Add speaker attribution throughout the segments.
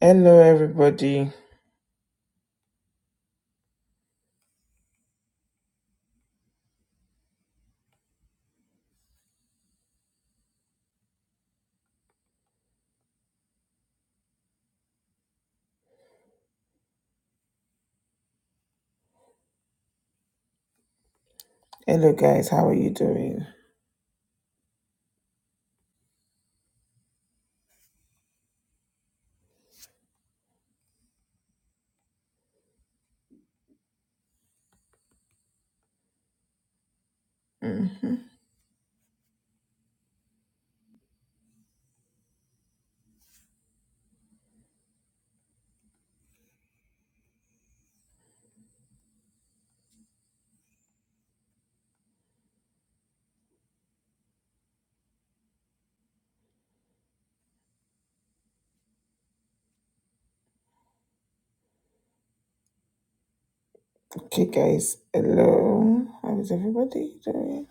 Speaker 1: Hello, everybody. Hello, guys. How are you doing? hmm Okay, guys. Hello. How is everybody doing?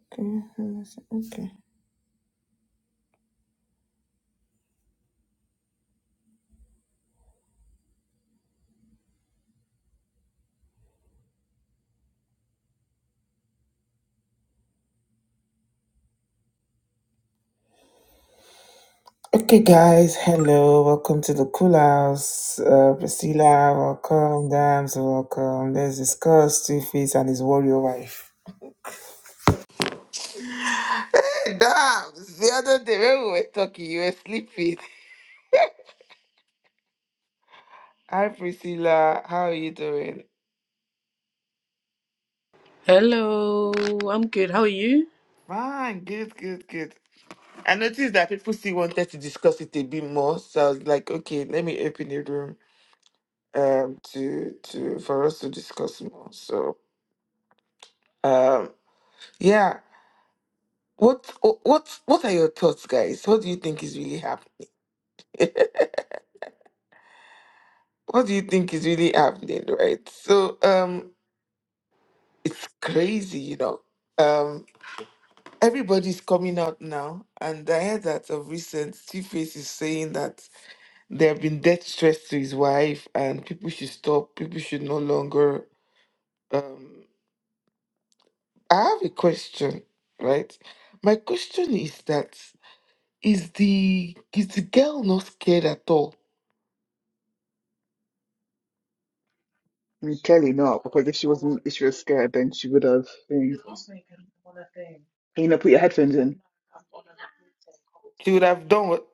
Speaker 1: Okay. hold on a sec. Okay. Okay, guys. Hello. Welcome to the Cool House. Uh, Priscilla, welcome. Dams, welcome. Let's discuss Two Face and his warrior wife. Hey Dams, the other day when we were talking, you were sleeping. Hi, Priscilla. How are you doing?
Speaker 2: Hello, I'm good. How are you?
Speaker 1: Fine. Good, good, good. I noticed that people still wanted to discuss it a bit more, so I was like, okay, let me open a room um to to for us to discuss more. So um yeah, what wh- what what are your thoughts, guys? What do you think is really happening? what do you think is really happening, right? So um it's crazy, you know. Um everybody's coming out now, and I heard that of recent Two Face is saying that. There have been death threats to his wife, and people should stop. People should no longer. Um, I have a question, right? My question is that is the is the girl not scared at all?
Speaker 3: Mm, Clearly not, because if she wasn't, if she was scared, then she would have. Thing. Can you not put your headphones in?
Speaker 1: She would have done what?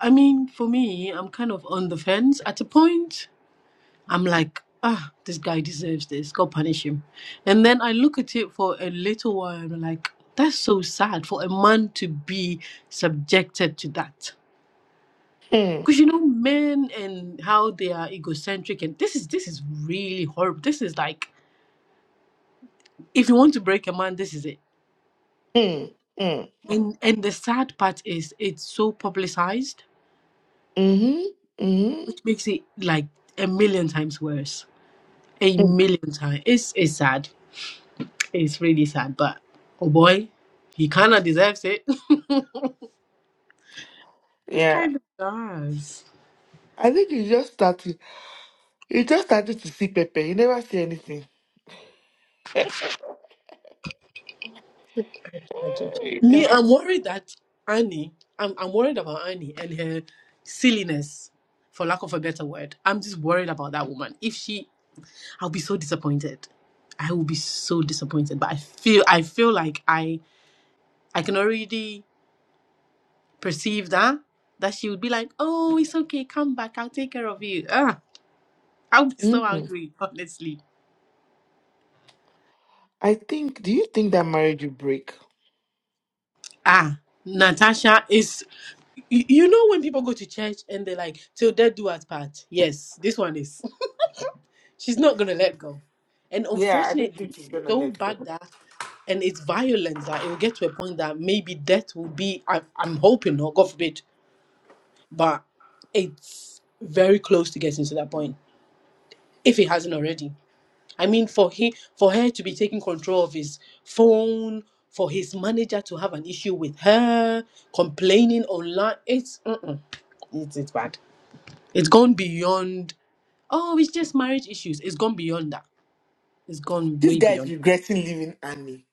Speaker 2: I mean, for me, I'm kind of on the fence at a point. I'm like, ah, this guy deserves this. God punish him. And then I look at it for a little while and I'm like, that's so sad for a man to be subjected to that.
Speaker 1: Hmm,
Speaker 2: Because you know, men and how they are egocentric and this is this is really horrible. This is like if you want to break a man, this is it.
Speaker 1: hmm, hmm,
Speaker 2: And
Speaker 1: hmm,
Speaker 2: and the sad part is it's so publicized
Speaker 1: mm-hmm,
Speaker 2: which
Speaker 1: mm-hmm.
Speaker 2: makes it like a million times worse. A million times. It's it's sad. It's really sad, but oh boy, he kind of deserves it. he
Speaker 1: Yeah,
Speaker 2: kind of does.
Speaker 1: I think he just started. He just started to see Pepe. He never see anything. He
Speaker 2: Me,
Speaker 1: never.
Speaker 2: I'm worried that Annie. I'm I'm worried about Annie and her silliness, for lack of a better word. I'm just worried about that woman. If she, I'll be so disappointed. I will be so disappointed. But I feel I feel like I I can already perceive that, that she would be like, oh, it's okay, come back, I'll take care of you. Ah, I'll be so
Speaker 1: Mhm.
Speaker 2: angry, honestly.
Speaker 1: I think. Do you think that marriage will break?
Speaker 2: Ah, Natasha is. You you know when people go to church and they're like, till death do us part. Yes, this one is. She's not gonna let go, and
Speaker 1: Yeah, I don't
Speaker 2: unfortunately,
Speaker 1: think she's gonna
Speaker 2: so
Speaker 1: let go.
Speaker 2: bad that and it's violence that it will get to a point that maybe death will be. I, I'm hoping not, God forbid, but it's very close to getting to that point if it hasn't already. I mean, for he, for her to be taking control of his phone, for his manager to have an issue with her, complaining online, it's mm-mm, it's, it's bad. It's gone beyond. Oh, it's just marriage issues. It's gone beyond that. It's gone
Speaker 1: This
Speaker 2: way
Speaker 1: guy is
Speaker 2: beyond.
Speaker 1: regretting leaving Annie.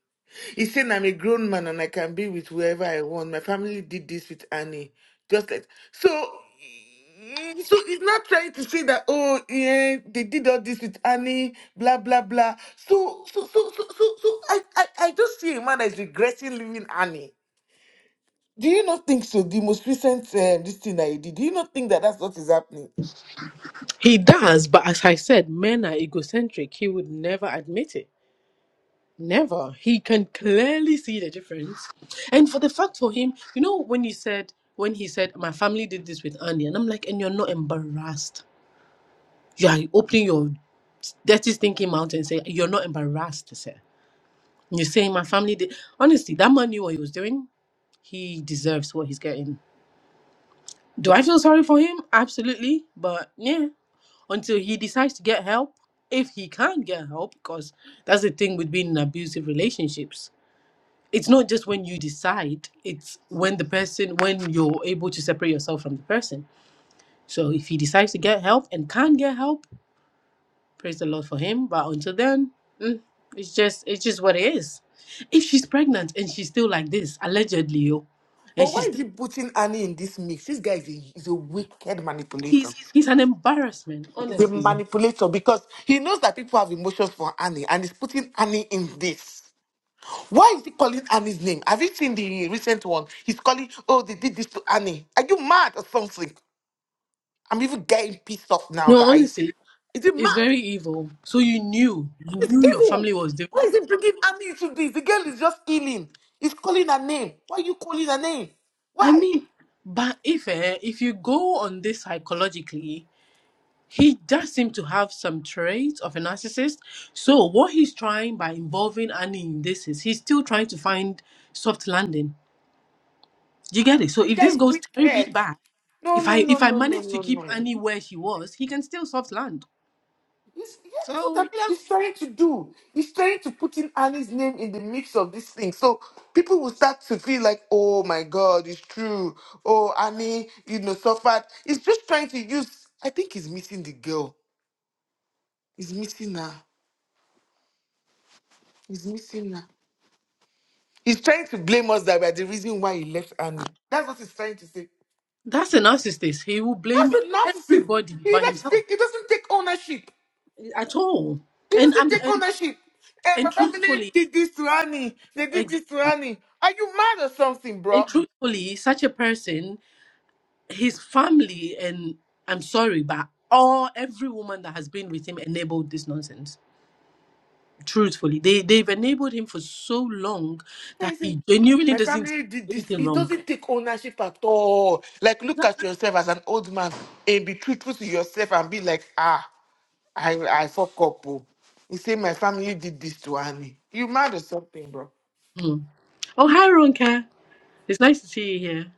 Speaker 1: He's saying I'm a grown man and I can be with whoever I want. My family did this with Annie. Just like so. mm, So he's not trying to say that oh yeah they did all this with Annie blah blah blah. So so so so so, so I, I I just see a man that is regretting leaving Annie. Do you not think so? The most recent um, this thing I did. Do you not think that that's what is happening?
Speaker 2: He does, but as I said, men are egocentric. He would never admit it. Never. He can clearly see the difference. And for the fact for him, you know, when he said, when he said, my family did this with Annie, and I'm like, and you're not embarrassed You are opening your dirty, stinking mouth and saying you're not embarrassed, sir. You're saying my family did. Honestly, that man knew what he was doing. He deserves what he's getting. Do I feel sorry for him? Absolutely. But yeah, until he decides to get help if he can get help because that's the thing with being in abusive relationships it's not just when you decide it's when the person when you're able to separate yourself from the person so if he decides to get help and can get help Praise the Lord for him. But until then, mm, it's just it's just what it is. If she's pregnant and she's still like this, allegedly, yo, and
Speaker 1: But
Speaker 2: she's
Speaker 1: why is
Speaker 2: still
Speaker 1: he putting Annie in this mix? This guy is a, is a wicked manipulator.
Speaker 2: he's he's an embarrassment,
Speaker 1: is a
Speaker 2: honestly.
Speaker 1: manipulator because he knows that people have emotions for Annie and he's putting Annie in this. Why is he calling Annie's name? Have you seen the recent one? He's calling, oh, they did this to Annie. Are you mad or something? I'm even getting pissed off now,
Speaker 2: No,
Speaker 1: guys.
Speaker 2: honestly,
Speaker 1: Is it
Speaker 2: it's
Speaker 1: mad?
Speaker 2: very evil. So you knew you
Speaker 1: It's
Speaker 2: knew your
Speaker 1: evil.
Speaker 2: family was doing.
Speaker 1: Why is he bringing Annie into this? The girl is just healing. He's calling her name. Why are you calling her name?
Speaker 2: I
Speaker 1: Why?
Speaker 2: mean, but if eh, if you go on this psychologically, he does seem to have some traits of a narcissist. So what he's trying by involving Annie in this is he's still trying to find soft landing Do you get it? So
Speaker 1: This
Speaker 2: if
Speaker 1: guy
Speaker 2: this
Speaker 1: is
Speaker 2: goes terribly
Speaker 1: wicked.
Speaker 2: bad,
Speaker 1: No,
Speaker 2: if
Speaker 1: no,
Speaker 2: I
Speaker 1: no,
Speaker 2: if I
Speaker 1: no, no,
Speaker 2: manage to
Speaker 1: no, no.
Speaker 2: keep
Speaker 1: no.
Speaker 2: Annie where she was, he can still soft land.
Speaker 1: He's, yeah, that's what
Speaker 2: So
Speaker 1: I'm,
Speaker 2: you know,
Speaker 1: he's trying to do. He's trying to put in Annie's name in the mix of this thing. So people will start to feel like, oh my God, it's true. Oh, Annie, you know, suffered. He's just trying to use, I think he's missing the girl. He's missing her. He's missing her. He's trying to blame us that we're the reason why he left Annie. That's what he's trying to say.
Speaker 2: that's a narcissist. He will
Speaker 1: That's
Speaker 2: blame
Speaker 1: a narcissist.
Speaker 2: everybody
Speaker 1: He,
Speaker 2: but
Speaker 1: doesn't
Speaker 2: himself
Speaker 1: take, he doesn't take ownership.
Speaker 2: at all.
Speaker 1: He
Speaker 2: And
Speaker 1: doesn't
Speaker 2: I'm
Speaker 1: take
Speaker 2: and,
Speaker 1: ownership. And
Speaker 2: and
Speaker 1: my family
Speaker 2: truthfully,
Speaker 1: did this to Annie. They did this to
Speaker 2: exactly.
Speaker 1: Annie. Are you mad or something,
Speaker 2: And
Speaker 1: bro?
Speaker 2: truthfully, such a person, his family, and I'm sorry, but all every woman that has been with him enabled this nonsense. Truthfully, they they've enabled him for so long
Speaker 1: I
Speaker 2: that
Speaker 1: say,
Speaker 2: he genuinely
Speaker 1: my
Speaker 2: doesn't see
Speaker 1: family did this.
Speaker 2: anything
Speaker 1: It
Speaker 2: wrong.
Speaker 1: doesn't take ownership at all. Like, look at yourself as an old man and be truthful to yourself and be like, ah, I, I fuck up. Oh. He said, my family did this to Annie. You mad or something, bro?
Speaker 2: Mm. Oh, hi, Ronka. It's nice to see you here.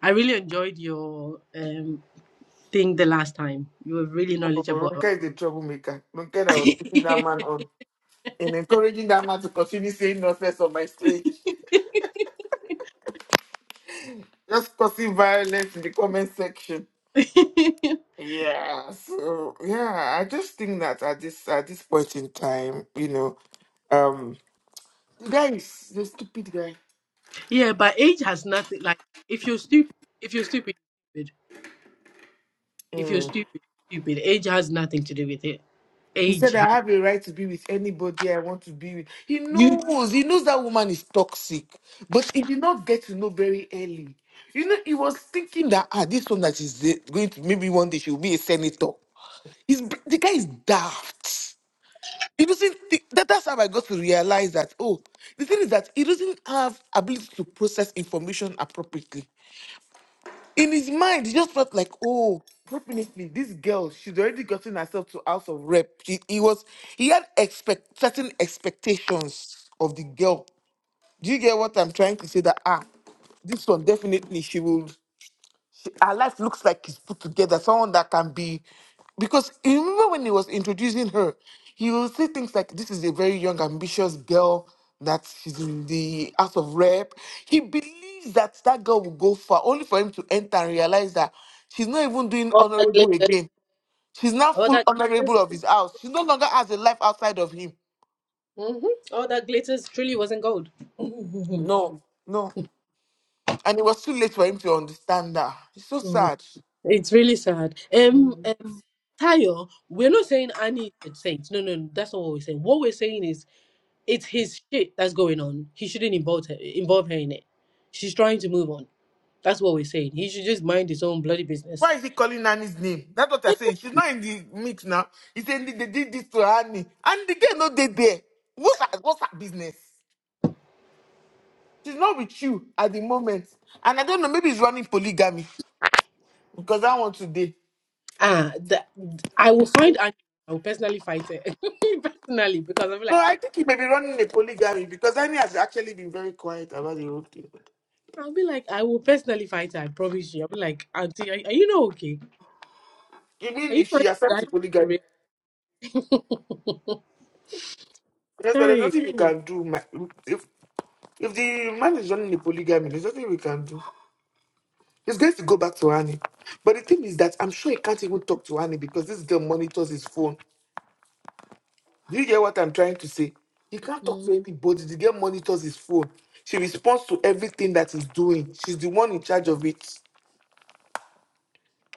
Speaker 2: I really enjoyed your um, thing the last time. You were really
Speaker 1: Oh,
Speaker 2: knowledgeable. about-
Speaker 1: Ronke is a troublemaker. Ronke that was putting that man on and encouraging that man to continue saying nonsense on my stage. Just causing violence in the comment section. Yeah, so yeah, I just think that at this at this point in time, you know, um, the guy is the stupid guy.
Speaker 2: yeah, but age has nothing. Like, if you're stupid, if you're stupid, stupid. if you're
Speaker 1: Mm.
Speaker 2: stupid, stupid. Age has nothing to do with it.
Speaker 1: He
Speaker 2: Age
Speaker 1: said, "I
Speaker 2: has
Speaker 1: have a right to be with anybody I want to be with." He
Speaker 2: you.
Speaker 1: knows, he knows that woman is toxic, but he did not get to know very early. You know, he was thinking that ah, this one that is going to maybe one day she will be a senator. He's the guy is daft. He doesn't. thi- that, that's how I got to realize that. Oh, the thing is that he doesn't have ability to process information appropriately. In his mind, he just felt like, oh, definitely, this girl, she's already gotten herself to house of rep. She, he was, he had expect certain expectations of the girl. Do you get what I'm trying to say? That ah, this one definitely she will her life looks like it's put together, someone that can be. Because you remember when he was introducing her, he will say things like, This is a very young, ambitious girl that she's in the house of rep. He believes that that girl will go far, only for him to enter and realize that she's not even doing
Speaker 2: All that
Speaker 1: honorable
Speaker 2: glitters.
Speaker 1: again. She's now
Speaker 2: All
Speaker 1: full
Speaker 2: that. glitters
Speaker 1: honorable of his house. She no longer has a life outside of him.
Speaker 2: Mm-hmm. All that glitters truly wasn't gold.
Speaker 1: No, no. And it was too late for him to understand that. It's so
Speaker 2: Mm,
Speaker 1: sad.
Speaker 2: It's really sad. Um, um, Tayo, we're not saying Annie is a saint. No, no, no, that's not what we're saying. What we're saying is it's his shit that's going on. He shouldn't involve her, involve her in it. She's trying to move on. That's what we're saying. He should just mind his own bloody business.
Speaker 1: Why is he calling Annie's name? That's what I'm saying. She's not in the mix now. He said they they did this to Annie. And the girl no they there. What's her, what's her business? She's not with you at the moment. And I don't know, maybe he's running polygamy because that one today.
Speaker 2: Ah, that I will find Annie. I will personally fight her personally because I'll be
Speaker 1: No,
Speaker 2: like,
Speaker 1: I think he may be running a polygamy because Annie has actually been very quiet about the whole thing.
Speaker 2: I'll be like, I will personally fight her. I promise you. I'll be like, Auntie, are, are you not okay? Are
Speaker 1: Even
Speaker 2: you
Speaker 1: if
Speaker 2: trying
Speaker 1: she
Speaker 2: to
Speaker 1: accepts the
Speaker 2: die?
Speaker 1: polygamy, because there's
Speaker 2: Sorry.
Speaker 1: nothing we can do. ma- If, if the man is running a polygamy, there's nothing we can do. It's going to go back to Annie. But the thing is that I'm sure he can't even talk to Annie because this girl monitors his phone. Do you hear what I'm trying to say? He can't talk
Speaker 2: Mm,
Speaker 1: to anybody. The girl monitors his phone. She responds to everything that he's doing. She's the one in charge of it.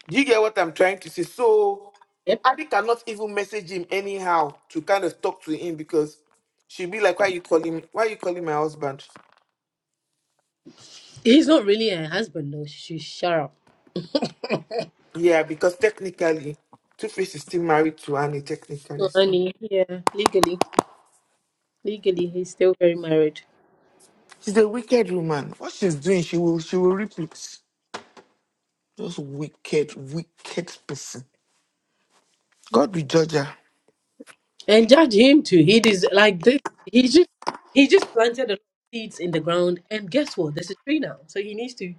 Speaker 1: Do you get what I'm trying to say? So
Speaker 2: Yep.
Speaker 1: Adi cannot even message him anyhow to kind of talk to him because she'll be like, Why you calling why you calling my husband?
Speaker 2: He's not really her husband though. She should shut up.
Speaker 1: Yeah, because technically Two Face is still married to Annie, technically.
Speaker 2: So
Speaker 1: so.
Speaker 2: Annie, yeah, legally. Legally he's still very married.
Speaker 1: She's a wicked woman. What she's doing, she will she will reap it. Just wicked, wicked person. God will judge her.
Speaker 2: And judge him too. He is like this he just he just planted a lot of seeds in the ground and guess what? There's a tree now. So he needs to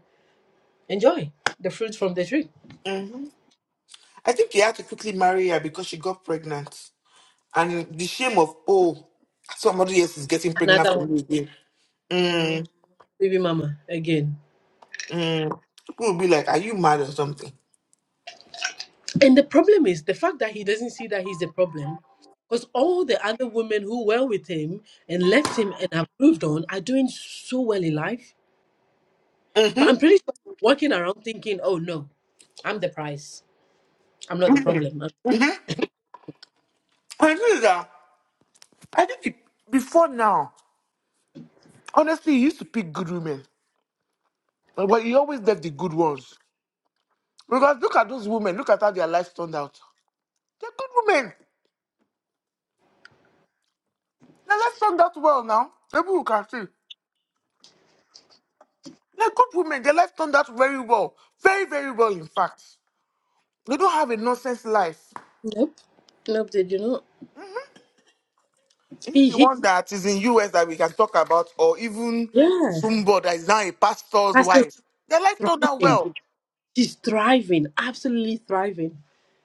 Speaker 2: enjoy the fruits from the tree.
Speaker 1: Mhm. I think he had to quickly marry her because she got pregnant. And the shame of oh, somebody else is getting pregnant
Speaker 2: Another one.
Speaker 1: from me again.
Speaker 2: Mm,
Speaker 1: Mm,
Speaker 2: baby mama again.
Speaker 1: mm. People will be like, Are you mad or something?
Speaker 2: And the problem is the fact that he doesn't see that he's the problem. Because all the other women who were with him and left him and have moved on are doing so well in life. But I'm
Speaker 1: Mm-hmm.
Speaker 2: pretty sure walking around thinking, oh no, I'm the prize. I'm not the problem. I'm-
Speaker 1: Mm-hmm. Mm-hmm. And the that I think he- before now, honestly, he used to pick good women. But he always left the good ones. Because look at those women, look at how their lives turned out. They're good women. Their life turned out well now. People can see. They're good women. Their life turned out very well. Very, very well, in fact. They don't have a nonsense life.
Speaker 2: nope. Nope, did you not?
Speaker 1: Is
Speaker 2: He,
Speaker 1: it the
Speaker 2: he,
Speaker 1: one that is in US that we can talk about, or even
Speaker 2: yeah.
Speaker 1: somebody that is now a pastor's
Speaker 2: Pastor's
Speaker 1: wife? Their life turned out
Speaker 2: thriving.
Speaker 1: well.
Speaker 2: She's thriving, absolutely thriving.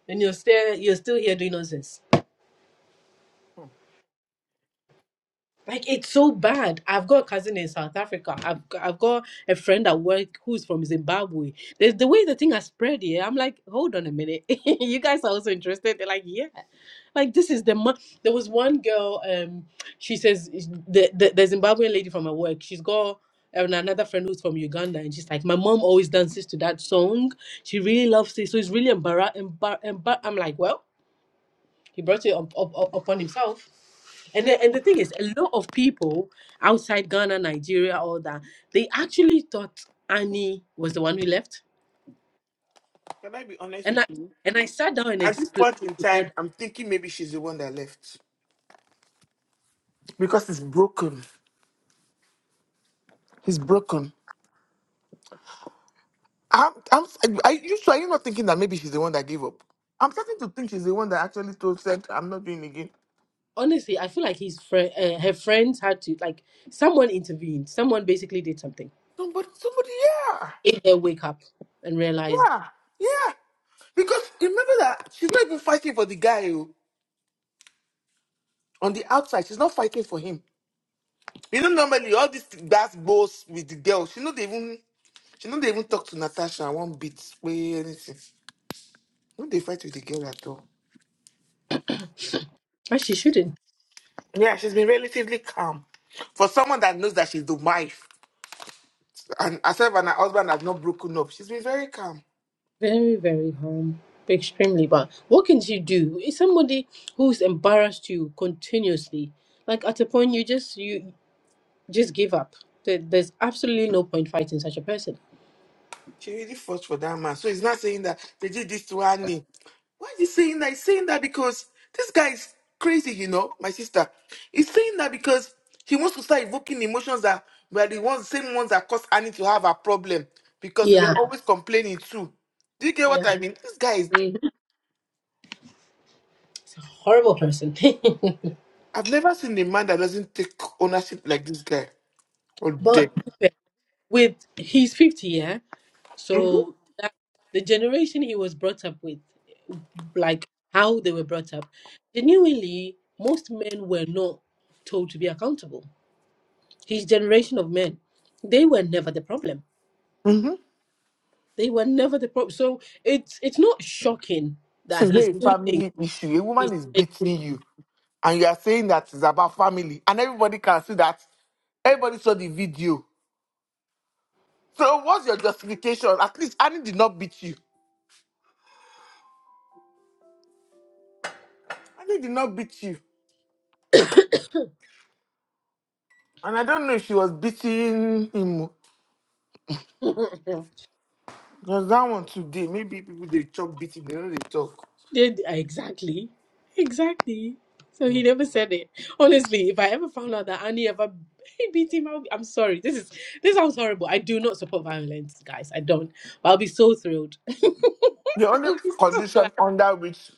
Speaker 2: And you're still, you're still here doing nonsense. Like it's so bad. I've got a cousin in South Africa. I've g- I've got a friend at work who's from Zimbabwe. There's the way the thing has spread here. I'm like, hold on a minute. you guys are also interested. They're like, yeah. Like this is the mo-. there was one girl. Um, she says is- the, the the Zimbabwean lady from her work. She's got um, another friend who's from Uganda, and she's like, my mom always dances to that song. She really loves it. So it's really embarrassing. Embar- embar- I'm like, well, he brought it up, up, up upon himself and the, and the thing is, a lot of people outside Ghana, Nigeria, all that, they actually thought Annie was the one who left.
Speaker 1: Can I be honest
Speaker 2: And
Speaker 1: with
Speaker 2: I
Speaker 1: you?
Speaker 2: and I sat down and
Speaker 1: At this
Speaker 2: explained
Speaker 1: point in
Speaker 2: to her.
Speaker 1: time,
Speaker 2: That,
Speaker 1: I'm thinking maybe she's the one that left. Because it's broken. He's broken. I'm, I'm, are you sure you're not thinking that maybe she's the one that gave up? I'm starting to think she's the one that actually told said, "I'm not doing it again."
Speaker 2: honestly, I feel like his friend, uh, her friends had to like someone intervened. Someone basically did something.
Speaker 1: Somebody, somebody, yeah,
Speaker 2: Made her wake up and realized
Speaker 1: yeah, yeah. Because remember that she's not even fighting for the guy oh. on the outside. She's not fighting for him. You know, normally all these that balls with the girl. She not even, she not even talk to Natasha one bit, way anything. No, they fight with the girl at all.
Speaker 2: that she shouldn't.
Speaker 1: Yeah, she's been relatively calm for someone that knows that she's the wife. and herself and her husband have not broken up. She's been very calm.
Speaker 2: Very very harm. Extremely bad. What can she do? It's somebody who's embarrassed you continuously. Like at a point, you just you just give up. There, there's absolutely no point fighting such a person.
Speaker 1: She really fought for that man. So he's not saying that they did this to Annie. Why is he saying that? He's saying that because this guy is crazy, you know, my sister. He's saying that because he wants to start evoking emotions that were the ones, same ones that caused Annie to have a problem because we were
Speaker 2: Yeah,
Speaker 1: Yeah. always complaining too. Do you get what
Speaker 2: yeah.
Speaker 1: I mean? This guy is.
Speaker 2: Mm, It's a horrible person.
Speaker 1: I've never seen a man that doesn't take ownership like this guy. Oh, dear.
Speaker 2: but with he's 50, yeah. So that, the generation he was brought up with, like how they were brought up, genuinely, most men were not told to be accountable. His generation of men, they were never the problem. They were never the problem. So it's it's not shocking
Speaker 1: This
Speaker 2: that
Speaker 1: is
Speaker 2: he
Speaker 1: a
Speaker 2: still thinks
Speaker 1: family issue. A woman is
Speaker 2: he's.
Speaker 1: beating you, and you are saying that it's about family, and everybody can see that. Everybody saw the video. So what's your justification? At least Annie did not beat you. Annie did not beat you, and I don't know if she was beating him. Because that one today, maybe people they talk beating, they know they talk.
Speaker 2: Did exactly, exactly. So he never said it. Honestly, if I ever found out that Annie ever beat him, I'll be, I'm sorry. This is this sounds horrible. I do not support violence, guys. I don't. But I'll be so thrilled.
Speaker 1: The only
Speaker 2: I'll be so
Speaker 1: condition
Speaker 2: glad.
Speaker 1: under which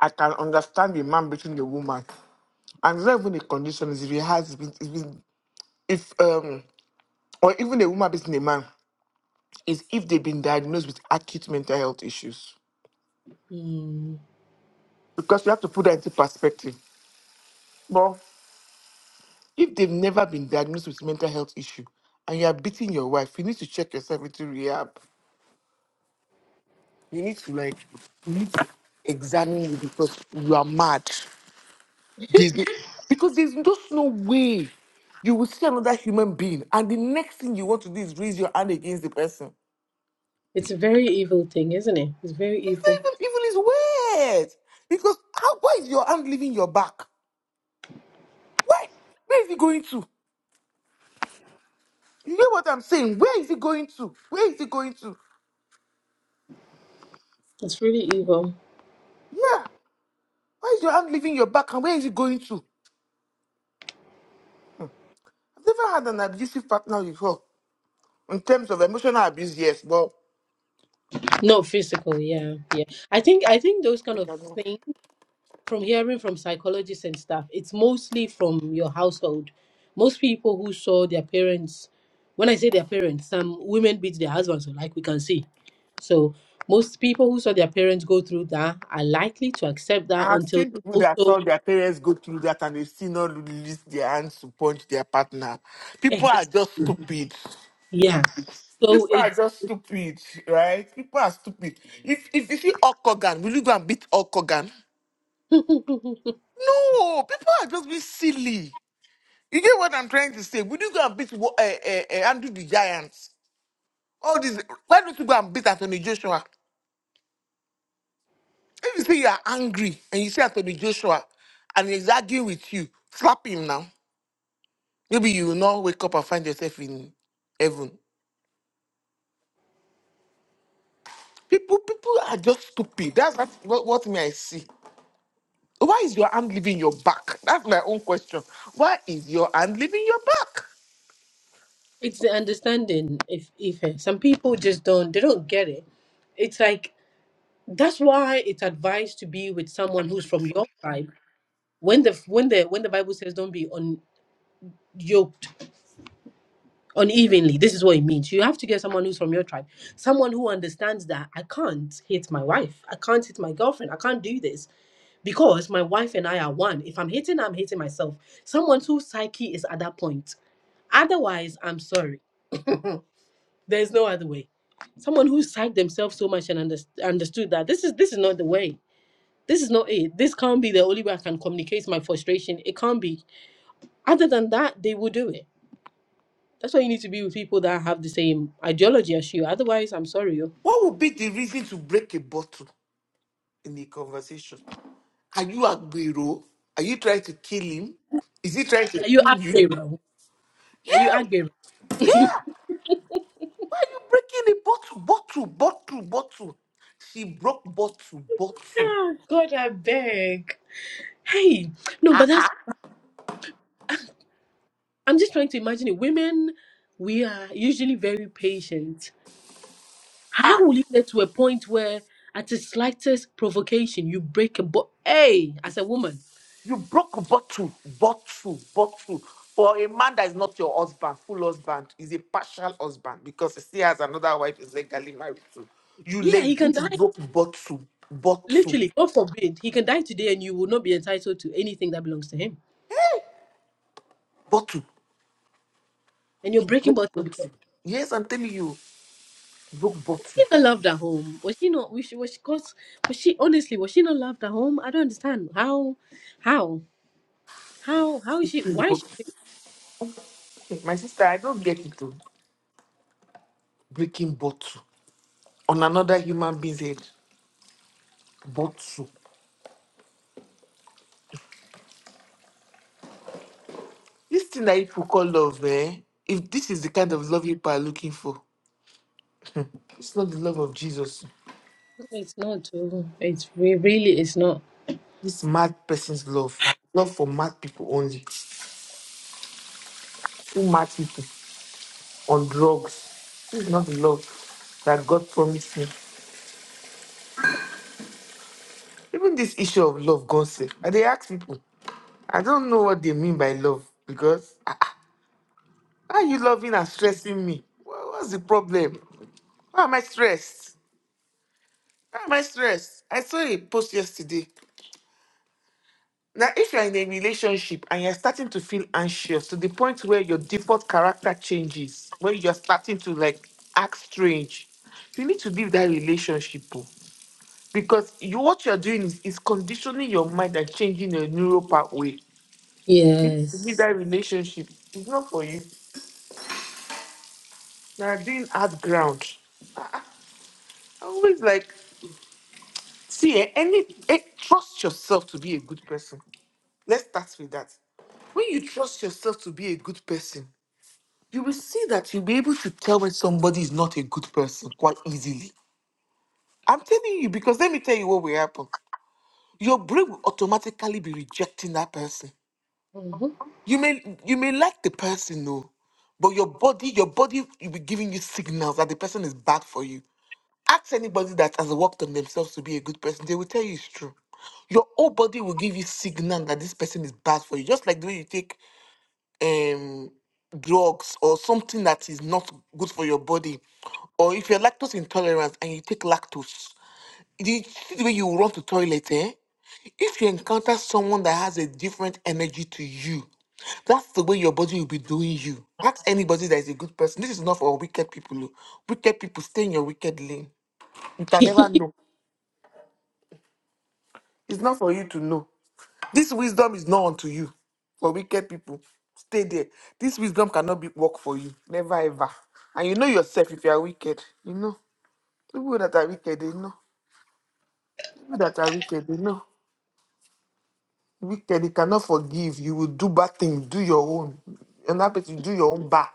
Speaker 1: I can understand a man beating a woman, and it's not even a condition, is if he has, if, if, if um, or even a woman beating a man. is if they've been diagnosed with acute mental health issues.
Speaker 2: Hmm.
Speaker 1: Because we have to put that into perspective. But if they've never been diagnosed with mental health issue and you are beating your wife, you need to check yourself into rehab. You need to like you need to examine you because you are mad. There's- no, because there's just no way you will see another human being and the next thing you want to do is raise your hand against the person.
Speaker 2: It's a very evil thing, isn't it? It's very
Speaker 1: It's not
Speaker 2: evil.
Speaker 1: even evil, it's weird. Because how why is your hand leaving your back? Why? Where is it going to? You hear what I'm saying? Where is it going to? Where is it going to?
Speaker 2: It's really evil.
Speaker 1: Yeah. Why is your hand leaving your back and where is it going to? I've never had an abusive partner before. In terms of emotional abuse, yes, but
Speaker 2: Not physical, yeah, yeah. I think I think those kind
Speaker 1: I
Speaker 2: of
Speaker 1: cannot.
Speaker 2: things. from hearing from psychologists and stuff, it's mostly from your household. Most people who saw their parents, when I say their parents, some women beat their husbands, like we can see. So most people who saw their parents go through that are likely to accept that
Speaker 1: I've
Speaker 2: until
Speaker 1: seen people that
Speaker 2: also
Speaker 1: saw their parents go through that and they still not release their hands to punch their partner. People
Speaker 2: exactly
Speaker 1: are just stupid.
Speaker 2: yeah.
Speaker 1: People
Speaker 2: So
Speaker 1: are
Speaker 2: it's
Speaker 1: just stupid, right? People are stupid. If if you see Hulk Hogan, will you go and beat Hulk Hogan?
Speaker 2: it's
Speaker 1: No, people are just being silly. You get what I'm trying to say? Would you go and beat uh, uh, Andrew the Giants? All this. Why don't you go and beat Anthony Joshua? If you say you are angry and you see Anthony Joshua and he's arguing with you, slap him now. Maybe you will not wake up and find yourself in heaven. People, people are just stupid. That's, that's what, what me I see. Why is your hand leaving your back? That's my own question. Why is your hand leaving your back?
Speaker 2: the understanding. If if eh, some people just don't, they don't get it. It's like that's why it's advised to be with someone who's from your tribe when the when the when the bible says don't be un yoked unevenly this is what it means you have to get someone who's from your tribe someone who understands that i can't hit my wife i can't hit my girlfriend i can't do this because my wife and i are one if i'm hitting i'm hitting myself someone whose psyche is at that point otherwise i'm sorry there's no other way someone who psyched themselves so much and under, understood that this is this is not the way this is not it this can't be the only way i can communicate my frustration it can't be other than that they will do it That's why you need to be with people that have the same ideology as you. Otherwise, I'm sorry. yo.
Speaker 1: What would be the reason to break a bottle in a conversation? Are you Agbero? Are you trying to kill him? Is he trying to
Speaker 2: Are you
Speaker 1: kill you?
Speaker 2: Agbero? Are you
Speaker 1: Yeah,
Speaker 2: Agbero?
Speaker 1: yeah. Why are you breaking the bottle, bottle, bottle, bottle? She broke bottle, bottle.
Speaker 2: Ah, God, I beg. Hey, no, but that's. I'm just trying to imagine it. Women, we are usually very patient. How
Speaker 1: Ah,
Speaker 2: will you get to a point where, at the slightest provocation, you break a bo- Hey, as a woman,
Speaker 1: you broke bottle, bottle, bottle. For a man that is not your husband, full husband, is a partial husband because he still has another wife he's legally married to. You
Speaker 2: yeah, he can
Speaker 1: legit
Speaker 2: die.
Speaker 1: broke bottle, bottle,
Speaker 2: Literally, God forbid, he can die today, and you will not be entitled to anything that belongs to him.
Speaker 1: bottle.
Speaker 2: And you're
Speaker 1: He
Speaker 2: breaking
Speaker 1: broke
Speaker 2: bottle because
Speaker 1: bottle. Yes, I'm telling you, broke bottle.
Speaker 2: she not loved at home. Was she not? Was she? Was she? Cause, was she? Honestly, was she not loved at home? I don't understand how, how, how, how is she? Why is she?
Speaker 1: Okay, My sister, I don't get into breaking bottle on another human being's head. Bottle. This thing that people call love, eh? If this is the kind of love people are looking for, it's not the love of Jesus.
Speaker 2: It's not. oh, It's re- really. It's not.
Speaker 1: This mad person's love. Love for mad people only. Who mad people on drugs. This is not the love that God promised me. Even this issue of love, God said, I they ask people, I don't know what they mean by love because ah, ah, how are you loving and stressing me? Wha- What's the problem? Why am I stressed? Why am I stressed? I saw a post yesterday. Now, if you're in a relationship and you're starting to feel anxious to the point where your default character changes, where you're starting to like act strange, you need to leave that relationship. oh. Because you, what you're doing is, is conditioning your mind and changing your neural pathway. You need to leave
Speaker 2: Yes.
Speaker 1: that relationship. It's not for you. You're doing hard ground. I always like, see, eh, any, eh, trust yourself to be a good person Let's start with that. When you trust yourself to be a good person, you will see that you'll be able to tell when somebody is not a good person quite easily. I'm telling you, because let me tell you what will happen. Your brain will automatically be rejecting that person.
Speaker 2: Mhm.
Speaker 1: You may you may like the person, no, but your body, your body will be giving you signals that the person is bad for you. Ask anybody that has worked on themselves to be a good person, they will tell you it's true. Your whole body will give you signal that this person is bad for you, just like the way you take um drugs or something that is not good for your body or if you're lactose intolerant and you take lactose the, the way you run to toilet eh if you encounter someone that has a different energy to you that's the way your body will be doing you ask anybody that is a good person this is not for wicked people oh. wicked people stay in your wicked lane you can never know it's not for you to know This wisdom is not unto you. For wicked people, stay there. This wisdom cannot be work for you. Never ever. And you know yourself if you are wicked. You know. People that are wicked, they know. People that are wicked, they know. Wicked, they cannot forgive. You will do bad things. Do your own. And that you do your own back.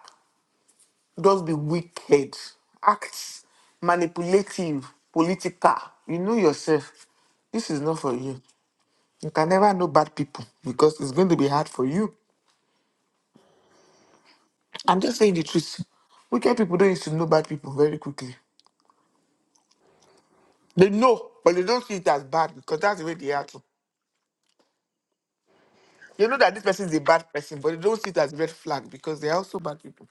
Speaker 1: Just be wicked. Act manipulative, political. You know yourself. This is not for you. You can never know bad people because it's going to be hard for you I'm just saying the truth. Wicked people don't used to know bad people very quickly. They know, but they don't see it as bad because that's the way they are too. They know that this person is a bad person, but they don't see it as red flag because they are also bad people.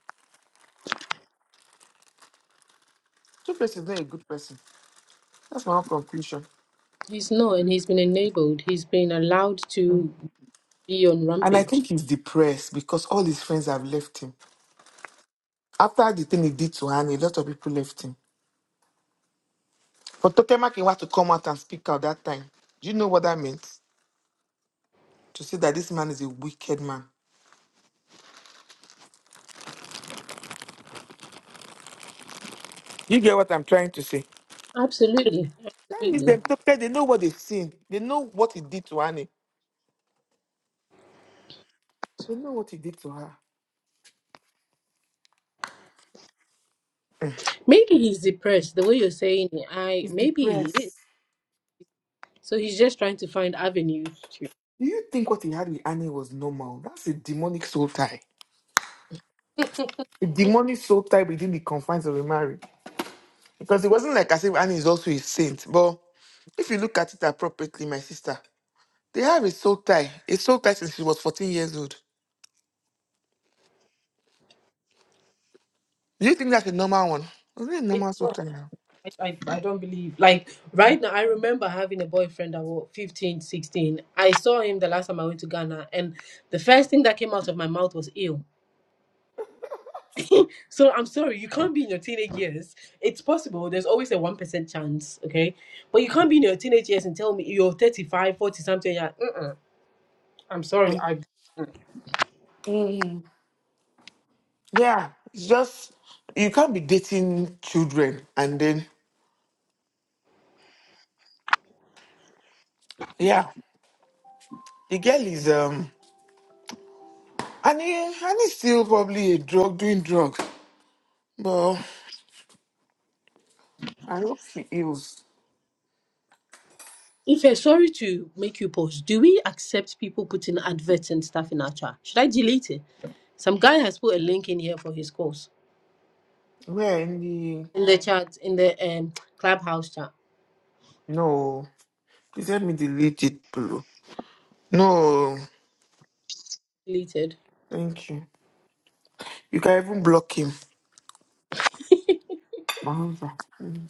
Speaker 1: Two person is not a good person. That's my own conclusion.
Speaker 2: he's not, and he's been enabled. He's been allowed to be on
Speaker 1: And I
Speaker 2: rampage.
Speaker 1: think he's depressed because all his friends have left him. After the thing he did to Annie, a lot of people left him. For Tokemaki had to come out and speak out that time. Do you know what that meant? To say that this man is a wicked man. You get what I'm trying to say?
Speaker 2: Absolutely,
Speaker 1: That is
Speaker 2: absolutely.
Speaker 1: them because they know what they've seen. They know what he did to Annie. They know what he did to her.
Speaker 2: Maybe he's depressed. The way you're saying it, I
Speaker 1: He's
Speaker 2: maybe he is.
Speaker 1: depressed.
Speaker 2: So he's just trying to find avenues to.
Speaker 1: Do you think what he had with Annie was normal? That's a demonic soul tie. A demonic soul tie within the confines of a marriage. Because it wasn't like as if Annie is also a saint. But if you look at it appropriately, my sister, they have a soul tie. A soul tie since she was 14 years old. Do you think that's a normal one? Wasn't it a normal soul tie now?
Speaker 2: I, I, I don't believe like right now i remember having a boyfriend that was 15, 16. i saw him the last time i went to ghana and the first thing that came out of my mouth was ill so i'm sorry you can't be in your teenage years it's possible there's always a 1% chance okay but you can't be in your teenage years and tell me you're five, forty something yeah, mm, i'm sorry i
Speaker 1: Mm. Yeah, it's just you can't be dating children and then yeah. The girl is um and he, and he's still probably a drug doing drugs. But I hope she heals.
Speaker 2: If you're sorry to make you post, do we accept people putting adverts and stuff in our chat? Should I delete it? Some guy has put a link in here for his course.
Speaker 1: Where in the
Speaker 2: in the chat in the um clubhouse chat
Speaker 1: no. Please help me delete it below. No.
Speaker 2: deleted.
Speaker 1: Thank you. You can even block him. My husband. Mm.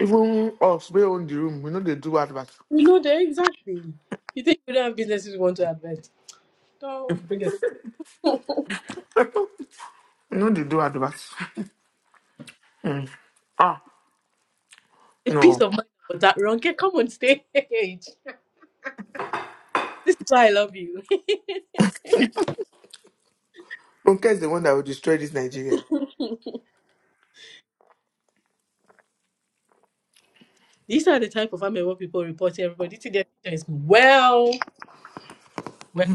Speaker 1: Even us, we own the room. We know they do adverts.
Speaker 2: You know there exactly. You think we don't have businesses we want to advert? Don't bring us
Speaker 1: We know they do adverts. Mm. Ah,
Speaker 2: a piece
Speaker 1: no.
Speaker 2: of mind about that. Ronke, come on stage. This is why I love you.
Speaker 1: Ronke is the one that will destroy this Nigeria.
Speaker 2: These are the type of Amebo people report to everybody to their teachers. Well, well.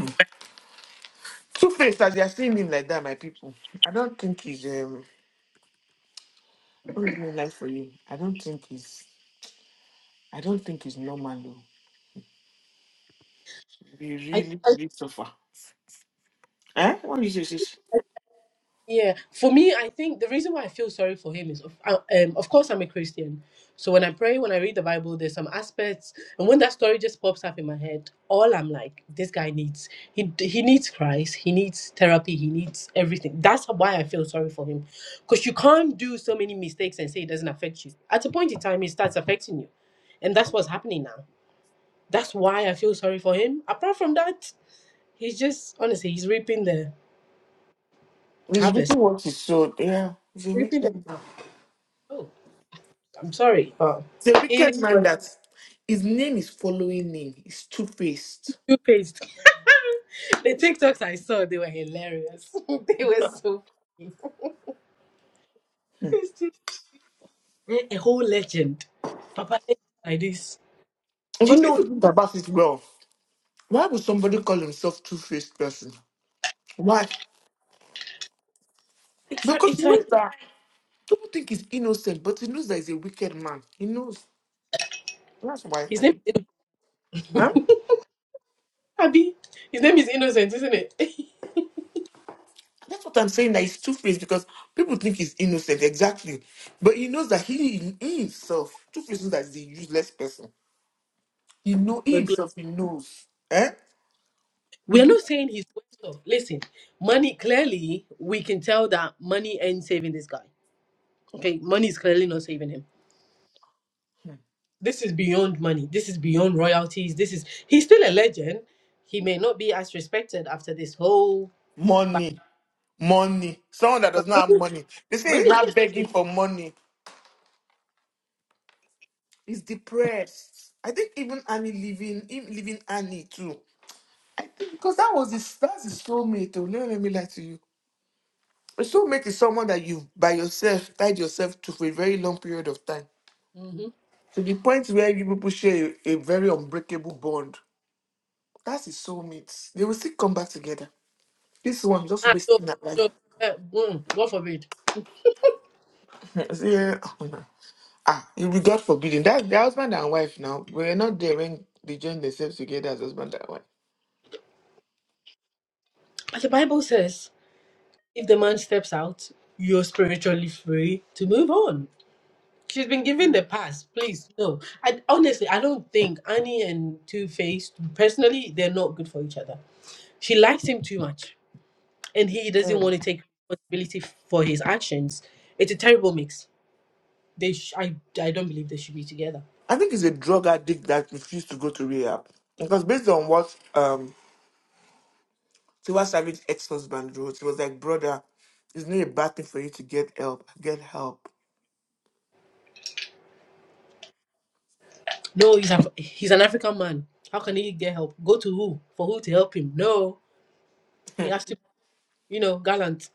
Speaker 1: Two faced as they are seeing him like that, my people. I don't think he's um what is my life for you. I don't think he's I don't think it's normal though. We
Speaker 2: I,
Speaker 1: really,
Speaker 2: I
Speaker 1: really suffer. Eh? What is this? This
Speaker 2: Yeah, for me, I think the reason why I feel sorry for him is, of, uh, um, of course, I'm a Christian. So when I pray, when I read the Bible, there's some aspects, and when that story just pops up in my head, all I'm like, this guy needs he he needs Christ, he needs therapy, he needs everything. That's why I feel sorry for him, because you can't do so many mistakes and say it doesn't affect you. At a point in time, it starts affecting you, and that's what's happening now. That's why I feel sorry for him. Apart from that, he's just honestly, he's reaping the
Speaker 1: this
Speaker 2: harvest,
Speaker 1: people works is so yeah. It's a
Speaker 2: reaping
Speaker 1: wicked man.
Speaker 2: the. I'm sorry. Oh,
Speaker 1: It's a
Speaker 2: It
Speaker 1: wicked man
Speaker 2: was
Speaker 1: that his name is following name. He's two faced.
Speaker 2: two paged. the TikToks I saw, they were hilarious. they were so funny. It's just a a whole legend. Papa legend like this. Do you
Speaker 1: Because if
Speaker 2: know?
Speaker 1: you think about it well, why would somebody call himself two faced person? Why?
Speaker 2: It's like,
Speaker 1: Because he
Speaker 2: it's
Speaker 1: knows
Speaker 2: like
Speaker 1: that people think he's innocent, but he knows that he's a wicked man. He knows. That's why
Speaker 2: his
Speaker 1: my
Speaker 2: name is
Speaker 1: people. Huh?
Speaker 2: Abi. His name is Innocent, isn't it?
Speaker 1: That's what I'm saying. That he's two faced because people think he's innocent, exactly. But he knows that he, he himself, two faced knows that he's a useless person. He know he
Speaker 2: We're gl-
Speaker 1: himself. He knows. Eh?
Speaker 2: we are
Speaker 1: Mhm.
Speaker 2: not saying he's worse off. Listen, money clearly we can tell that money ain't saving this guy. Okay, money is clearly not saving him this is beyond money. This is beyond royalties. This is he's still a legend. He may not be as respected after this whole. But
Speaker 1: Money, money. Someone that does not have money. They say he's
Speaker 2: money is
Speaker 1: not begging for money. He's depressed. I think even Annie leaving, him leaving Annie too. I think because that was his that's his soulmate. Oh, let, let me lie to you. A soulmate is someone that you by yourself tied yourself to for a very long period of time
Speaker 2: not. hmm
Speaker 1: To the point where you people share a, a very unbreakable bond. That's his soulmate. They will still come back together. This one just
Speaker 2: Ah, no,
Speaker 1: wasting that life.
Speaker 2: no, eh, mm, God forbid.
Speaker 1: yeah. Ah, it will be God forbidden. That the husband and wife now. We're not there when they join themselves together as husband and wife.
Speaker 2: But the Bible says, if the man steps out, you're spiritually free to move on. She's been given the pass. Please, no. I honestly, I don't think Annie and Two Face personally, they're not good for each other. She likes him too much, and he doesn't want to take responsibility for his actions. It's a terrible mix They sh- I I don't believe they should be together.
Speaker 1: I think it's a drug addict that refused to go to rehab. Because based on what um Tiwa Savage ex husband wrote, he was like, brother, it's not a bad thing for you to get help. Get help.
Speaker 2: No, he's Af- he's an African man. How can he get help? Go to who? For who to help him? No, he has to, you know, gallant.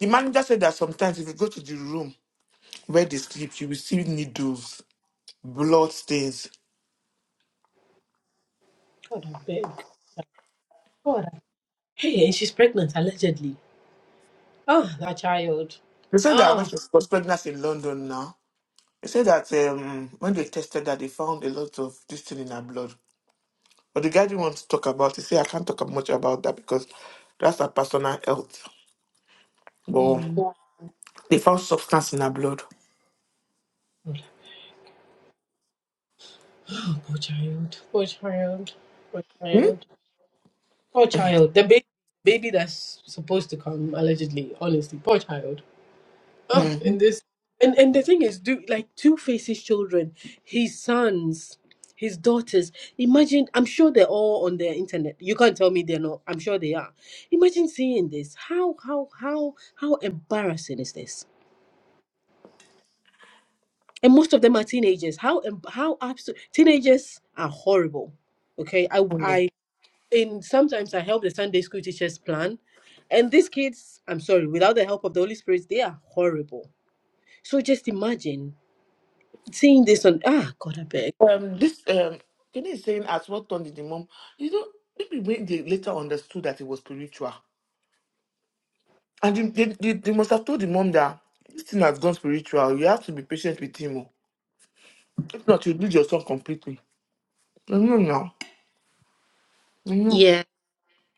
Speaker 1: The manager said that sometimes if you go to the room Where they sleep, you will see needles, blood stains.
Speaker 2: God, I beg. God, I- hey, and she's pregnant allegedly. Oh, that child.
Speaker 1: They said that I
Speaker 2: Oh,
Speaker 1: went to sports pregnancy in London now. They said that um, when they tested that, they found a lot of this thing in her blood. But the guy didn't want to talk about it. Say I can't talk much about that because that's her personal health. But
Speaker 2: mm,
Speaker 1: they found substance in her blood.
Speaker 2: God. oh, poor child. Poor child. Poor
Speaker 1: Hmm?
Speaker 2: child. Poor child. The baby, baby that's supposed to come allegedly. Honestly, poor child. Oh, in
Speaker 1: Mhm.
Speaker 2: this, and and the thing is, do like Two Faces children, his sons, his daughters. Imagine, I'm sure they're all on the internet. You can't tell me they're not. I'm sure they are. Imagine seeing this. How how how how embarrassing is this? And most of them are teenagers. How em- how absolute teenagers are horrible. Okay, I
Speaker 1: Mhm.
Speaker 2: I in sometimes I help the Sunday school teachers plan, and these kids, I'm sorry, without the help of the Holy Spirit, they are horrible. So just imagine. seeing this on ah God I beg.
Speaker 1: Um, this um, Kenny is saying as what turned the mom. You know, maybe when they later understood that it was spiritual. And they, they, they, they must have told the mom that this thing has gone spiritual. You have to be patient with him. oh. If not, you'll lose your son completely. No, no, I know.
Speaker 2: Yeah.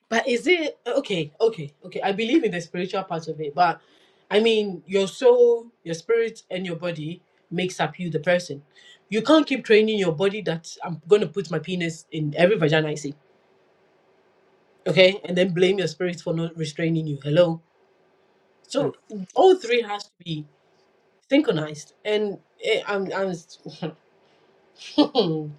Speaker 2: But is it okay, okay, okay. I believe in the spiritual part of it, but I mean your soul, your spirit and your body makes up you the person. You can't keep training your body that I'm gonna put my penis in every vagina I see. Okay? And then blame your spirit for not restraining you. Hello.
Speaker 1: Mm.
Speaker 2: So all three has to be synchronized. And eh, I'm I'm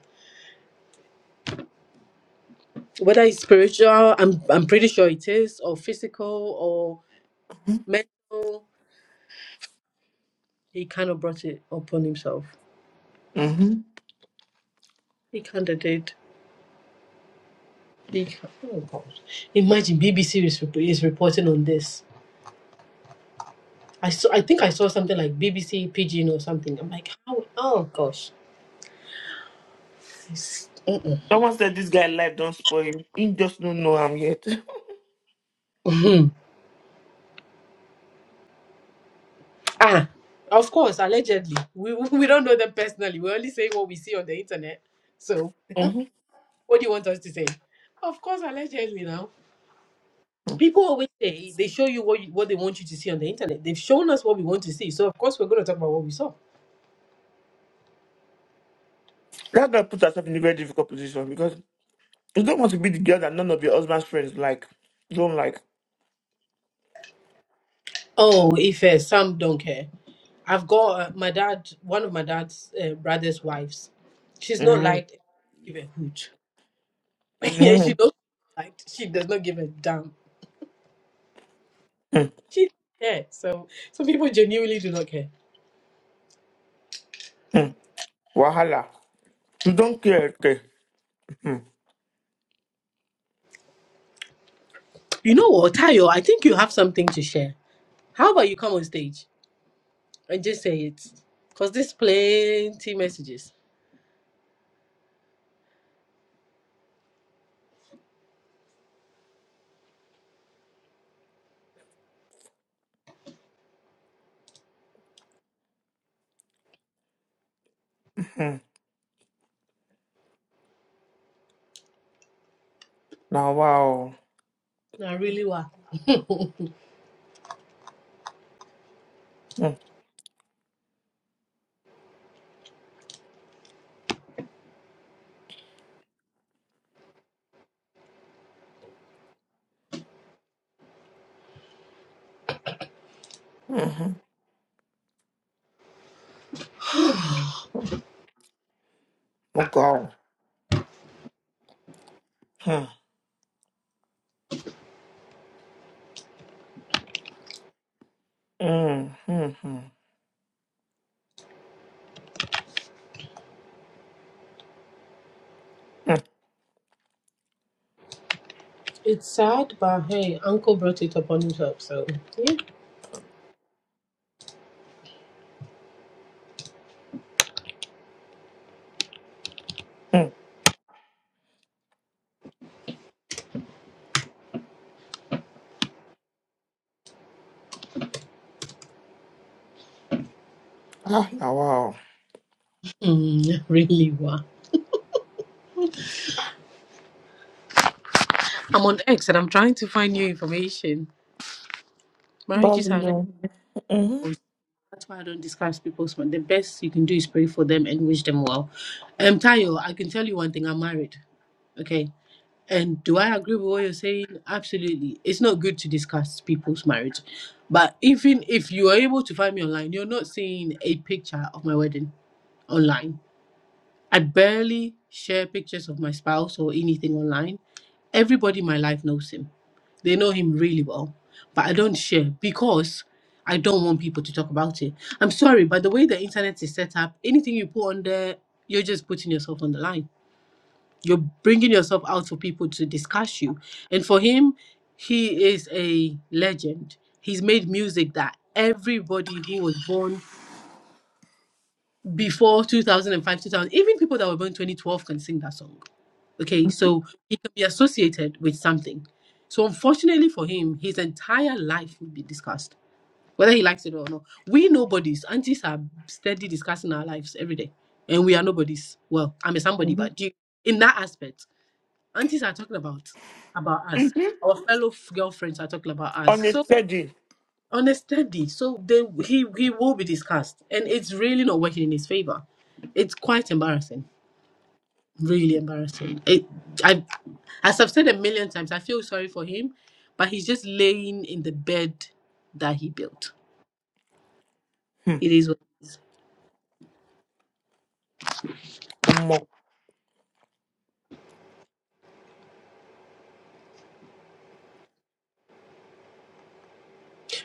Speaker 2: whether it's spiritual, I'm I'm pretty sure it is, or physical mental, he kind of brought it upon himself.
Speaker 1: Mm-hmm.
Speaker 2: He kind of did. He, oh God. Imagine BBC is, rep- is reporting on this. I saw, I think I saw something like BBC Pigeon or something. I'm like, how? Oh gosh. It's-
Speaker 1: Someone said this guy life don't spoil him. He just don't know I'm yet.
Speaker 2: Mhm. ah, of course, allegedly. We, we don't know them personally. We're only saying what we see on the internet. So,
Speaker 1: Mm-hmm.
Speaker 2: what do you want us to say? Of course, allegedly now.
Speaker 1: Mm.
Speaker 2: People always say they show you what you, what they want you to see on the internet. They've shown us what we want to see. So, of course, we're going to talk about what we saw.
Speaker 1: That girl put herself in a very difficult position because you don't want to be the girl that none of your husband's friends like. Don't like.
Speaker 2: Oh, Ife, some don't care. I've got uh, my dad, one of my dad's uh, brother's wives. She's not
Speaker 1: Mm-hmm.
Speaker 2: like give a hoot. Yeah,
Speaker 1: Mm-hmm.
Speaker 2: she not like she does not give a damn.
Speaker 1: Mm-hmm.
Speaker 2: She yeah. So some people genuinely do not care.
Speaker 1: Mm-hmm. Wahala. You don't care. Okay. Mm-hmm.
Speaker 2: You know what, Tayo? I think you have something to share. How about you come on stage and just say it? Cause there's plenty messages.
Speaker 1: Mm-hmm. Now, wow.
Speaker 2: I really were.
Speaker 1: Mm-hmm. Mm-hmm. Oh, God. Hmm. Mm, mm, mm, mm,
Speaker 2: it's sad, but hey, Uncle brought it upon himself, so yeah.
Speaker 1: mm. Ah, now, wow.
Speaker 2: Mm, really were. I'm on X and I'm trying to find new information. Marriages
Speaker 1: Bobby,
Speaker 2: are not.
Speaker 1: no. Mm-hmm.
Speaker 2: That's why I don't discuss people's money. The best you can do is pray for them and wish them well. Um, Tayo, I can tell you one thing. I'm married. Okay. And do I agree with what you're saying? Absolutely. It's not good to discuss people's marriage. But even if you are able to find me online, you're not seeing a picture of my wedding online. I barely share pictures of my spouse or anything online. Everybody in my life knows him. They know him really well. But I don't share because I don't want people to talk about it. I'm sorry, but the way the internet is set up, anything you put on there, you're just putting yourself on the line. You're bringing yourself out for people to discuss you. And for him, he is a legend. He's made music that everybody who was born before 2005, 2000, even people that were born 2012 can sing that song Okay, so he can be associated with something. So unfortunately for him, his entire life will be discussed, whether he likes it or not. We nobodies, aunties are steady discussing our lives every day, and we are nobodies. Well, I'm a somebody, but do you, in that aspect, aunties are talking about about us.
Speaker 1: hmm
Speaker 2: Our fellow f- girlfriends are talking about us.
Speaker 1: On a
Speaker 2: So
Speaker 1: steady.
Speaker 2: on a steady, so they, he he will be discussed, and it's really not working in his favor. It's quite embarrassing really embarrassing. It, I, as I've said a million times, I feel sorry for him, but he's just laying in the bed that he built.
Speaker 1: Hmm.
Speaker 2: It is what it is.
Speaker 1: Oh, mo-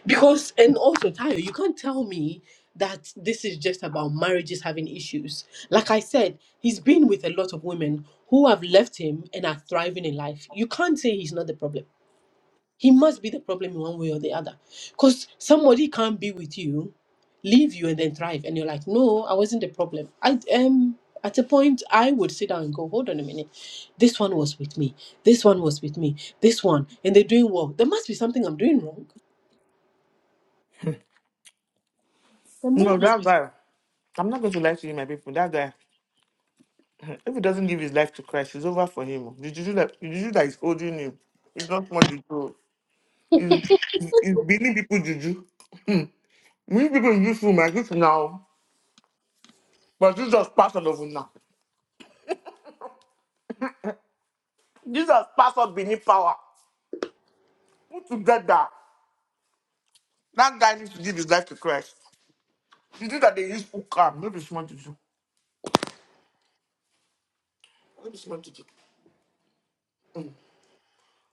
Speaker 2: Because, and also, Tayo, you can't tell me that this is just about marriages having issues. Like I said, he's been with a lot of women who have left him and are thriving in life. You can't say he's not the problem. He must be the problem in one way or the other. Because somebody can't be with you, leave you, and then thrive. And you're like, no, I wasn't the problem. I um at a point I would sit down and go, hold on a minute. This one was with me. This one was with me. This one. And they're doing well. There must be something I'm doing wrong. There
Speaker 1: No,
Speaker 2: must be something
Speaker 1: that guy. I'm not going to lie to you, my people. That guy, if he doesn't give his life to Christ, it's over for him. The juju that, the juju that is holding him, it's not much juju. It's, it's believe people juju. Many people use him like this now, but Jesus passed all over now. Jesus passed all beneath power. Put together. That guy needs to give his life to Christ. The thing that they use for calm, no be smart to do. No be smart to do.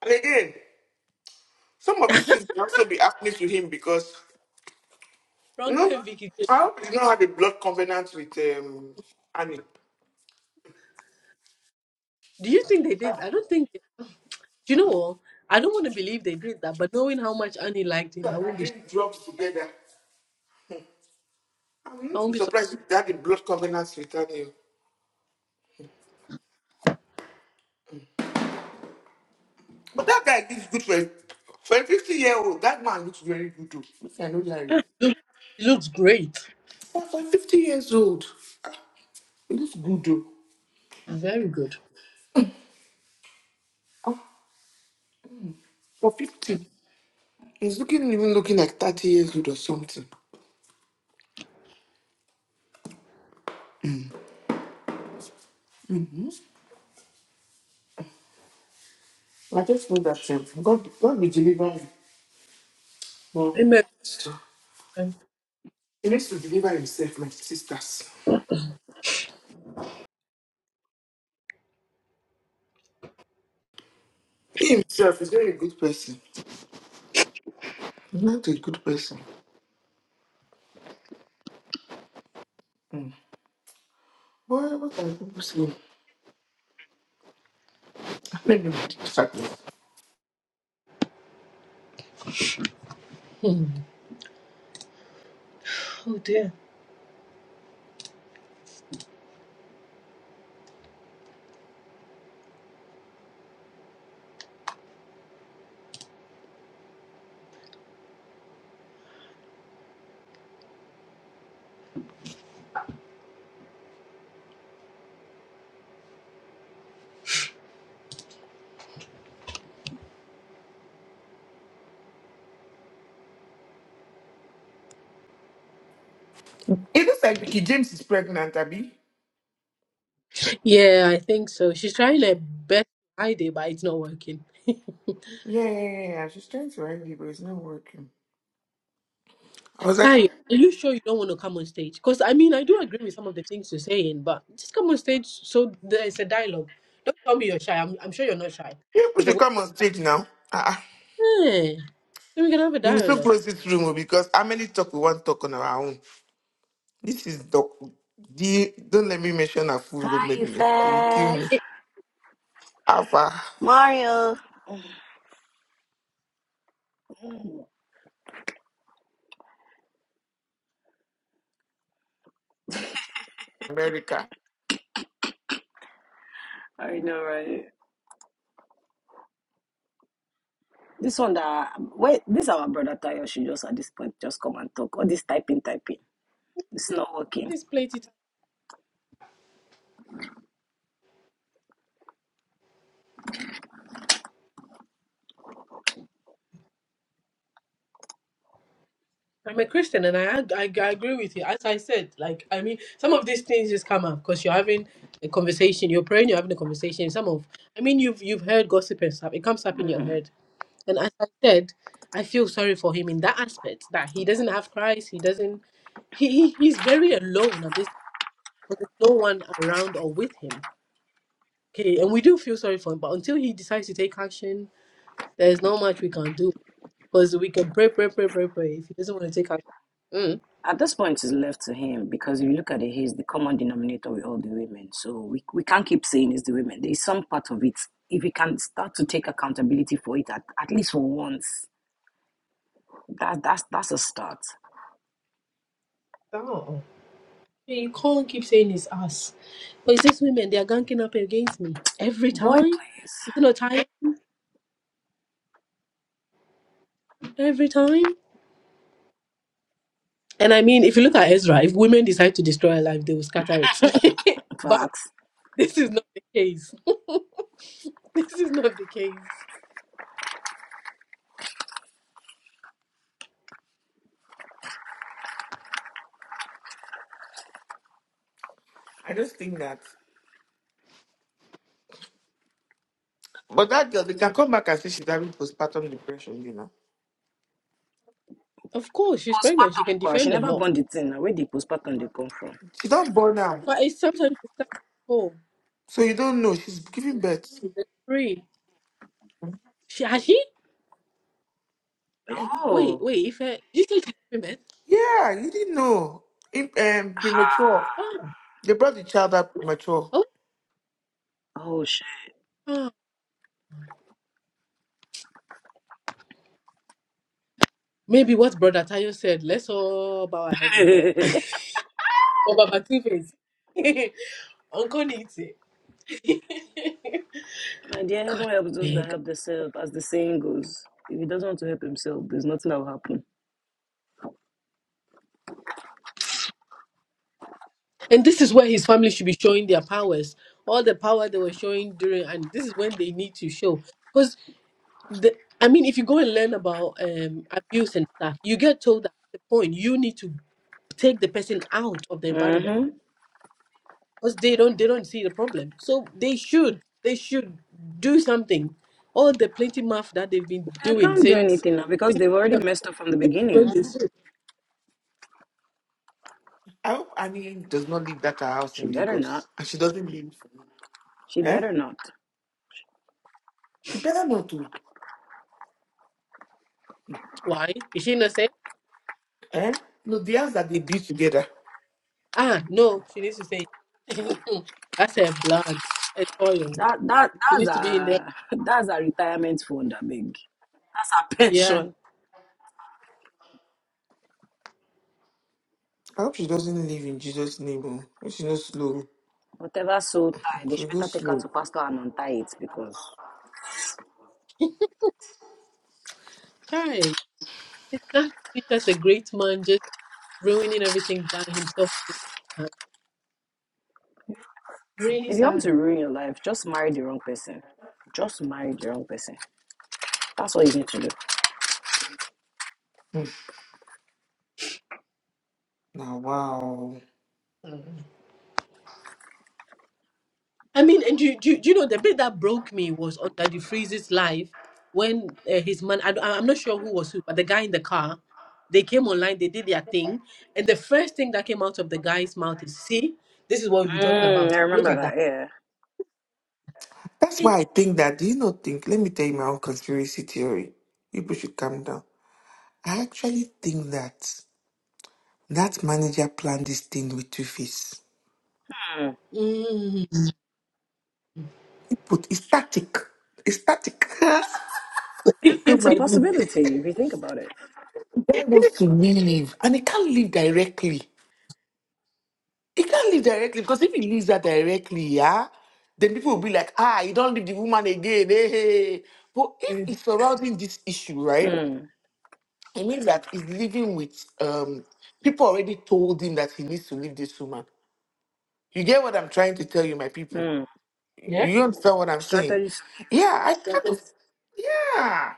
Speaker 1: And again, some of these things can also be happening to him because
Speaker 2: wrong.
Speaker 1: you know,
Speaker 2: here, Vicky.
Speaker 1: I hope he don't have a blood covenant with um Annie.
Speaker 2: Do you think they did? I don't think they- do you know what? I don't want to believe they did that, but knowing how much Annie liked him, I
Speaker 1: That I
Speaker 2: won't be
Speaker 1: drink drugs together. I'm
Speaker 2: I won't
Speaker 1: not
Speaker 2: be surprised.
Speaker 1: surprised if they had a blood covenant with Annie. But that guy looks good for a, for a 50 year old. That man looks very good too. I know that.
Speaker 2: He looks, he looks great.
Speaker 1: For for 50 years old, he looks good though.
Speaker 2: Very good.
Speaker 1: Oh, For 50. He's looking even looking like 30 years old or something. I just know that um, God, God will deliver him. But
Speaker 2: Amen.
Speaker 1: he needs to deliver himself, my sisters. He himself is not a good person. He's not a good person. Mm. Why, what are people saying? Let me read this out.
Speaker 2: Oh dear.
Speaker 1: It looks like Vicky James is pregnant, Abby.
Speaker 2: Yeah, I think so. She's trying her best idea, but it's not working.
Speaker 1: Yeah, yeah, yeah. yeah. She's trying to write me, but it's not working. I was like,
Speaker 2: Ty,
Speaker 1: ah,
Speaker 2: are you sure you don't want to come on stage? Because I mean, I do agree with some of the things you're saying, but just come on stage so there's a dialogue. Don't tell me you're shy. I'm, I'm sure you're not shy.
Speaker 1: people
Speaker 2: Because the
Speaker 1: should
Speaker 2: way
Speaker 1: come on stage now. Ah, uh
Speaker 2: Eh, so we can have a
Speaker 1: We will still
Speaker 2: dialogue.
Speaker 1: close this room oh, because how many talk we want talk on our own? This is the, the don't let me mention her full government
Speaker 4: Hey,
Speaker 1: name. She will kill
Speaker 4: fair.
Speaker 2: Eh,
Speaker 1: me.
Speaker 2: eh,
Speaker 1: Alpha,
Speaker 4: Mario.
Speaker 1: America.
Speaker 4: I know, right? This one that um, wait, this our brother Tayo should just at this point just come and talk. All this typing, typing, it's not
Speaker 2: What
Speaker 4: working.
Speaker 2: is plenty to- I'm a Christian and I, ag- I I agree with you. As I said, like I mean, some of these things just come up because you're having a conversation, you're praying, you're having a conversation. Some of, I mean, you've you've heard gossip and stuff. It comes up in your
Speaker 4: Mm.
Speaker 2: head And as I said, I feel sorry for him in that aspect that he doesn't have Christ. He doesn't. He, he he's very alone at this. Because there's no one around or with him. Okay, and we do feel sorry for him, but until he decides to take action, there's not much we can do. Because we can pray, pray, pray, pray, pray. If he doesn't want to take action, mm.
Speaker 4: At this point, it's left to him because if you look at it, he's the common denominator with all the women. So we we can't keep saying it's the women. There is some part of it. If we can start to take accountability for it at, at least for once, that that's that's a start.
Speaker 2: down. You can't keep saying it's us. But it's these women, they are ganking up against me every
Speaker 4: Boy,
Speaker 2: time. Is it
Speaker 4: please,
Speaker 2: not time? Every time. And I mean, if you look at Ezra, if women decide to destroy a life, they will scatter it. but
Speaker 4: facts.
Speaker 2: this is not the case. this is not the case.
Speaker 1: I just think that. But that girl, they can come back and say she's having postpartum depression, you know.
Speaker 2: Of course, she's pregnant. She can
Speaker 4: Postpartum, kwa, she
Speaker 2: defend the
Speaker 4: never
Speaker 2: law.
Speaker 4: born the thing. Now, Where the postpartum they come from?
Speaker 1: She don't born now.
Speaker 2: But it's sometimes it's not- oh,
Speaker 1: So you don't know. She's giving birth.
Speaker 2: it's free. She has she?
Speaker 1: Yeah,
Speaker 2: Wait,
Speaker 4: Oh.
Speaker 2: wait. If uh, did you say she's giving birth?
Speaker 1: Yeah, you didn't know. In, um, premature.
Speaker 4: Ha.
Speaker 2: Oh,
Speaker 1: They brought the child up premature.
Speaker 2: oh,
Speaker 4: Oh shit.
Speaker 2: ah. maybe what Brother Tayo said. Let's all bow our head in prayer. Or Baba Two Face. Uncle Nitty.
Speaker 4: My dear, heaven helps those
Speaker 2: God.
Speaker 4: that help themselves, as the saying goes. If he doesn't want to help himself, there's nothing that will happen.
Speaker 2: And this is where his family should be showing their powers, all the power they were showing during, and this is when they need to show. Because the, I mean, if you go and learn about um, abuse and stuff, you get told that at the point you need to take the person out of the environment
Speaker 4: Mm-hmm.
Speaker 2: because they don't they don't see the problem. So they should they should do something. All the plenty math that they've been
Speaker 4: I
Speaker 2: doing
Speaker 4: can't do
Speaker 2: since
Speaker 4: anything now because
Speaker 2: since
Speaker 4: they've already messed up from the
Speaker 2: when
Speaker 4: beginning.
Speaker 1: I hope Annie does not leave that her house
Speaker 4: She
Speaker 1: in
Speaker 4: better
Speaker 1: Lagos.
Speaker 4: not.
Speaker 1: And she doesn't leave.
Speaker 4: She
Speaker 1: Eh?
Speaker 4: better not.
Speaker 1: You better not to.
Speaker 2: why is she not saying
Speaker 1: Eh? No, the house that they built together.
Speaker 2: ah no she needs to say that's her blood and oil.
Speaker 4: That that
Speaker 2: He
Speaker 4: that's
Speaker 2: needs to be in there.
Speaker 4: a that's a retirement fund, I beg. That's a
Speaker 2: Yeah.
Speaker 4: pension.
Speaker 1: I hope she doesn't leave in Jesus' name. oh. If she no slow.
Speaker 4: Whatever soul tie, they
Speaker 1: She
Speaker 4: should
Speaker 1: go
Speaker 4: better take her
Speaker 1: slow.
Speaker 4: to pastor and untie it because
Speaker 2: Chai. It's not just a great man just ruining everything by himself. with his own hand. Really
Speaker 4: if you want
Speaker 2: sad.
Speaker 4: to ruin your life, just marry the wrong person. Just marry the wrong person. That's what you need to do.
Speaker 1: Now, wow.
Speaker 2: Mm. I mean, and you, do, do you know the bit that broke me was on Daddy Freeze's live when uh, his man, I, don't- I'm not sure who was who, but the guy in the car, they came online, they did their thing. And the first thing that came out of the guy's mouth is, see, this is what we've been talking
Speaker 4: Mm, I
Speaker 2: about. Look
Speaker 4: remember
Speaker 2: at
Speaker 4: that,
Speaker 2: that.
Speaker 4: yeah.
Speaker 1: That's
Speaker 2: It,
Speaker 1: why I think that. Do you not think? Let me tell you my own conspiracy theory. People should calm down. I actually think that that manager planned this thing with two face.
Speaker 4: Mm.
Speaker 2: mm.
Speaker 1: He put it's static. It's static. oh
Speaker 4: It's a
Speaker 1: my God.
Speaker 4: possibility if you think about it.
Speaker 1: Guy wants to leave and he can't leave directly. He can't leave directly because if he leaves that directly, yeah, then people will be like, ah, you don't leave the woman again. Hey, hey. hey." But if it's surrounding this issue, right?
Speaker 4: Mm,
Speaker 1: It means that he's living with um people already told him that he needs to leave this woman. You get what I'm trying to tell you, my people?
Speaker 4: mm.
Speaker 2: yeah.
Speaker 1: You understand what I'm
Speaker 4: Strategy
Speaker 1: saying?
Speaker 4: to live.
Speaker 1: Yeah, I kind of yeah.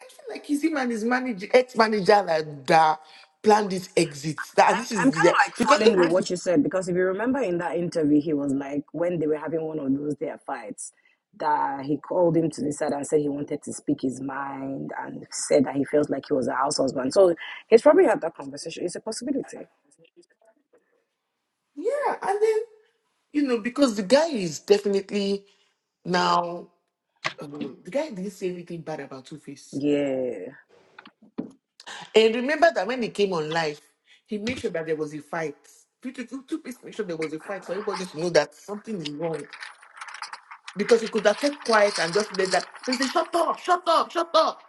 Speaker 1: I feel like he's him and his manager ex-manager that, that planned this exit. That and
Speaker 4: I'm,
Speaker 1: this
Speaker 4: I'm kind
Speaker 1: is the
Speaker 4: of like
Speaker 1: because
Speaker 4: falling
Speaker 1: even
Speaker 4: with
Speaker 1: if it's-
Speaker 4: what you said because if you remember in that interview, he was like, when they were having one of those their fights, that he called him to the side and said he wanted to speak his mind and said that he felt like he was a house husband. So he's probably had that conversation. It's a possibility.
Speaker 1: yeah, and then you know, because the guy is definitely now um, the guy didn't say anything bad about Two Face
Speaker 4: Yeah.
Speaker 1: And remember that when he came on live, he made sure that there was a fight. Peter, two two please make sure there was a fight for everybody to know that something is wrong. Because he could have kept quiet and just let that. He said, shut up, shut up, shut up.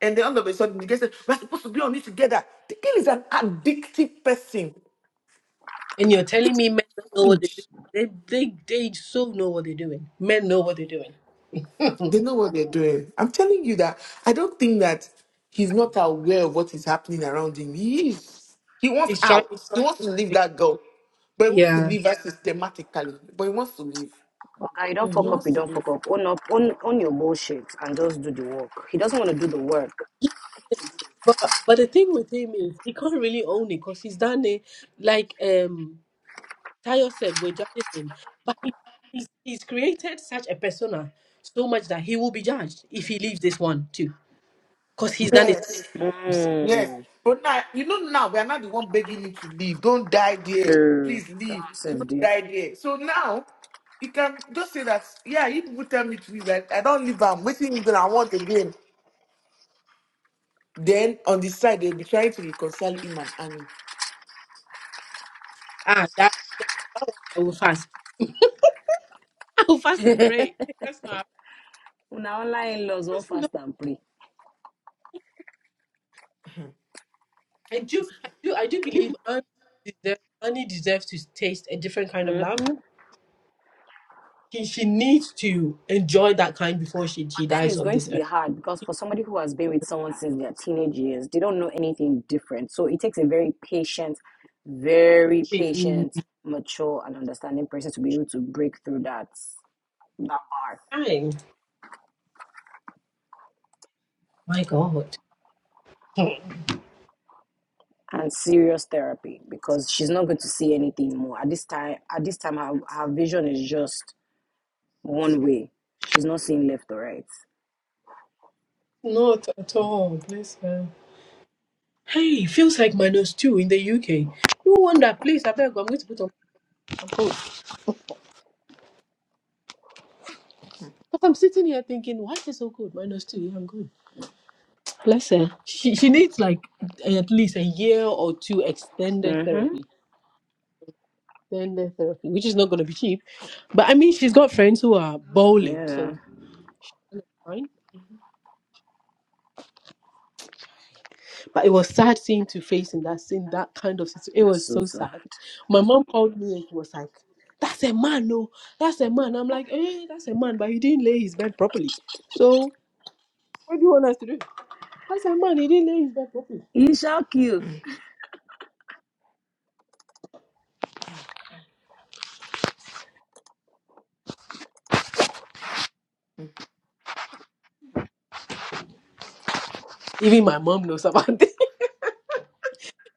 Speaker 1: And then all of a sudden, the guy said, we're supposed to be on it together. The girl is an addictive person.
Speaker 2: And you're telling
Speaker 1: It's
Speaker 2: me men don't know what they're
Speaker 1: huge."
Speaker 2: doing. They they they so know what they're doing. Men know what they're doing.
Speaker 1: They know what they're doing. I'm telling you that I don't think that he's not aware of what is happening around him. He is. He wants
Speaker 2: He's trying.
Speaker 1: out. He wants to leave that girl. But he wants to
Speaker 2: Yeah.
Speaker 1: leave her systematically. But he wants to leave.
Speaker 4: Okay, you don't
Speaker 1: He
Speaker 4: fuck
Speaker 2: hmm
Speaker 4: up,
Speaker 1: wants
Speaker 4: you
Speaker 1: to
Speaker 4: don't
Speaker 1: leave.
Speaker 4: fuck up. Own up, own, own your bullshit and just do the work. He doesn't want to do the work.
Speaker 2: But but the thing with him is he can't really own it because he's done it. Like um Tayo said, we're judging him, but he, he's he's created such a persona so much that he will be judged if he leaves this one too, because he's done it.
Speaker 1: Yes. Yes.
Speaker 4: Mm.
Speaker 1: But now, you know, now we are not the one begging him to leave. Don't die there.
Speaker 4: True.
Speaker 1: Please
Speaker 4: God
Speaker 1: leave.
Speaker 4: save
Speaker 1: Don't
Speaker 4: thee.
Speaker 1: die there. So now, you can just say that, yeah, if people tell me to leave, I, I don't leave. I'm waiting until I want again. Then on the side, they'll be trying to reconcile him and Annie.
Speaker 2: Ah, that, that I will fast. I will fast and pray. That's not.
Speaker 4: Una online laws won't fast and pray.
Speaker 2: I do, I do, I do believe Annie deserves, Annie deserves to taste a different kind of love.
Speaker 4: Mm-hmm.
Speaker 2: She, she needs to enjoy that kind before she,
Speaker 4: But
Speaker 2: she
Speaker 4: then
Speaker 2: dies
Speaker 4: it's
Speaker 2: of
Speaker 4: going
Speaker 2: this
Speaker 4: to
Speaker 2: earth.
Speaker 4: be hard because for somebody who has been with someone since their teenage years, they don't know anything different. So it takes a very patient, very
Speaker 2: She-
Speaker 4: patient, mature, and understanding person to be able to break through that that bar
Speaker 2: Fine. My God.
Speaker 4: and serious therapy because she's not going to see anything more at this time. At this time, her, her vision is just one way. She's not seeing left or right.
Speaker 2: Not at all. Bless her. Hey, feels like minus two in the UK. You wonder, please, I beg, you. I'm going to put on I'm cold. Because I'm sitting here thinking, why is it so cold? Minus two, yeah, I'm good. Bless her. She, she needs like at least a year or two extended therapy.
Speaker 4: Mm-hmm.
Speaker 2: Then the therapy, which is not going to be cheap. But I mean, she's got friends who are bowling,
Speaker 4: Yeah.
Speaker 2: so she's fine. But it was sad seeing to face in that scene, that kind of situation. It was
Speaker 4: So
Speaker 2: so
Speaker 4: sad.
Speaker 2: sad. My mom called me and she was like, That's a man, no, that's a man. I'm like, Eh, that's a man, but he didn't lay his bed properly. So, what do you want us to do? That's a man, he didn't lay his bed properly.
Speaker 4: He shall kill.
Speaker 2: Even my mom knows about this.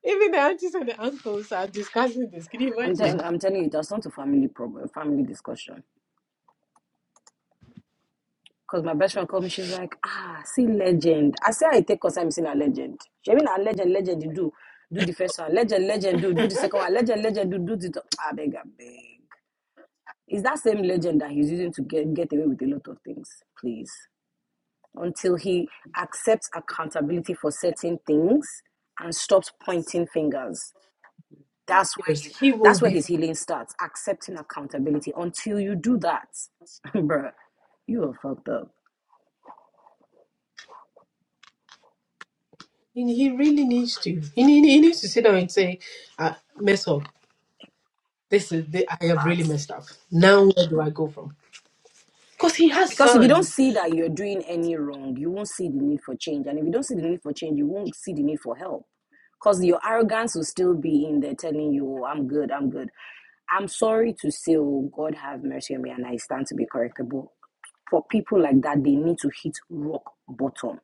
Speaker 2: Even the aunties and the uncles are discussing this. Can you
Speaker 4: I'm
Speaker 2: imagine?
Speaker 4: telling I'm telling you, that's not a family problem, family discussion. Because my best friend called me, she's like, ah, see legend. I say I take cause I'm seeing a legend. She mean a legend, legend you do. Do the first one. Legend, legend, do, do the second one. Legend, legend, do, do the th- I beg, I beg. It's that same legend that he's using to get get away with a lot of things, please. Until he accepts accountability for certain things and stops pointing fingers. That's where
Speaker 2: Yes,
Speaker 4: he
Speaker 2: he will
Speaker 4: that's where
Speaker 2: be fine.
Speaker 4: his healing starts, accepting accountability. Until you do that, bruh, you are fucked up.
Speaker 2: He he really needs to. He, ne- he needs to sit down and say, uh, mess up. This is the, I have really
Speaker 4: Facts.
Speaker 2: messed up. Now where do I go from? Because he has
Speaker 4: Because if you don't
Speaker 2: sons.
Speaker 4: see that you're doing any wrong, you won't see the need for change. And if you don't see the need for change, you won't see the need for help. Because your arrogance will still be in there telling you, oh, I'm good, I'm good. I'm sorry to say, oh, God have mercy on me and I stand to be correctable. For people like that, they need to hit rock bottom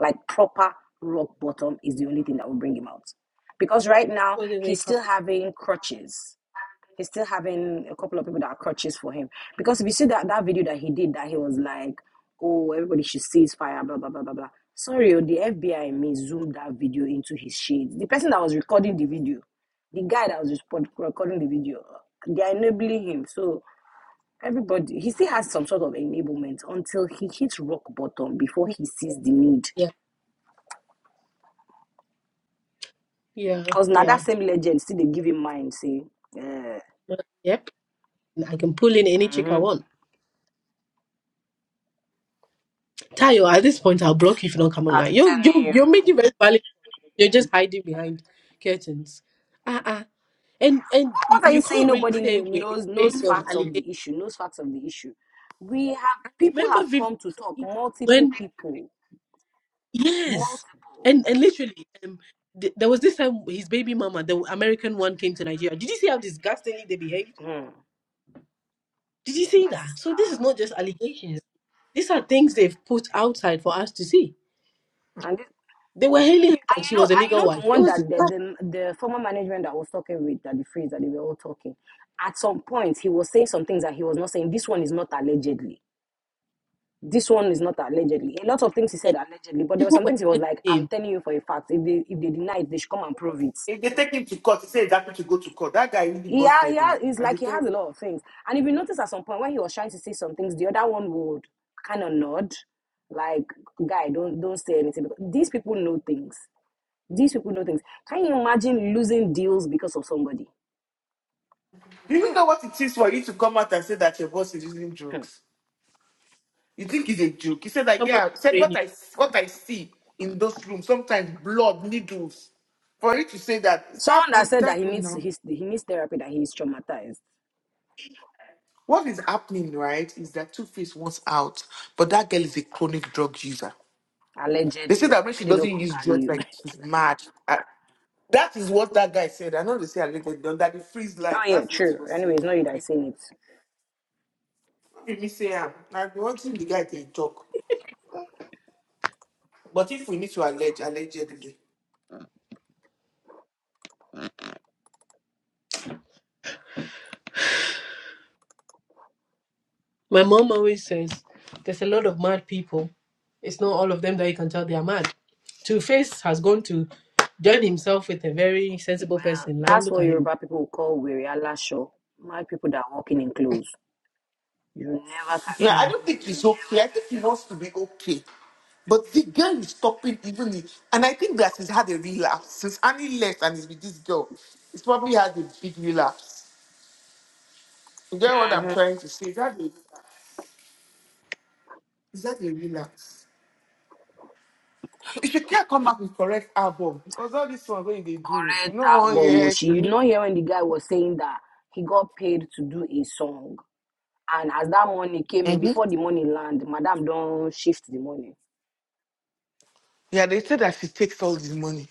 Speaker 4: Like proper rock bottom is the only thing that will bring him out. Because right now
Speaker 2: When they
Speaker 4: he's
Speaker 2: wake up,
Speaker 4: still having crutches. He's still having a couple of people that are crutches for him. Because if you see that, that video that he did that he was like, Oh, everybody should cease fire, blah blah blah blah blah. Sorry, oh, the FBI may zoom that video into his shades. The person that was recording the video, the guy that was recording the video, they are enabling him. So everybody, he still has some sort of enablement until he hits rock bottom before he sees the need
Speaker 2: yeah, yeah,
Speaker 4: Because now
Speaker 2: yeah.
Speaker 4: that same legend still they give him mind, see. Yeah.
Speaker 2: Yep, and I can pull in any chick I
Speaker 4: Mhm. I'm
Speaker 2: want. Tayo, at this point, I'll block you if you don't come online. You're
Speaker 4: telling
Speaker 2: you're,
Speaker 4: you.
Speaker 2: you're making very valid. You're just hiding behind curtains. Ah uh-uh. ah, and and you,
Speaker 4: What are you
Speaker 2: you
Speaker 4: saying?
Speaker 2: can't really
Speaker 4: Nobody
Speaker 2: say
Speaker 4: need,
Speaker 2: wait, it's
Speaker 4: knows knows
Speaker 2: based on
Speaker 4: facts of
Speaker 2: allegation.
Speaker 4: the issue. Knows facts of the issue. We have people
Speaker 2: Remember,
Speaker 4: have come to talk.
Speaker 2: Vivi,
Speaker 4: Multiple people.
Speaker 2: Yes,
Speaker 4: Multiple.
Speaker 2: and and literally, um, th- there was this time his baby mama, the American one, came to Nigeria. Did you see how disgustingly they behaved?
Speaker 4: Mm,
Speaker 2: Did you
Speaker 4: my
Speaker 2: see that?
Speaker 4: sister.
Speaker 2: So this is not just allegations. These are things they've put outside for us to see.
Speaker 4: And this,
Speaker 2: They were hailing her
Speaker 4: and
Speaker 2: like she
Speaker 4: you know and
Speaker 2: was a
Speaker 4: you
Speaker 2: legal
Speaker 4: know
Speaker 2: wife.
Speaker 4: the
Speaker 2: It
Speaker 4: one
Speaker 2: was
Speaker 4: that the,
Speaker 2: disgusting.
Speaker 4: the the former management that I was talking with that the phrase that they were all talking. At some point, he was saying some things that he was not saying. This one is not allegedly. This one is not allegedly. A lot of things he said allegedly, but there were
Speaker 2: Who
Speaker 4: some
Speaker 2: were
Speaker 4: things he was
Speaker 2: telling
Speaker 4: like, "I'm
Speaker 2: him?
Speaker 4: telling you for a fact. If they if they deny it, they should come and prove it."
Speaker 1: If they take him to court, he said he's happy to go to court. That guy really
Speaker 4: Yeah, he
Speaker 1: busted him.
Speaker 4: has. He's
Speaker 1: And they
Speaker 4: like he
Speaker 1: tell
Speaker 4: has
Speaker 1: you,
Speaker 4: a lot of things. And if you notice, at some point when he was trying to say some things, the other one would kind of nod, like, "Guy, don't don't say anything." Because these people know things. These people know things. Can you imagine losing deals because of somebody?
Speaker 1: do you
Speaker 2: "Ah,
Speaker 1: know what it is for you to come out and say that your boss is using drugs? You think it's a joke? He said that
Speaker 2: Someone
Speaker 1: yeah. He
Speaker 2: will
Speaker 1: said
Speaker 2: train
Speaker 1: what
Speaker 2: you.
Speaker 1: I what I see in those rooms sometimes blood needles. For you to say that it's
Speaker 4: Someone that
Speaker 1: happened, it's
Speaker 4: said that he
Speaker 1: happened
Speaker 4: needs
Speaker 1: now.
Speaker 4: his he needs therapy that he's traumatized
Speaker 1: What is happening, right, is that Two Face wants out, but that girl is a chronic drug user. They say
Speaker 4: allegedly. I
Speaker 1: that when she
Speaker 4: made they no
Speaker 1: doesn't
Speaker 4: come
Speaker 1: use
Speaker 4: carry
Speaker 1: drugs,
Speaker 4: you.
Speaker 1: like she's mad. I, that is what that guy said. I know they say I let them down, that they freeze lights.
Speaker 4: Oh yeah,
Speaker 1: That's what he
Speaker 4: true.
Speaker 1: was
Speaker 4: Anyway,
Speaker 1: saying.
Speaker 4: it's not you
Speaker 1: I mean,
Speaker 4: that's saying it.
Speaker 1: if me say am, I be wanting the guy to talk. But if we need to allege, allegedly.
Speaker 2: My mom always says, "There's a lot of mad people. It's not all of them that you can tell they are mad." Two Face has gone to join himself with a very sensible
Speaker 4: Uh,
Speaker 2: person. Now
Speaker 4: that's
Speaker 2: look
Speaker 4: what
Speaker 2: at him.
Speaker 4: Yoruba people call wiri alasho. Mad people that walking in clothes. You never can
Speaker 1: Now, I don't
Speaker 4: tell.
Speaker 1: think he's okay. I think he wants to be okay. But the girl is stopping even the, and I think that he's had a relapse. Since Annie left and he's with this girl, he's probably had a big relapse. You get what I'm
Speaker 4: hmm
Speaker 1: trying to say? Is that a, is that a relapse? If you can't come back with correct album, because all this one going they do,
Speaker 4: Correct,
Speaker 1: no one year.
Speaker 4: Abomoshi. You know
Speaker 1: Mm-hmm.
Speaker 4: here when the guy was saying that he got paid to do a song, and as that money came in, before the money land, Madam don't shift the money.
Speaker 1: Yeah, they say that she takes all this money.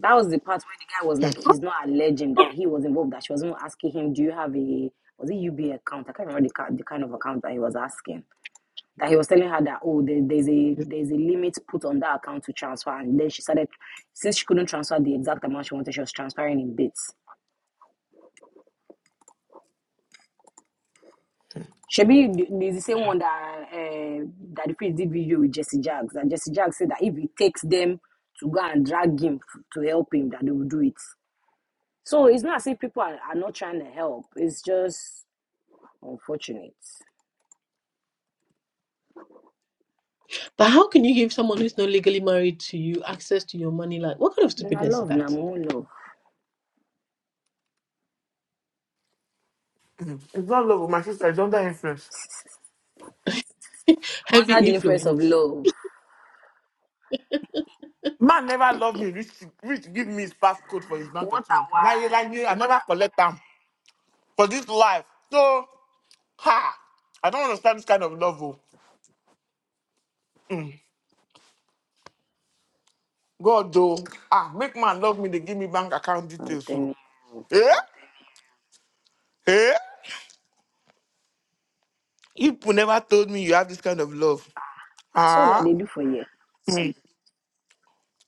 Speaker 4: That was the part where the guy was like, he's not alleging that he was involved. That she was even asking him, do you have a was it UBA account? I can't remember the, ki- the kind of account that he was asking. that he was telling her that oh there, there's a there's a limit put on that account to transfer and then she started since she couldn't transfer the exact amount she wanted she was transferring in bits Shebi th- there's the same one that uh, that the priest did video with Jesse Jags and Jesse Jags said that if it takes them to go and drag him f- to help him that they will do it so it's not as if people are, are not trying to help it's just unfortunate
Speaker 2: But how can you give someone who's not legally married to you access to your money? Like, what kind of
Speaker 4: na
Speaker 2: stupidness is
Speaker 4: love na
Speaker 2: that?
Speaker 4: mumu love
Speaker 1: It's not love, oh, my sister is under influence.
Speaker 2: Heavy
Speaker 4: under the influence of
Speaker 2: influence,
Speaker 4: love
Speaker 1: Man never love me. Rich, rich give me his passcode for his bank
Speaker 4: what a
Speaker 1: account.
Speaker 4: why
Speaker 1: Now you like me, I never collect them for this life. So, ha, I don't understand this kind of love. Oh. Mm. God though, ah, make man love me. They give me bank account
Speaker 4: I'm
Speaker 1: details.
Speaker 4: telling
Speaker 1: So,
Speaker 4: you
Speaker 1: eh, eh. You people never told me you have this kind of love.
Speaker 4: That's all that
Speaker 1: Ah.
Speaker 4: they do for here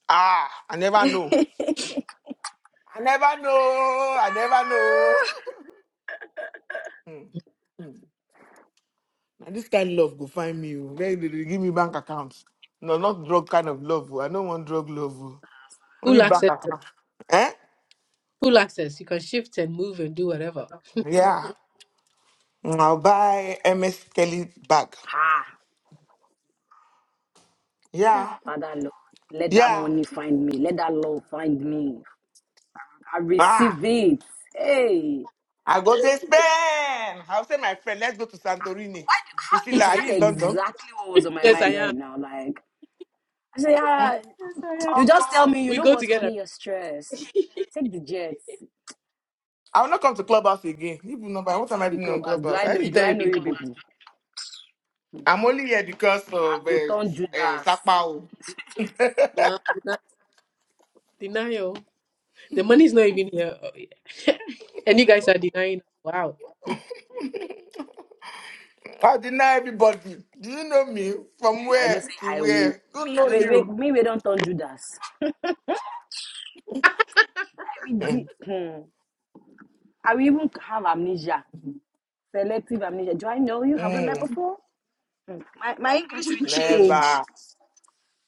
Speaker 1: Ah, I never know. I never know. I never know. Hmm. Na this kind of love go find me. oh. Where they dey give me bank accounts. No, not drug kind of love. oh. I don't want drug love. oh.
Speaker 2: full
Speaker 1: Only bank
Speaker 2: access,
Speaker 1: account. Eh?
Speaker 2: full access. You can shift and move and do whatever.
Speaker 1: Yeah. Hmm, I'll buy MS Kelly bag.
Speaker 4: Ah,
Speaker 1: Yeah.
Speaker 4: Father Lord, let that
Speaker 1: Yeah.
Speaker 4: money find me. Let that love find me. I
Speaker 1: Ah.
Speaker 4: receive it. Hey,
Speaker 1: I go to Spain. I'll say my friend, let's go to Santorini.
Speaker 4: why? do- How, you
Speaker 1: Priscilla, are you
Speaker 4: said
Speaker 1: in London?
Speaker 4: exactly what was on my
Speaker 2: yes, I
Speaker 4: mind
Speaker 2: am.
Speaker 4: right now. Like I say, ah,
Speaker 2: Yes, I am.
Speaker 4: you
Speaker 1: Um,
Speaker 4: just tell me. You
Speaker 2: We
Speaker 4: know
Speaker 2: go
Speaker 4: what,
Speaker 2: together.
Speaker 4: honey? You're stressed. Take the jets.
Speaker 1: I will not come to Clubhouse again. Even number, what am I
Speaker 4: Waiting be
Speaker 1: doing on
Speaker 4: clubbers. Do
Speaker 1: Clubhouse?
Speaker 4: I
Speaker 1: I
Speaker 4: know?
Speaker 1: need to
Speaker 4: Do
Speaker 1: tell
Speaker 4: I
Speaker 1: you
Speaker 4: know you
Speaker 1: people.
Speaker 4: people?
Speaker 1: I'm only here because of
Speaker 4: I
Speaker 1: uh,
Speaker 4: go turn
Speaker 1: uh,
Speaker 4: Judas.
Speaker 1: Sakpao.
Speaker 2: Wow, deni- denial. The money's not even here, Oh, yeah. and you guys are denying. Wow.
Speaker 1: I deny everybody. Do you know me? From
Speaker 4: You, I even say
Speaker 1: where to
Speaker 4: I will.
Speaker 1: where? Don't know
Speaker 4: Me, wait, wait,
Speaker 1: you.
Speaker 4: me, we don't turn Judas. I will.
Speaker 1: Mm.
Speaker 4: de- hmm. I will even have amnesia. Selective amnesia. Do I know you? Have we met
Speaker 1: Mm.
Speaker 4: before? Mm. My, my English will
Speaker 2: What
Speaker 4: change.
Speaker 1: Never.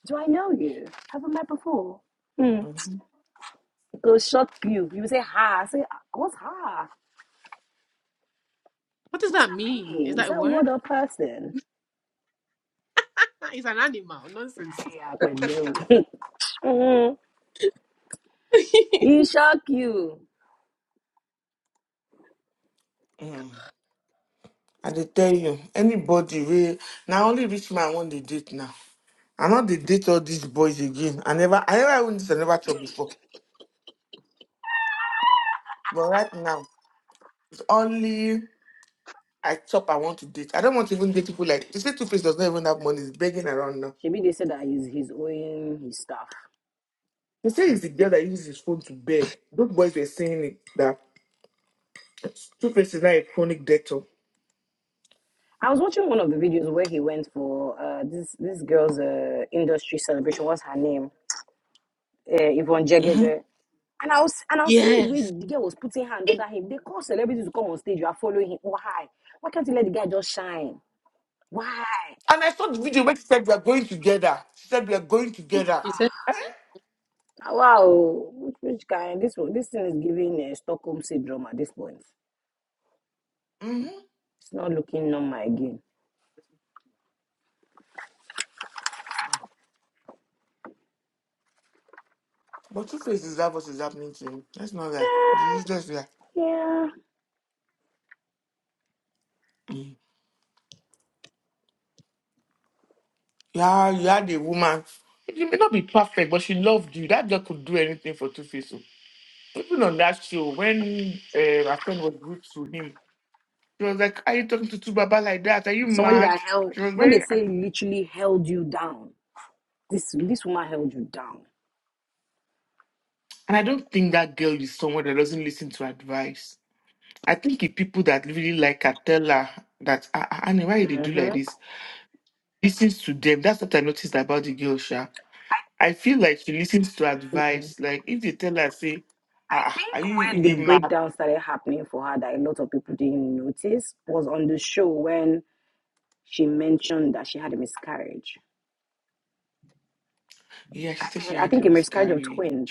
Speaker 4: Do I know you? Have we met before? Mm. It will shock you. You say ha. I say, "Ah, what's ha?
Speaker 2: does
Speaker 4: What's
Speaker 2: that
Speaker 4: that
Speaker 2: mean? Is
Speaker 4: mean? Is
Speaker 2: that a
Speaker 4: that
Speaker 2: word?
Speaker 4: word or person?
Speaker 2: It's an animal. Nonsense.
Speaker 4: Yeah, well, no. Mhm. He shock you.
Speaker 1: Mm. I dey tell you, anybody wey now only rich man want to date now. I not dey date all these boys again. I never, I never even this, I never chop before. But right now, it's only I chop. I want to date. I don't want to even date people like. You see, Two Face does not even have money. He's begging around now.
Speaker 4: Maybe they said that he's he's owing his stuff.
Speaker 1: They say it's the girl that uses his phone to beg. Those boys were saying it, that Two-Face is not a chronic debtor.
Speaker 4: I was watching one of the videos where he went for uh, this this girl's uh, industry celebration. What's her name? Uh, Yvonne Jegede. And I was and I was seeing the way
Speaker 2: Yes.
Speaker 4: the girl was putting her hand under him. They call celebrities to come on stage. You are following him. Why? Why can't you let the guy just shine? Why?
Speaker 1: And I saw the video where she said we are going together. She said we are going together.
Speaker 2: She said
Speaker 4: Ah, Wow, which, which guy? This one, this thing is giving uh, Stockholm syndrome at this point.
Speaker 1: hmm
Speaker 4: It's not looking normal again.
Speaker 1: But Two-Face is that what is happening to him. That's not that. It's useless there.
Speaker 4: Yeah,
Speaker 1: Mm. Yeah, you had a woman. It may not be perfect, but she loved you. That girl could do anything for Two-Face. oh. Even on that show, when uh, my friend was rude to him, she was like, are you talking to Two Baba like that? Are you
Speaker 4: somebody
Speaker 1: mad?
Speaker 4: that held
Speaker 1: She was
Speaker 4: when they
Speaker 1: very
Speaker 4: say literally held you down. This this woman held you down.
Speaker 1: And I don't think that girl is someone that doesn't listen to advice. I think if people that really like her tell her that, ah, ah, Annie, why they do like
Speaker 4: hmm
Speaker 1: this, listens to them. That's what I noticed about the girl, Sha. I feel like she listens to advice. Like if they tell her, say,
Speaker 4: I
Speaker 1: ah, ah, are you you
Speaker 4: think where the
Speaker 1: dey mad?
Speaker 4: breakdown started happening for her that a lot of people didn't notice was on the show when she mentioned that she had a miscarriage.
Speaker 1: Yeah,
Speaker 4: I,
Speaker 1: she said she
Speaker 4: thi- I
Speaker 1: had a
Speaker 4: think a miscarriage of
Speaker 1: miscarriage.
Speaker 4: twins.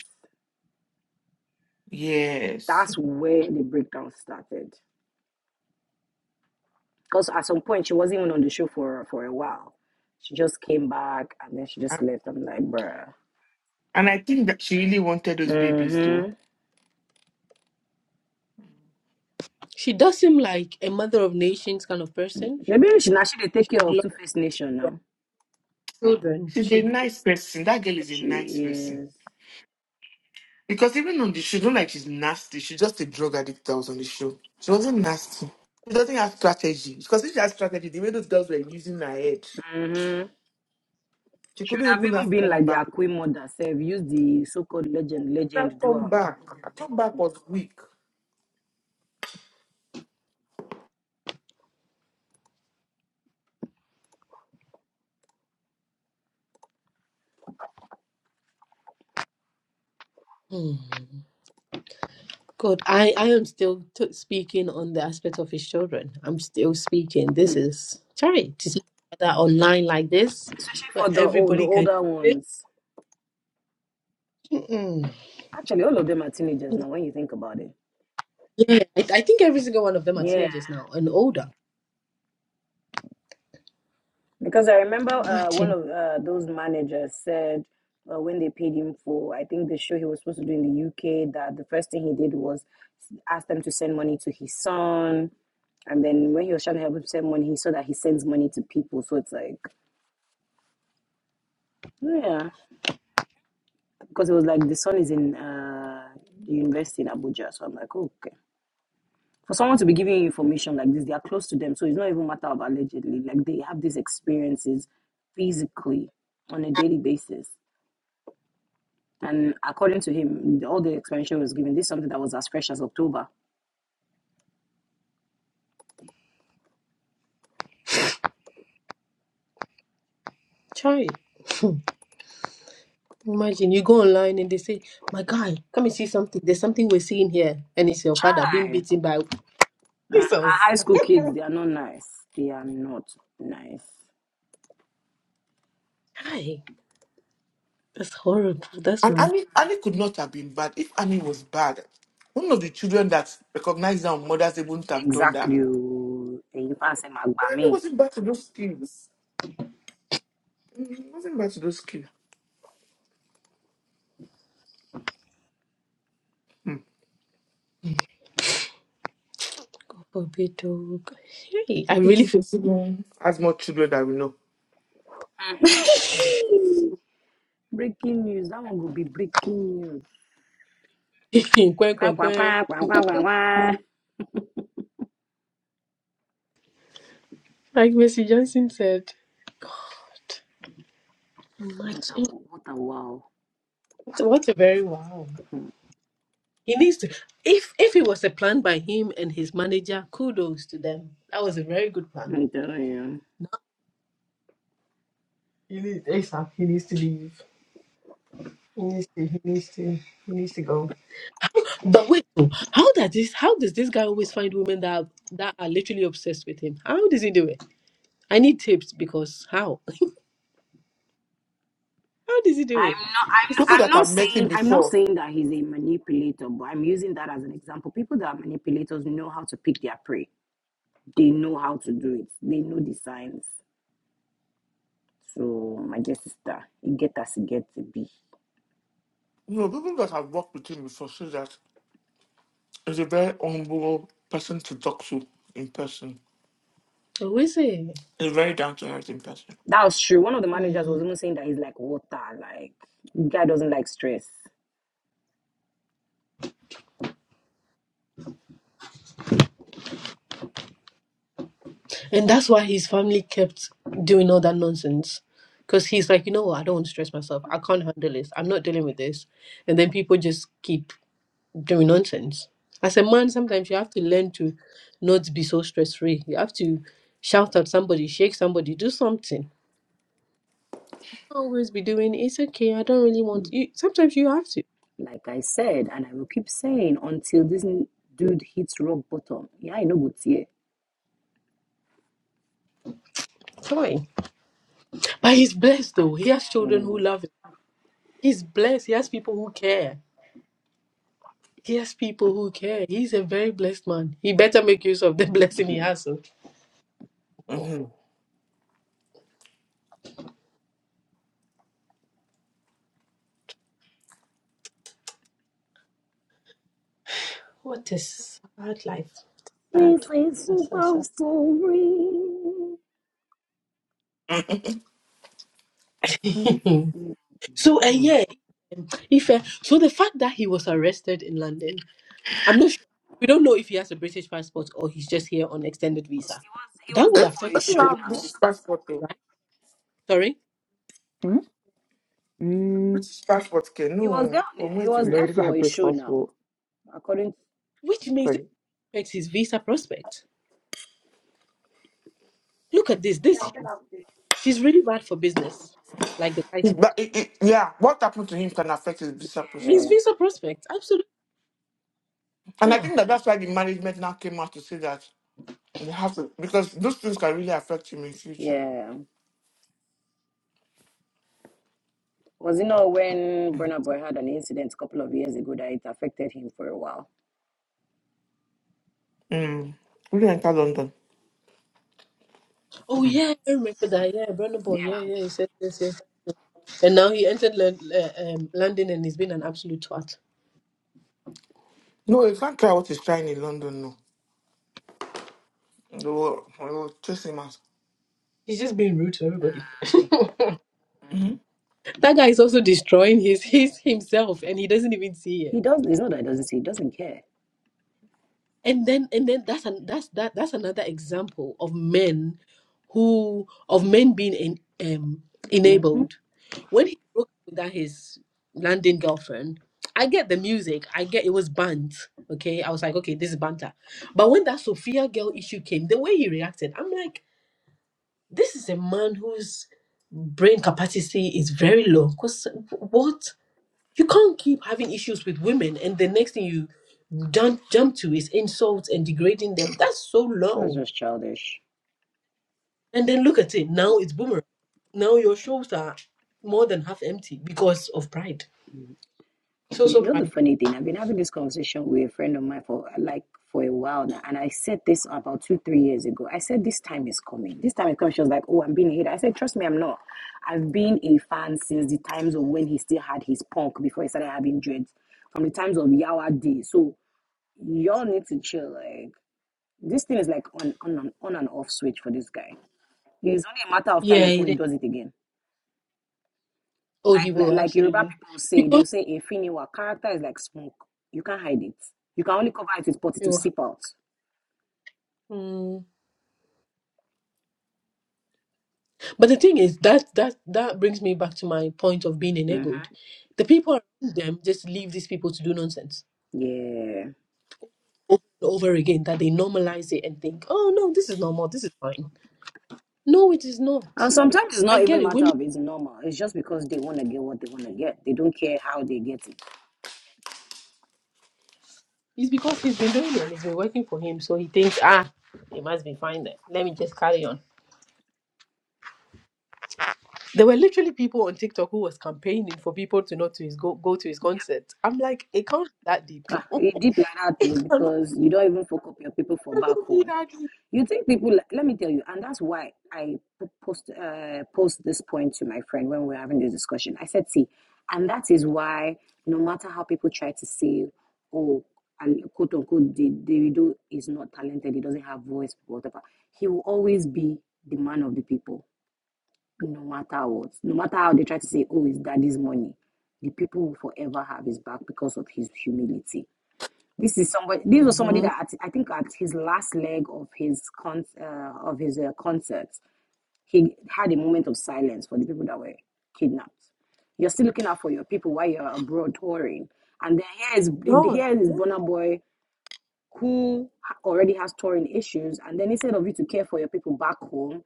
Speaker 1: Yes.
Speaker 4: That's where the breakdown started. Because at some point she wasn't even on the show for for a while. She just came back and then she
Speaker 1: And
Speaker 4: just left. I'm like, bruh.
Speaker 1: and I think that she really wanted those babies, though.
Speaker 4: Mm-hmm.
Speaker 2: she does seem like a mother of nations kind of person.
Speaker 4: Maybe she now she dey
Speaker 2: She
Speaker 4: take care
Speaker 2: would
Speaker 4: of
Speaker 2: love
Speaker 4: Two Face Nation now.
Speaker 2: children.
Speaker 1: She's a
Speaker 2: She.
Speaker 1: nice person. That girl is a
Speaker 4: She
Speaker 1: nice person.
Speaker 4: is.
Speaker 1: Because even on the show, don't like she's nasty. She's just a drug addict that was on the show. She wasn't nasty. She doesn't have strategy. Because if she had strategy, the way those girls were using her head,
Speaker 4: Mm-hmm.
Speaker 1: she
Speaker 4: She
Speaker 1: couldn't
Speaker 4: would have
Speaker 1: even
Speaker 4: even
Speaker 1: have
Speaker 4: been
Speaker 1: come
Speaker 4: like their
Speaker 1: back.
Speaker 4: queen mother, self, use the so-called legend,
Speaker 1: Have
Speaker 4: legend, do
Speaker 1: come
Speaker 4: am.
Speaker 1: back. Her comeback was weak.
Speaker 2: Hmm. God, I, I am still t- speaking on the aspect of his children. I'm still speaking. This
Speaker 4: Hmm.
Speaker 2: is sorry to see that online like this,
Speaker 4: Especially
Speaker 2: where
Speaker 4: for the old, the
Speaker 2: everybody can.
Speaker 4: older ones.
Speaker 2: Mm-mm.
Speaker 4: Actually, all of them are teenagers now when you think about it.
Speaker 2: Yeah, I, I think every single one of them are
Speaker 4: Yeah,
Speaker 2: teenagers now and older.
Speaker 4: because I remember uh, one
Speaker 2: Imagine,
Speaker 4: of uh, those managers said uh, when they paid him for, I think the show he was supposed to do in the UK, that the first thing he did was ask them to send money to his son. And then when he was trying to help him send money, he saw that he sends money to people. So it's like, yeah, because it was like the son is in uh, the university in Abuja. So I'm like, okay. For someone to be giving you information like this, they are close to them. So it's not even matter of allegedly. Like they have these experiences physically on a daily basis. And according to him, all the explanation he was given, this is something that was as fresh as October.
Speaker 2: sorry. Imagine you go online and they say, "My guy, come and see something. There's something we're seeing here," and it's your father being
Speaker 4: Chai.
Speaker 2: beaten by
Speaker 4: Uh, our
Speaker 2: Jesus.
Speaker 4: high school kids, they are not nice. They are not nice.
Speaker 2: Hi, that's horrible. That's
Speaker 1: And
Speaker 2: wrong.
Speaker 1: Annie, Annie could not have been bad if Annie was bad. One of the children that recognized her on Mother's Day wouldn't have done that.
Speaker 4: Exactly. oh. Ẹ̀yin fans ẹ máa gbà
Speaker 1: Annie
Speaker 4: mí.
Speaker 1: wasn't bad to those skills. Mm, wasn't bad to those skills. Hmm.
Speaker 2: God forbid. oh, Hey, I really
Speaker 1: As much children that we know.
Speaker 4: breaking news. That one will be breaking news.
Speaker 2: Quack,
Speaker 4: Kwa,
Speaker 2: quack,
Speaker 4: kwa,
Speaker 2: quack.
Speaker 4: kwa, kwa, kwa, kwa, kwa.
Speaker 2: Like Missy Johnson said, God,
Speaker 4: What a
Speaker 2: imagine
Speaker 4: what a wow.
Speaker 2: what a very wow. He needs to. If if it was a plan by him and his manager, kudos to them. That was a very good plan.
Speaker 4: I'm telling you.
Speaker 2: He needs to- But wait, oh, how does this? How does this guy always find women that are, that are literally obsessed with him? How does he do it? I need tips because how? How does he do it?
Speaker 4: I'm not I'm
Speaker 2: He's
Speaker 1: People
Speaker 4: I'm
Speaker 1: that
Speaker 4: not
Speaker 1: have met him
Speaker 4: saying I'm not
Speaker 1: before.
Speaker 4: saying that he's a manipulator, but I'm using that as an example. People that are manipulators know how to pick their prey They know how to do it. They know the signs. So my dear sister, it get as it get to be.
Speaker 1: You know, people that have worked with him before say that he's a very humble person to talk to in person.
Speaker 2: always saying.
Speaker 1: He's very down to earth in person.
Speaker 4: That was true. One of the managers
Speaker 2: "Hmm."
Speaker 4: was even saying that he's like water, like the guy doesn't like stress.
Speaker 2: And that's why his family kept doing all that nonsense. Because he's like, you know what? I don't want to stress myself. I can't handle this. I'm not dealing with this. And then people just keep doing nonsense. As a man, sometimes you have to learn to not be so stress free. You have to shout at somebody, shake somebody, do something. Always be doing it's okay. I don't really want you. Sometimes you have to.
Speaker 4: Like I said, and I will keep saying until this dude hits rock bottom. Yeah, I know what's here.
Speaker 2: Fine. But he's blessed though.
Speaker 4: I'm
Speaker 2: He has
Speaker 4: telling
Speaker 2: children who
Speaker 4: you.
Speaker 2: love him. He's blessed. He has people who care. He has people who care. He's a very blessed man. He better make use of the blessing he
Speaker 4: Mhm.
Speaker 2: has. oh.
Speaker 1: Mm-hmm.
Speaker 2: What a sad life. Sad.
Speaker 4: This is
Speaker 2: Sad,
Speaker 4: super
Speaker 2: sad,
Speaker 4: story.
Speaker 2: sad.
Speaker 4: Mm.
Speaker 2: so, uh,
Speaker 1: Mm-hmm.
Speaker 2: yeah. If, uh, so the fact that he was arrested in London, I'm not sure. We don't know if he has a British passport or he's just here on extended visa.
Speaker 4: He was he
Speaker 2: That
Speaker 4: was
Speaker 2: would
Speaker 1: Eh?
Speaker 4: there for
Speaker 2: affect
Speaker 4: a
Speaker 1: Does he
Speaker 2: me,
Speaker 4: show
Speaker 1: have
Speaker 4: now.
Speaker 1: British passport though?
Speaker 2: right? Sorry?
Speaker 3: Hmm? Mm,
Speaker 1: British passport can
Speaker 4: He was
Speaker 1: no
Speaker 4: there
Speaker 1: from where
Speaker 4: he
Speaker 1: to
Speaker 4: was
Speaker 3: no,
Speaker 1: where?
Speaker 3: he
Speaker 4: there
Speaker 3: doesn't
Speaker 4: for
Speaker 3: have
Speaker 4: a
Speaker 3: British
Speaker 4: show now.
Speaker 3: passport.
Speaker 4: According to
Speaker 2: Which means it
Speaker 3: Sorry.
Speaker 2: affects his visa prospect. Look at this. This she's really bad for business, like the guy said.
Speaker 1: But it, it, yeah, what happened to him can affect his visa
Speaker 2: His
Speaker 1: prospect.
Speaker 4: yeah,
Speaker 2: visa prospect, absolutely.
Speaker 1: And I
Speaker 2: Yeah.
Speaker 1: think that that's why the management now came out to say that we have to, because those things can really affect him in future.
Speaker 4: yeah. Because you know when Burna Boy had an incident a couple of years ago that it affected him for a while.
Speaker 1: Mm. Will you enter London?
Speaker 2: Oh yeah, I remember that. Yeah, Brandon Boy. Yeah,
Speaker 4: Yeah.
Speaker 2: yeah. Yes, yes, yes, yes. And now he entered Lon- uh, um, London and he's been an absolute twat.
Speaker 1: No, he can't try what he's trying in London, no. They will, they will chase him out.
Speaker 2: He's just being rude to everybody.
Speaker 4: um,
Speaker 2: that guy is also destroying his his himself, and he doesn't even see it.
Speaker 4: He does it's not that he doesn't see, he doesn't care.
Speaker 2: and then and then that's an that's that that's another example of men who of men being in, um
Speaker 4: hmm
Speaker 2: enabled when he broke up with that his London girlfriend i get the music i get it was banned okay i was like okay this is banter but when that sophia girl issue came the way he reacted i'm like this is a man whose brain capacity is very low because what you can't keep having issues with women, and the next thing you jump jump to is insults and degrading them. That's so
Speaker 4: That's
Speaker 2: low.
Speaker 4: just childish.
Speaker 2: And then look at it now; it's boomerang. Now your shows are more than half empty because of pride.
Speaker 4: Mm.
Speaker 2: So
Speaker 4: You
Speaker 2: so
Speaker 4: know the
Speaker 2: pride.
Speaker 4: funny thing, I've been having this conversation with a friend of mine for uh, like for a while now, and I said this about two, three years ago. I said this time is coming. This time is coming. She was like, Oh, I'm being a hater. I said, Trust me, I'm not. I've been a fan since the times of when he still had his punk before he started having dreads, from the times of Yawa D. So y'all need to chill. like. This thing is like on on and- on and off switch for this guy. It's only a matter of time
Speaker 2: Yeah,
Speaker 4: before
Speaker 2: it
Speaker 4: he
Speaker 2: is.
Speaker 4: does it again.
Speaker 2: Oh, he
Speaker 4: Like
Speaker 2: will
Speaker 4: like Yoruba
Speaker 2: absolutely
Speaker 4: people say, they'll
Speaker 2: because
Speaker 4: say a finiwa character is like smoke. You can't hide it. You can only cover it with potty
Speaker 2: he
Speaker 4: to
Speaker 2: will.
Speaker 4: seep out.
Speaker 2: Mm. But the thing is that that that brings me back to my point of being
Speaker 4: hmm
Speaker 2: enabled. The people around them just leave these people to do nonsense
Speaker 4: Yeah.
Speaker 2: over and over again. That they normalize it and think, oh no, this is normal. This is fine No, it is not.
Speaker 4: And sometimes it's
Speaker 2: I
Speaker 4: not
Speaker 2: get
Speaker 4: even
Speaker 2: it.
Speaker 4: matter
Speaker 2: Women,
Speaker 4: of it's normal. It's just because they want to get what they want to get. They don't care how they get it.
Speaker 2: it's because he's been doing it and it's been working for him. So he thinks, ah, it must be fine then. Let me just carry on. There were literally people on TikTok who was campaigning for people to not to his go, go to his concert. I'm like, it can't be that deep.
Speaker 4: Ah, it deep like that
Speaker 2: it
Speaker 4: though,
Speaker 2: cannot
Speaker 4: because you don't even fuck up your people for back
Speaker 2: be
Speaker 4: home.
Speaker 2: that deep.
Speaker 4: You think people, let me tell you, and that's why I post, uh, post this point to my friend when we were having this discussion. I said, see, and that is why no matter how people try to say, oh, and quote unquote, the Davido is not talented, he doesn't have voice, whatever, he will always be the man of the people, no matter what. No matter how they try to say, oh, it's daddy's money, the people will forever have his back because of his humility this is somebody. This was somebody
Speaker 2: Mhm.
Speaker 4: that at, I think at his last leg of his con uh, of his uh, concert, he had a moment of silence for the people that were kidnapped. You're still looking out for your people while you're abroad touring, and then here is
Speaker 2: God.
Speaker 4: here is Burna Boy who already has touring issues, and then instead of you to care for your people back home,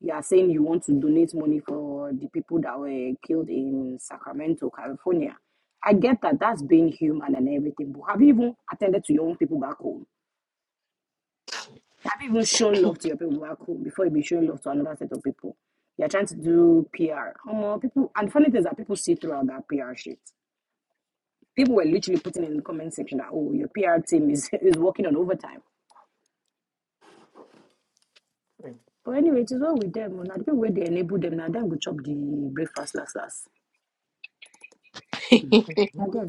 Speaker 4: you are saying you want to donate money for the people that were killed in Sacramento, California. I get that that's being human and everything, but have you even attended to your own people back home? Have you even shown love to your people back home before you be showing love to another set of people? You're trying to do PR. Um, people, and funny thing is that people see throughout that PR shit. People were literally putting in the comment section that, oh, your PR team is, is working on overtime
Speaker 1: Who's
Speaker 4: But anyway, it is well with them. Now the people where they enable them, now them go chop the breakfast last last. Again,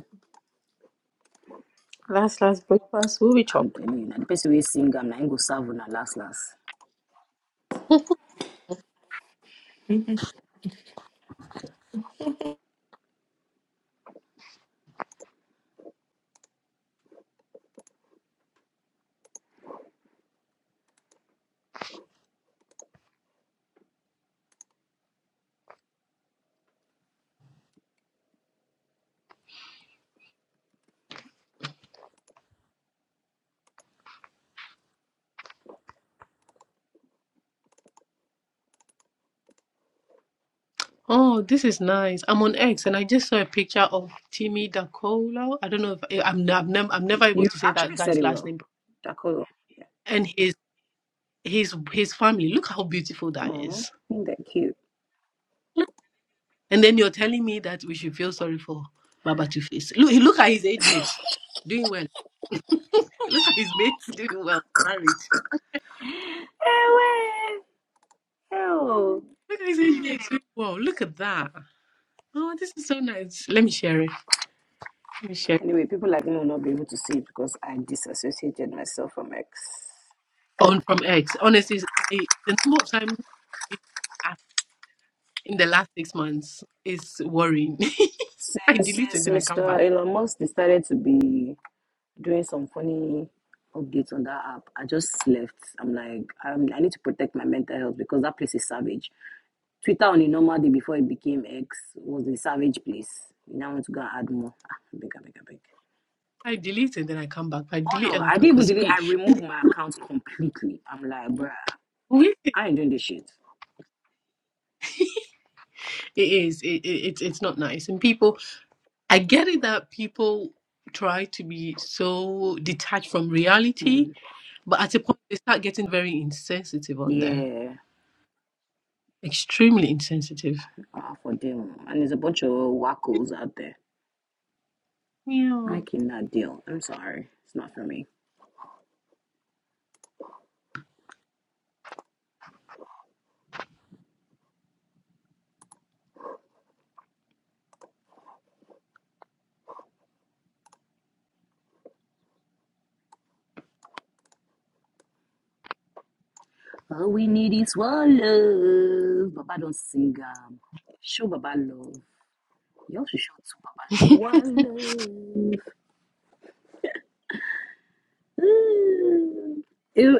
Speaker 2: last last breakfast will be
Speaker 4: I'm
Speaker 2: chopped.
Speaker 4: telling you, now the person we sing, I'm not go serve on last last.
Speaker 2: Oh, this is nice. I'm on X and I just saw a picture of Timmy Dakola. I don't know if I- I'm, I'm, nev- I'm never able
Speaker 4: You
Speaker 2: to say that
Speaker 4: actually said
Speaker 2: guy's
Speaker 4: it
Speaker 2: last
Speaker 4: well,
Speaker 2: name.
Speaker 4: Dakolo. Yeah.
Speaker 2: and his his family. Look how beautiful that
Speaker 4: Oh,
Speaker 2: is.
Speaker 4: ain't that cute?
Speaker 2: And then you're telling me that we should feel sorry for Baba Two Face. Look, look at his age mate doing well. Look at his mates doing well. Married.
Speaker 4: Ewe! Ew.
Speaker 2: Look at his age mate doing well. Look at that. Oh, this is so nice. Let me share it. Let me share it.
Speaker 4: Anyway, people like me will not be able to see it because I disassociated myself from X.
Speaker 2: on from X. Honestly, I the number of times in the last six months is worrying. I
Speaker 4: Since
Speaker 2: delete and
Speaker 4: since
Speaker 2: then I come
Speaker 4: Mr.
Speaker 2: back.
Speaker 4: Elon Musk decided to be doing some funny updates on that app. I just left. I'm like, um, I need to protect my mental health because that place is savage. Twitter on a normal day before it became X was a savage place. Now I want to go and add more. Ah, big, big, big.
Speaker 2: I delete and then I come back. I
Speaker 4: Oh
Speaker 2: delete
Speaker 4: no,
Speaker 2: and I
Speaker 4: I
Speaker 2: come
Speaker 4: didn't even
Speaker 2: because
Speaker 4: delete. I
Speaker 2: it
Speaker 4: removed my account completely. I'm like, bruh, I ain't doing this shit.
Speaker 2: is it, it, it's it's not nice and people. I get it that people try to be so detached from reality,
Speaker 4: Mm.
Speaker 2: but at a point they start getting very insensitive on there.
Speaker 4: Yeah,
Speaker 2: Extremely insensitive.
Speaker 4: ah, for them. And there's a bunch of wackos out there.
Speaker 2: Yeah.
Speaker 4: I cannot deal. I'm sorry. It's not for me. All we need is one love. Baba don't sing. Um, show Baba love. You also show to Baba love.
Speaker 2: you
Speaker 4: One love. Ooh. Ew.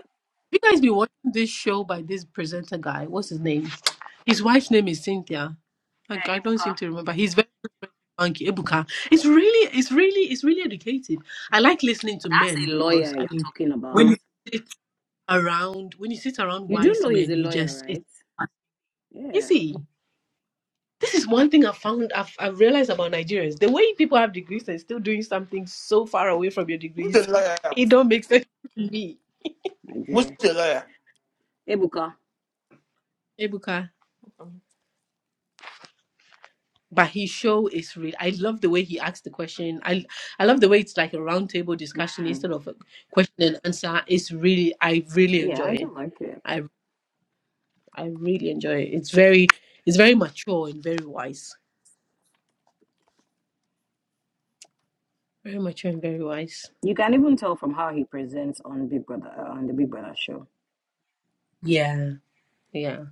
Speaker 2: guys been watching this show by this presenter guy? What's his name? His wife's name is Cynthia. Like,
Speaker 4: Uh,
Speaker 2: I don't
Speaker 4: Ebuka,
Speaker 2: seem to remember. He's very funky. Ebuka. It's really, it's really, it's really educated. I like listening to
Speaker 4: that's
Speaker 2: men
Speaker 4: a
Speaker 2: because
Speaker 4: lawyer
Speaker 2: I
Speaker 4: you're
Speaker 2: mean,
Speaker 4: talking
Speaker 2: when
Speaker 4: about.
Speaker 2: you sit around, when you sit around
Speaker 4: You do
Speaker 2: wise
Speaker 4: know he's
Speaker 2: men,
Speaker 4: a
Speaker 2: you
Speaker 4: lawyer,
Speaker 2: just it's
Speaker 4: right? Yeah,
Speaker 2: easy. This is one thing I've found, I've, I've realized about Nigerians. The way people have degrees and still doing something so far away from your degrees,
Speaker 1: the liar?
Speaker 2: it don't make sense to me.
Speaker 4: my
Speaker 1: Who's
Speaker 4: dear.
Speaker 1: the liar?
Speaker 4: Ebuka.
Speaker 2: Ebuka. But his show is real. I love the way he asks the question. I I love the way it's like a roundtable discussion
Speaker 4: Mm.
Speaker 2: instead of a question and answer. It's really, I really
Speaker 4: Yeah,
Speaker 2: enjoy
Speaker 4: I
Speaker 2: it.
Speaker 4: do like it.
Speaker 2: I I really enjoy it. It's very it's very mature and very wise. Very mature and very wise.
Speaker 4: You can even tell from how he presents on Big Brother uh, on the Big Brother show.
Speaker 2: Yeah. Yeah.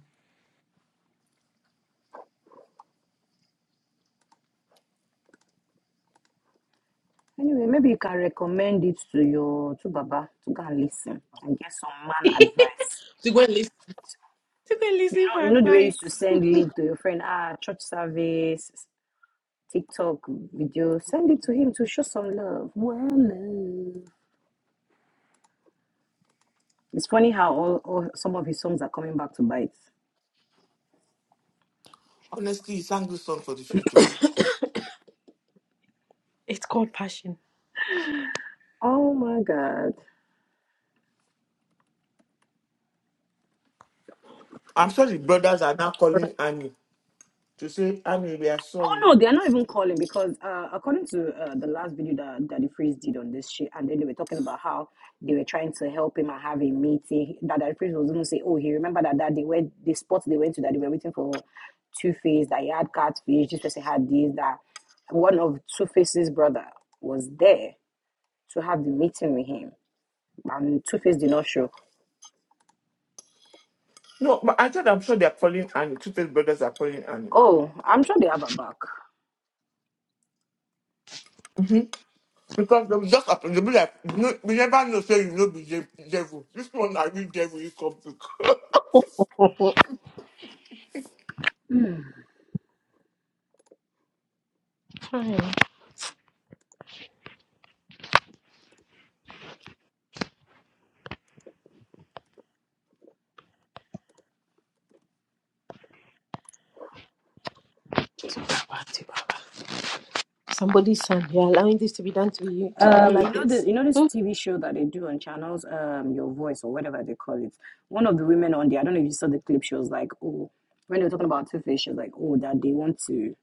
Speaker 4: Anyway, maybe you can recommend it to your to Baba to go and listen and get some man advice.
Speaker 2: To go and listen. To go and
Speaker 4: You
Speaker 2: listen for
Speaker 4: know, you know the way you
Speaker 2: advice.
Speaker 4: used to send link to your friend, ah, church service, TikTok video, send it to him to show some love. Well, love. It's funny how all, all some of his songs are coming back to bite.
Speaker 1: Honestly, he sang this song for the future.
Speaker 2: It's called passion.
Speaker 4: Oh my God.
Speaker 1: I'm sure the brothers are now calling Annie to say, Annie, we are
Speaker 4: Oh
Speaker 1: sorry.
Speaker 4: no, they're not even calling because uh, according to uh, the last video that Daddy Freeze did on this shit, and then they were talking about how they were trying to help him and have a meeting. That Daddy Freeze was even say, oh, he remember that that they went the spot they went to that they were waiting for Two Face that he had catfish. This person had this that one of Two Face's brother was there to have the meeting with him, and Two Face did not show.
Speaker 1: No, but I said I'm sure they're calling Annie. Two face brothers are calling Annie.
Speaker 4: Oh, I'm sure they have her back.
Speaker 1: hmm Because they will just happen. They'll be like, no, we never know, say you know be de- devil. This one are you devil you come to.
Speaker 2: Hi, Baba to Baba. Somebody's son, you're allowing this to be done to you to you
Speaker 4: Um, you
Speaker 2: like
Speaker 4: know the
Speaker 2: this
Speaker 4: you know this
Speaker 2: Hmm?
Speaker 4: TV show that they do on channels, um, Your Voice or whatever they call it. One of the women on there, I don't know if you saw the clip, she was like, Oh, when they were talking about Two-Face, she was like, Oh, that they want to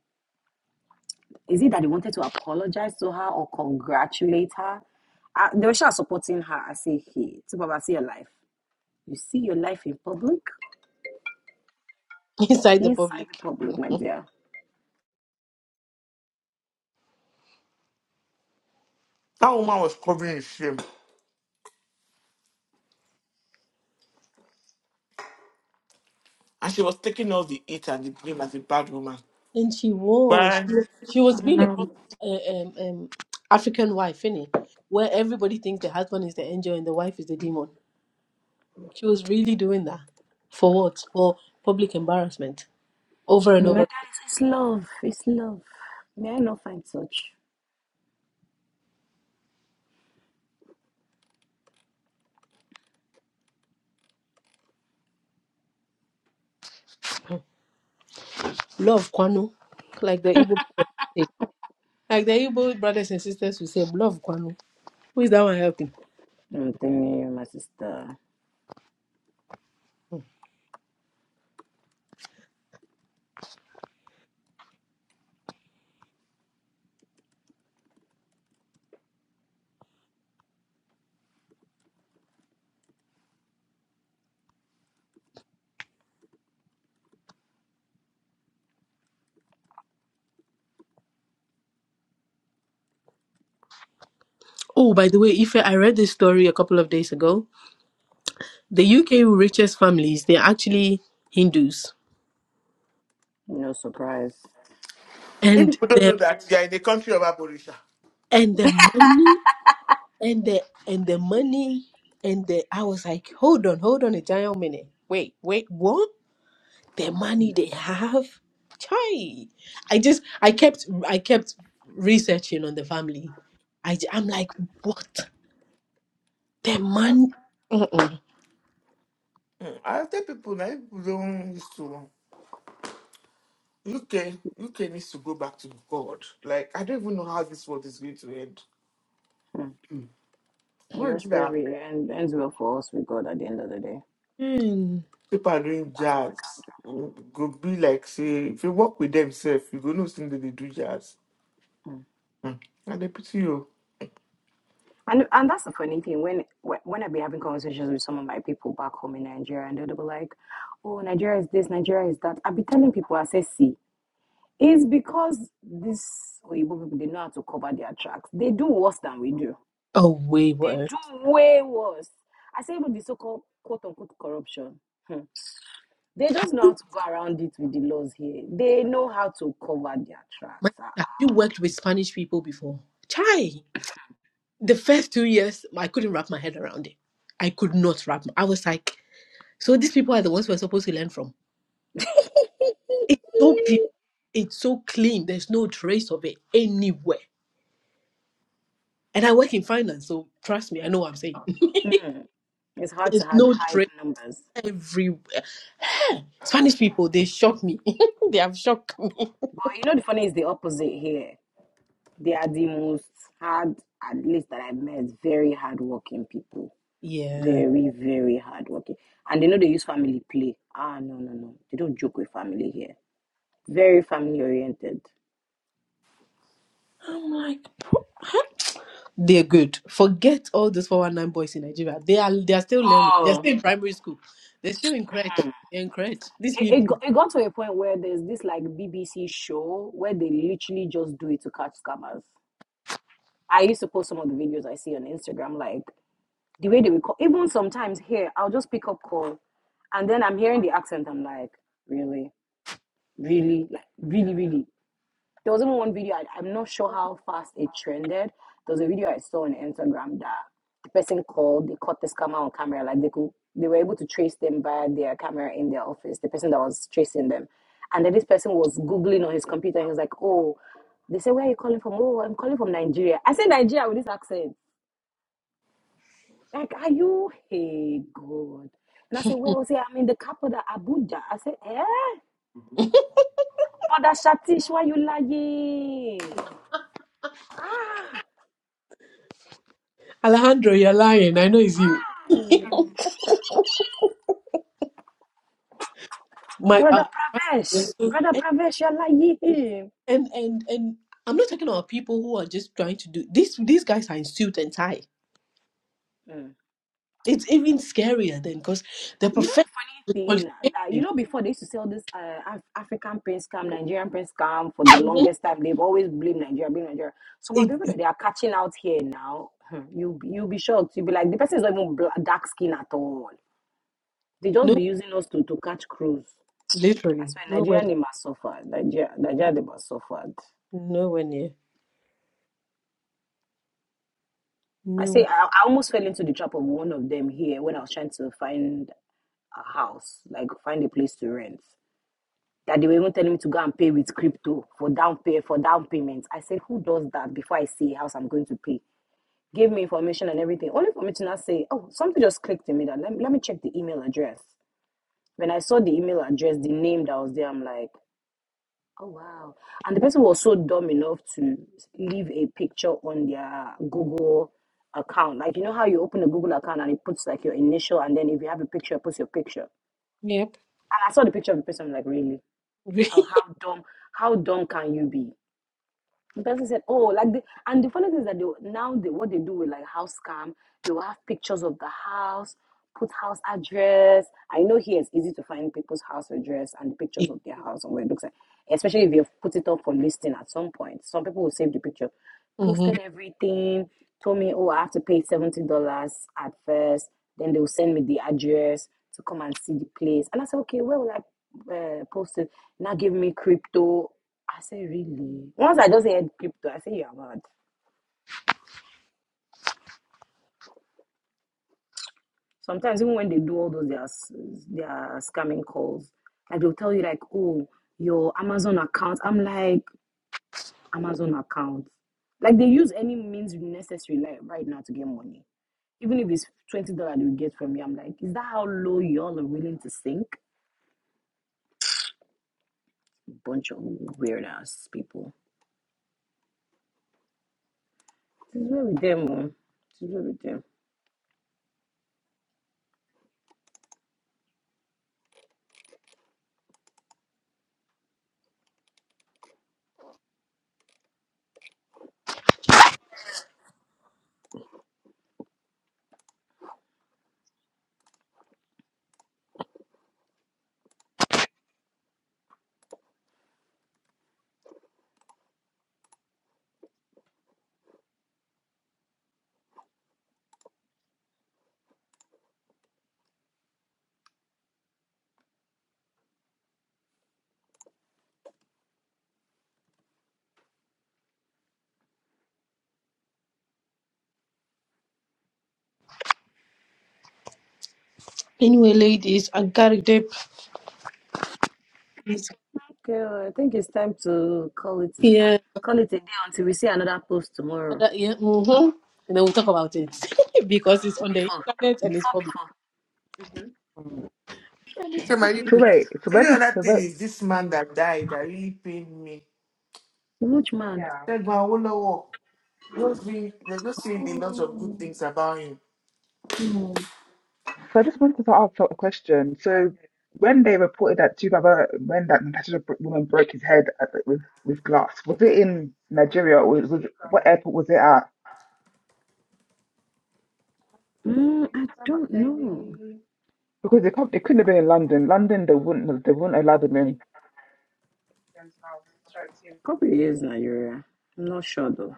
Speaker 4: is it that they wanted to apologize to her or congratulate her? Uh, they were sure supporting her. I say, Hey, Tubaba, see your life. You see your life in public,
Speaker 2: inside the
Speaker 4: inside the
Speaker 2: public.
Speaker 4: public, my dear.
Speaker 1: that woman was covering in shame. And she was taking all the hate and the blame as a bad woman.
Speaker 2: And she was, she
Speaker 1: But
Speaker 2: was, she was being a proper, uh, um, um, African wife, innit? Where everybody thinks the husband is the angel and the wife is the demon. She was really doing that for what? For public embarrassment over and
Speaker 4: My
Speaker 2: over.
Speaker 4: guys, it's love, it's love. May I not find such?
Speaker 2: Love Kwanu, like the Igbo, brothers say. like the Igbo brothers and sisters will say, love Kwanu. Who is that one helping?
Speaker 4: I'm you, my sister,
Speaker 2: Oh, by the way, Ife, I read this story a couple of days ago. The UK richest families, they're actually Hindus.
Speaker 4: no surprise.
Speaker 1: if
Speaker 2: And
Speaker 1: people don't know
Speaker 2: the
Speaker 1: that, they are in the country of Abolisha.
Speaker 2: and the money and the and the money and the I was like, hold on, hold on a giant minute. Wait, wait, what? The money they have? Chai. I just I kept I kept researching on the family. i j- I'm like, what? The money? Mm-mm.
Speaker 1: Mm, I tell people that people don't used to UK UK needs to go back to God. Like I don't even know how this world is going to end.
Speaker 4: Hmm. We
Speaker 1: What is
Speaker 4: just pray
Speaker 1: that
Speaker 4: we and ends well for us with God at the end of the day.
Speaker 2: Mm.
Speaker 1: people are doing
Speaker 4: That's all
Speaker 1: jazz?
Speaker 4: we
Speaker 1: mm, Go be like say if you work with themselves, you go know thing that they do jazz.
Speaker 4: can do. Mm.
Speaker 1: Mm. And they pity you.
Speaker 4: And and that's the funny thing when when when I be having conversations with some of my people back home in Nigeria, and they'll be like, "Oh, Nigeria is this, Nigeria is that." I be telling people, I say, "See, it's because these Oyibo people they know how to cover their tracks. They do worse than we do.
Speaker 2: Oh, way
Speaker 4: They
Speaker 2: worse.
Speaker 4: do way worse." I say, even the so-called quote unquote corruption. Hmm. They just know how to go around it with the laws here. They know how to cover their
Speaker 2: My
Speaker 4: tracks.
Speaker 2: sister,
Speaker 4: Ah,
Speaker 2: have you worked with Spanish people before? Chai. The first two years, I couldn't wrap my head around it. I could not wrap. I was like, so these people are the ones we're supposed to learn from. It's so clean. It's so clean. There's no trace of it anywhere. And I work in finance, so trust me, I know what I'm saying.
Speaker 4: Mm, it's hard
Speaker 2: There's
Speaker 4: to hide,
Speaker 2: no
Speaker 4: hide
Speaker 2: trace
Speaker 4: numbers.
Speaker 2: everywhere. Spanish people, they shock me. they have shocked me.
Speaker 4: But you know, the funny is the opposite here. They are the most hard, at least that I've met, very hardworking people.
Speaker 2: Yeah.
Speaker 4: Very, very hardworking. And they know they use family play. Ah, no, no, no. They don't joke with family here. Very family oriented.
Speaker 2: I'm like, They're good. Forget all those 419 boys in Nigeria. They are they are still learning. They're
Speaker 4: Oh,
Speaker 2: still in primary school. They're still in crèche. They're in crèche. These
Speaker 4: it, it,
Speaker 2: people.
Speaker 4: got, it got to a point where there's this like BBC show where they literally just do it to catch scammers. I used to post some of the videos I see on Instagram, like The way they will call, even sometimes here, I'll just pick up call, and then I'm hearing the accent. I'm like, really, really, like really, really. There was even one video. I, I'm not sure how fast it trended. There was a video I saw on Instagram that the person called. They caught the scammer on camera. Like they could, they were able to trace them via their camera in their office. The person that was tracing them, and then this person was googling on his computer. he was like, oh. They said, where are you calling from? Oh, I'm calling from Nigeria. I said Nigeria with this accent. Like, are you, hey, God? And I said, well, see, I'm in the capital, Abuja. I said, eh? Brother Shatish, why you lying? Ah,
Speaker 2: Alejandro, you're lying. I know it's you. My, uh,
Speaker 4: Brother
Speaker 2: my-
Speaker 4: Pravesh,
Speaker 2: they're so-
Speaker 4: Brother
Speaker 2: and,
Speaker 4: Pravesh, you're lying.
Speaker 2: and and and I'm not talking about people who are just trying to do these these guys are in suit and tie.
Speaker 4: Mm.
Speaker 2: It's even scarier then because they're
Speaker 4: You know
Speaker 2: professional
Speaker 4: the funny
Speaker 2: with
Speaker 4: thing, that, you
Speaker 2: qualifications.
Speaker 4: know, before they used to sell this uh, Af- African Prince scam, Nigerian Prince scam for the
Speaker 2: Mhm.
Speaker 4: longest time. They've always blamed Nigeria, being Nigeria. Some of
Speaker 2: It,
Speaker 4: the people that they are catching out here now, hmm, you you'll be shocked. You'll be like, the person is not even black, dark skin at all. They just be
Speaker 2: no
Speaker 4: using us to, to catch crews. I
Speaker 2: literally.
Speaker 4: swear,
Speaker 2: Nowhere
Speaker 4: Nigeria they must suffer. Nigeria, Nigeria they must suffer.
Speaker 2: nowhere near.
Speaker 4: I say
Speaker 2: Nowhere.
Speaker 4: I, I almost fell into the trap of one of them here when I was trying to find a house, like find a place to rent. That they were even telling me to go and pay with crypto for down pay for down payments. I said, who does that before I see a house I'm going to pay? Gave me information and everything, only for me to not say, oh, something just clicked in me that let, me- let me check the email address. When I saw the email address, the name that was there, I'm like, Oh wow. And the person was so dumb enough to leave a picture on their Google account. Like you know how you open a Google account and it puts like your initial and then if you have a picture, it puts your picture.
Speaker 2: Yep.
Speaker 4: And I saw the picture of the person I'm like, really? How how dumb how dumb can you be? The person said, "Oh, like the and the funny thing is that they now they what they do with like house scam. they will have pictures of the house, put house address. I know here it's easy to find people's house address and pictures of their house and what it looks like, especially if you've put it up for listing at some point. Some people will save the picture,
Speaker 2: mm-hmm.
Speaker 4: posted everything, told me, oh, I have to pay seventy dollars at first, then they will send me the address to come and see the place, and I said, okay, where will I uh, post it? Now give me crypto. I say, really? Once I just heard crypto, I say, you are mad. Sometimes, even when they do all those, their, s- their scamming calls, like they'll tell you, like, oh, your Amazon account. I'm like, Amazon account. Like, they use any means necessary like, right now to get money. Even if it's $20 they get from you, I'm like, is that how low y'all are willing to sink? Bunch of weird ass people. This is where we demo. This is where we demo.
Speaker 2: Anyway, ladies, I gotta dip.
Speaker 4: Okay, I think it's time to call it
Speaker 2: Yeah,
Speaker 4: call it a day until we see another post tomorrow.
Speaker 2: yeah, mm-hmm. And then we'll talk about it because it's
Speaker 4: Uh,
Speaker 2: on the
Speaker 4: before,
Speaker 2: internet and it's
Speaker 4: before,
Speaker 2: public.
Speaker 4: before.
Speaker 3: Mm.
Speaker 2: And it's
Speaker 1: Okay, my
Speaker 2: public.
Speaker 3: So
Speaker 1: people.
Speaker 3: wait, so
Speaker 1: Any
Speaker 3: when,
Speaker 1: other
Speaker 3: so
Speaker 1: thing
Speaker 3: wait,
Speaker 1: is this man that died that really pained me.
Speaker 4: Which man?
Speaker 1: That man Olowo, just being they're just saying a lot of good
Speaker 4: Oh,
Speaker 1: things about him.
Speaker 4: hmm.
Speaker 3: so I just wanted to ask a question. So when they reported that two brother, when that Natasha bro- woman broke his head at, the- with with glass, was it in Nigeria or was, was what airport was it at?
Speaker 4: Mm, I don't know.
Speaker 3: Because they can't, it couldn't have been in London. London, they wouldn't have, they wouldn't allow them in.
Speaker 4: Probably is Nigeria. I'm not sure though.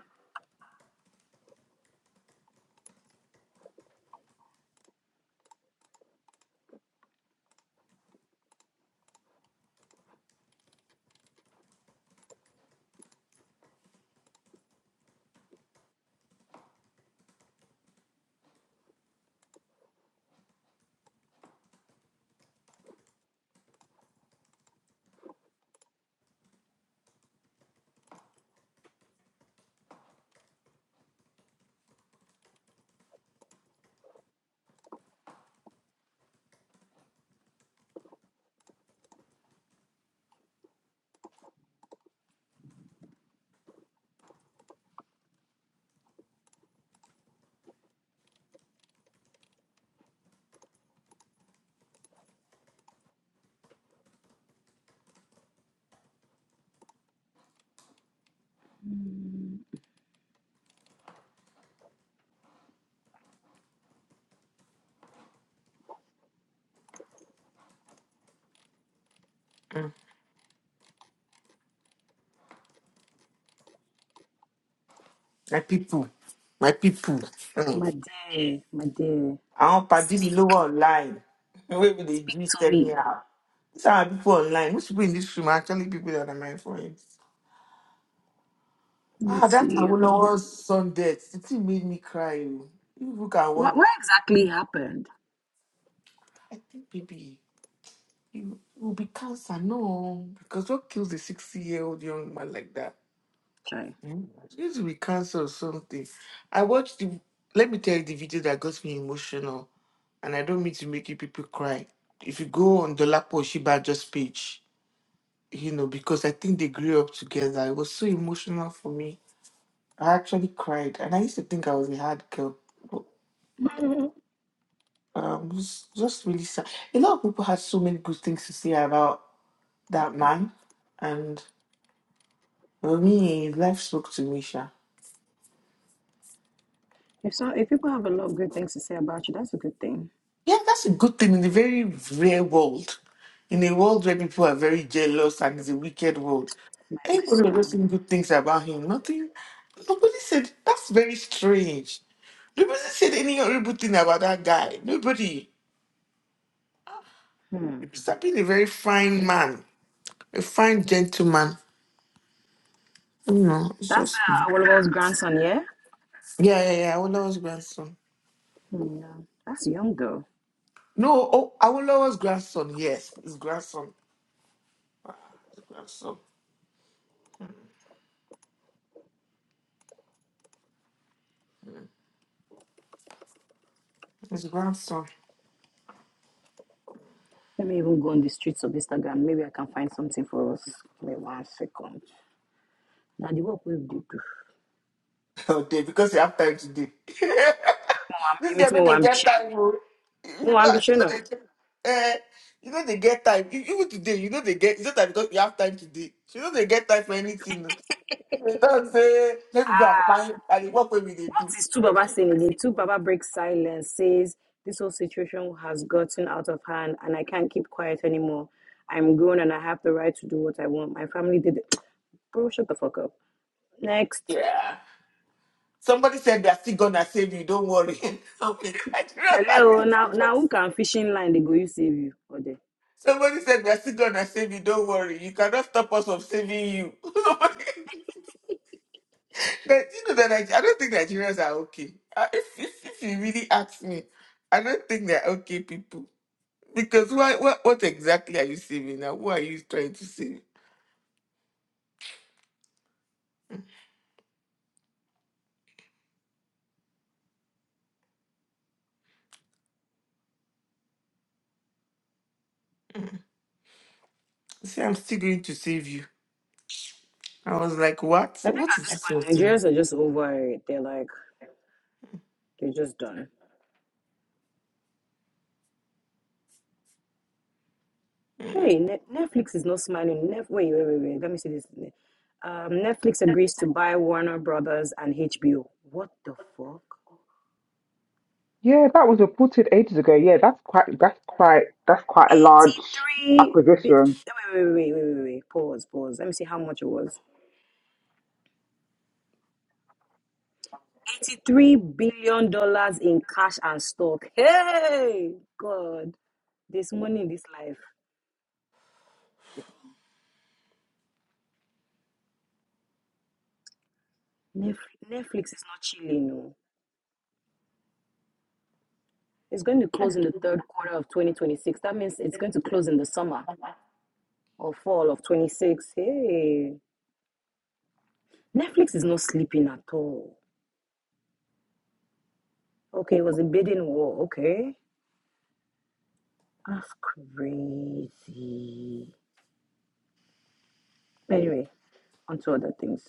Speaker 4: Mm.
Speaker 1: Mm. My people. My people. Hmm.
Speaker 4: My dear, my dear,
Speaker 1: àwọn pàdé mi
Speaker 4: speak,
Speaker 1: ló wà online wey be the
Speaker 4: speak
Speaker 1: gist
Speaker 4: to me.
Speaker 1: anyhow these are people online most people in this room are actually people that are my friends
Speaker 4: Let me
Speaker 1: ah that
Speaker 4: see.
Speaker 1: Awolowo's son sundet the thing made me cry oh. you look at what
Speaker 4: What what exactly happened?
Speaker 1: i think baby it will be cancer no because what kills a sixty year old young man like that
Speaker 4: Try.
Speaker 1: hmm? it needs to be cancer or something i watched the let me tell you the video that got me emotional and i don't mean to make you people cry if you go on Dolapo Oshibajo's page you know, because I think they grew up together. It was so emotional for me. I actually cried, and I used to think I was a hard girl, but um, it was just really sad. A lot of people had so many good things to say about that man, and for me, life spoke to me, Sha.
Speaker 4: If so, if people have a lot of good things to say about you, that's a good thing,
Speaker 1: Yeah, that's a good thing in a very rare world. In a world where people are very jealous and it's a wicked world,
Speaker 4: my
Speaker 1: everybody was
Speaker 4: sister.
Speaker 1: just saying good things about him. Nothing, nobody said that's very strange. Nobody said any horrible thing about that guy. Nobody.
Speaker 4: Hmm.
Speaker 1: Mr. Bean, a very fine man, a fine gentleman. You know, it's
Speaker 4: That's
Speaker 1: just yeah,
Speaker 4: uh, Awolowo's grandson, yeah?
Speaker 1: yeah, yeah. Awolowo's grandson.
Speaker 4: Hmm, Yeah. That's young though.
Speaker 1: No, oh, Awolowo's grandson. Yes, his grandson. His grandson. His grandson.
Speaker 4: Let me even go on the streets of Instagram. Maybe I can find something for us. Give me one second. Now the work we do.
Speaker 1: Oh, Dave, because you have time today.
Speaker 4: Mo wan-
Speaker 1: this
Speaker 4: Èmi
Speaker 1: girl don't
Speaker 4: mo
Speaker 1: dey get
Speaker 4: ambition.
Speaker 1: time,
Speaker 4: ń
Speaker 1: oh. You
Speaker 4: Mo
Speaker 1: know,
Speaker 4: wà ń
Speaker 1: I just dey eh, you know they get time. E- Even today, you know they get. It's not that because you have time today. You know they get time for anything. oh. They don't say, let me go and find and what way will they
Speaker 4: What
Speaker 1: do?
Speaker 4: is two Baba saying again? Two Baba breaks silence, says this whole situation has gotten out of hand and I can't keep quiet anymore. I'm grown and I have the right to do what I want. My family did it. Bro, shut the fuck up. Next.
Speaker 1: Yeah. Somebody said they're still gonna save you, don't worry. okay. I do not
Speaker 4: Hello,
Speaker 1: actually
Speaker 4: now
Speaker 1: what.
Speaker 4: now who can fishing line they go you save you? Okay.
Speaker 1: Somebody said they're still gonna save you, don't worry. You cannot stop us from saving you. But you know that Nige- I don't think Nigerians are okay. Uh, If, if, if you really ask me, I don't think they're okay people. Because why, what, what exactly are you saving now? Who are you trying to save? See, I'm still going to save you. I was like, what?
Speaker 4: I think
Speaker 1: What
Speaker 4: at
Speaker 1: is
Speaker 4: this
Speaker 1: this whole
Speaker 4: point,
Speaker 1: thing?
Speaker 4: Nigerians are just over it. They're like, they're just done.
Speaker 1: Mm.
Speaker 4: Hey, Net Netflix is not smiling. Nef wait, wait, wait, wait. Let me see this. Um, Netflix agrees to buy Warner Brothers and HBO. What the fuck?
Speaker 3: Yeah, that was reported ages ago. Yeah, that's quite that's quite that's quite a large
Speaker 4: 83 bi- wait,
Speaker 3: acquisition.
Speaker 4: wait, wait, wait, wait, wait. Pause, pause. Let me see how much it was. 83 billion dollars in cash and stock. Hey, God, there's money in this life. Nef Netflix is not chilling, no. It's going to close in the third quarter of 2026. That means it's going to close in the summer or fall of 26. Hey, Netflix is not sleeping at all. Okay, it was a bidding war. Okay, that's crazy. Anyway, on to other things.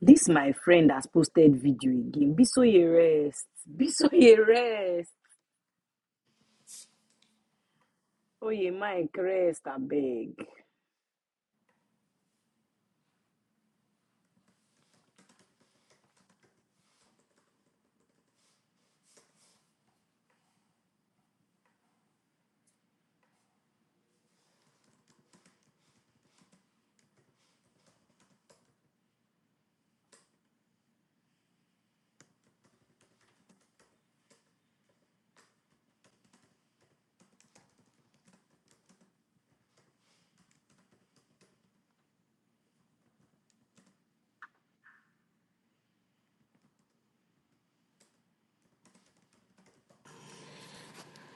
Speaker 4: This my friend has posted video again. Be so ye rest. Be so ye rest. Oh ye Mike rest, I beg.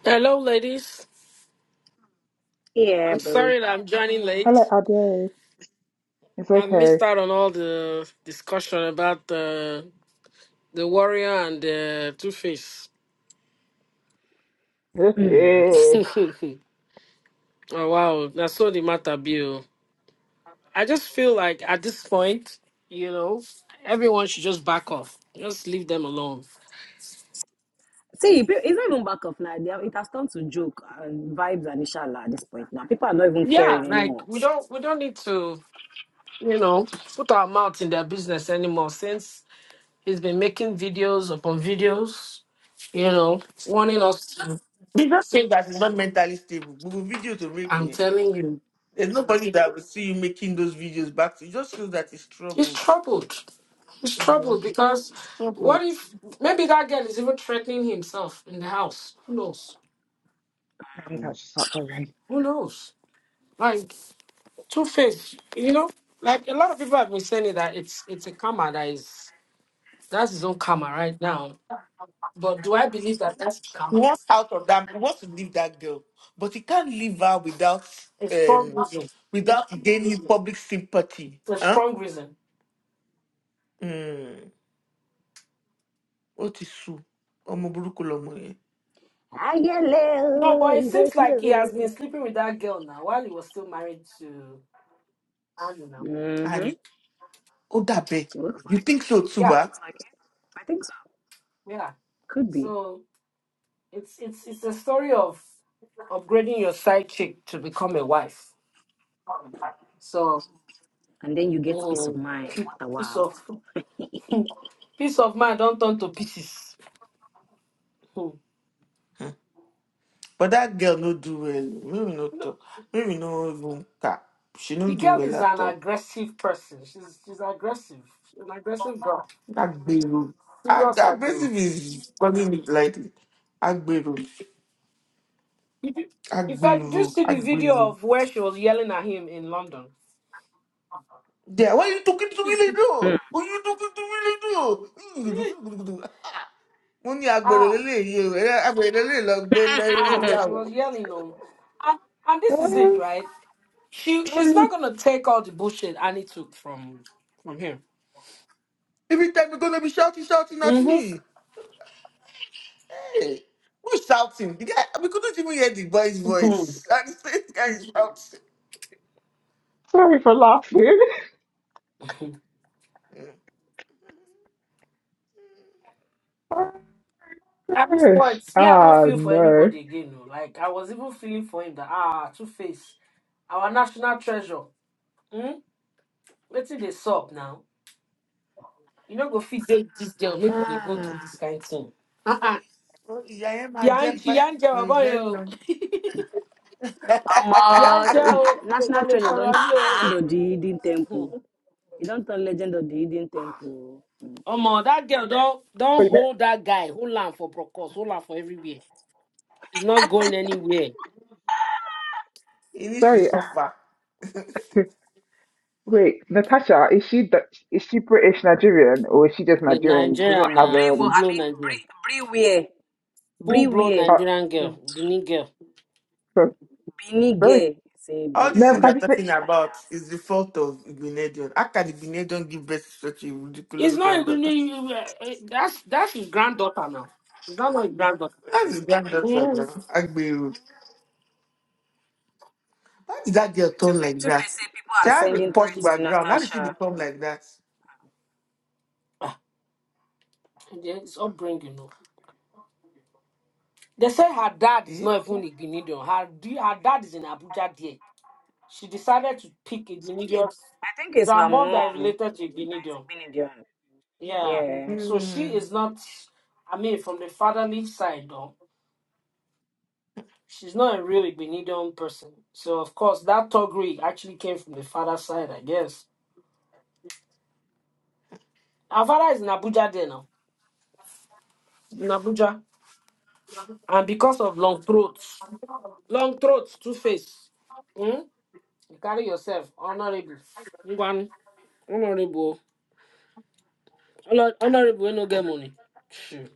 Speaker 5: Hello, ladies.
Speaker 4: Yeah,
Speaker 5: I'm
Speaker 4: bro.
Speaker 5: sorry that I'm joining
Speaker 3: Hello,
Speaker 5: late.
Speaker 3: Ade. It's
Speaker 5: I
Speaker 3: okay.
Speaker 5: missed out on all the discussion about the the warrior and the Two Face.
Speaker 4: Mm,
Speaker 5: oh wow, that's all the matter, Bill. I just feel like at this point, you know, everyone should just back off. Just leave them alone.
Speaker 4: See, pe- it's not even back off now. They have- It has turned to joke and vibes and inshallah at this point now. People are not even
Speaker 5: Yeah,
Speaker 4: caring
Speaker 5: like
Speaker 4: anymore.
Speaker 5: we don't we don't need to, you know, put our mouth in their business anymore since he's been making videos upon videos, you know, warning us.
Speaker 1: They just saying that it's not mentally stable. But with videos to make
Speaker 5: I'm
Speaker 1: it,
Speaker 5: telling you,
Speaker 1: there's nobody that will see you making those videos back. It just shows that it's
Speaker 5: he's
Speaker 1: troubled.
Speaker 5: troubled. He's troubled
Speaker 1: Mhm.
Speaker 5: because
Speaker 1: It's
Speaker 5: what
Speaker 1: troubled.
Speaker 5: if maybe that girl is even threatening himself in the house? Who knows?
Speaker 3: I think I should start going.
Speaker 5: Who knows? Like Two Face, you know, like a lot of people have been saying it, that it's it's a karma that is that's his own karma right now. But do I believe that that's his
Speaker 1: He
Speaker 5: karma?
Speaker 1: wants out of that. He wants to leave that girl, but he can't leave her without
Speaker 5: A strong
Speaker 1: um
Speaker 5: reason.
Speaker 1: without gaining public sympathy.
Speaker 5: A
Speaker 1: Huh?
Speaker 5: strong reason.
Speaker 1: Mm. What is so? sú. Ọmọ burúkú lọmọ yẹn.
Speaker 5: No,
Speaker 4: Ayala,
Speaker 5: but it
Speaker 4: it was
Speaker 5: seems like he has been
Speaker 4: you.
Speaker 5: sleeping with that girl now while he was still married to Anu now.
Speaker 4: Mm-hmm.
Speaker 1: And oh that dàbẹ̀.
Speaker 4: Looks
Speaker 1: You
Speaker 4: like
Speaker 1: think
Speaker 4: it.
Speaker 1: so too,
Speaker 5: Yeah,
Speaker 1: ba?
Speaker 4: Looks like it. I think so.
Speaker 5: yeah.
Speaker 4: Could be.
Speaker 5: So It's it's it's a story of upgrading your side chick to become a wife. So
Speaker 4: And then you get peace of
Speaker 5: mm,
Speaker 4: mind. What a
Speaker 5: piece
Speaker 4: wow.
Speaker 5: of peace of mind don't turn to pieces. Hmm.
Speaker 1: But that girl no do well. Maybe no
Speaker 5: No,
Speaker 1: talk. Maybe no even cap. She no
Speaker 5: The
Speaker 1: do
Speaker 5: girl
Speaker 1: well
Speaker 5: is
Speaker 1: at
Speaker 5: an
Speaker 1: all.
Speaker 5: aggressive person. She's she's aggressive. She's an aggressive girl.
Speaker 1: Agbero. Ag-
Speaker 5: Serious aggressive.
Speaker 1: Aggressive is calling it like Agbero.
Speaker 5: If you in fact, did you
Speaker 1: Agbero.
Speaker 5: see the video
Speaker 1: Agbero.
Speaker 5: of where she was yelling at him in London?
Speaker 1: Yeah, why you talking to me like that? Why you talking to me like that? Mo ní agbèrè
Speaker 5: ah,
Speaker 1: lélẹ́yìí o, ẹ- agbèrè lélẹ́yìí lọ gbé lẹ́yìn
Speaker 5: ah, she
Speaker 1: yàwó.
Speaker 5: was yelling on. And, and this is it,
Speaker 3: Oh,
Speaker 5: right? She she's
Speaker 3: sorry,
Speaker 5: not gonna take all the bullshit Annie took from from him.
Speaker 1: Every time you are gonna be shouting, shouting at me. Hey, who's shouting? The guy, we couldn't even hear the boy's
Speaker 5: Mm-hmm.
Speaker 1: voice. And the same guy is shouting.
Speaker 3: sorry for laughing. Oh
Speaker 5: At this
Speaker 3: gosh.
Speaker 5: point, see, I don't
Speaker 3: Ah
Speaker 5: feel for
Speaker 3: no.
Speaker 5: anybody again. No. Like I was even feeling for him that ah, Two Face, our national treasure. Hmm? Let's see they sup now. You know, go feed them this girl. Maybe they
Speaker 4: Hmm.
Speaker 5: go through this kind of thing. Uh-uh.
Speaker 1: Oh, Ìyá yẹn máa
Speaker 5: Yeah,
Speaker 1: jẹ́ pẹ́
Speaker 5: yeah,
Speaker 1: for a very
Speaker 5: boy,
Speaker 1: long
Speaker 4: Um,
Speaker 5: yeah,
Speaker 4: uh, it,
Speaker 5: girl. To
Speaker 4: National
Speaker 5: call it
Speaker 4: Treasure
Speaker 5: for
Speaker 4: don't
Speaker 5: on
Speaker 4: turn
Speaker 5: you.
Speaker 4: Legend of the Hidden Temple.
Speaker 5: Hmm.
Speaker 4: It don't turn Legend of the Hidden Temple. Mm.
Speaker 5: Omo, that girl don't don't
Speaker 3: Wait, no,
Speaker 5: hold that guy. Hold on for Brokos. Hold on for everywhere. He's not going anywhere.
Speaker 1: He needs to
Speaker 3: sorry.
Speaker 1: suffer.
Speaker 3: Wait, Natasha, is she Du- is she British Nigerian or is she just
Speaker 5: with
Speaker 3: Nigerian? She does not
Speaker 5: Nigerian,
Speaker 4: Bri
Speaker 3: have
Speaker 5: uh,
Speaker 4: Bri
Speaker 5: full
Speaker 4: wo-
Speaker 3: um.
Speaker 4: I
Speaker 5: blown
Speaker 4: mean
Speaker 5: Nigerian,
Speaker 4: Bri Briware.
Speaker 5: full blown
Speaker 4: Briware.
Speaker 3: Uh,
Speaker 5: Nigerian
Speaker 4: Hmm.
Speaker 5: girl, Benin girl.
Speaker 3: so,
Speaker 4: Beanie
Speaker 3: sorry.
Speaker 4: Gay. Say
Speaker 1: All
Speaker 4: Bri,
Speaker 1: these things
Speaker 4: Bri,
Speaker 1: they're
Speaker 3: No,
Speaker 1: talking
Speaker 4: British man,
Speaker 1: about
Speaker 4: yes.
Speaker 1: is the fault of Igbinedion. How can Igbinedion give birth to such a
Speaker 5: It's
Speaker 1: ridiculous
Speaker 5: not
Speaker 1: granddaughter?
Speaker 5: even uh, uh, that's that's his granddaughter now. Is that not his granddaughter?
Speaker 1: That's his granddaughter
Speaker 5: Yes.
Speaker 1: now, Agbiru. Why did that girl turn like
Speaker 4: Tufe, Tufe
Speaker 1: that?
Speaker 4: say people
Speaker 1: She
Speaker 4: are
Speaker 1: has a
Speaker 4: sending
Speaker 1: posh
Speaker 4: threats to
Speaker 1: background. How did she
Speaker 4: Natasha.
Speaker 1: become like that?
Speaker 5: Yeah, It's upbringing. No. They say her dad is
Speaker 1: Eh?
Speaker 5: not even a Benin. Her d- her dad is in Abuja. There, she decided to pick a Benin.
Speaker 4: I think
Speaker 5: It's
Speaker 4: it's
Speaker 5: her
Speaker 4: her
Speaker 5: mom that is
Speaker 4: mom
Speaker 5: related to a
Speaker 4: that
Speaker 5: Benin.
Speaker 4: is Binidion.
Speaker 5: Yeah,
Speaker 4: Yeah.
Speaker 5: so
Speaker 1: Hmm.
Speaker 5: she is not. I mean, from the fatherly side, She's not a really Benidorm person. So, of course, that Togri actually came from the father's side, I guess. Our father is in Abuja there now. In Abuja. And because of long throats, long throats, two face. Hmm? You carry yourself, honorable. Ngwan, honorable. Honor- Honorable, we no get money. Shoo.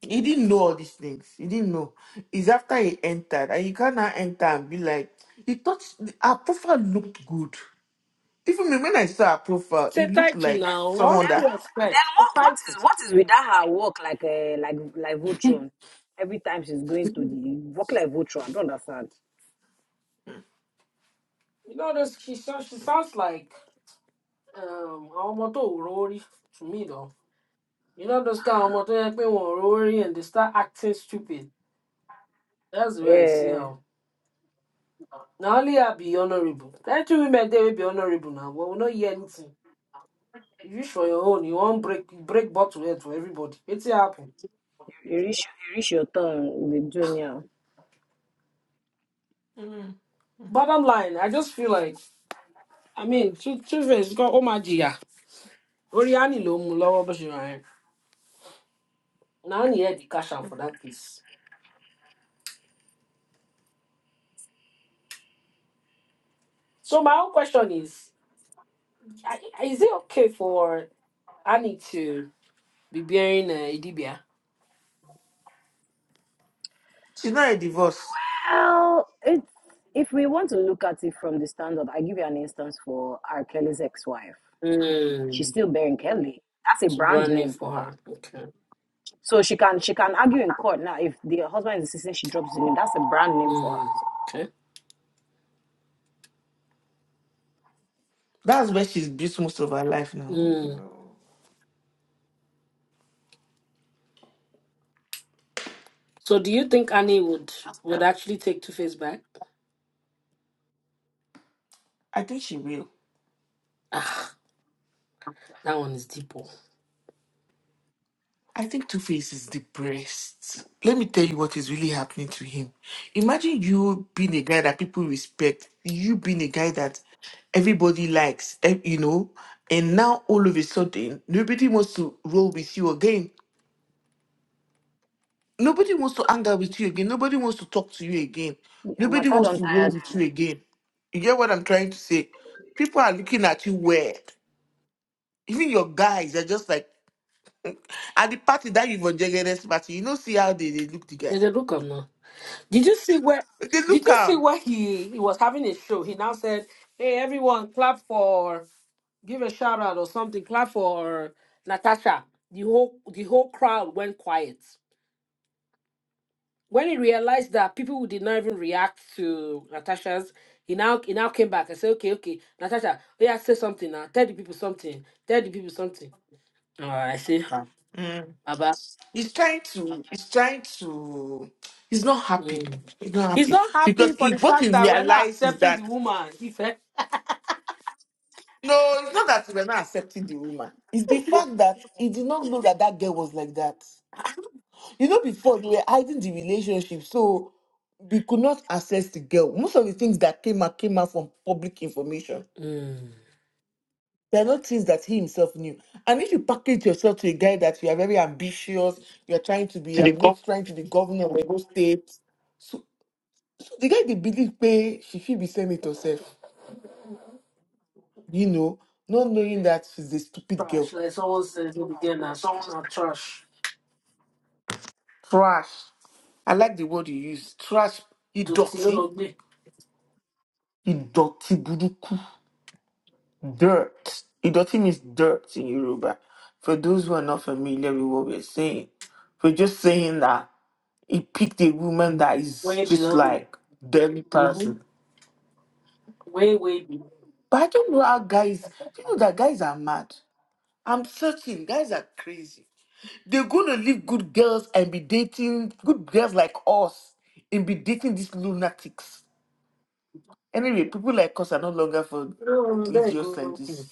Speaker 1: He didn't know all these things. He didn't know. It's after he entered, and you can't now enter and be like, he thought her profile looked good. Even me, when I saw her profile,
Speaker 5: It's a
Speaker 1: it looked
Speaker 5: title
Speaker 1: like
Speaker 5: now. What
Speaker 1: someone
Speaker 5: do
Speaker 1: that
Speaker 5: you expect?
Speaker 4: Then
Speaker 5: It's a
Speaker 4: what what
Speaker 5: title.
Speaker 4: is what is with that her work like uh, like like Voltron? Every time she's going to the work like Voltron. I don't understand.
Speaker 5: You know, this, she, sounds- she sounds like um, Aomoto Urori to me, though. You know those kind of motor worry and they start acting stupid. That's where I see
Speaker 4: Yeah,
Speaker 5: how. Now only I be honorable. Thank you, women they will be honorable now, but we not hear anything. If you for your own, you won't break break bottle head for everybody. It's happen.
Speaker 4: you reach you reach your turn. They do anyhow.
Speaker 1: Mm.
Speaker 5: Bottom line, I just feel like I mean two two face got oh my dear. Oriani lo mu lowo bó ṣe ra Now only hear the cash out for that piece. So my own question is I- is it okay for Annie to be bearing uh, Idibia?
Speaker 1: she's not a divorce.
Speaker 4: Well, it's if we want to look at it from the standard, I give you an instance for R. Kelly's ex-wife.
Speaker 5: Mm.
Speaker 4: She's still bearing Kelly. That's a
Speaker 5: It's a
Speaker 4: brand
Speaker 5: brand name
Speaker 4: name
Speaker 5: for
Speaker 4: for her.
Speaker 5: her. Okay.
Speaker 4: So she can she can argue in court now if the husband is insisting she drops the name. That's a brand name for her.
Speaker 5: Mm. Okay.
Speaker 1: That's where she's built most of her life now.
Speaker 5: Mm. So do you think Annie would would actually take Two Face back?
Speaker 1: I think she will.
Speaker 5: Ah, that one is deeper.
Speaker 1: I think Two Face is depressed. Let me tell you what is really happening to him. Imagine you being a guy that people respect, you being a guy that everybody likes, eh, you know, and now all of a sudden nobody wants to roll with you again. Nobody wants to hang out with you again. Nobody wants to talk to you again.
Speaker 4: So, yeah,
Speaker 1: Nobody
Speaker 4: but that
Speaker 1: wants
Speaker 4: don't
Speaker 1: to roll
Speaker 4: tire
Speaker 1: with
Speaker 4: them.
Speaker 1: you again. You get what I'm trying to say? People are looking at you weird. Even your guys are just like at the party that you've on Jaggedest party, you know, see how they, they look the guy.
Speaker 5: Did they look up now? Did you see where?
Speaker 1: They
Speaker 5: Did
Speaker 1: look
Speaker 5: you see
Speaker 1: am.
Speaker 5: where he he was having a show? He now said, "Hey, everyone, clap for give a shout out or something. Clap for Natasha." The whole the whole crowd went quiet. when he realized that people did not even react to Natasha's, he now he now came back and said, "Okay, okay, Natasha, oh yeah, say something now. Tell the people something. Tell the people something." Oh, I see. her.
Speaker 1: Mm.
Speaker 5: Baba,
Speaker 1: He's trying to. He's trying to. He's not happy.
Speaker 5: mm.
Speaker 1: He's not
Speaker 5: he's
Speaker 1: happy
Speaker 5: not happy
Speaker 1: because
Speaker 5: for
Speaker 1: he,
Speaker 5: the
Speaker 1: what he
Speaker 5: fact that we're not
Speaker 1: realized is
Speaker 5: accepting the
Speaker 1: that
Speaker 5: woman. He said,
Speaker 1: no, it's not that we were not accepting the woman. It's the fact that he did not know that that girl was like that. You know, before they were hiding the relationship, so we could not access the girl. Most of the things that came out came out from public information.
Speaker 5: mm.
Speaker 1: There are not things that he himself knew. And if you package yourself to a guy that you are very ambitious, you're trying to be, I'm not trying to be governor of Lagos State. So, so the guy they believe pay, she should be senator herself, you know, not knowing that she's a stupid girl.
Speaker 5: "Trash." Like someone says, "We begin as na trash."
Speaker 1: Trash. I like the word you use. Trash.
Speaker 5: Dọ̀tí ló
Speaker 1: Idoti. Idoti.
Speaker 5: lọ gbé.
Speaker 1: buduku. Dirt. Idoti means dirt in Yoruba. For those who are not familiar with what we're saying, we're just saying that he picked a woman that is
Speaker 5: Way
Speaker 1: just
Speaker 5: below. him.
Speaker 1: like dirty
Speaker 5: Mhm.
Speaker 1: person.
Speaker 5: Way way below.
Speaker 1: But I don't know how guys, you know that guys are mad. I'm searching. Guys are crazy. They're gonna leave good girls and be dating good girls like us and be dating these lunatics. Anyway, people like us are no longer for
Speaker 5: Oh, there you
Speaker 1: idiots like
Speaker 5: go.
Speaker 1: this.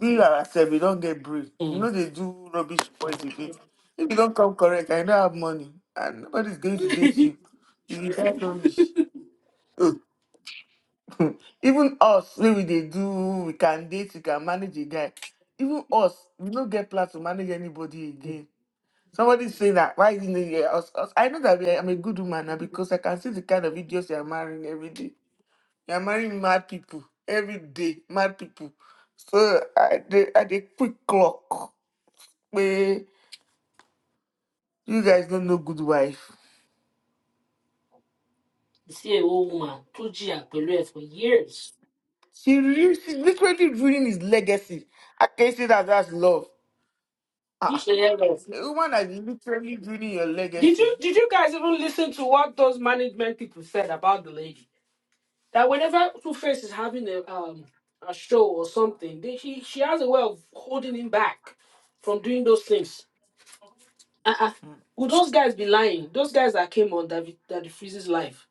Speaker 1: We ourselves, we don't get brave. You know they do rubbish boys again. If you don't come correct, I don't have money and nobody's going to date
Speaker 5: Mm.
Speaker 1: you. You get only. even us wey we dey do we can date we can manage a guy even us we no get plan to manage anybody again somebody say that why you no hear us us i know that we are, i'm a good woman now because i can see the kind of videos you are marrying every day you are marrying mad people every day mad people so i dey i dey quick clock pé you guys don't know good wife
Speaker 5: see a old woman tó jìyà pẹ̀lú ẹ̀ for years.
Speaker 1: she really she literally ruining his legacy i can not say that that's love Ah,
Speaker 5: Níṣẹ́ yẹn lọ.
Speaker 1: A woman that is literally ruining your
Speaker 5: Did
Speaker 1: legacy.
Speaker 5: you did you guys even listen to what those management people said about the lady? That whenever Two Face is having a um a show or something, they, she she has a way of holding him back from doing those things. Uh-uh. Would those guys be lying? Those guys that came on David that freezes life.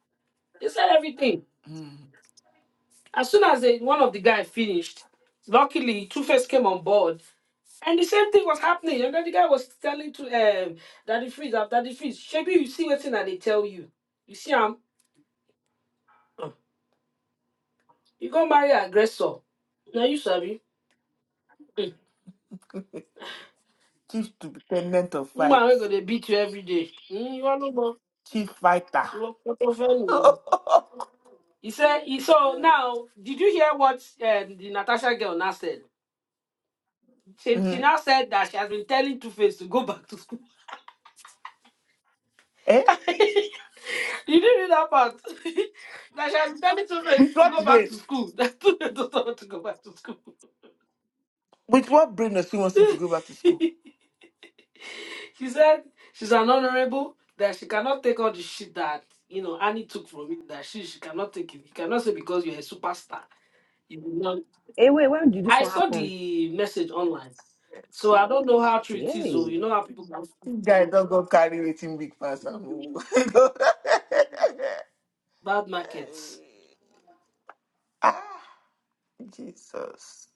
Speaker 5: They said everything.
Speaker 1: Mm-mm.
Speaker 5: As soon as they, one of the guys finished, luckily Two Face came on board And the same thing was happening. And then the guy was telling to um Daddy Freeze after Daddy Freeze. Shebi, you see what thing that they tell you. You see, I'm you go marry an aggressor. Now you sabi. Mm.
Speaker 1: Chief dependent of fight.
Speaker 5: Woman we gonna beat you every day. Mm, you are no more.
Speaker 1: Chief fighter.
Speaker 5: You are not of anyone. He said he so now did you hear what uh, the Natasha girl now said? She, she
Speaker 1: Mhm.
Speaker 5: now said that she has been telling Two Face to go back to school.
Speaker 1: Eh?
Speaker 5: you didn't read that part. that she has been telling Two
Speaker 1: With
Speaker 5: Face to
Speaker 1: what
Speaker 5: go back
Speaker 1: brain?
Speaker 5: to school. That Two Face doesn't want to go back to school.
Speaker 1: With what brain does he want him to go back to school?
Speaker 5: she said she's an honorable that she cannot take all the shit that you know Annie took from me. That she she cannot take it. You cannot say because you're a superstar. You will not.
Speaker 4: Hey, wait, when did this
Speaker 5: I
Speaker 4: one
Speaker 5: saw
Speaker 4: happen?
Speaker 5: the message online, so I don't know how true it is. Though you
Speaker 4: Yay!
Speaker 5: know how people have
Speaker 1: This guy don't go carry waiting big pass. I'm-
Speaker 5: bad markets.
Speaker 1: ah, Jesus.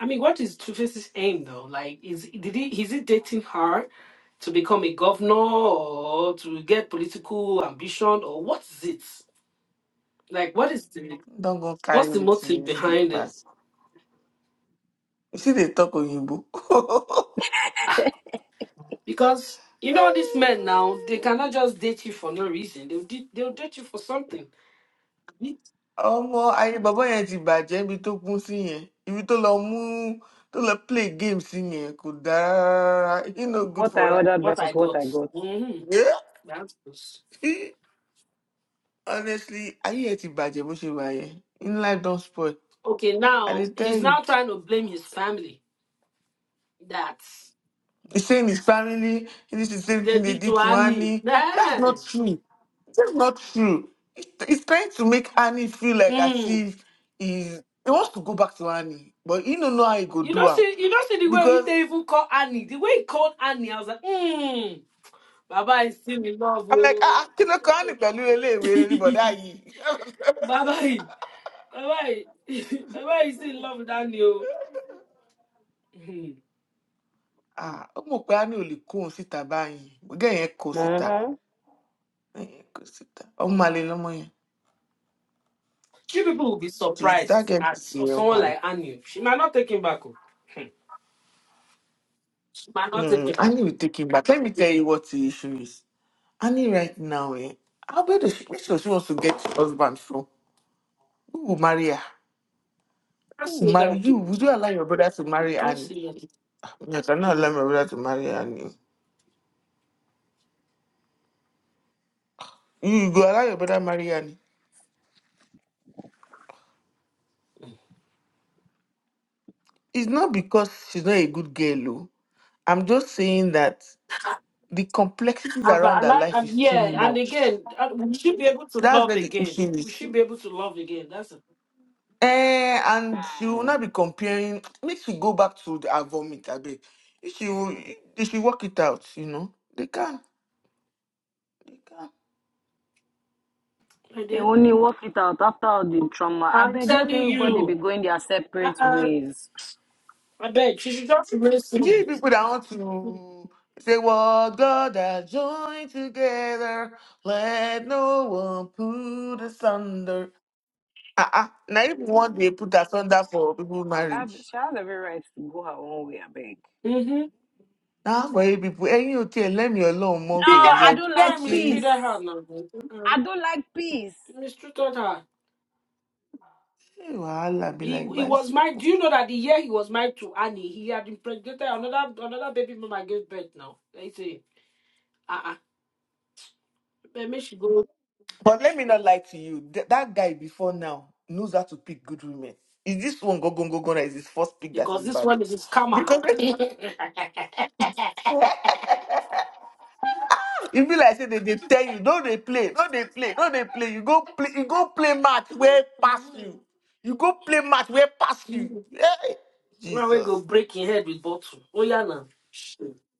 Speaker 5: I mean, what is Tuface's aim though? Like, is did he is he dating her to become a governor or to get political ambition or what is it? Like, what is the
Speaker 1: Don't go carry
Speaker 5: what's the motive
Speaker 1: waiting big
Speaker 5: behind it?
Speaker 1: pass. You see, they talk on you.
Speaker 5: Because you know these men now, they cannot just date you for no reason. They'll date, they'll date you for something.
Speaker 1: ọmọ ayé bàbá yẹn ti bàjẹ́ ibi tó kún sí yẹn ibi tó lọ mú tó lọ play game sí yẹn kò dáa rárá he no good
Speaker 4: What
Speaker 1: for
Speaker 4: I
Speaker 1: that.
Speaker 4: ordered
Speaker 5: What
Speaker 4: versus
Speaker 5: I
Speaker 4: what
Speaker 5: got.
Speaker 4: I got.
Speaker 5: hmm
Speaker 1: Yeah.
Speaker 5: That's close.
Speaker 1: honestly ayé yẹn ti bàjẹ́ bó ṣe wà yẹn in life don spoil
Speaker 5: okay.
Speaker 1: i
Speaker 5: Now
Speaker 1: dey tell
Speaker 5: he's
Speaker 1: you
Speaker 5: now trying to blame his family that
Speaker 1: he's saying his family this is the same thing
Speaker 5: they
Speaker 1: they
Speaker 5: did
Speaker 1: did
Speaker 5: to
Speaker 1: to
Speaker 5: Annie.
Speaker 1: annie that's
Speaker 5: Nah.
Speaker 1: not true that's not true he's he's trying to make annie feel like as
Speaker 5: Mm.
Speaker 1: if he's he wants to go back to annie but he don't know how he go
Speaker 5: You
Speaker 1: do
Speaker 5: don't
Speaker 1: am
Speaker 5: see you don't see the way
Speaker 1: because
Speaker 5: they even call Annie. The way he called Annie, I was like, mm, Baba is still in love.
Speaker 1: I'm like,
Speaker 5: oh."
Speaker 1: ah, ah, kí ló kàn ní pẹ̀lú eléèwé rí bọ̀dá yìí?
Speaker 5: Baba, Baba, Baba is still in love with Annie. oh.
Speaker 1: Ah, ó mọ̀ pé a ní ò lè kó òun síta báyìí. Bọ́gẹ́ yẹn kó síta.
Speaker 4: Mm-hmm.
Speaker 1: Bọ́gẹ́ yẹn kó síta. Ọmọ àlè lọ́mọ yẹn.
Speaker 5: You people will be
Speaker 1: She's-
Speaker 5: surprised
Speaker 1: That girl
Speaker 5: at
Speaker 1: is a ọmọ
Speaker 5: someone
Speaker 1: àlè.
Speaker 5: like Annie. She might not take him back. oh. She might not
Speaker 1: Mm,
Speaker 5: take him
Speaker 1: I
Speaker 5: back.
Speaker 1: need
Speaker 5: You
Speaker 1: to take him back. Let me tell you what the issue is. I need right now, eh? How where does she, where does she wants to get her husband from? Who will marry her?
Speaker 5: can't
Speaker 1: Who will
Speaker 5: say
Speaker 1: marry
Speaker 5: that. to
Speaker 1: you? Would you allow your brother to
Speaker 5: You
Speaker 1: marry
Speaker 5: can't
Speaker 1: Annie?
Speaker 5: say that.
Speaker 1: Yes, I'm not allow my brother to marry Annie. You go allow your brother marry Annie. It's not because she's not a good girl, oh. I'm just saying that the complexities
Speaker 5: Ah, But I
Speaker 1: around her
Speaker 5: like,
Speaker 1: life
Speaker 5: and
Speaker 1: is too
Speaker 5: yeah, and
Speaker 1: much.
Speaker 5: again, ah, will she be able to
Speaker 1: That's
Speaker 5: love
Speaker 1: where the
Speaker 5: again?
Speaker 1: issue
Speaker 5: Will
Speaker 1: is.
Speaker 5: she be able to love again? That's a
Speaker 1: Eh, and she will not be comparing. Make she go back to the, her vomit, I beg. If She will, they should work it out, you know. They can. They can.
Speaker 4: They
Speaker 5: idea.
Speaker 4: only work it out after all the trauma. I
Speaker 5: I'm
Speaker 4: beg,
Speaker 5: telling
Speaker 4: let everybody be
Speaker 5: you.
Speaker 4: going their separate
Speaker 5: Uh-uh.
Speaker 4: ways.
Speaker 5: I bet she should just erase
Speaker 1: You
Speaker 5: him.
Speaker 1: see people that want to say, What God has joined together, let no one put asunder. Ah, uh-uh. Now, if one day put asunder for people
Speaker 4: I have-
Speaker 1: marriage,
Speaker 4: She has every right to go her own way, I beg.
Speaker 5: Mm-hmm.
Speaker 1: láàpọ̀ ibi people, ẹ̀yìn ò tiẹ̀ lẹ́mìí ọlọ́run
Speaker 4: No,
Speaker 1: mọ́
Speaker 5: The
Speaker 1: kèǹgé
Speaker 4: I
Speaker 5: guy, the
Speaker 4: don't
Speaker 1: ọdún
Speaker 4: like
Speaker 5: guy
Speaker 1: ṣe ń
Speaker 5: mistreated
Speaker 4: peace.
Speaker 5: her now. Uh-uh.
Speaker 4: I don't like peace.
Speaker 5: He mistreated her.
Speaker 1: ṣe wàhálà be
Speaker 5: He,
Speaker 1: like
Speaker 5: he was married.
Speaker 1: bicycle.
Speaker 5: Do you know that the year he was married to Annie, he had impregnated another another baby mama gave birth now. They say, uh-uh, maybe she go
Speaker 1: But let me not lie to you, th- that guy before now knows how to pick good women. Is this one go go go go? Is his first pick that
Speaker 5: because
Speaker 1: is
Speaker 5: this
Speaker 1: bad?
Speaker 5: one is his karma.
Speaker 1: Because e be like say they dey tell you, no dey play, no dey play, no dey play. You go play, you go play match where pass
Speaker 5: Mhm.
Speaker 1: you. You go play match where pass you.
Speaker 5: Mhm.
Speaker 1: Hey,
Speaker 5: Now we
Speaker 1: Jesus.
Speaker 5: go break your head with bottle. Oh yeah now.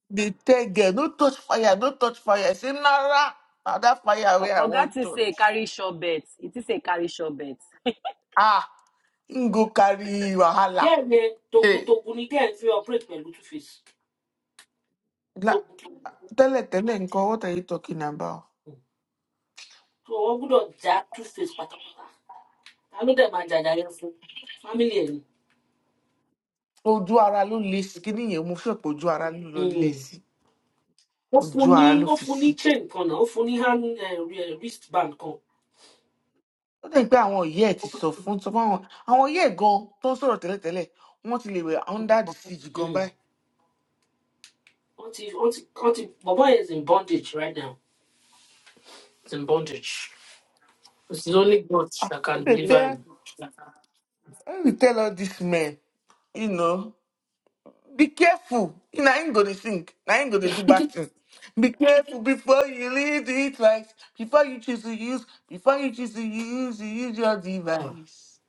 Speaker 1: The third girl, no touch fire, no touch fire. I say, Nara, now that fire
Speaker 4: O-
Speaker 1: where I
Speaker 4: Oga
Speaker 1: want
Speaker 4: to
Speaker 1: touch.
Speaker 4: say carry short bets. It is a carry short bets.
Speaker 1: Ah, him go carry wahala.
Speaker 5: Girl ne togun
Speaker 1: Hey,
Speaker 5: togun ni girl fi operate pẹ̀lú two face.
Speaker 1: la,
Speaker 5: Togun togun.
Speaker 1: tẹ́lẹ̀ tẹ́lẹ̀ nǹkan, what are you talking about?
Speaker 5: So wọ́n gbúdọ̀ já two face pátápátá. Ta ló dẹ̀ máa jàjà yẹn fún? Family ẹ̀ ni.
Speaker 1: Ojú ara ló le sí, kíní yẹn mo fẹ́ pé ojú ara ló lọ le
Speaker 5: Mm.
Speaker 1: sí.
Speaker 5: ó
Speaker 1: Ojú
Speaker 5: fún
Speaker 1: ara
Speaker 5: ní
Speaker 1: ló
Speaker 5: ó
Speaker 1: fi
Speaker 5: fún ní
Speaker 1: sí.
Speaker 5: chain kan náà ó fún ní hand eh, re- wristband kan
Speaker 1: Ó dẹ̀ pé àwọn ìyá ẹ̀ ti sọ fún sọ fún àwọn àwọn ìyá ẹ̀ gan tó ń sọ̀rọ̀ tẹ́lẹ̀ tẹ́lẹ̀ wọ́n ti lè wẹ̀ under the siege gan
Speaker 5: Mm.
Speaker 1: báyìí.
Speaker 5: wọ́n ti wọ́n ti wọ́n ti bọ̀bọ́ yẹn is in bondage right now is in bondage it's the only god that
Speaker 1: Ó
Speaker 5: can
Speaker 1: dẹ̀
Speaker 5: deliver
Speaker 1: tẹ́,
Speaker 5: him
Speaker 1: when we tell all these men, you know. Be careful. Now ain't gonna sing. Now ain't gonna do bad thing. Be careful before you lead it twice. Before you choose to use, before you choose to use, use your
Speaker 5: ah
Speaker 1: device.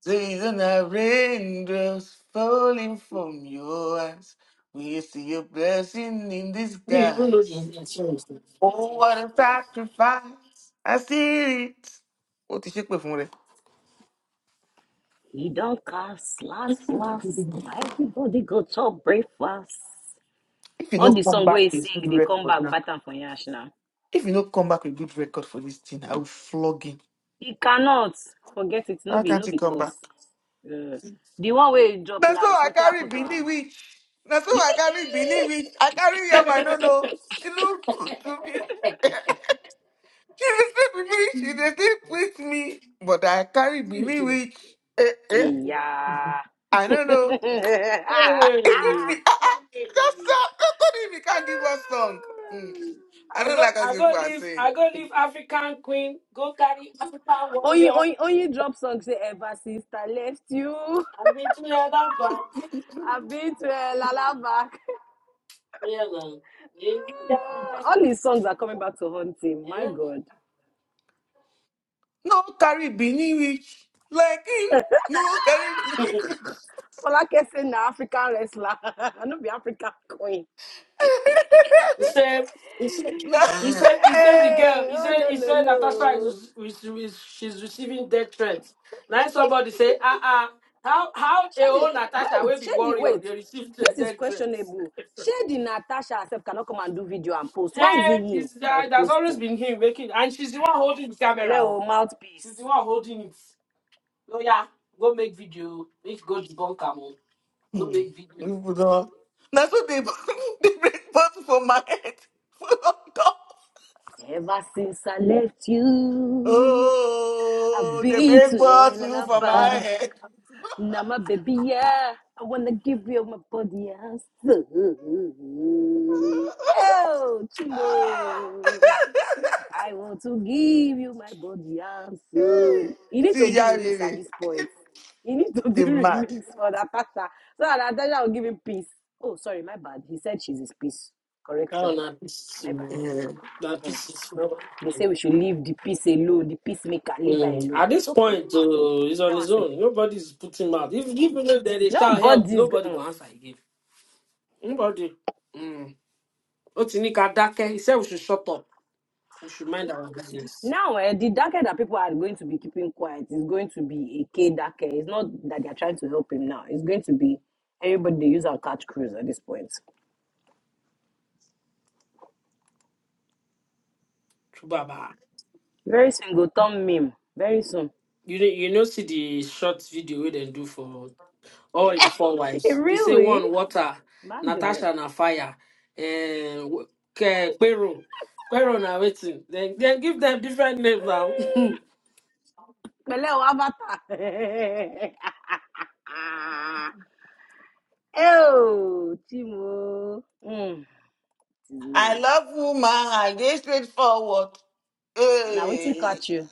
Speaker 1: So you don't have raindrops falling from your eyes. We see your blessing in
Speaker 5: you even know the
Speaker 1: disguise.
Speaker 5: insurance
Speaker 1: Oh, what a sacrifice. I see it. What is it for me?
Speaker 4: He don't cast last last. Na everybody go chop breakfast.
Speaker 1: If you
Speaker 4: All the
Speaker 1: don't come
Speaker 4: song where he
Speaker 1: back with good
Speaker 4: sing, they come
Speaker 1: record
Speaker 4: back
Speaker 1: now,
Speaker 4: batten for yash now.
Speaker 1: if you don't come back with good record for this thing, I will flog him.
Speaker 4: He cannot forget it. No
Speaker 1: How
Speaker 4: be
Speaker 1: can't
Speaker 4: no
Speaker 1: you
Speaker 4: be
Speaker 1: come back?
Speaker 4: cause. Uh, the one where he drop
Speaker 1: That's so
Speaker 4: last,
Speaker 1: I
Speaker 4: what
Speaker 1: carry
Speaker 4: happened to
Speaker 1: Bini
Speaker 4: him?
Speaker 1: witch. That's so I carry Bini witch. I carry yam I don't know. She look good to me. She dey sleep with me. She dey sleep with me. But I carry Bini witch. Eh,
Speaker 4: Hey,
Speaker 1: eh.
Speaker 4: yeah.
Speaker 1: I don't know.
Speaker 5: Hey,
Speaker 1: Even me. Ah, ah. Just song. Just tell me can't give us song. Mm. I
Speaker 5: I
Speaker 1: don't
Speaker 5: go,
Speaker 1: like as
Speaker 5: I
Speaker 1: if
Speaker 5: go
Speaker 1: I
Speaker 5: leave,
Speaker 1: say.
Speaker 5: I go leave African queen, go carry African
Speaker 4: Only,
Speaker 5: warrior.
Speaker 4: only, only drop song say ever since I left you.
Speaker 5: I've been to the other bank.
Speaker 4: I've been to a lalaback.
Speaker 5: Yeah, man.
Speaker 4: All his songs are coming back to haunt him. My
Speaker 5: Yeah.
Speaker 4: God.
Speaker 1: No carry Bini witch. Like him. No carry Bini
Speaker 5: Yeah.
Speaker 1: witch.
Speaker 4: Folake say na African wrestler. I no be African queen.
Speaker 5: He said, he said, he
Speaker 1: No.
Speaker 5: said, he said the girl,
Speaker 4: Hey,
Speaker 5: he
Speaker 4: oh
Speaker 5: said,
Speaker 4: lo
Speaker 5: he
Speaker 4: lo
Speaker 5: said Natasha
Speaker 4: lo.
Speaker 5: is, is, is she's receiving death threats. Now somebody say, ah ah, how how a
Speaker 4: Shady,
Speaker 5: whole Natasha
Speaker 4: wait,
Speaker 5: will be
Speaker 4: Shady,
Speaker 5: warrior?
Speaker 4: wait.
Speaker 5: They receive the
Speaker 4: This is
Speaker 5: death threats.
Speaker 4: questionable. Shady Natasha herself cannot come and do video and post. Why is it
Speaker 5: eh,
Speaker 4: him
Speaker 5: it's,
Speaker 4: that is
Speaker 5: that, that's always
Speaker 4: posting?
Speaker 5: been him making, and she's the one holding the camera.
Speaker 4: Hello,
Speaker 5: oh.
Speaker 4: mouthpiece.
Speaker 5: She's the one holding it. Oh yeah, go make video. Make go debunk am. oh. Go
Speaker 1: Hmm.
Speaker 5: make video.
Speaker 1: You put on. That's what they they break bottle for my head. Put on top.
Speaker 4: Ever since I left you, I've
Speaker 1: Oh, they
Speaker 4: been to
Speaker 1: break
Speaker 4: hell and
Speaker 1: bottle for my
Speaker 4: above.
Speaker 1: head.
Speaker 4: Now my baby, yeah, I wanna give you my body and soul. Oh, Chimbo. I want to give you my body and soul. You need to
Speaker 1: See
Speaker 4: do
Speaker 1: ya,
Speaker 4: remix at
Speaker 1: baby.
Speaker 4: this point. You need to do
Speaker 1: They mad.
Speaker 4: remix for that pastor so that Natasha will give him peace. Oh, sorry, my bad. He said she's his peace.
Speaker 5: Oh,
Speaker 4: Correction,
Speaker 5: na pieces.
Speaker 4: my bad.
Speaker 5: oh.
Speaker 1: Eh.
Speaker 5: Na
Speaker 4: Mm.
Speaker 5: pieces.
Speaker 4: They say we should leave the peace alone. The peacemaker, leave her
Speaker 5: Mm,
Speaker 4: alone.
Speaker 5: At
Speaker 4: It's
Speaker 5: this
Speaker 4: okay.
Speaker 5: point, uh, he's
Speaker 4: That
Speaker 5: on his
Speaker 4: was it.
Speaker 5: own. Nobody's putting him out. If even if there is shall help,
Speaker 4: Nobody's go-
Speaker 5: nobody go
Speaker 4: mm.
Speaker 5: answer again. Nobody. Mm. Otinika Dake, he said we should shut up. We should mind our business.
Speaker 4: now. Eh, the darker that people are going to be keeping quiet is going to be a K darker. It's not that they are trying to help him now. It's going to be everybody they use our catch crews at this point.
Speaker 5: True Baba.
Speaker 4: Very soon go turn meme. Very soon.
Speaker 5: You know, you know, see the short video where they do for all in four wives. They say
Speaker 4: really?
Speaker 5: one water,
Speaker 4: My goodness.
Speaker 5: Natasha na fire, and Quero. Quero na waiting. Then, then give them different names now.
Speaker 4: Pẹ̀lẹ́ o avatar. Oh, Chimo. mm, This Is
Speaker 1: I
Speaker 4: weird.
Speaker 1: love woman. I dey straightforward.
Speaker 4: Now waiting
Speaker 1: Hey,
Speaker 4: catch you.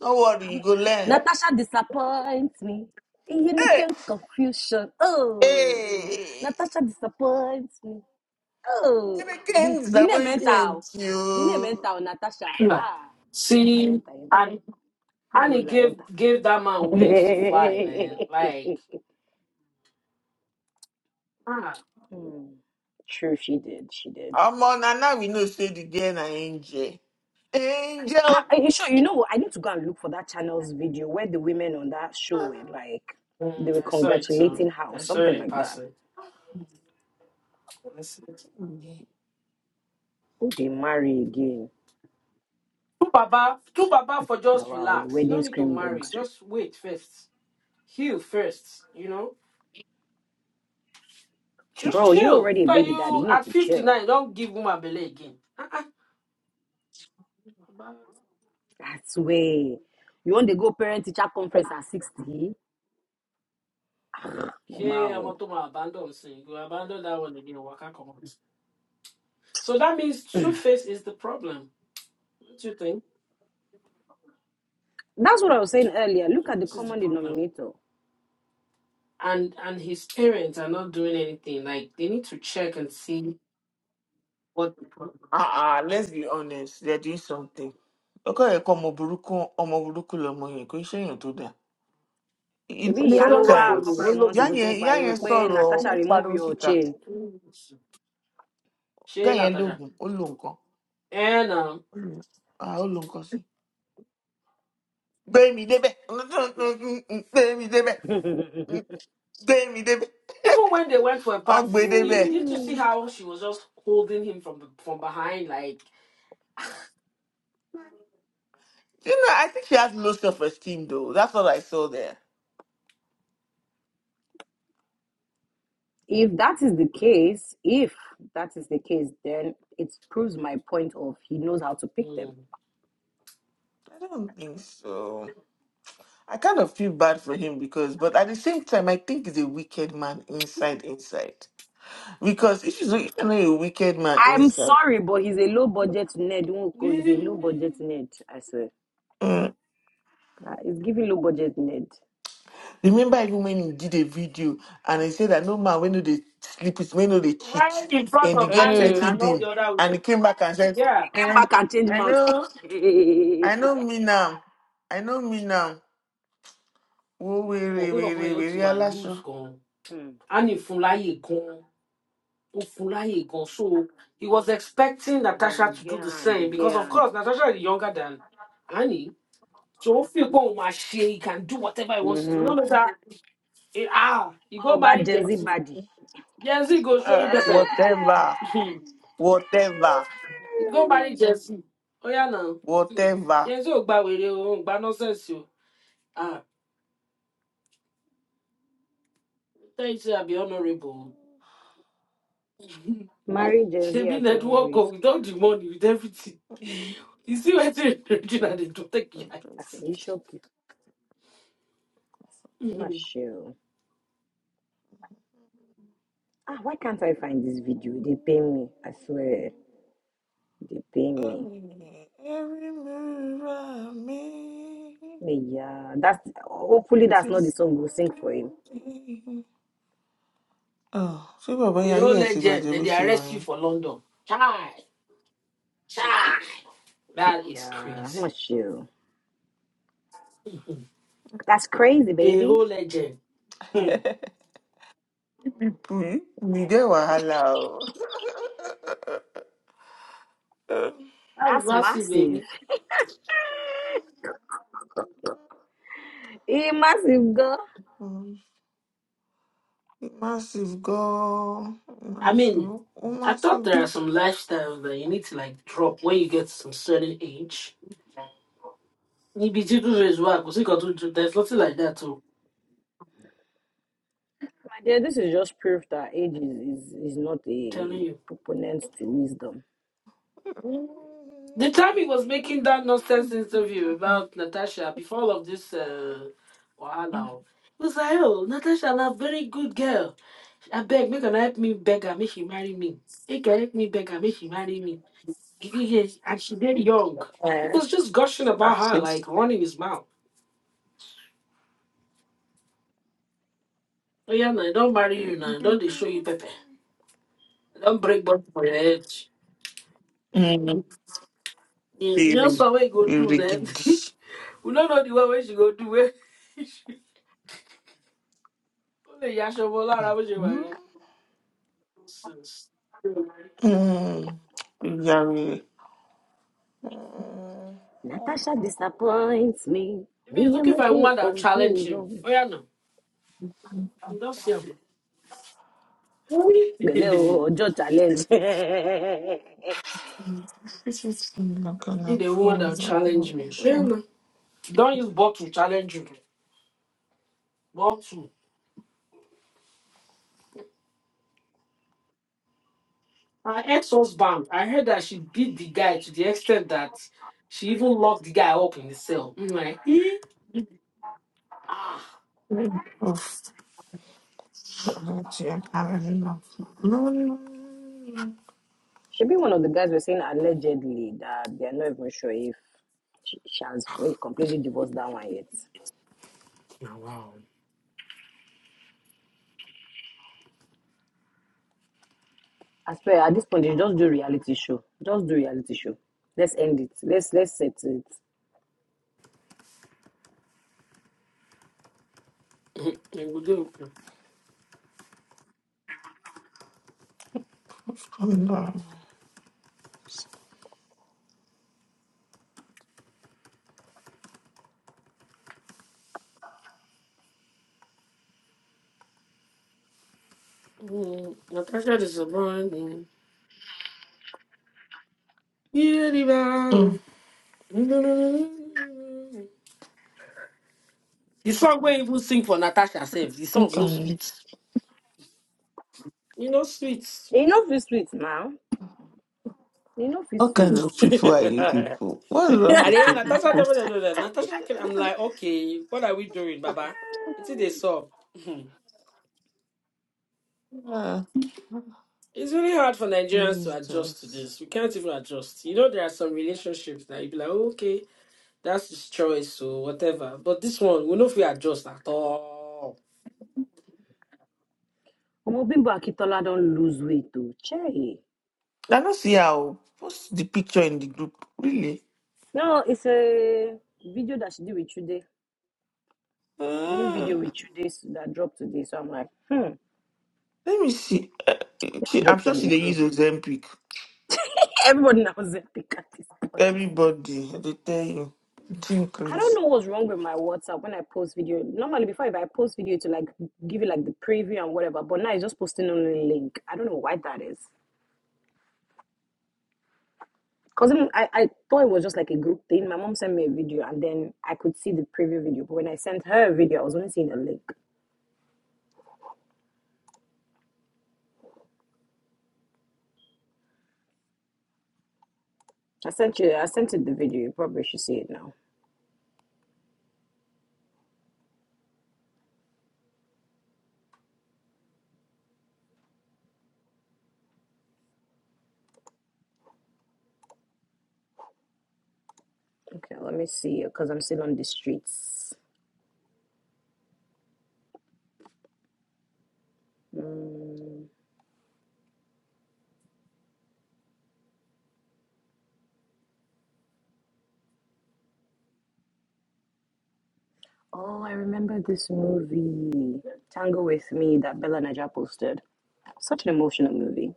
Speaker 1: don't worry,
Speaker 4: I'm-
Speaker 1: you go learn.
Speaker 4: Natasha disappoints me. In unique
Speaker 1: Hey,
Speaker 4: confusion. Oh,
Speaker 1: hey.
Speaker 4: Natasha disappoints me. Oh,
Speaker 1: Never
Speaker 4: the,
Speaker 1: can
Speaker 4: the name mental.
Speaker 1: disappoint
Speaker 4: The name
Speaker 1: you.
Speaker 4: mental Natasha. Ah, yenta,
Speaker 5: see.
Speaker 4: yenta, yenta. No,
Speaker 5: I
Speaker 4: no,
Speaker 5: need
Speaker 4: la
Speaker 5: give
Speaker 4: yenta.
Speaker 5: give that man wings to fly, man. Like ah,
Speaker 4: Mm, True, she did. She did.
Speaker 1: Omo, na now we know say the girl na angel.
Speaker 4: I,
Speaker 1: Angel.
Speaker 4: I, sure, you know what? I need to go and look for that channel's video where the women on that show were like,
Speaker 5: mm,
Speaker 4: they were
Speaker 5: I saw it too.
Speaker 4: congratulating her or
Speaker 5: I saw it
Speaker 4: something
Speaker 5: in
Speaker 4: like that.
Speaker 5: person. I saw it.
Speaker 4: Oh, they marry again.
Speaker 5: Do Baba, do Baba for
Speaker 4: Now,
Speaker 5: just
Speaker 4: wow,
Speaker 5: relax. You
Speaker 4: wedding
Speaker 5: don't need to
Speaker 4: scream
Speaker 5: marry.
Speaker 4: dogs.
Speaker 5: Just wait first. Heal first. You know, just
Speaker 4: Bro, you
Speaker 5: chill.
Speaker 4: already a
Speaker 5: But
Speaker 4: baby daddy.
Speaker 5: you
Speaker 4: You need
Speaker 5: at
Speaker 4: to
Speaker 5: fifty
Speaker 4: chill.
Speaker 5: nine, don't give woman belay again. Ah ah. Baba.
Speaker 4: That's way. You want to go parent teacher conference at 60?
Speaker 5: Yeah, I'm
Speaker 4: Wow.
Speaker 5: not to my abandon saying go abandon that one again. Waka come on. So that means two face is the problem. What do you think?
Speaker 4: That's what I was saying earlier. Look
Speaker 5: Two
Speaker 4: at the
Speaker 5: face is the
Speaker 4: common
Speaker 5: problem.
Speaker 4: denominator.
Speaker 5: and and his parents are not doing anything. Like they need to check and see what the problem.
Speaker 1: ah ah. let's be honest, they're doing something. Okay, ẹ̀kọ́ ọmọ burúkú ọmọ burúkú lọmọ yẹn kò ń ṣe èèyàn tó dáa. You
Speaker 4: ṣebí
Speaker 1: know,
Speaker 5: And
Speaker 4: ìyá
Speaker 5: it's
Speaker 4: ló
Speaker 5: all
Speaker 4: wá
Speaker 5: logo,
Speaker 4: a
Speaker 1: sometimes
Speaker 5: me,
Speaker 4: couple
Speaker 5: don't
Speaker 4: of months
Speaker 1: ìyá
Speaker 5: logo,
Speaker 4: ago
Speaker 5: ni.
Speaker 4: tó
Speaker 1: yẹn
Speaker 4: ń
Speaker 1: ìyá
Speaker 5: No
Speaker 4: pariwo
Speaker 1: yẹn
Speaker 5: logo,
Speaker 4: pé
Speaker 1: sọ̀rọ̀
Speaker 5: go.
Speaker 1: ó
Speaker 4: natasha remove
Speaker 1: pariwo
Speaker 4: your
Speaker 1: síta.
Speaker 4: chain
Speaker 5: Mm.
Speaker 1: Ìyá
Speaker 5: She
Speaker 1: yẹn
Speaker 5: Natasha.
Speaker 1: lóògùn ó lo nǹkan.
Speaker 5: And um,
Speaker 1: Ó lo ah, ó lo nǹkan sí. Gbé mi débẹ̀. Gbé mi débẹ̀. Gbé mi débẹ̀.
Speaker 5: even when they went for a
Speaker 1: Wọ́n
Speaker 5: party,
Speaker 1: gbé
Speaker 5: you
Speaker 1: débẹ̀.
Speaker 5: did you see
Speaker 4: Hmm.
Speaker 5: how she was just holding him from the, from behind, like
Speaker 1: You know, I think she has low self-esteem though. That's what I saw there.
Speaker 4: if that is the case if that is the case then it proves my point of he knows how to pick them
Speaker 5: mm.
Speaker 1: I don't think so. I kind of feel bad for him because, but at the same time, I think he's a wicked man inside, inside. Because if he's a- if you're not a wicked man
Speaker 4: i'm
Speaker 1: inside,
Speaker 4: sorry but he's a low budget nerd nwoko is a low budget nerd i swear
Speaker 1: mm,
Speaker 4: Ah, he's giving low budget nerd
Speaker 1: remember even when he did a video and he said that no man, when do they sleep with, when do they cheat,
Speaker 5: right in front
Speaker 1: and the
Speaker 5: of
Speaker 1: get
Speaker 5: Annie
Speaker 4: mm.
Speaker 1: cheating
Speaker 5: and all
Speaker 1: him,
Speaker 5: the other
Speaker 1: and he
Speaker 5: women.
Speaker 1: came back and said,
Speaker 5: Yeah.
Speaker 4: came
Speaker 1: "Eh,
Speaker 4: back and changed
Speaker 1: I
Speaker 4: mouth
Speaker 1: know, I
Speaker 4: mm.
Speaker 1: know me now, I know me now. Oh,
Speaker 5: Ọmọ
Speaker 1: weary,
Speaker 5: pé bàbá
Speaker 1: weary,
Speaker 5: yẹn ó ti
Speaker 1: weary,
Speaker 5: wà loose
Speaker 1: alasho.
Speaker 5: gan. Annie fún láyè gan. Ofulayi so He was expecting
Speaker 4: Ah, he
Speaker 5: Natasha to
Speaker 4: get
Speaker 5: do the
Speaker 4: hand he
Speaker 5: same
Speaker 4: get
Speaker 5: because, of
Speaker 4: hand.
Speaker 5: course, Natasha is younger than Annie. So if you go Mashe, he can do whatever he wants to do. No
Speaker 4: Mhm.
Speaker 5: matter eh, ah, you go
Speaker 4: about
Speaker 5: marry
Speaker 4: gen
Speaker 5: Gen
Speaker 4: z
Speaker 5: Z.
Speaker 4: body.
Speaker 5: Gen Z go show you
Speaker 1: Uh,
Speaker 5: better.
Speaker 1: Whatever,
Speaker 5: you
Speaker 1: whatever,
Speaker 5: go marry Gen Z. Oh yeah now.
Speaker 1: whatever.
Speaker 5: Gen Z ogba were ogba nonsense o. Ah, tell you say I be honorable.
Speaker 4: Marry Gen
Speaker 5: She
Speaker 4: Z
Speaker 5: be
Speaker 4: at your own
Speaker 5: network o,
Speaker 4: risk.
Speaker 5: without the money, with everything. You see what they do,
Speaker 4: Hmm,
Speaker 5: they do take your
Speaker 1: Oh,
Speaker 4: You
Speaker 5: eyes.
Speaker 4: shock you. Michelle. Ah, why can't I find this video? They pay me. I swear. They pay me.
Speaker 1: every move I make
Speaker 4: Yeah, that's hopefully that's not the
Speaker 1: is a
Speaker 4: song we'll sing for him.
Speaker 1: good thing. Oh, ṣé bàbá
Speaker 5: A
Speaker 1: yẹn ayé
Speaker 5: whole
Speaker 1: ẹ̀ ti
Speaker 5: legend,
Speaker 1: bàjẹ́
Speaker 5: they,
Speaker 1: bó
Speaker 5: they
Speaker 1: ṣe wà
Speaker 5: arrest you
Speaker 1: yẹn?
Speaker 5: for London. Chai, chai. That is
Speaker 4: Yeah,
Speaker 5: crazy.
Speaker 4: Michelle. That's crazy,
Speaker 5: A
Speaker 4: baby.
Speaker 5: whole legend. Hmm.
Speaker 1: Ipò yìí Mi dé wàhálà o.
Speaker 5: That's
Speaker 4: That's
Speaker 5: massive,
Speaker 4: massive.
Speaker 5: baby.
Speaker 4: A massive girl.
Speaker 1: Mm, Massive gan-an,
Speaker 5: I mean,
Speaker 1: massive, ó
Speaker 5: I thought
Speaker 1: massive.
Speaker 5: there are some lifestyles that you need to like drop when you get to some certain age. You be too good as well, 'cause you got to do- There's nothing like that, too.
Speaker 4: My dear, this is just proof that age is, is, is not
Speaker 5: I'm telling
Speaker 4: a
Speaker 5: you.
Speaker 4: proponent to wisdom.
Speaker 5: The time he was making that nonsense interview about Natasha before all of this uh, wahala, oh, he was like, "Oh, Natasha, na very good girl." I beg, make her help me beg her, make she marry me. Make her help me beg her, make she marry me. And she dead young. He
Speaker 1: Ẹ̀,
Speaker 5: was just gushing about her, like
Speaker 1: àṣìṣe.
Speaker 5: running his mouth. Oh yeah, now don't marry you now. Don't they show you pepper. Don't break bone for your head.
Speaker 1: Mm,
Speaker 5: You know
Speaker 1: Bèrè,
Speaker 5: so what you go do
Speaker 1: bèrè
Speaker 5: now.
Speaker 1: gidi.
Speaker 5: we don't know the way where she go do it. Only Yashobola Rabuji marry. Nonsense.
Speaker 1: Mm, Very. Mm,
Speaker 4: Natasha disappoints me.
Speaker 5: If he's
Speaker 4: We are
Speaker 5: looking for a
Speaker 4: making
Speaker 5: woman that'll challenge him.
Speaker 4: confusion.
Speaker 5: Oh yeah no. You Don't see him.
Speaker 4: Beleo Ojo challenge.
Speaker 1: This is not gonna
Speaker 5: Need a woman that'll
Speaker 1: cause a real
Speaker 5: challenge me. Oh yeah
Speaker 1: issue.
Speaker 5: no. Don't use bottle challenge you. Bottle. Her ex-husband, I heard that she beat the guy to the extent that she even locked the guy up in the cell. I'm like, he? Ah.
Speaker 1: Oof. Not yet. Having enough. No, no, no.
Speaker 4: Should be one of the guys were saying allegedly that they're not even sure if she, she has completely divorced that one yet.
Speaker 5: Now, wow.
Speaker 4: As per at this point, they just do reality show. Just do reality show. Let's end it. Let's let's set it.
Speaker 5: Mhm. Yeah, we do, okay.
Speaker 1: Come down.
Speaker 5: Mm, Natasha disappointing. Yeah, the man. The song where even sing for Natasha herself. The song
Speaker 1: Look
Speaker 5: no
Speaker 1: at me.
Speaker 5: sweets. You know sweets.
Speaker 4: You know feel sweet now. You know feel
Speaker 1: What kind
Speaker 4: sweet.
Speaker 1: of people are you people? What's wrong
Speaker 5: And
Speaker 1: with
Speaker 5: then
Speaker 1: you
Speaker 5: Natasha
Speaker 1: people?
Speaker 5: tell me they do that. Natasha, can- I'm like, okay, what are we doing, Baba? It's they saw. Hmm.
Speaker 1: Ah,
Speaker 5: It's really hard for
Speaker 1: this
Speaker 5: Nigerians
Speaker 1: is
Speaker 5: to adjust to
Speaker 1: just.
Speaker 5: this. We can't even adjust. You know, there are some relationships that you be like, okay, that's his choice, so whatever. But this one, we know if we adjust at all.
Speaker 4: Omobimbo Akitola don't lose weight too. Che.
Speaker 1: I don't see how. Post the picture in the group. Really?
Speaker 4: No, it's a video that she did with Chude. new
Speaker 1: Ah,
Speaker 4: video with today that dropped today. So I'm like, hmm,
Speaker 1: let me see. Uh,
Speaker 4: let me
Speaker 1: she, I'm
Speaker 4: drop it
Speaker 1: sure
Speaker 4: on the
Speaker 1: she they use
Speaker 4: group.
Speaker 1: Ozempic.
Speaker 4: Everybody knows was epic at this point.
Speaker 1: Everybody, I dey tell you. It's
Speaker 4: I don't
Speaker 1: crazy.
Speaker 4: know what's wrong with my WhatsApp when I post video. Normally before if I post video to like give you like the preview and whatever, but now it's just posting only link. I don't know why that is. Cause I, I thought it was just like a group thing. My mom sent me a video and then I could see the preview video. But when I sent her a video, I was only seeing a link. I sent you I sent it the video. You probably should see it now. Okay, let me see because I'm still on the streets. Mm. Oh, I remember this movie, Tango with Me, that Bella Naja posted. Such an emotional movie.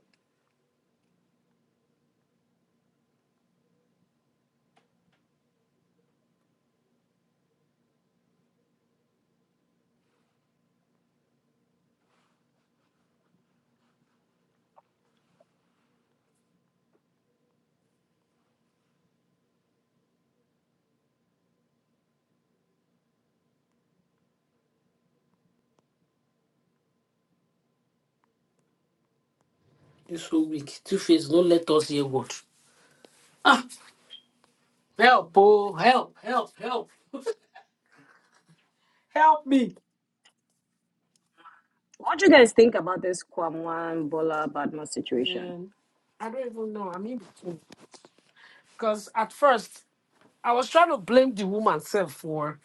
Speaker 5: It's so weak. Two face, don't let us hear what. Help, oh, help, help, help, help me.
Speaker 4: What do you guys think about this Kwamwan Bola Badma situation?
Speaker 5: Um, I don't even know. I mean, because at first I was trying to blame the woman self for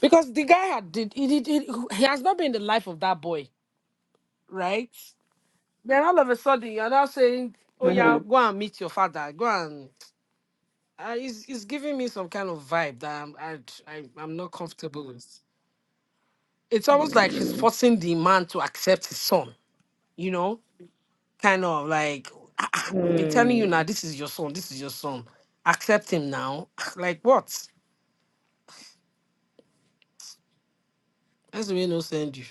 Speaker 5: Because the guy had did he did he, he has not been the life of that boy, right? Then all of a sudden you're now saying, "Oh yeah,
Speaker 4: Mm-hmm.
Speaker 5: go and meet your father. Go and." Uh, it's, it's giving me some kind of vibe that I'm I, I, I'm not comfortable with. It's almost like she's
Speaker 4: mm
Speaker 5: forcing the man to accept his son. You know, kind of like "Ah, ah, I've been telling you now.
Speaker 4: Mm.
Speaker 5: This is your son. This is your son. Accept him now. like what? That's the way no send you.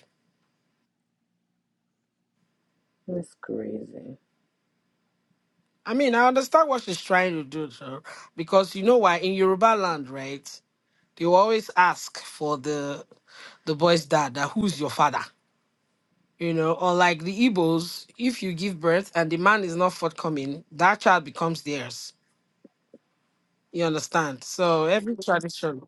Speaker 4: That's crazy.
Speaker 5: I mean, I understand what she's trying to do, sir, because you know why in Yoruba land, right? They will always ask for the the boy's dad, that who's your father, you know. Unlike the Igbos, if you give birth and the man is not forthcoming, that child becomes theirs. You understand? So every tradition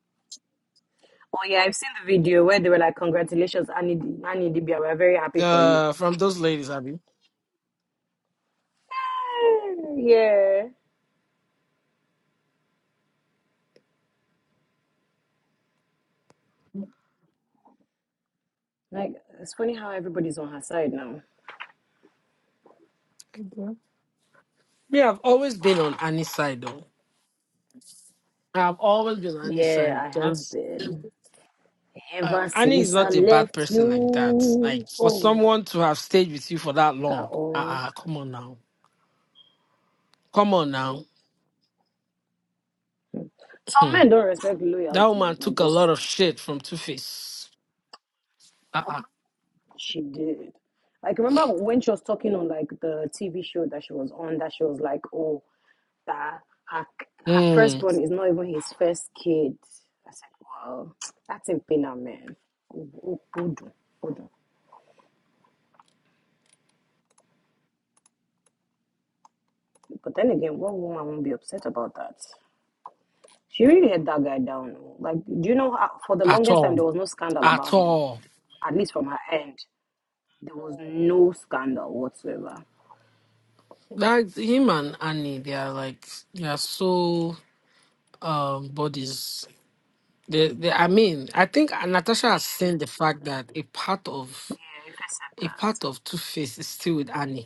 Speaker 4: Oh yeah, I've seen the video where they were like, "Congratulations, Annie, Annie Dibia, we're very happy for you."
Speaker 5: uh, from those ladies, I mean,
Speaker 4: Yeah. Yeah. Like it's funny how everybody's on her side now.
Speaker 5: me, I've always been on Annie's side, though. I've always been on Annie's
Speaker 4: Yeah,
Speaker 5: side
Speaker 4: I
Speaker 5: because
Speaker 4: have been
Speaker 5: uh,
Speaker 4: ever
Speaker 5: Annie is
Speaker 4: since I
Speaker 5: not a bad
Speaker 4: left
Speaker 5: person like that.
Speaker 4: you.
Speaker 5: Like for
Speaker 4: Oh.
Speaker 5: someone to have stayed with you for that
Speaker 4: at
Speaker 5: long,
Speaker 4: all.
Speaker 5: ah, uh, come on now, come on now.
Speaker 4: Some
Speaker 5: Hmm.
Speaker 4: men don't respect
Speaker 5: that
Speaker 4: loyalty,
Speaker 5: woman
Speaker 4: oh, my
Speaker 5: took a
Speaker 4: dear
Speaker 5: lot of
Speaker 4: sister.
Speaker 5: shit from Two Face. Ah, uh-uh.
Speaker 4: She did. Like remember when she was talking on like the TV show that she was on, that she was like, oh, that her her
Speaker 5: mm,
Speaker 4: firstborn is not even his first kid. I said, wow, that's in pain, man. Oh, oh, Hold on, hold on. But then again, what woman won't be upset about that? She really had that guy down. oh. Like, do you know how, for the
Speaker 5: at
Speaker 4: longest time
Speaker 5: all,
Speaker 4: there was no scandal
Speaker 5: at
Speaker 4: about him,
Speaker 5: all.
Speaker 4: at least from her end. There was no scandal whatsoever.
Speaker 5: That him and Annie, they are like they are so um bodies. They, they, I mean, I think Natasha has seen the fact that a part of
Speaker 4: Yeah, if I accept
Speaker 5: a part of Two Face is still with Annie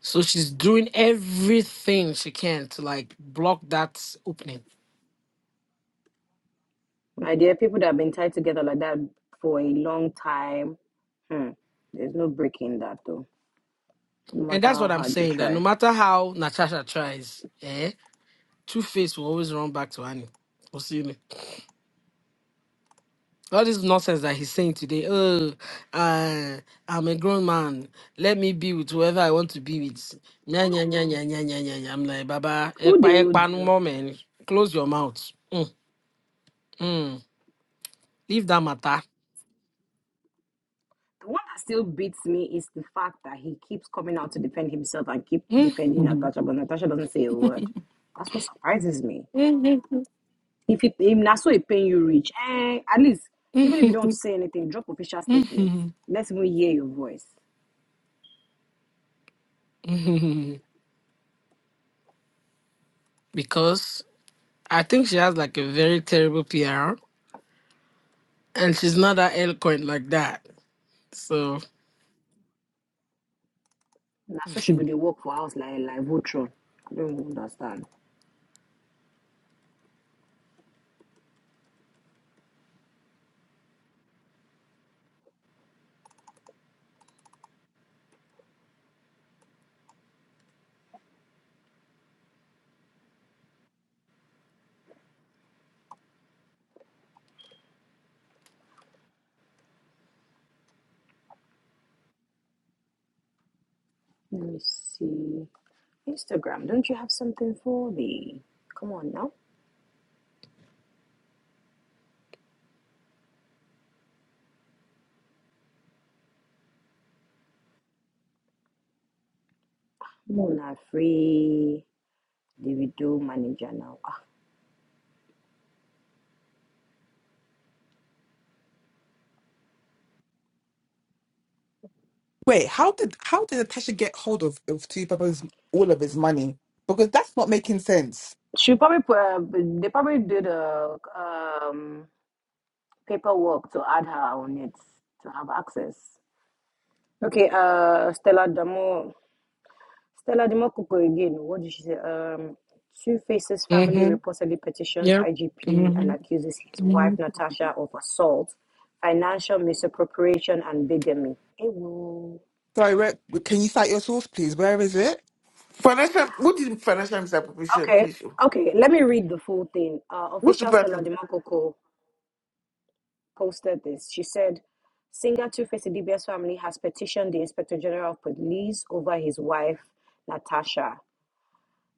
Speaker 5: So she's doing everything she can to like block that opening.
Speaker 4: that. My dear, people that have been tied together like that for a long time, hmm, there's no breaking that though, no
Speaker 5: And
Speaker 4: matter
Speaker 5: that's
Speaker 4: how
Speaker 5: what I'm
Speaker 4: hard you
Speaker 5: saying. That no
Speaker 4: try.
Speaker 5: matter how Natasha tries, eh, Two Face will always run back to Annie. Osini. All this nonsense that he's saying today. Oh, uh, I'm a grown man. Let me be with whoever I want to be with. Nya, nya, nya, nya, nya, nya, nya, nya. I'm like, Baba,
Speaker 4: Who they
Speaker 5: ekpa,
Speaker 4: would
Speaker 5: ekpa, no
Speaker 4: you?
Speaker 5: more, man. Close your mouth. Mm, mm. Leave that matter.
Speaker 4: The one that still beats me is the fact that he keeps coming out to defend himself and keep
Speaker 5: Mm,
Speaker 4: defending
Speaker 5: mhm,
Speaker 4: Natasha, but Natasha doesn't say a word. That's what surprises me.
Speaker 5: mhm,
Speaker 4: If it, if that's what it pain you reach, eh, at least even if you don't
Speaker 5: mhm,
Speaker 4: say anything, drop official statements.
Speaker 5: mhm,
Speaker 4: Let's even hear your voice.
Speaker 5: mhm. because I think she has like a very terrible PR and she's not that eloquent like that. So,
Speaker 4: That's what should be the work for house like like Voltron. I don't understand. Let me see. Instagram, don't you have something for me? Come on now. Mona Free, Davido manager now. Ah.
Speaker 3: Wait, how did how did Natasha get hold of of T Papa's all of his money? Because that's not making sense.
Speaker 4: She probably uh, they probably did a um, paperwork to add her on it to have access. Okay, uh, Stella Damo. Stella Dimokoko again, what did she say? Um, Two Faces family
Speaker 5: mm-hmm.
Speaker 4: reportedly petitions
Speaker 5: Yep.
Speaker 4: IGP and
Speaker 5: Mm-hmm.
Speaker 4: accuses his wife
Speaker 5: hmm
Speaker 4: Natasha of assault, financial misappropriation, and bigamy. Ewo.
Speaker 3: Sorry, where, can you cite your source, please? Where is it?
Speaker 1: Financial, what is financial misappropriation,
Speaker 4: Okay,
Speaker 1: please? oh?
Speaker 4: okay, let me read the full thing. Uh,
Speaker 1: Who's the
Speaker 4: official Stella
Speaker 1: person?
Speaker 4: Dimokoko posted this. She said, Singer Two Face DBS family has petitioned the Inspector General of Police over his wife, Natasha.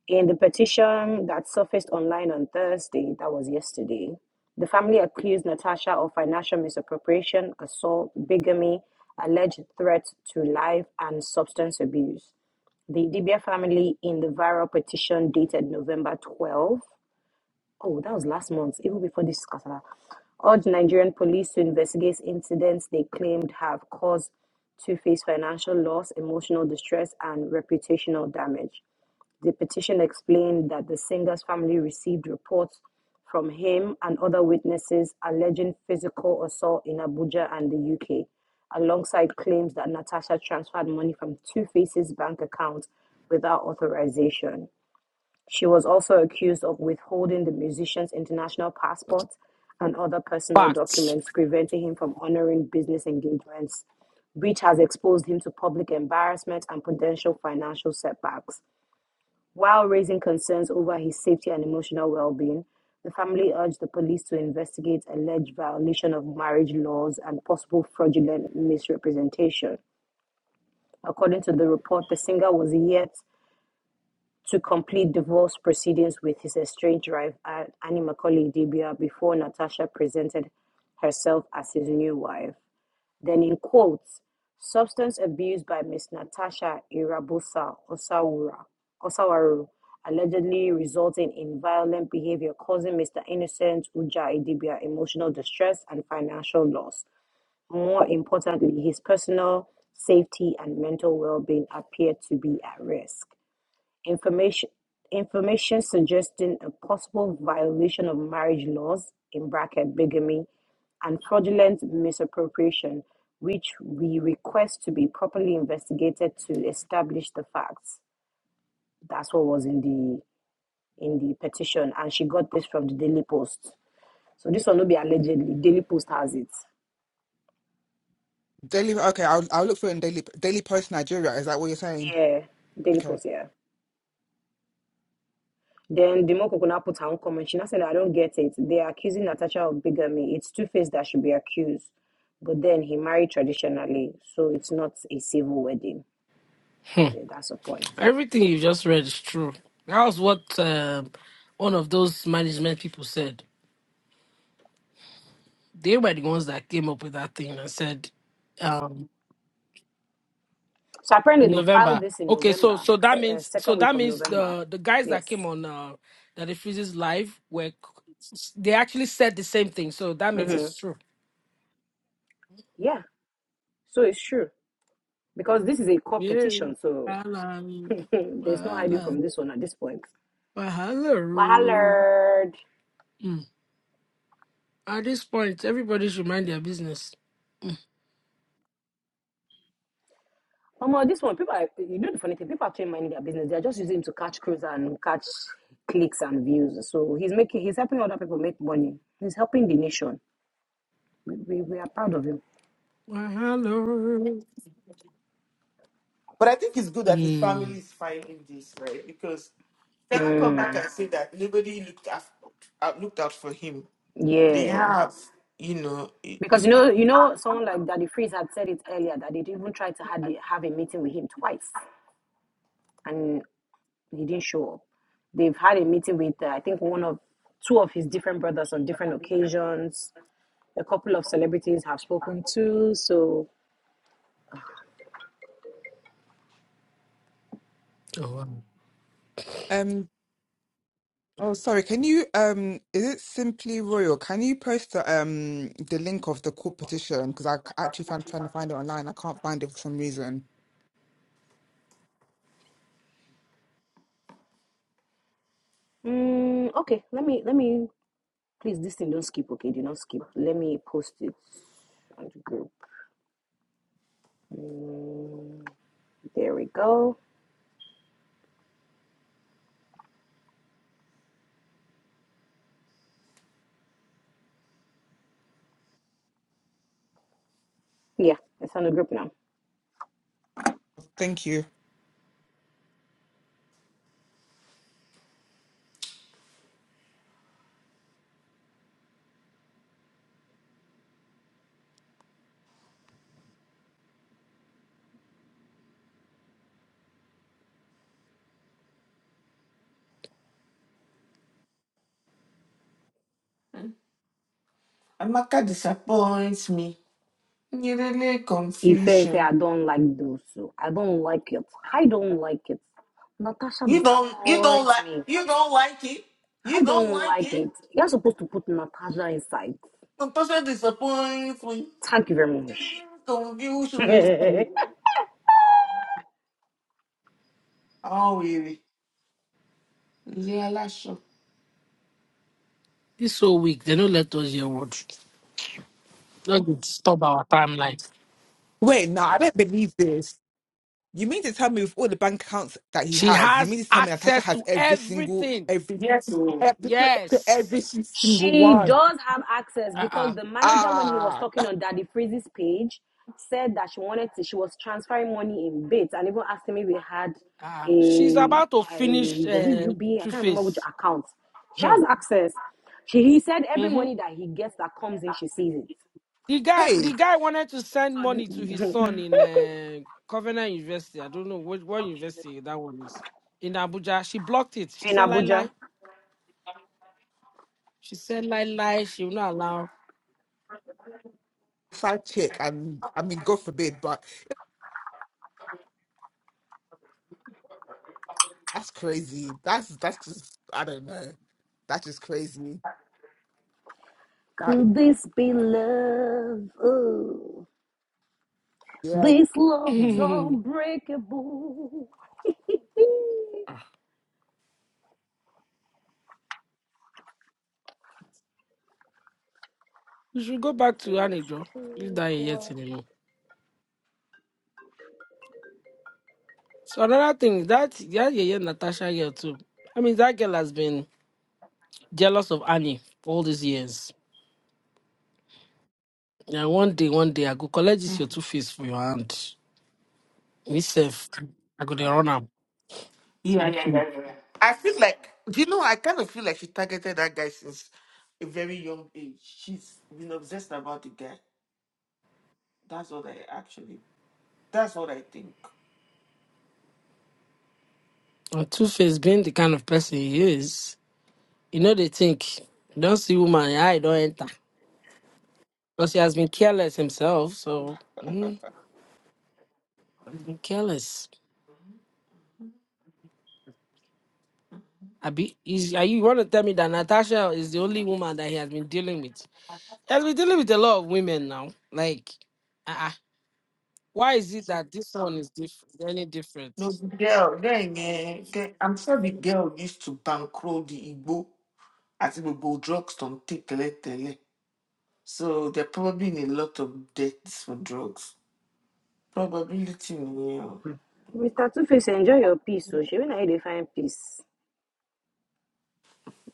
Speaker 4: In the petition that surfaced online on Thursday, that was yesterday, the family accused Natasha of financial misappropriation, assault, bigamy, alleged threat to life, and substance abuse. The Idibia family, in the viral petition dated November twelfth, oh, that was last month, even before this scandal, urged Nigerian police to investigate incidents they claimed have caused Two-Face financial loss, emotional distress, and reputational damage. The petition explained that the singer's family received reports from him and other witnesses alleging physical assault in Abuja and the UK, alongside claims that Natasha transferred money from Two Faces bank account without authorization. She was also accused of withholding the musician's international passport and other personal
Speaker 5: Facts.
Speaker 4: documents, preventing him from honoring business engagements, which has exposed him to public embarrassment and potential financial setbacks. While raising concerns over his safety and emotional well being, the family urged the police to investigate alleged violation of marriage laws and possible fraudulent misrepresentation. According to the report, the singer was yet to complete divorce proceedings with his estranged wife, Annie Macaulay Dibia, before Natasha presented herself as his new wife. Then in quotes, substance abuse by Miss Natasha Irabusa Osawura, Osawaru, allegedly resulting in violent behavior causing Mr. Innocent Uja Idibia emotional distress and financial loss. More importantly, his personal safety and mental well-being appear to be at risk. Information information suggesting a possible violation of marriage laws in bracket bigamy and fraudulent misappropriation, which we request to be properly investigated to establish the facts. That's what was in the in the petition, and she got this from the Daily Post. So this one will be allegedly Daily Post has it.
Speaker 3: Daily. Okay, I'll I'll look for it in Daily Daily Post Nigeria. Is that what you're saying?
Speaker 4: Yeah, Daily
Speaker 3: Okay.
Speaker 4: Post. Yeah. Then the Moko now put her own comment. She now said, "I don't get it. They are accusing Natasha of bigamy. It's two faced that should be accused." But then he married traditionally, so it's not a civil wedding.
Speaker 5: Hmm.
Speaker 4: Yeah, That's the point.
Speaker 5: Everything you just read is true. That was what um, one of those management people said. They were the ones that came up with that thing and said um,
Speaker 4: So apparently
Speaker 5: in
Speaker 4: they filed
Speaker 5: November.
Speaker 4: this in
Speaker 5: Okay, so
Speaker 4: November,
Speaker 5: so that
Speaker 4: uh,
Speaker 5: means so
Speaker 4: second week
Speaker 5: that
Speaker 4: of
Speaker 5: means
Speaker 4: November.
Speaker 5: the the guys that came
Speaker 4: Yes.
Speaker 5: on uh, that the freezes live were c- they actually said the same thing. So that means
Speaker 4: hmm
Speaker 5: it's true.
Speaker 4: Yeah. So it's true because this is a court
Speaker 5: Yeah.
Speaker 4: petition, so
Speaker 5: Wahala.
Speaker 4: there's no hiding
Speaker 5: Wahala.
Speaker 4: from this one at this point.
Speaker 5: hello.
Speaker 4: Mahalard.
Speaker 5: Mm. At this point, everybody should mind their business.
Speaker 4: Omo, this one people are, you know the funny thing, people are actually minding their business. They're just using him to catch crews and catch clicks and views. So he's making he's helping other people make money. He's helping the nation. We, we, we are proud of him.
Speaker 5: Well, Hello.
Speaker 1: But I think it's good that his
Speaker 5: Mm.
Speaker 1: family is finding this, right? Because can I come back
Speaker 4: Mm,
Speaker 1: and say that nobody looked af- uh, looked out for him? They
Speaker 4: yeah.
Speaker 1: have, you know. i-
Speaker 4: Because you
Speaker 1: If you,
Speaker 4: know, you know, someone like Daddy Freeze had said it earlier that they'd even tried to had the, have a meeting with him twice, and he didn't show up. They've had a meeting with uh, I think one of two of his different brothers on different occasions. A couple of celebrities have spoken too. So,
Speaker 5: Oh, wow.
Speaker 3: Um. Oh, sorry. Can you um? Is it simply royal? Can you post the um the link of the court petition? Because I c- actually found trying to find it online. I can't find it for some reason.
Speaker 4: mm, okay, let me let me please this thing don't skip. Okay, do not skip. Let me post it on the group. Mm, there we go. Yeah, it's on the group now.
Speaker 3: Thank you.
Speaker 1: Amaka disappoints me, you really
Speaker 4: Ife, Ife,
Speaker 1: confusion.
Speaker 4: I don't like those two. I don't like it. I don't like it. Natasha
Speaker 1: You don't, you don't
Speaker 4: disappoints
Speaker 1: like,
Speaker 4: me.
Speaker 1: you don't like it.
Speaker 4: I
Speaker 1: You don't
Speaker 4: don't
Speaker 1: like
Speaker 4: like
Speaker 1: it.
Speaker 4: it. You're supposed to put Natasha inside.
Speaker 1: Natasha disappoints me.
Speaker 4: Thank you very much.
Speaker 1: Confusion. Oh, really? Yeah, last show.
Speaker 5: This so weak. They don't let us hear words. Don't stop our timeline.
Speaker 3: Wait, no, I don't believe this. You mean to tell me with all the bank accounts that he
Speaker 5: She
Speaker 3: has, you
Speaker 5: has
Speaker 3: mean to tell me Natasha
Speaker 5: access
Speaker 3: has
Speaker 5: to
Speaker 3: every single,
Speaker 5: everything.
Speaker 3: every,
Speaker 1: Yes. oh.
Speaker 3: every,
Speaker 5: Yes.
Speaker 3: every single
Speaker 4: She
Speaker 3: one?
Speaker 4: does have access because
Speaker 5: Uh-uh.
Speaker 4: the manager, when he was
Speaker 3: Ah,
Speaker 4: talking on Daddy Freeze's page, said that she wanted to, she was transferring money in bits and even asked me if he had
Speaker 5: Uh-uh. uh. She's
Speaker 4: a,
Speaker 5: about to finish
Speaker 4: a was it
Speaker 5: uh,
Speaker 4: UBA?
Speaker 5: Two
Speaker 4: can't remember which
Speaker 5: Face.
Speaker 4: account. She
Speaker 5: Hmm.
Speaker 4: has access. She, he said every
Speaker 5: Mm-hmm.
Speaker 4: money that he gets that comes in, she sees it.
Speaker 5: The guy, the
Speaker 3: hey,
Speaker 5: guy wanted to send
Speaker 4: So
Speaker 5: money to his son in uh, Covenant University. I don't know what, what university that one is in Abuja. She blocked it. She
Speaker 4: in
Speaker 5: said lie
Speaker 4: Abuja,
Speaker 5: lie. She said lie lie. She will not allow.
Speaker 3: side chick. And I mean, God forbid, but that's crazy. That's that's just I don't know. That's just crazy. That is
Speaker 4: could this be love? Oh,
Speaker 3: yeah.
Speaker 4: this love
Speaker 3: Hmm.
Speaker 4: is unbreakable.
Speaker 5: Ah, you should go back to
Speaker 4: This is
Speaker 5: Anijo. Leave
Speaker 4: two,
Speaker 5: that yet
Speaker 4: four.
Speaker 5: anymore. So another thing that that yeye Natasha here too. I mean that girl has been jealous of Annie for all these years. Yeah, one day, one day I go collect this
Speaker 1: Mm.
Speaker 5: your two face for your hand. Me self, I go dey run am.
Speaker 1: Yeah, yeah, yeah, yeah. yeah. I feel like, do you know, I kind of feel like she targeted that guy since a very young age. She's been obsessed about the guy. That's what I actually, that's what I think.
Speaker 5: Well, Two Face being the kind of person he is, you know they think you don't see woman, your eye don't enter. Because he has been careless himself, so mm, he's been careless. I be is are you want to tell me that Natasha is the only woman that he has been dealing with? He has been dealing with a lot of women now. Like uh why is it that this one is different any different?
Speaker 1: No, the girl, then, eh, the- I'm sure the girl used to bankroll the Igbo at Igbo drugs don't take tele. tele. So they're probably in a lot of debts for drugs. Probability, yeah.
Speaker 4: Mr. Two Face, enjoy your peace. So she when I define peace.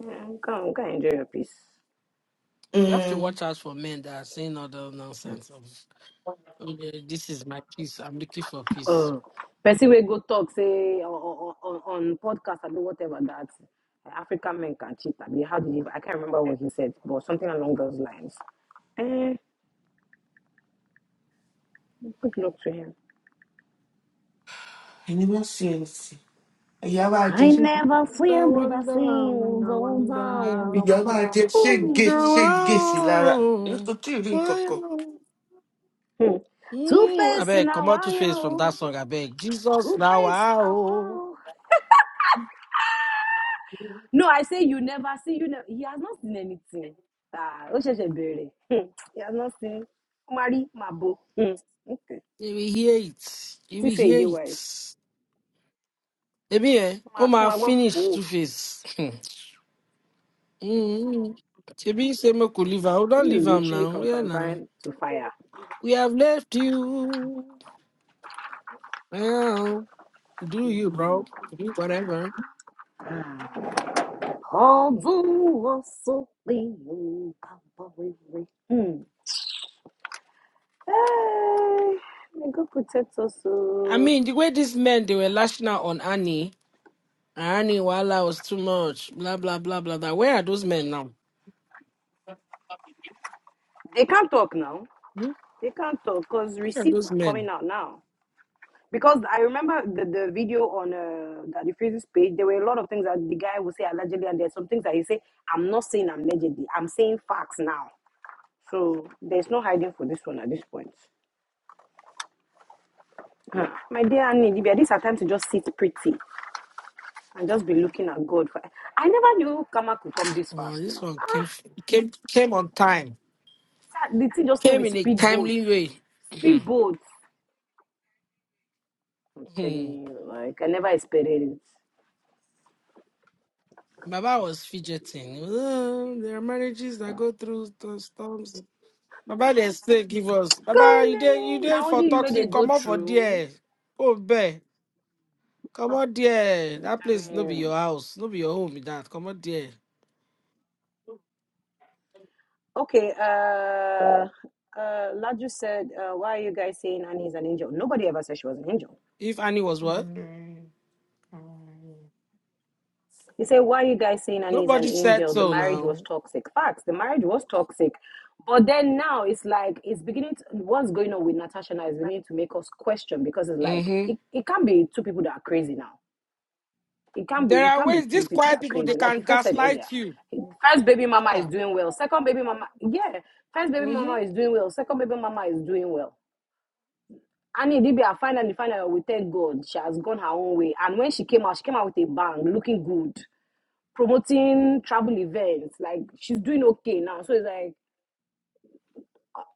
Speaker 4: Mm, Come, come enjoy your peace.
Speaker 5: You have to
Speaker 1: Mm.
Speaker 5: watch out for men that are saying all the nonsense of "Oh, yeah, this is my peace. I'm looking for peace.
Speaker 4: Oh, person will go talk say on, on, on podcast or whatever that African men can cheat. I mean, how did he? I can't remember what he said, but something along those lines. Eh, good luck to him.
Speaker 1: ẹni má ṣe ẹsì ìyá máa jẹ
Speaker 4: I
Speaker 1: ṣé-
Speaker 4: never feel,
Speaker 5: Wonder,
Speaker 4: never
Speaker 5: wonder,
Speaker 4: seen. Unza,
Speaker 5: wonder, wonder.
Speaker 1: ìyá máa jẹ ṣége
Speaker 5: No,
Speaker 1: ṣége sí lára èmi
Speaker 5: wow.
Speaker 1: kò tí ì rí nǹkan kan.
Speaker 4: Hmm. Two
Speaker 5: Mm, I
Speaker 4: face
Speaker 5: beg, come
Speaker 4: now,
Speaker 5: out
Speaker 4: I
Speaker 5: to face from
Speaker 4: am.
Speaker 5: that song. I beg, Jesus
Speaker 4: Two
Speaker 5: now,
Speaker 4: face
Speaker 5: wow.
Speaker 4: now, No, I say you never see. You never. He has not seen anything. Ah, ó ṣẹ̀ṣẹ̀ bẹ̀rẹ̀. Hmm. He has not seen. Ó Mabo. Hmm. Okay.
Speaker 5: You will hear it. You will
Speaker 4: Sísè
Speaker 5: hear
Speaker 4: ìdè wise.
Speaker 5: it. Ebi, eh?
Speaker 4: Ó
Speaker 5: Oh
Speaker 4: Ma, ó
Speaker 5: my,
Speaker 4: máa gbọ́
Speaker 5: finish to face. Mm. Ebi say me could leave am. We
Speaker 4: This
Speaker 5: don't
Speaker 4: is
Speaker 5: leave am
Speaker 4: literally
Speaker 5: now.
Speaker 4: from
Speaker 5: Yeah,
Speaker 4: frying
Speaker 5: now
Speaker 4: to fire.
Speaker 5: we have left you. Well, do you, bro? Do whatever.
Speaker 4: Ah. Ọ̀bùn wọn sọ Hmm. Hey, may God protect us.
Speaker 5: I
Speaker 4: oh.
Speaker 5: mean, the way these men they were lashing out on Annie. Irony Wala was too much. Blah blah blah blah blah. Where are those men now?
Speaker 4: They can't talk now.
Speaker 5: Hmm?
Speaker 4: They can't talk because
Speaker 5: Where are
Speaker 4: receipts
Speaker 5: those
Speaker 4: are coming
Speaker 5: men?
Speaker 4: out now. Because I remember the, the video on uh, Daddy Freeze's page, there were a lot of things that the guy would say allegedly, and there's some things that he say, I'm not saying allegedly, I'm saying facts now. So there's no hiding for this one at this point. Huh. My dear Annie, Libya, these are times to just sit pretty and just be looking at God. For I never knew Kama could come this
Speaker 5: Come
Speaker 4: fast,
Speaker 5: on, this
Speaker 4: though.
Speaker 5: one came
Speaker 4: Ah,
Speaker 5: f- came came on time.
Speaker 4: the thing just came
Speaker 5: Came
Speaker 4: with
Speaker 5: in a
Speaker 4: speedboats.
Speaker 5: timely way.
Speaker 4: Speedboats. I'm
Speaker 5: Hmm.
Speaker 4: telling you, like, I never expected it.
Speaker 5: Baba was fidgeting. "Oh, there are marriages that go through st- storms. Baba they still give us. Baba,
Speaker 4: Gone,
Speaker 5: you there you
Speaker 4: eh,
Speaker 5: there
Speaker 4: now
Speaker 5: for
Speaker 4: only you where they
Speaker 5: toxic.
Speaker 4: go
Speaker 5: Come on for
Speaker 4: through.
Speaker 5: there. Oh bear. Come on there.
Speaker 4: I'm
Speaker 5: That place
Speaker 4: telling
Speaker 5: no be
Speaker 4: you.
Speaker 5: your house. No be your home be that. Come on there.
Speaker 4: Okay, uh, uh, Laju said, uh, Why are you guys saying Annie's an angel? Nobody ever said she was an angel.
Speaker 5: If Annie was what?
Speaker 4: He said, Why are you guys saying Annie's an
Speaker 5: Nobody said
Speaker 4: angel? The
Speaker 5: so
Speaker 4: marriage was
Speaker 5: now.
Speaker 4: toxic. Facts, the marriage was toxic. But then now it's like, it's beginning to, what's going on with Natasha now is beginning to make us question because it's like,
Speaker 5: Mm-hmm.
Speaker 4: it, it can't be two people that are crazy now. It can't be,
Speaker 5: There
Speaker 4: it
Speaker 5: are
Speaker 4: can't be
Speaker 5: ways
Speaker 4: two
Speaker 5: these
Speaker 4: people
Speaker 5: quiet
Speaker 4: that are
Speaker 5: people
Speaker 4: crazy.
Speaker 5: they
Speaker 4: Like
Speaker 5: can
Speaker 4: if I said
Speaker 5: gaslight
Speaker 4: earlier,
Speaker 5: you.
Speaker 4: first baby mama is
Speaker 5: Yeah.
Speaker 4: doing well, second baby mama, yeah, first baby mama
Speaker 5: hmm
Speaker 4: is doing well, second baby mama is doing well Annie Dibia finally, finally, we thank God she has gone her own way. And when she came out, she came out with a bang, looking good, promoting travel events. Like she's doing okay now. So it's like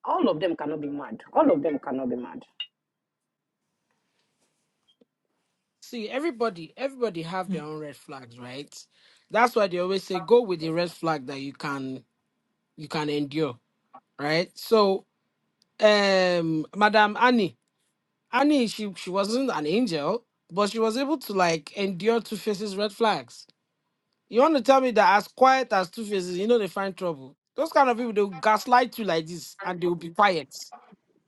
Speaker 4: all of them cannot be mad. All of them cannot be mad.
Speaker 5: See, everybody, everybody have their own red flags, right? That's why they always say go with the red flag that you can you can endure, right? So, um, Madam Annie, Annie, she she wasn't an angel, but she was able to like endure Two Faces red flags. You want to tell me that as quiet as Two Faces, you know they find trouble. Those kind of people they will gaslight you like this, and they will be quiet.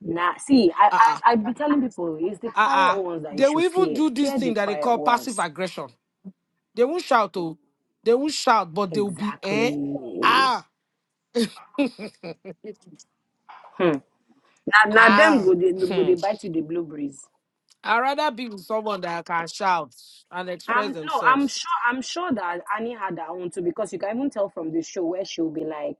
Speaker 4: Nah, see, I,
Speaker 5: Uh-uh.
Speaker 4: I I be telling people it's the quiet
Speaker 5: uh-uh.
Speaker 4: ones that you
Speaker 5: They will
Speaker 4: should
Speaker 5: even
Speaker 4: fear.
Speaker 5: do this
Speaker 4: Fear the
Speaker 5: thing that they
Speaker 4: quiet
Speaker 5: call passive
Speaker 4: ones.
Speaker 5: aggression. They won't shout, oh, they won't shout, but they will be eh,
Speaker 4: Exactly.
Speaker 5: ah,
Speaker 4: Hmm. Now, now them
Speaker 5: ah.
Speaker 4: go they go they
Speaker 5: Hmm.
Speaker 4: bite you the blueberries.
Speaker 5: I'd rather be with someone that can shout and
Speaker 4: I'm
Speaker 5: express
Speaker 4: no, I'm
Speaker 5: themselves.
Speaker 4: sure I'm sure that Annie had her own too, because you can even tell from the show where she'll be like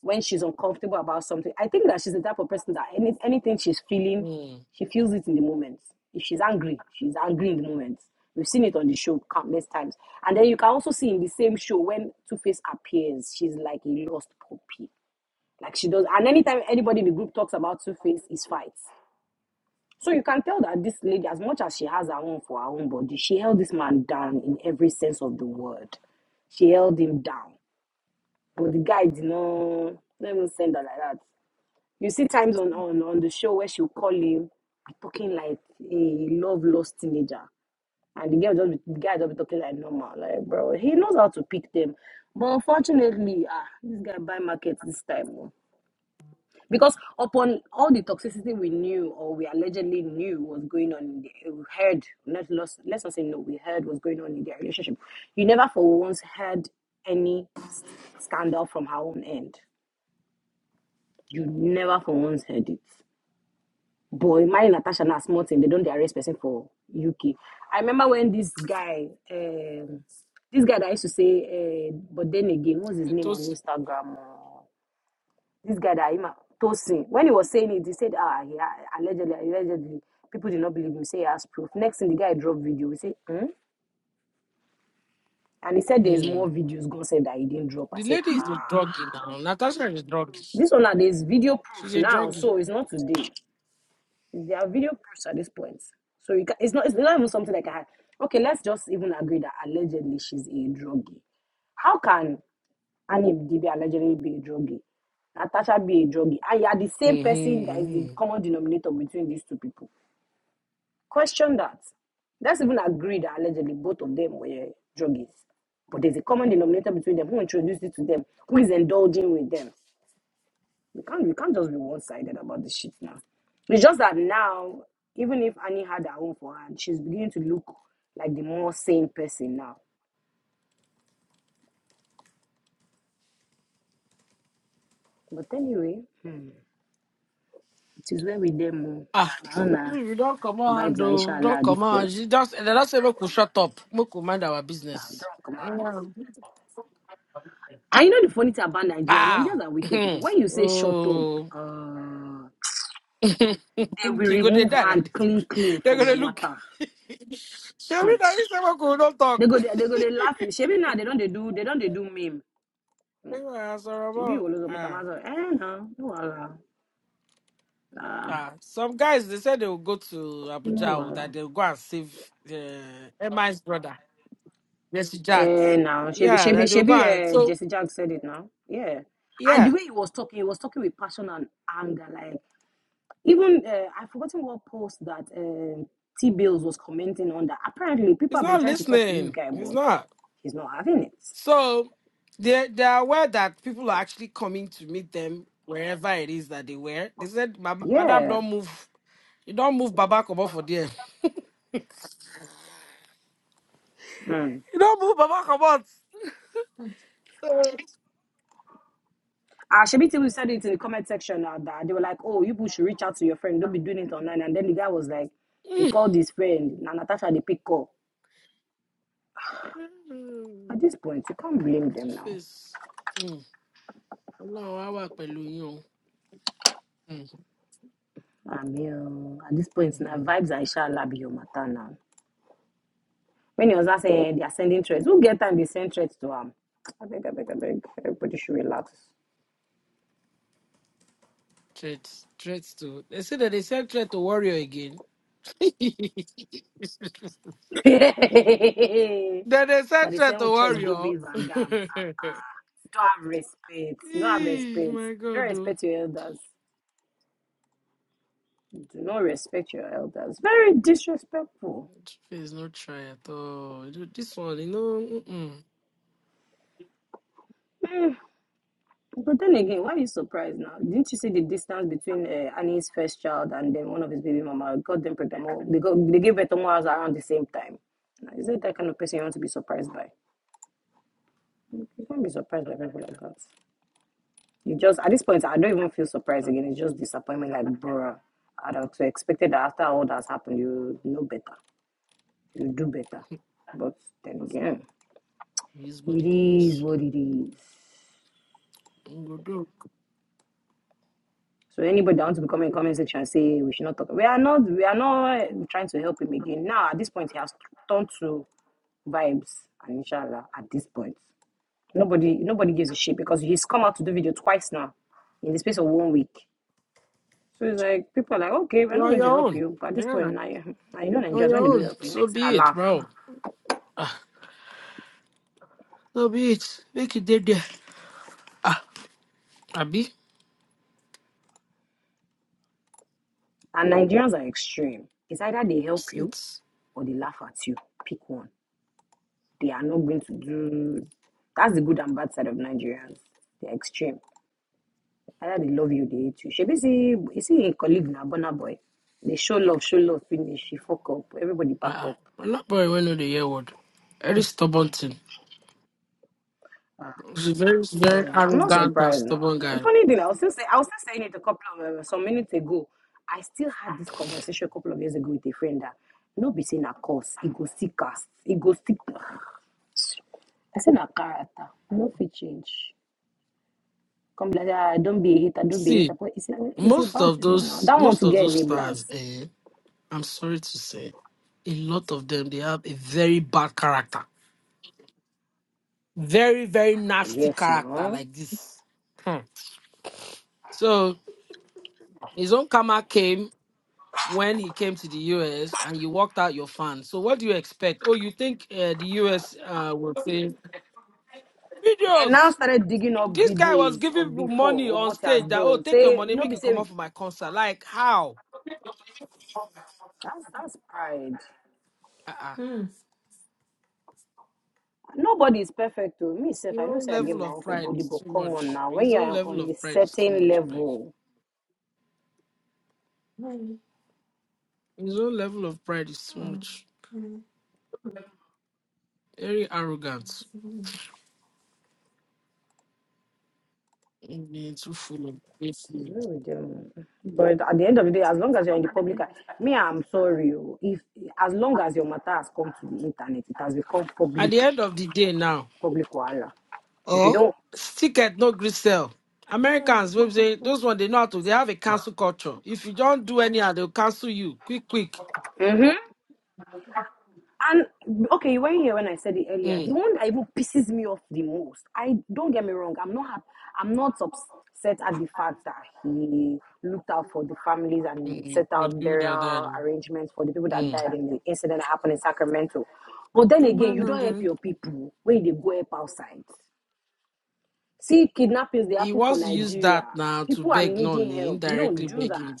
Speaker 4: when she's uncomfortable about something. I think that she's the type of person that any, anything she's feeling,
Speaker 5: Hmm.
Speaker 4: she feels it in the moment. If she's angry, she's angry in the moment. We've seen it on the show countless times. And then you can also see in the same show when Two Face appears, she's like a lost puppy. Like she does and anytime anybody in the group talks about Two Face, it's fights. So you can tell that this lady, as much as she has her own for her own body, she held this man down in every sense of the word. She held him down. But the guy did not let me send her like that. You see times on, on, on the show where she'll call him talking like a love lost teenager. And the girl just be- the guy just be talking like normal. Like bro, he knows how to pick them. But unfortunately, ah, this guy buy market this time. oh. Because upon all the toxicity we knew or we allegedly knew was going on, in the, we heard, not lost, let's not say no, we heard was going on in their relationship. You never for once heard any scandal from her own end. You never for once heard it. Boy, my Natasha now small thing, they don't arrest person for UK. I remember when this guy, um, this guy that I used to say, uh, but then again, what's his name on
Speaker 5: Etosi.
Speaker 4: Instagram? Uh, This guy that Ima Tosin, when he was saying it, he said, ah, he ah, allegedly, allegedly, people did not believe him. Say he has proof. Next thing, the guy dropped video. We say, hmm? And he said there's
Speaker 5: Hmm.
Speaker 4: more videos. God said that he didn't drop. I
Speaker 5: The
Speaker 4: say,
Speaker 5: lady is a
Speaker 4: ah.
Speaker 5: druggie now. Natasha is a druggie.
Speaker 4: This one, now, there's video
Speaker 5: She's
Speaker 4: proof
Speaker 5: a
Speaker 4: now,
Speaker 5: druggie.
Speaker 4: so it's not today. There are video proofs at this point. So you can, it's, not, it's not even something like I had. Okay, let's just even agree that allegedly she's a druggie. How can Annie if Dibi allegedly be a druggie, Natasha be a druggie, and you are the same
Speaker 5: Mm-hmm,
Speaker 4: person that is the
Speaker 5: mm-hmm.
Speaker 4: common denominator between these two people. Question that. Let's even agree that allegedly both of them were druggies. But there's a common denominator between them. Who introduced it to them? Who is indulging with them? You can't, you can't just be one sided about this shit now. It's just that now, even if Annie had her own for her, she's beginning to look like the more sane person now. But anyway, hmm, it is where we demo.
Speaker 5: Ah, if
Speaker 4: Maana.
Speaker 5: you don't come on,
Speaker 4: Vibes
Speaker 5: hand,
Speaker 4: are
Speaker 5: oh,
Speaker 4: inshallah
Speaker 5: don't
Speaker 4: at
Speaker 5: come
Speaker 4: this
Speaker 5: on.
Speaker 4: point.
Speaker 5: She just, and don't say, we could shut up. We could mind our
Speaker 4: Ah,
Speaker 5: business.
Speaker 4: Drunk man. And you know the funny thing about Nigerians,
Speaker 5: Ah.
Speaker 4: Nigerians are wicked people. When you say shut up,
Speaker 5: oh.
Speaker 4: uh, they will
Speaker 5: you go dey
Speaker 4: remove
Speaker 5: die like
Speaker 4: hand
Speaker 5: this.
Speaker 4: clean clean
Speaker 5: They're
Speaker 4: from your
Speaker 5: gonna look.
Speaker 4: matter. Hmm.
Speaker 5: Shabby now is never could not
Speaker 4: They
Speaker 5: talk.
Speaker 4: go they, they go they laugh you. Shebi now they don't they do they don't they do meme. Hmm.
Speaker 5: Ah, sorry
Speaker 4: Shebi
Speaker 5: about-
Speaker 4: will also become
Speaker 5: Ah,
Speaker 4: as eh no no wala ah
Speaker 5: ah. Some guys they said they will go to
Speaker 4: no
Speaker 5: Abuja or
Speaker 4: wala
Speaker 5: that they'll go and save uh, Emma's brother, Jesse
Speaker 4: eh
Speaker 5: Jacks.
Speaker 4: now Shebi
Speaker 5: Yeah,
Speaker 4: Shebi
Speaker 5: that they'll go and
Speaker 4: Shebi uh,
Speaker 5: so
Speaker 4: Jesse Jack said it now yeah and the
Speaker 5: yeah,
Speaker 4: way he was talking he was talking with passion and anger like Even uh, I've forgotten what post that um T Bills was commenting on that. Apparently, people
Speaker 5: he's
Speaker 4: have been
Speaker 5: not
Speaker 4: trying to talk to this
Speaker 5: listening.
Speaker 4: guy,
Speaker 5: He's
Speaker 4: but
Speaker 5: not.
Speaker 4: he's not having it.
Speaker 5: So they they are aware that people are actually coming to meet them wherever it is that they were. They said, "Ma- Madam,
Speaker 4: Yeah.
Speaker 5: don't move. You don't move Baba Kobo for there.
Speaker 4: Mm.
Speaker 5: You don't move Baba Kobo.
Speaker 4: Uh, Shabiti, we said it in the comment section uh, that they were like, oh, you people should reach out to your friend. Don't be doing it online. And then the guy was like, he called his friend. Now, Natasha, the pick call. At this point, you can't blame
Speaker 5: Two
Speaker 4: them now.
Speaker 5: face. Ọlọ́run á wà pẹ̀lú yín o. Mm,
Speaker 4: I mean, uh, at this point, now
Speaker 5: mhm.
Speaker 4: vibes are inshallah be your matter now. When he was not saying they are sending threats, who get time they send threats to him? I beg, I beg, I beg. Everybody should relax.
Speaker 5: Threat threat to they say that they sent threat to warrior again.
Speaker 4: that
Speaker 5: then they sent
Speaker 4: the
Speaker 5: threat
Speaker 4: same
Speaker 5: to
Speaker 4: with trust go
Speaker 5: warrior.
Speaker 4: be Van Damme. Uh-uh. Don't have respect. No have
Speaker 5: Eh,
Speaker 4: respect.
Speaker 5: my
Speaker 4: Don't
Speaker 5: God. oh.
Speaker 4: respect your elders. Do not respect your elders. Very disrespectful.
Speaker 5: Face no try at all. You- This one, you know, mm-mm.
Speaker 4: But then again, why are you surprised now? Didn't you see the distance between uh, Annie's first child and then one of his baby mama God them pregnant? Well, They got they gave birth almost around the same time. Is that that kind of person you want to be surprised by? You can't be surprised by people like that. You just at this point, I don't even feel surprised again. It's just disappointment. Like, bruh, I'd have expected that after all that's happened, you know better, you do better. But then again,
Speaker 5: It is what
Speaker 4: it
Speaker 5: it
Speaker 4: is
Speaker 5: is.
Speaker 4: what it is.
Speaker 5: You go do.
Speaker 4: So anybody that wants to become a comment section and say we should not talk, we are not, we are not trying to help him again. Now at this point, he has turned to vibes and inshallah at this point. Nobody nobody gives a shit because he's come out to do video twice now in the space of one week. So it's like people are like, okay, we're
Speaker 5: You're
Speaker 4: not
Speaker 5: on
Speaker 4: going
Speaker 5: your
Speaker 4: to help
Speaker 5: own.
Speaker 4: you. But at this point,
Speaker 5: Yeah,
Speaker 4: now you now you know
Speaker 5: you're on
Speaker 4: Nigerians
Speaker 5: your
Speaker 4: when they do
Speaker 5: own.
Speaker 4: help you.
Speaker 5: So
Speaker 4: Next thing I
Speaker 5: be it,
Speaker 4: laugh.
Speaker 5: bro. Ah, so be it. Make it dead there. Ah, Abi,
Speaker 4: And Nigerians are extreme. It's either they help
Speaker 5: that's
Speaker 4: you
Speaker 5: it.
Speaker 4: or they laugh at you. Pick one. They are not going to do. That's the good and bad side of Nigerians. They're extreme. Either they love you, they hate you. She be see, you see a colleague now, Burna boy. They show love, show love, finish. She fuck up. Everybody back
Speaker 5: Ah, uh-uh.
Speaker 4: up.
Speaker 5: I'm not boy when the year word. Very stubborn thing.
Speaker 4: Ah.
Speaker 5: He's a very, very
Speaker 4: Oh, I'm not
Speaker 5: arrogant and
Speaker 4: surprised now.
Speaker 5: stubborn
Speaker 4: The
Speaker 5: guy.
Speaker 4: funny thing, I was still say, I was still saying it a couple of uh, some minutes ago. I still had this conversation a couple of years ago with a friend that no be saying a course, it go see cast, it go see. I said a character, e no fit change. Come like ah, don't be a hater, don't be a hater.
Speaker 5: See,
Speaker 4: But it's a, it's a
Speaker 5: most
Speaker 4: bad
Speaker 5: of
Speaker 4: thing now.
Speaker 5: those,
Speaker 4: That one
Speaker 5: most
Speaker 4: to
Speaker 5: of
Speaker 4: get
Speaker 5: those
Speaker 4: enablers.
Speaker 5: stars, eh? I'm sorry to say, a lot of them they have a very bad character. Very, very nasty
Speaker 4: Yes,
Speaker 5: character
Speaker 4: now.
Speaker 5: like this. Hmm. So his own karma came when he came to the US and you walked out your fans. So what do you expect? Oh, you think uh, the US uh, will say
Speaker 4: They now
Speaker 5: videos?
Speaker 4: started digging up
Speaker 5: This guy was
Speaker 4: videos
Speaker 5: giving
Speaker 4: of
Speaker 5: people money
Speaker 4: before of
Speaker 5: on
Speaker 4: what he has
Speaker 5: stage that oh
Speaker 4: done.
Speaker 5: take your
Speaker 4: Say
Speaker 5: money
Speaker 4: no
Speaker 5: make
Speaker 4: be
Speaker 5: you come
Speaker 4: say
Speaker 5: out for my concert. Like how?
Speaker 4: that's that's pride.
Speaker 5: Uh-uh.
Speaker 4: Nobody is perfect to me. Self, I
Speaker 5: Your
Speaker 4: know
Speaker 5: own
Speaker 4: say I get
Speaker 5: level
Speaker 4: my
Speaker 5: of
Speaker 4: own for
Speaker 5: pride
Speaker 4: body,
Speaker 5: is
Speaker 4: but
Speaker 5: too
Speaker 4: come on
Speaker 5: much.
Speaker 4: now. When
Speaker 5: His
Speaker 4: you
Speaker 5: own
Speaker 4: are
Speaker 5: level
Speaker 4: on a
Speaker 5: of pride is too
Speaker 4: certain
Speaker 5: much. Like
Speaker 4: level,
Speaker 5: his own level of pride is too much. Very arrogant. Mm, Too full
Speaker 4: it is
Speaker 5: of.
Speaker 4: well with them. But at the end of the day, as long as you're in the public, eye- me, I'm sorry. oh, If as long as your matter has come to the internet, it has become
Speaker 5: At the
Speaker 4: public,
Speaker 5: end of the day now,
Speaker 4: public wahala. If you
Speaker 5: oh,
Speaker 4: don't,
Speaker 5: ticket no gree sell. Americans, we say those one they know how to. They have a cancel culture. If you don't do any, ah, they'll cancel you quick, quick.
Speaker 4: Mhm. And okay, you were here when I said it earlier. The
Speaker 5: Mm.
Speaker 4: one that even pisses me off the most. I don't get me wrong. I'm not happy. I'm not upset at the fact that he looked out for the families and
Speaker 5: Mm.
Speaker 4: set
Speaker 5: But
Speaker 4: out
Speaker 5: you that
Speaker 4: burial
Speaker 5: then.
Speaker 4: arrangements for the people that
Speaker 5: Mm.
Speaker 4: died in the incident that happened in Sacramento. But then
Speaker 5: Don't
Speaker 4: again,
Speaker 5: mind
Speaker 4: you
Speaker 5: them,
Speaker 4: don't help
Speaker 5: Jerry.
Speaker 4: your people when they go up outside. See, kidnappings they
Speaker 5: He
Speaker 4: happen for
Speaker 5: wants to use
Speaker 4: Nigeria.
Speaker 5: that now to
Speaker 4: People are
Speaker 5: beg, no, nah,
Speaker 4: needing
Speaker 5: he
Speaker 4: help. You don't
Speaker 5: indirectly
Speaker 4: do that.
Speaker 5: begging.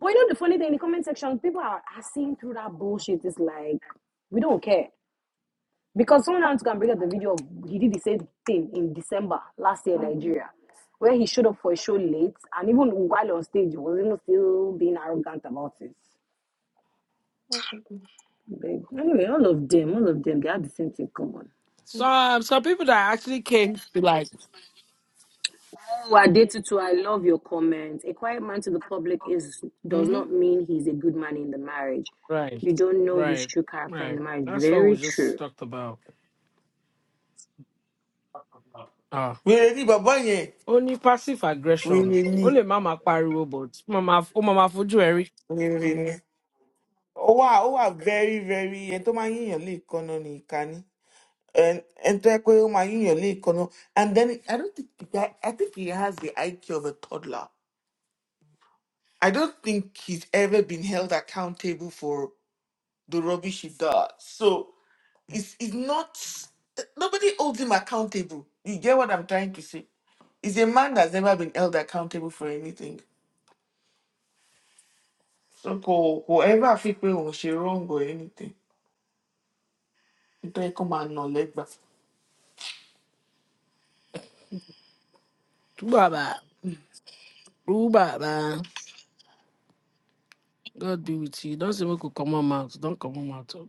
Speaker 4: But you know the funny thing in the comment section, people are, are seeing through that bullshit. It's like we don't care. Because someone else can bring up the video of he did the same thing in December last year in Nigeria, where he showed up for a show late and even while on stage he was even still being arrogant about it. Like, Anyway, all of them, all of them, they have the same thing common.
Speaker 5: So um, some people that actually came to like.
Speaker 4: Oh, Adetutu, I love your comment. A quiet man to the public is does
Speaker 5: hmm
Speaker 4: not mean he's a good man in the marriage.
Speaker 5: Right.
Speaker 4: You don't know his
Speaker 5: Right.
Speaker 4: true character in
Speaker 5: Right.
Speaker 4: the marriage.
Speaker 5: That's what we
Speaker 4: Very
Speaker 5: just
Speaker 4: true.
Speaker 5: talked about. Ah.
Speaker 1: wèrè ni bàbá yẹn
Speaker 5: ó ní passive aggression
Speaker 1: wèrè ni
Speaker 5: ó lè má máa pariwo but ó máa ó máa máa fojú ẹ rí
Speaker 1: wèrè ni ó wà ó wà very very ẹni tó máa yíyàn lè kọ́nà ní ìkànnì ẹni tó yẹ pé ó máa yíyàn lè kọ́nà and then i don't think the guy i think he has the iq of a toddler i don't think he's ever been held accountable for the rubbish he does. So it's it's not nobody holds him accountable. You get what I'm trying to say? He's a man that's never been held accountable for anything. So ko whoever I think when she wrong or anything, you tell come and knowledge back.
Speaker 5: tú bàbá rú bàbá god be with you Don't say make you comot mouth don comot mouth o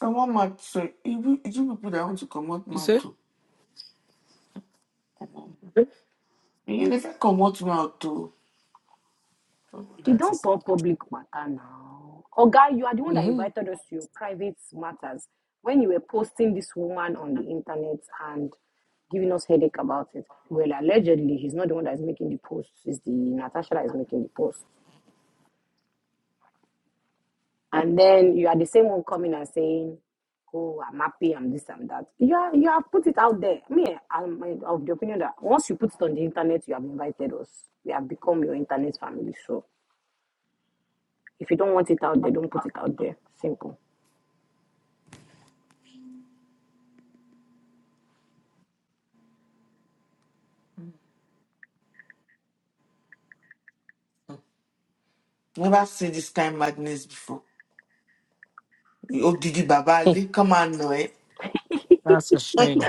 Speaker 1: I want my so even it's you people that want to come out
Speaker 5: you
Speaker 1: mouth
Speaker 5: say
Speaker 1: too. You never come out mouth too.
Speaker 4: They don't talk public matter now. Oga, you are the one that
Speaker 5: mm-hmm.
Speaker 4: invited us to your private matters when you were posting this woman on the internet and giving us headache about it. Well, allegedly, he's not the one that is making the posts. It's the Natasha that is making the posts. And then you are the same one coming and saying, "Oh, I'm happy. I'm this. I'm that." You are, you have put it out there. Me, I'm of the opinion that once you put it on the internet, you have invited us. We have become your internet family. So if you don't want it out there, don't put it out there. Simple.
Speaker 1: Never see this kind madness before. Oh, Didi Baba,
Speaker 5: Hmm,
Speaker 1: Ali, come and know it.
Speaker 5: that's a shame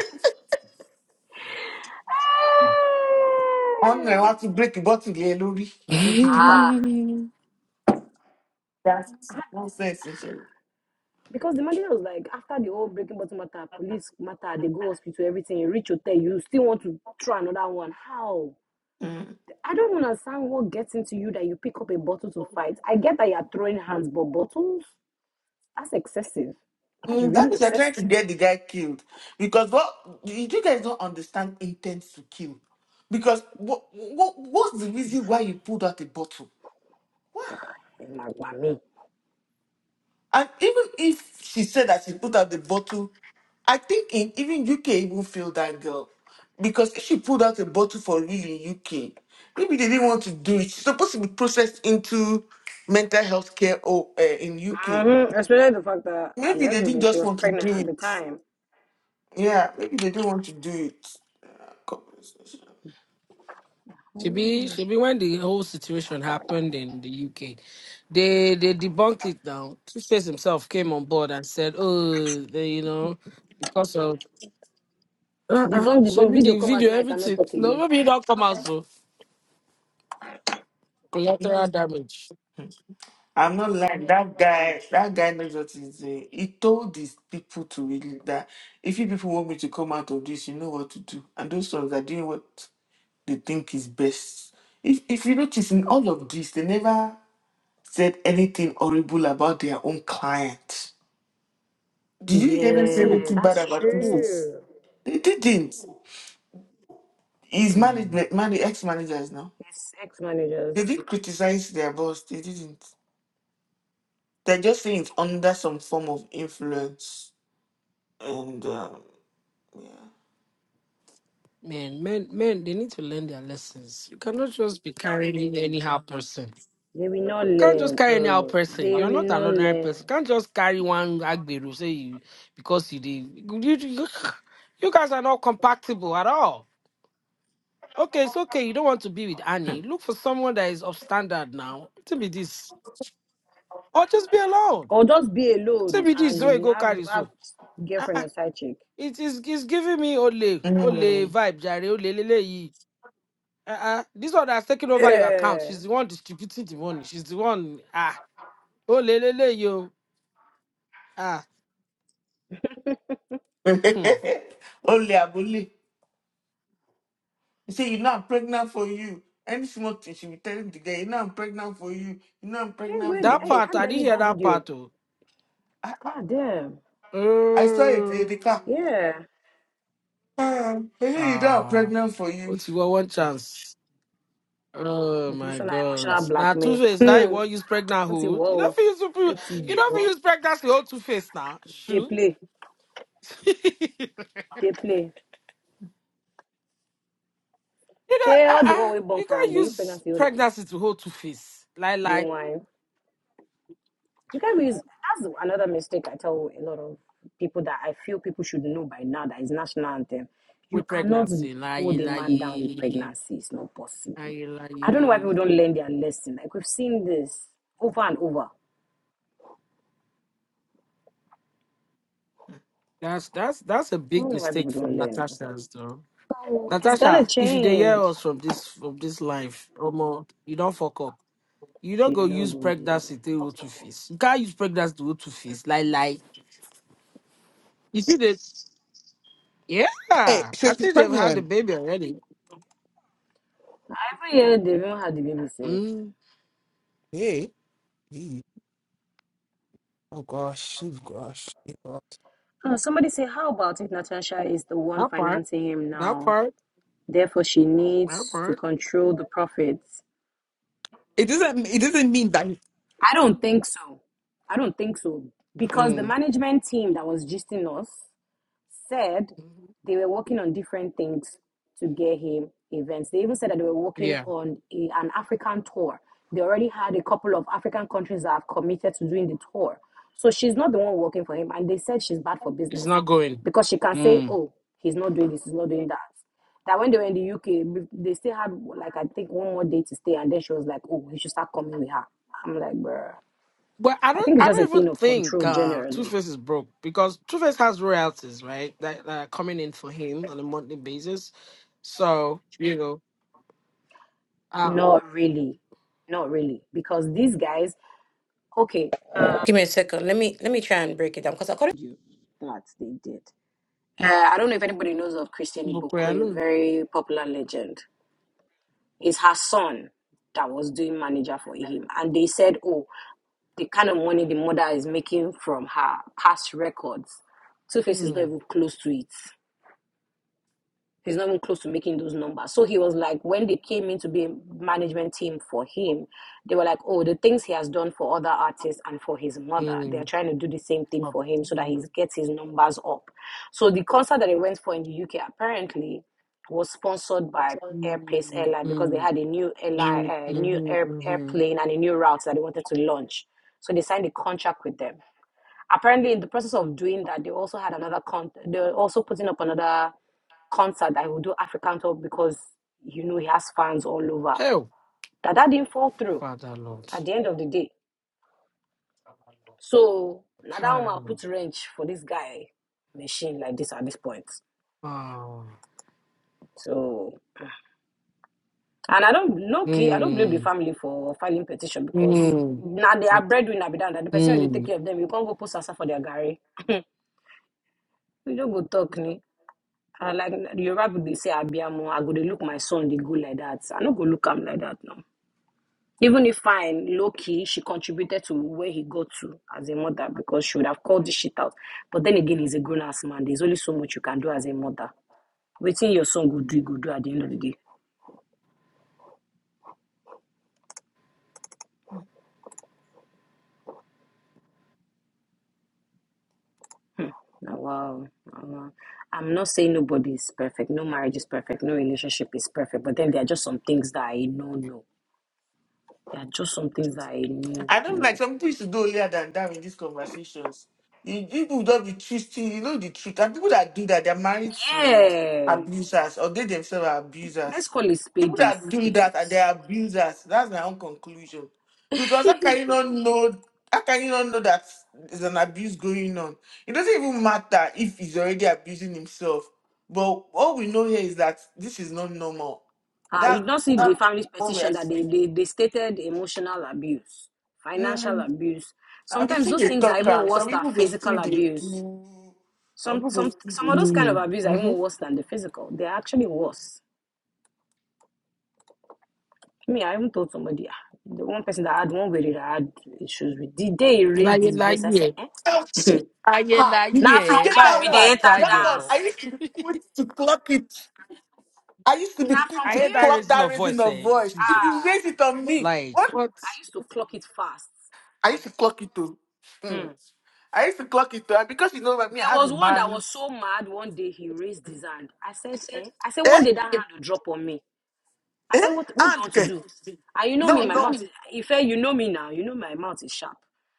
Speaker 1: On ọ̀nà ẹ̀ wá ti bírèkì bọ́tìlì ẹ lórí Didi
Speaker 4: Ah,
Speaker 1: bàbá That's nonsense and shit.
Speaker 4: Because the Mandela was like, after the whole breaking bottle matter, police matter, they go hospital, everything, you reach hotel, you still want to try another one. How?
Speaker 1: Mm.
Speaker 4: I don't understand what gets into you that you pick up a bottle to fight. I get that you're throwing hands, but bottles? That's excessive. That's
Speaker 1: Mm, that
Speaker 4: really
Speaker 1: is, you're
Speaker 4: excessive.
Speaker 1: trying to get the guy killed. Because what you you guys don't understand intent to kill. Because what, what what's the reason why you pulled out the bottle? Why?
Speaker 4: In my whammy.
Speaker 1: And even if she said that she pulled out the bottle, I think in even UK even feel that girl. Because if she pulled out a bottle for real in UK, maybe they didn't want to do it. She's supposed to be processed into mental health care or uh, in UK.
Speaker 4: Mm-hmm. Especially the fact that
Speaker 1: Maybe they didn't
Speaker 4: allegedly she
Speaker 1: just
Speaker 4: was
Speaker 1: want to
Speaker 4: pregnant
Speaker 1: do
Speaker 4: at the
Speaker 1: it.
Speaker 4: time.
Speaker 1: Yeah, maybe they don't want to do it.
Speaker 5: shebi shebi when the whole situation happened in the uk they they debunked it now two-face himself came on board and said oh they, you know because of uh-uh
Speaker 4: Debunk, debunk,
Speaker 5: shebi
Speaker 4: video
Speaker 5: the
Speaker 4: come out
Speaker 5: video
Speaker 4: now, I cannot
Speaker 5: everything
Speaker 4: talk
Speaker 5: no
Speaker 4: again.
Speaker 5: maybe e don come out so collateral damage
Speaker 1: I'm not lying. That guy, that guy knows what he's doing. He told his people to really that if you people want me to come out of this, you know what to do. And those ones are doing what they think is best. If if you notice in all of this, they never said anything horrible about their own client. Did you hear them say
Speaker 5: Who?
Speaker 4: Yeah,
Speaker 1: anything bad
Speaker 4: that's
Speaker 1: about
Speaker 5: Who?
Speaker 1: Tuface?
Speaker 4: true.
Speaker 1: They didn't. His
Speaker 5: Mm.
Speaker 1: management, man, the ex-managers now.
Speaker 4: Yes, ex-managers
Speaker 1: They didn't criticize their boss. They didn't. They are just think it's under some form of influence. And um, yeah.
Speaker 5: Man, men, men, they need to learn their lessons. You cannot just be carrying anyhow person. You
Speaker 4: they will not
Speaker 5: can't just
Speaker 4: learn
Speaker 5: carry anyhow
Speaker 4: uh
Speaker 5: person.
Speaker 4: they
Speaker 5: You're
Speaker 4: will
Speaker 5: not an
Speaker 4: not
Speaker 5: ordinary person.
Speaker 4: learn
Speaker 5: You can't just carry one agbero say you because you did. You, you, you guys are not compatible at all. Okay, it's okay. You don't want to be with Annie. Look for someone that is of standard now. To be this, or just be alone.
Speaker 4: or just be
Speaker 5: To
Speaker 4: alone
Speaker 5: be this, way
Speaker 4: and
Speaker 5: go
Speaker 4: have
Speaker 5: carry
Speaker 4: have
Speaker 5: so. Ah,
Speaker 4: girlfriend
Speaker 5: ah.
Speaker 4: or side chick
Speaker 5: It is it's giving me ole ole
Speaker 1: Mm.
Speaker 5: vibe, jare ole lele Uh-uh. This one that's taking over your account.
Speaker 4: yeah
Speaker 5: She's the one distributing the money. She's the one. Ah. Oh, lele, le yo. Ah. Hmm.
Speaker 1: Only Abuli. You see, you know I'm pregnant for you. Any small thing she will tell him the guy, you know I'm pregnant for you. You know I'm
Speaker 4: hey
Speaker 1: pregnant
Speaker 4: where
Speaker 1: for
Speaker 4: did,
Speaker 5: That
Speaker 1: you.
Speaker 4: hey how
Speaker 5: part,
Speaker 4: did
Speaker 5: I
Speaker 4: i
Speaker 5: didn't
Speaker 4: miss
Speaker 5: hear
Speaker 4: that
Speaker 5: that
Speaker 4: video
Speaker 5: part, oh.
Speaker 1: I,
Speaker 4: god damn
Speaker 1: I saw it in
Speaker 5: Mm.
Speaker 1: the car.
Speaker 4: yeah
Speaker 1: Um, you know I'm
Speaker 5: Ah.
Speaker 1: pregnant for you.
Speaker 5: What you want? One chance. Oh
Speaker 4: Hmm, this
Speaker 5: my
Speaker 4: one na
Speaker 5: God!
Speaker 4: emotional
Speaker 5: Now two
Speaker 4: blackmail
Speaker 5: face. Now you
Speaker 4: hmm
Speaker 5: want use pregnant
Speaker 4: what's it
Speaker 5: hood? You don't
Speaker 4: whoa
Speaker 5: feel use pre-
Speaker 4: what's it
Speaker 5: you don't feel
Speaker 4: whoa
Speaker 5: use pregnancy hold two face now.
Speaker 4: they
Speaker 5: Shoot.
Speaker 4: play
Speaker 5: you
Speaker 4: they play
Speaker 5: know,
Speaker 4: share all the
Speaker 5: uh-uh.
Speaker 4: one we born
Speaker 5: you
Speaker 4: for
Speaker 5: can't
Speaker 4: am they use
Speaker 5: use
Speaker 4: pregnancy hold am
Speaker 5: pregnancy to hold two face. Lie,
Speaker 4: they
Speaker 5: lie
Speaker 4: whine You can use that's another mistake I tell a lot of people that I feel people should know by now that is national anthem. You
Speaker 5: with
Speaker 4: cannot
Speaker 5: pregnancy. Lie,
Speaker 4: hold a man down with
Speaker 5: lie.
Speaker 4: pregnancy. It's not possible.
Speaker 5: Aye,
Speaker 4: I don't know why
Speaker 5: aye.
Speaker 4: people don't learn their lesson. Like we've seen this over and over. I
Speaker 5: That's that's that's a big
Speaker 4: don't know why
Speaker 5: mistake
Speaker 4: people don't
Speaker 5: from
Speaker 4: learn.
Speaker 5: Natasha's though.
Speaker 4: Oh, he's gonna
Speaker 5: Natasha, if you dey hear
Speaker 4: change.
Speaker 5: us from this from this live, Omo, you don't fuck up. You don't
Speaker 4: She
Speaker 5: go
Speaker 4: no
Speaker 5: use
Speaker 4: go here.
Speaker 5: pregnancy to go to face. You can't use pregnancy to go to face. Like like you see this?
Speaker 3: Hey,
Speaker 5: Yeah,
Speaker 3: so
Speaker 5: I
Speaker 3: she's
Speaker 5: think they've had the
Speaker 3: pregnant.
Speaker 5: baby already.
Speaker 4: Every year they even had the baby safe.
Speaker 5: Mm,
Speaker 3: Hey, hey. Oh gosh, oh gosh, oh God.
Speaker 4: Uh, somebody say, how about if Natasha is the one
Speaker 5: that part,
Speaker 4: financing him
Speaker 5: that
Speaker 4: now?
Speaker 5: part,
Speaker 4: Therefore, she
Speaker 5: that
Speaker 4: needs to
Speaker 5: part.
Speaker 4: control the profits.
Speaker 3: It doesn't. It doesn't mean that.
Speaker 4: I don't think so. I don't think so. Because the
Speaker 5: Mm.
Speaker 4: management team that was gisting us said
Speaker 5: Mhm.
Speaker 4: they were working on different things to get him events. They even said that they were working
Speaker 5: Yeah,
Speaker 4: on a, an African tour. They already had a couple of African countries that have committed to doing the tour. So she's not the one working for him. And they said she's bad for
Speaker 5: it's
Speaker 4: business
Speaker 5: not going.
Speaker 4: because she can say,
Speaker 5: Mm.
Speaker 4: oh, he's not doing this, he's not doing that. That when they were in the UK, they still had like I think one more day to stay, and then she was like, "Oh, you should start coming with her." I'm like, bruh.
Speaker 5: Well, I
Speaker 4: I
Speaker 5: don't.
Speaker 4: think it's
Speaker 5: I
Speaker 4: just a
Speaker 5: don't even
Speaker 4: thing of
Speaker 5: think
Speaker 4: control
Speaker 5: uh, Two
Speaker 4: generally.
Speaker 5: Face is broke because Two Face has royalties, right? That, that are coming in for him on a monthly basis. So you know, uh,
Speaker 4: Not really. Not really. Because these guys, okay, uh, give me a second. Let me let me try and break it down because according to that they did. Uh, I don't know if anybody knows of Christian
Speaker 5: look where I
Speaker 4: Ibokwe,
Speaker 5: live.
Speaker 4: very popular legend. It's her son that was doing manager for him. And they said, oh, the kind of money the mother is making from her past records, Two Face is not
Speaker 5: Hmm.
Speaker 4: even close to it. He's not even close to making those numbers. So he was like, when they came in to be a management team for him, they were like, oh, the things he has done for other artists and for his mother, they're
Speaker 5: Hmm.
Speaker 4: trying to do the same thing
Speaker 5: Up.
Speaker 4: for him so that
Speaker 5: Mhm.
Speaker 4: he gets his numbers up. So the concert that he went for in the UK apparently was sponsored by Airpace
Speaker 5: Mm,
Speaker 4: Airline because they
Speaker 5: mm,
Speaker 4: had a new airline,
Speaker 5: mm,
Speaker 4: a new
Speaker 5: mhm,
Speaker 4: air,
Speaker 5: mhm.
Speaker 4: airplane and a new route that they wanted to launch. So they signed a contract with them. Apparently, in the process of doing that, they also had another con. They were also putting up another concert that he would do African tour because you know he has fans all over.
Speaker 5: Hell,
Speaker 4: That that didn't fall through
Speaker 5: Father Lord,
Speaker 4: at the end of the day. So now that woman
Speaker 5: kind.
Speaker 4: put wrench for this guy machine like this at this point.
Speaker 5: Wow.
Speaker 4: So and I don't low key, I don't blame the
Speaker 5: Hmm.
Speaker 4: family for filing petition because
Speaker 5: Hmm.
Speaker 4: now they are breadwinner be done that the person who they take
Speaker 5: Hmm.
Speaker 4: care of them, you can't go post answer for their gari. you don't go talk me. I like Yoruba people they say Abiamo, I go they look my son, they go like that. I don't go look him like that now. Even if fine, low key, she contributed to where he got to as a mother because she would have called this shit out. But then again, he's a grown ass man. There's only so much you can do as a mother. Waiting your son go do, you go do at the end of the day. Now, wow, nah, wow. I'm not saying nobody is perfect. No marriage is perfect. No relationship is perfect. But then there are just some things that I know, no. There are just some things that I know,
Speaker 1: I don't like
Speaker 4: no.
Speaker 1: some people should go earlier than that in these conversations. You, people don't be twisting, you know the truth. And people that do that, they're married to
Speaker 4: Yeah.
Speaker 1: abusers or they themselves are
Speaker 4: Let's
Speaker 1: abusers.
Speaker 4: call it
Speaker 1: People
Speaker 4: spade is
Speaker 1: that do that are
Speaker 4: spade.
Speaker 1: they're abusers. That's my own conclusion. Because how can you not know how can you not know that there's an abuse going on? It doesn't even matter if he's already abusing himself. But all we know here is that this is not normal.
Speaker 4: Uh,
Speaker 1: That,
Speaker 4: you don't see the
Speaker 1: that's
Speaker 4: family's
Speaker 1: what we are
Speaker 4: petition that they,
Speaker 1: saying.
Speaker 4: they, they stated emotional abuse, financial
Speaker 1: Mm.
Speaker 4: abuse.
Speaker 1: I will
Speaker 4: Sometimes
Speaker 1: still
Speaker 4: those
Speaker 1: dey
Speaker 4: things are
Speaker 1: talk
Speaker 4: even
Speaker 1: am.
Speaker 4: worse
Speaker 1: Some
Speaker 4: than
Speaker 1: people go
Speaker 4: physical
Speaker 1: still dey
Speaker 4: abuse.
Speaker 1: do. Some
Speaker 4: Some
Speaker 1: people go
Speaker 4: some
Speaker 1: still
Speaker 4: some
Speaker 1: dey
Speaker 4: of those
Speaker 1: do.
Speaker 4: kind
Speaker 5: Hmm.
Speaker 4: of abuse
Speaker 5: hmm.
Speaker 4: are even worse than the physical. They're actually worse. Me, I even told somebody, ah, the one person that had one way that I had issues with, the day he raised
Speaker 5: láyé
Speaker 4: his
Speaker 5: láyé
Speaker 4: voice, I said,
Speaker 5: ẹ̀.
Speaker 4: eh?
Speaker 5: ayé
Speaker 1: Ah, you
Speaker 5: láyé
Speaker 4: Now
Speaker 1: you
Speaker 5: ẹ
Speaker 1: get
Speaker 5: má
Speaker 4: from club,
Speaker 5: ẹ
Speaker 1: that
Speaker 4: be
Speaker 5: bá
Speaker 1: one.
Speaker 4: they enter
Speaker 5: try
Speaker 1: That
Speaker 5: ẹ
Speaker 1: one.
Speaker 4: dance.
Speaker 5: mọ
Speaker 1: I used to be quick to clock it. I used to be
Speaker 4: Now
Speaker 1: quick
Speaker 4: from,
Speaker 5: i
Speaker 1: to
Speaker 4: eh?
Speaker 5: hear that
Speaker 1: clock
Speaker 5: raising
Speaker 1: that
Speaker 5: of
Speaker 1: raising
Speaker 5: voice
Speaker 1: of
Speaker 5: eh
Speaker 1: voice. If you
Speaker 4: Ah,
Speaker 5: jesus
Speaker 1: raise it on me,
Speaker 5: like
Speaker 1: what?
Speaker 5: what
Speaker 4: I used to clock it fast.
Speaker 1: I used to clock it too. Mm.
Speaker 4: Hmm.
Speaker 1: I used to clock it too. And because you know about me, I
Speaker 4: There
Speaker 1: have
Speaker 4: was
Speaker 1: a
Speaker 4: one that
Speaker 1: man.
Speaker 4: was so mad. One day he raised his hand. I said, eh? I said,
Speaker 1: Eh?
Speaker 4: one day that hand will drop on me. I
Speaker 1: Eh?
Speaker 4: said, what, what do you
Speaker 1: And
Speaker 4: want to
Speaker 1: okay.
Speaker 4: do? And you know me,
Speaker 1: No,
Speaker 4: my
Speaker 1: no.
Speaker 4: mouth. If you know me now, you know my mouth is sharp.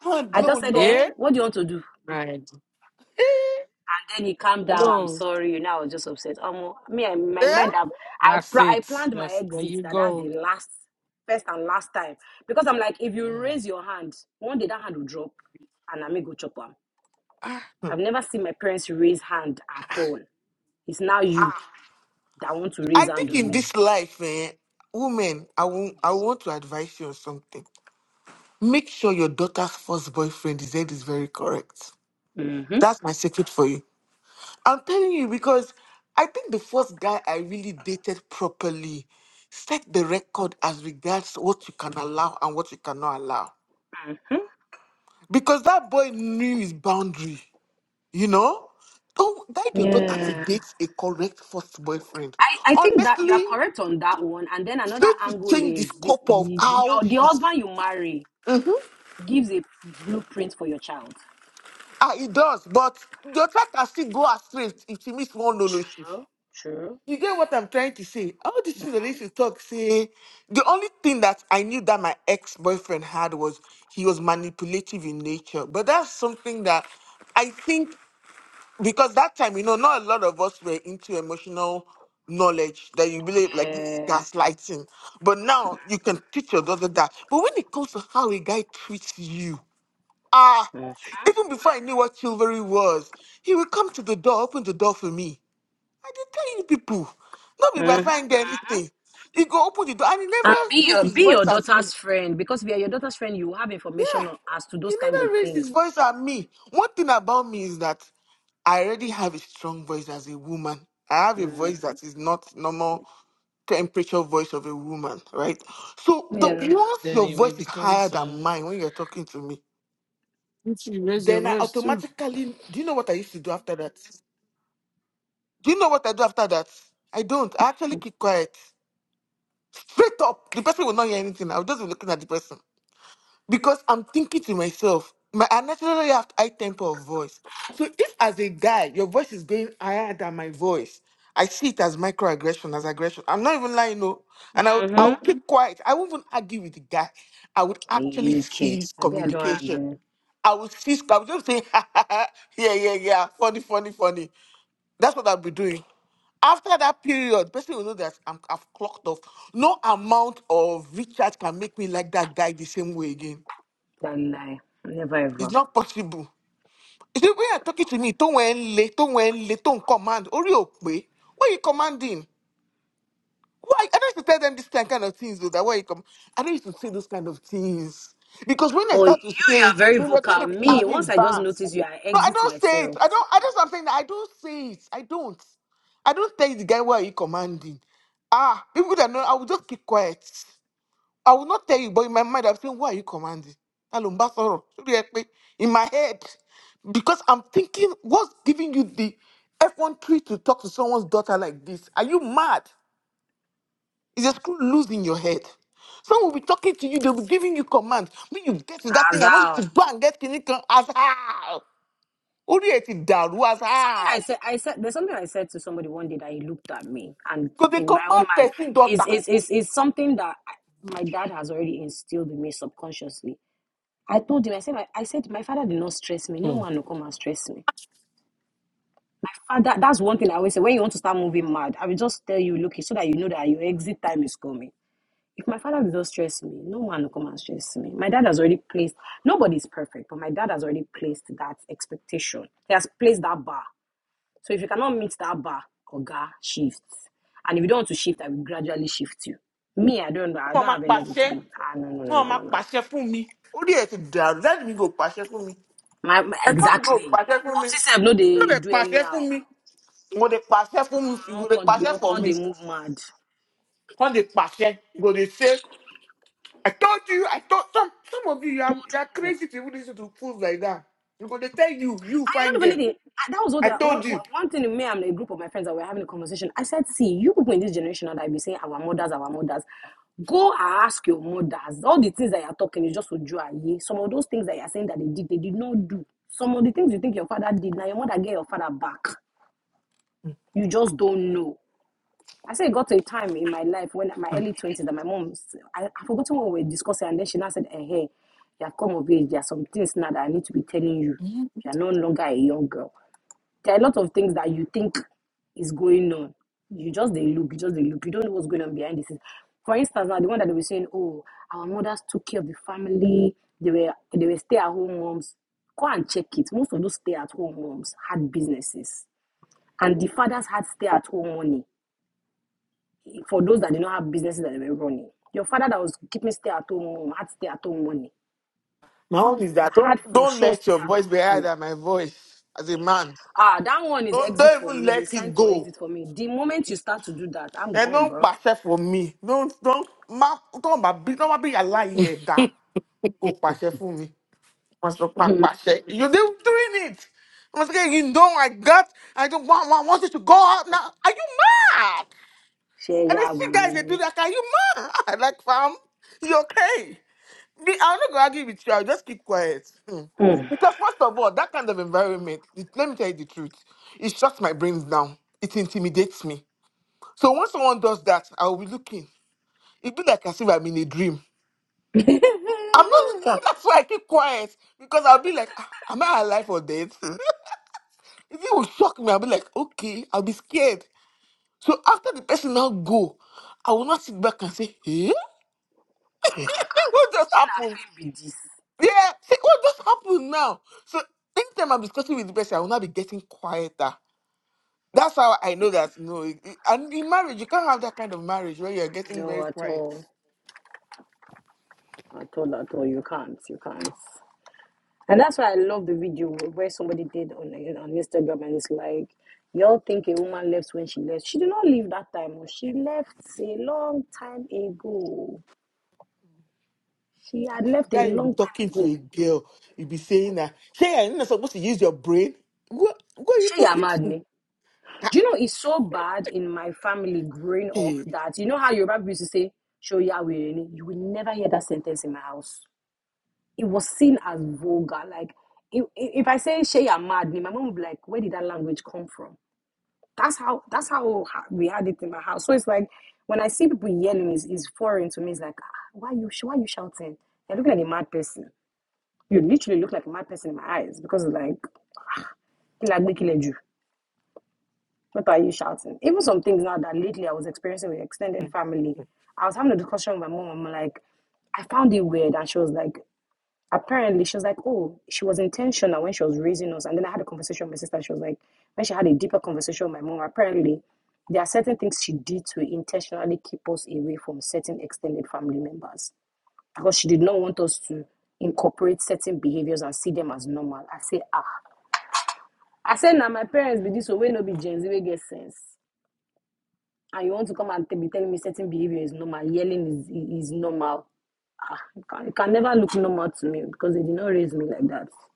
Speaker 1: And
Speaker 4: I
Speaker 1: no,
Speaker 4: just said,
Speaker 1: no.
Speaker 4: eh?
Speaker 5: yeah
Speaker 4: What do you want to do?
Speaker 5: right
Speaker 1: Eh?
Speaker 4: And then he calmed down. I'm
Speaker 5: no
Speaker 4: sorry. You know, I was just upset. Um, me, I, my mind, I,
Speaker 1: Eh?
Speaker 4: I,
Speaker 5: that's
Speaker 4: pla- I
Speaker 5: it
Speaker 4: planned my
Speaker 5: that's where
Speaker 4: exit.
Speaker 5: you
Speaker 4: That that's
Speaker 5: go
Speaker 4: the last, first and last time. Because I'm like, if you
Speaker 5: mm.
Speaker 4: raise your hand, one day that hand will drop, and I may go chop am.
Speaker 5: ah.
Speaker 4: I've never seen my parents raise hand at all. It's now you. that want to
Speaker 1: I
Speaker 4: raise hand
Speaker 1: think
Speaker 4: on
Speaker 1: in
Speaker 4: me.
Speaker 5: Hmm.
Speaker 1: this life, eh, women, I won't, I want to advise you on something. Make sure your daughter's first boyfriend is head is very correct.
Speaker 4: Mm-hmm,
Speaker 1: That's my secret for you. I'm telling you because I think the first guy I really dated properly set the record as regards what you can allow and what you cannot allow.
Speaker 4: mm-hmm.
Speaker 1: Because that boy knew his boundary, you know? Don't guide your daughter to
Speaker 4: Yeah.
Speaker 1: date a correct first boyfriend.
Speaker 4: I, I think that you are
Speaker 1: Honestly,
Speaker 4: correct on that one. And then another
Speaker 1: Let me
Speaker 4: angle
Speaker 1: change the
Speaker 4: is the,
Speaker 1: scope of
Speaker 4: the, the-
Speaker 1: how
Speaker 4: your, the
Speaker 1: he,
Speaker 4: husband you marry gives a blueprint for your child.
Speaker 1: ah, he does, but the track can still go astray if if he miss one lolo shift.
Speaker 4: True. True.
Speaker 1: You get what I'm trying to say? All these things that they used to talk, say, the only thing that I knew that my ex boyfriend had was he was manipulative in nature. But that's something that I think, because that time, you know, not a lot of us were into emotional knowledge that you believe like this is
Speaker 4: Yeah.
Speaker 1: gaslighting. But now you can teach your daughter that. But when it comes to how a guy treats you, Ah, even before I knew what chivalry was, he would come to the door, open the door for me. I did tell you people, not be by
Speaker 4: Mhm.
Speaker 1: find anything. He go open the door and he
Speaker 4: And
Speaker 1: never
Speaker 4: be
Speaker 1: raised
Speaker 4: your
Speaker 1: his
Speaker 4: be
Speaker 1: voice
Speaker 4: your
Speaker 1: at me.
Speaker 4: daughter's friend because we are your daughter's friend. You have
Speaker 1: Yeah,
Speaker 4: information on- as to
Speaker 1: he
Speaker 4: those kind of
Speaker 1: never raised
Speaker 4: things.
Speaker 1: his voice at me. One thing about me is that I already have a strong voice as a woman. I have a
Speaker 4: Mm.
Speaker 1: voice that is not normal temperature voice of a woman, right? So the
Speaker 4: Yeah.
Speaker 1: once
Speaker 5: then
Speaker 1: your
Speaker 5: it may
Speaker 1: voice is higher
Speaker 5: becomes
Speaker 1: than
Speaker 5: uh
Speaker 1: mine when you're talking to me,
Speaker 5: you should raise your
Speaker 1: then I
Speaker 5: voice too
Speaker 1: automatically do you know what I used to do after that? Do you know what I do after that? I don't. I actually keep quiet. Straight up, the person will not hear anything. I'll just be looking at the person because I'm thinking to myself. My, I naturally have high tempo of voice. So if as a guy, your voice is going higher than my voice, I see it as microaggression, as aggression. I'm not even lying, no. And I would, I
Speaker 4: Mm-hmm.
Speaker 1: would keep quiet. I won't even argue with the guy. I would
Speaker 4: Hey,
Speaker 1: actually
Speaker 4: Mickey,
Speaker 1: cease
Speaker 4: I bet I don't
Speaker 1: communication.
Speaker 4: argue
Speaker 1: I would cease. I would just say, yeah, yeah, yeah, funny, funny, funny. That's what I'll be doing. After that period, person will know that I'm, I've clocked off. No amount of recharge can make me like that guy the same way again.
Speaker 4: that lie. Never ever.
Speaker 1: It's not possible. You see, when you're talking to me, don't wait, late, don't wait, late, don't command. Ori o pe. What are you commanding? Why? I don't used to tell them this kind kind of things though. That why you come. I don't used to say those kind of things because when I
Speaker 4: Oh, you,
Speaker 1: start to
Speaker 4: you
Speaker 1: say
Speaker 4: are
Speaker 1: it,
Speaker 4: very
Speaker 1: then they're going
Speaker 4: vocal.
Speaker 1: to be
Speaker 4: Me,
Speaker 1: having
Speaker 4: once I just
Speaker 1: bands.
Speaker 4: notice you, I
Speaker 1: No, I
Speaker 4: exit
Speaker 1: don't say it.
Speaker 4: myself.
Speaker 1: I don't. I just I'm saying that I don't say it. I don't. I don't tell the guy why are you commanding. Ah, people that know, I will just keep quiet. I will not tell you, but in my mind I'm saying why are you commanding? Hello, Mbasoro. Should you help me? In my head, because I'm thinking, what's giving you the effrontery to talk to someone's daughter like this? Are you mad? It's a screw loose in your head. Someone will be talking to you, they'll be giving you commands. When you get to that thing, I want
Speaker 4: Azal.
Speaker 1: you to go and get clinical as how. Only at down, as
Speaker 4: There's something
Speaker 1: how.
Speaker 4: I said. I said there's something I said to somebody one day that he looked at me, and
Speaker 1: Because they
Speaker 4: in my own
Speaker 1: command
Speaker 4: mind,
Speaker 1: person
Speaker 4: is
Speaker 1: daughter.
Speaker 4: is is is something that I- my dad has already instilled in me subconsciously. I told him, I said, my, I said, my father did not stress me. No man will come and stress me. Father, that's one thing I always say. When you want to start moving mad, I will just tell you, look, so that you know that your exit time is coming. If my father does not stress me, no man will come and stress me. My dad has already placed, nobody's perfect, but my dad has already placed that expectation. He has placed that bar. So if you cannot meet that bar, Oga, shift. And if you don't want to shift, I will gradually shift you. Me, I don't know. I
Speaker 1: Wọ́n
Speaker 4: don't
Speaker 1: máa
Speaker 4: have energy to
Speaker 1: pàṣẹ,
Speaker 4: be. Ah, no, no, no, no,
Speaker 1: wọ́n máa
Speaker 4: no, no. no.
Speaker 1: pàṣẹ fún mi. Orí ẹ̀ ti dàrú, láti mi kò pàṣẹ fún mi.
Speaker 4: My, my
Speaker 1: Ẹ̀gbọ́n mi kò
Speaker 4: exactly.
Speaker 1: pàṣẹ fún mi.
Speaker 4: Popsy said, no,
Speaker 1: Wọ́n
Speaker 4: they
Speaker 1: lè
Speaker 4: do
Speaker 1: pàṣẹ fún
Speaker 4: anyhow.
Speaker 1: mi. Wọ́n lè pàṣẹ fún mi,
Speaker 4: I
Speaker 1: wọ́n lè for
Speaker 4: can't,
Speaker 1: me.
Speaker 4: they move mad.
Speaker 1: When lè pàṣẹ, go dey say. I told you, I told some some of you, you are,
Speaker 4: Told
Speaker 1: you are
Speaker 4: who?
Speaker 1: crazy to even listen to fools like that. Because they tell you, you
Speaker 4: And you
Speaker 1: find
Speaker 4: don't funny
Speaker 1: them.
Speaker 4: thing, I, that was what
Speaker 1: I
Speaker 4: I, one,
Speaker 1: told you.
Speaker 4: one one thing in me and a group of my friends that were having a conversation. I said, see, you people in this generation that I be saying our mothers, our mothers, go ask your mothers. All the things that you're talking is just ujuaye. Some of those things that you're saying that they did, they did not do. Some of the things you think your father did, now your mother gave your father back. You just don't know. I said, it got to a time in my life when my early 20s that my mom, I I forgotten what we were discussing, and then she now said, eh, hey, you have come of age. There are some things now that I need to be telling you.
Speaker 5: Hmm.
Speaker 4: You are no longer a young girl. There are a lot of things that you think is going on. You just they look, you just they look. You don't know what's going on behind the scenes. For instance, now the one that they were saying, oh, our mothers took care of the family. They were they were stay at home moms. Go and check it. Most of those stay at home moms had businesses, and the fathers had stay at home money. For those that did not have businesses that they were running, your father that was keeping stay at home mom had stay at home money.
Speaker 1: My own is that don't
Speaker 4: Had for
Speaker 1: don't
Speaker 4: sure stay
Speaker 1: let your voice be
Speaker 4: at home
Speaker 1: higher
Speaker 4: money.
Speaker 1: than my voice as a man.
Speaker 4: Ah, that one is
Speaker 1: Don't
Speaker 4: exit
Speaker 1: don't
Speaker 4: for
Speaker 1: even
Speaker 4: me. It's a
Speaker 1: let
Speaker 4: sign
Speaker 1: it
Speaker 4: for
Speaker 1: go.
Speaker 4: exit for me. The moment you start to do that, I'm
Speaker 1: Then
Speaker 4: gone,
Speaker 1: don't
Speaker 4: bro.
Speaker 1: pàṣẹ for me. Don't don't ma don't ma be don't ma be aláyé ẹ̀dá kó pàṣẹ fún mi. Wọ́n sọ pa
Speaker 4: Mhm.
Speaker 1: pàṣẹ. You they were doing it. I'm saying you know I got I don't want, want want you to go out now. Are you mad?
Speaker 4: Share
Speaker 1: And then
Speaker 4: ya with
Speaker 1: you guys they do
Speaker 4: me.
Speaker 1: that. Are you mad? I'm like, fam, you okay? Me, I'm not gonna argue with you. I'll just keep quiet. Hmm.
Speaker 4: Mm.
Speaker 1: Because first of all, that kind of environment, it, let me tell you the truth, it shuts my brains down. It intimidates me. So when someone does that, I'll be looking. It be like as if I'm in a dream. I'm not. That's why I keep quiet because I'll be like, "Ah, am I alive or dead? If it will shock me. I'll be like, okay, I'll be scared. So after the person now go, I will not sit back and say, eh?
Speaker 4: Ah, ah.
Speaker 1: what just
Speaker 4: She not
Speaker 1: happened?
Speaker 4: fit be this.
Speaker 1: Yeah, see, what just happened now? So anytime I'm discussing with the person, I will not be getting quieter. That's how I know that you know. it- it- and in marriage, you can't have that kind of marriage where you're getting
Speaker 4: No,
Speaker 1: very
Speaker 4: at
Speaker 1: quiet.
Speaker 4: all. At all, at all. You can't. You can't. And that's why I love the video where somebody did on on Instagram and it's like, y'all think a woman left when she left. She did not leave that time. oh. She left a long time ago. She had left a
Speaker 1: Guy, you'll be
Speaker 4: long
Speaker 1: talking
Speaker 4: time
Speaker 1: to a
Speaker 4: ago.
Speaker 1: girl, you'll be saying that, "Hey, you're not supposed to use your brain. What? What are you
Speaker 4: She ya
Speaker 1: talking
Speaker 4: mad
Speaker 1: to?"
Speaker 4: me. Do
Speaker 1: Ah,
Speaker 4: you know it's so bad in my family growing up
Speaker 1: Hey,
Speaker 4: that you know how Yoruba people used to say "show Yahweh," you will never hear that sentence in my house. It was seen as vulgar. Like if, if I say "Shay, you mad," me, my mom would be like, "Where did that language come from?" That's how that's how we had it in my house. So it's like when I see people yelling, it's it's foreign to me. It's like, "Ah, why are you sh- why are you shouting? You are looking like a mad person. You literally look like a mad person in my eyes because it's like "Kí la What are you shouting? Even some things now that lately I was experiencing with
Speaker 1: Hmm.
Speaker 4: extended family. I was having a discussion with my mom. I'm like, I found it weird. And she was like, apparently, she was like, oh, she was intentional when she was raising us. And then I had a conversation with my sister. She was like, when she had a deeper conversation with my mom, apparently, there are certain things she did to intentionally keep us away from certain extended family members because she did not want us to incorporate certain behaviors and see them as normal. I say, ah. I said, now nah, my parents be this way, no be Gen Z, we get sense. and you want to come and be telling me certain behavior is normal, yelling is is normal. It can, it can never look normal to me because they did not raise me like that. It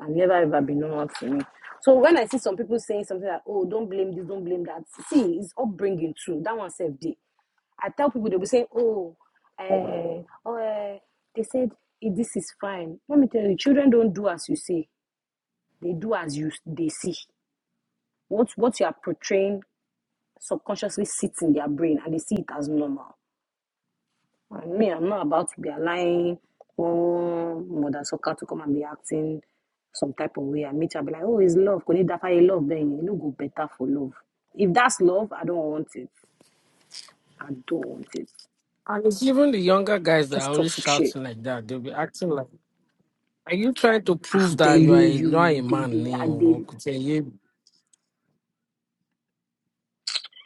Speaker 4: can never ever be normal to me. So when I see some people saying something like, "Oh, don't blame this, don't blame that," see, it's upbringing too. That one self day. I tell people they will saying, "Oh, eh, oh," eh, they said eh, this is fine. Let me tell you, children don't do as you say; they do as you they see. What what you are portraying subconsciously sits in their brain, and they see it as normal And me, I'm not about to be allowing one mother sucker to come and be acting some type of way. And me, I'll be like, oh, it's love. Kò ní dá fáyé love bẹ́ẹ̀ yẹn. You know, go better for love. If that's love, I don't want it. I don't want it.
Speaker 5: And it's even the younger guys that are
Speaker 4: Just
Speaker 5: always
Speaker 4: toxic shit.
Speaker 5: shouting like that. They'll be acting like, are you trying to prove
Speaker 4: I'm
Speaker 5: that you are
Speaker 4: telling
Speaker 5: a, not a
Speaker 4: you, they,
Speaker 5: man?
Speaker 4: they,
Speaker 5: Ni,
Speaker 4: I,
Speaker 5: or,
Speaker 4: they,
Speaker 5: or, could say, you-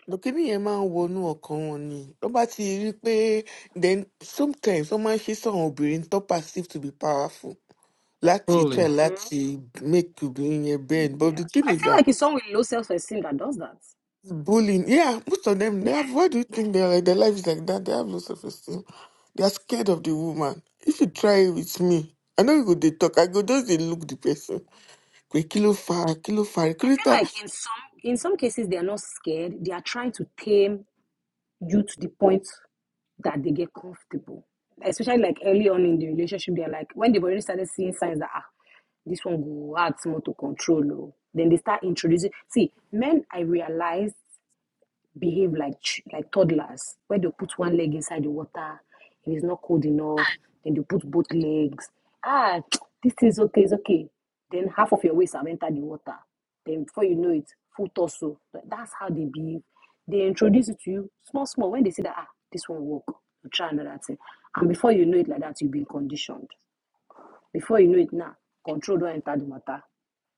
Speaker 1: lókìní yẹn máa ń wọnú ọkàn wọn ni tó bá ti rí i pé then sometimes wọn máa ń ṣe sáwọn obìnrin tó perceive to be powerful láti try
Speaker 5: truly.
Speaker 1: láti make obìnrin yẹn bend
Speaker 4: yeah.
Speaker 1: but the thing
Speaker 4: I
Speaker 1: is
Speaker 4: feel
Speaker 1: that
Speaker 4: like it's someone with low self-esteem that does that.
Speaker 1: bullying yeah most of them they
Speaker 4: Yeah,
Speaker 1: have why do you think they are like their life is like that they have no self esteem they are scared of the woman if you try it with me i know you go dey talk i go just dey look the person pe kilo fa kilo fa
Speaker 4: I feel
Speaker 1: recruiter
Speaker 4: like in some in some cases they are not scared. They are trying to tame you to the point. that they get comfortable. Especially like early on in the relationship, they're like when they've already started seeing signs that ah, this one go hard more to control. oh," Then they start introducing. See, men, I realize behave like ch- like toddlers, where they put one leg inside the water, it is not cold enough, then they put both legs. Ah, this is okay, it's okay. Then half of your waist have entered the water. Then before you know it, full torso. Th- That's how they behave. They introduce it to you small, small. When they say that, ah, this one work, you try another thing. And before you know it like that, you've been conditioned. Before you know it now, control don't enter the matter.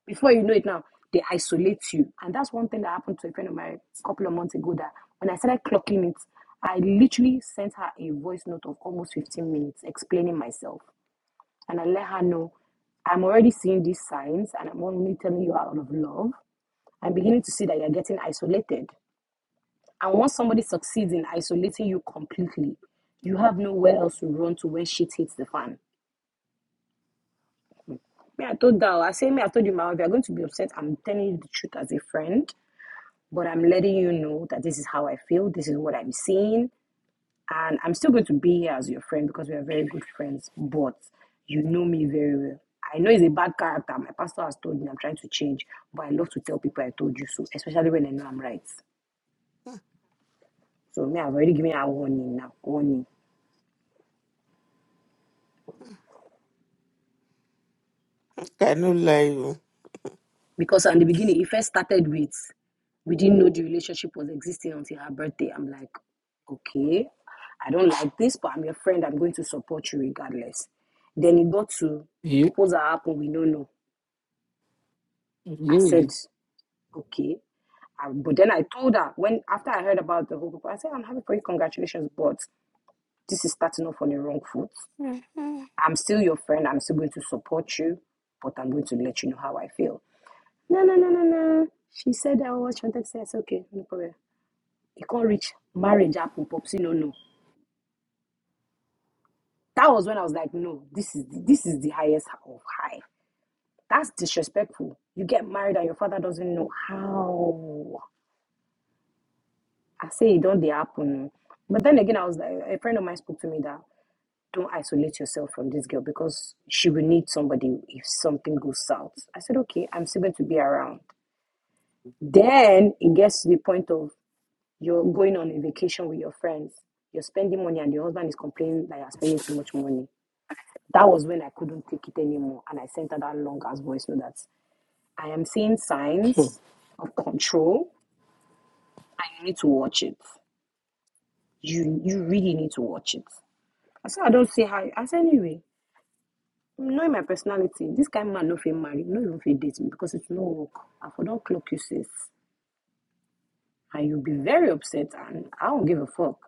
Speaker 4: Before you know it now, they isolate you. And that's one thing that happened to a friend of mine a couple of months ago that when I started clocking it, I literally sent her a voice note of almost 15 minutes explaining myself. And I let her know I'm already seeing these signs and I'm only telling you out of love. I'm beginning to see that you're getting isolated. And once somebody succeeds in isolating you completely, you have nowhere else to run to when shit hits the fan. Me, I told her, I say, me, I told you, my, if you're going to be upset, I'm telling you the truth as a friend. but I'm letting you know that this is how I feel, this is what I'm seeing, and I'm still going to be here as your friend because we are very good friends, but you know me very well. I know it's a bad character. My pastor has told me I'm trying to change, but I love to tell people I told you so, especially when I know I'm right. So me, I've already given her warning now. Warning.
Speaker 1: i no lie o
Speaker 4: because in the beginning it first started with we didn't know the relationship was existing until her birthday i'm like okay i don't like this but i'm your friend i'm going to support you regardless then it got to proposal happened we don't know i said
Speaker 5: Yeah.
Speaker 4: okay I- but then i told her when after i heard about the whole group i said i'm happy for you congratulations but this is starting off on the wrong foot i'm still your friend i'm still going to support you but i'm going to let you know how i feel No, no, no, no, no. She said that oh, what she wanted to say. I said, okay, no problem. You can't reach marriage happen, Popsy. No, no. That was when I was like, no, this is the, this is the highest of high. That's disrespectful. You get married and your father doesn't know how. I say it don't they happen. no. But then again, I was like, a friend of mine spoke to me that don't isolate yourself from this girl because she will need somebody if something goes south. I said, okay, I'm still going to be around. Then it gets to the point of You're going on a vacation with your friends. You're spending money, and your husband is complaining that you're spending too much money. That was when I couldn't take it anymore, and I sent her that long ass voice note that I am seeing
Speaker 5: Hmm.
Speaker 4: signs of control, and you need to watch it. You you really need to watch it. I said I don't see how. I said anyway, knowing my personality, this kind of man no fit marry, no even fit date me because it's no work. I for don't clock you sis, and you'll be very upset, and I don't give a fuck.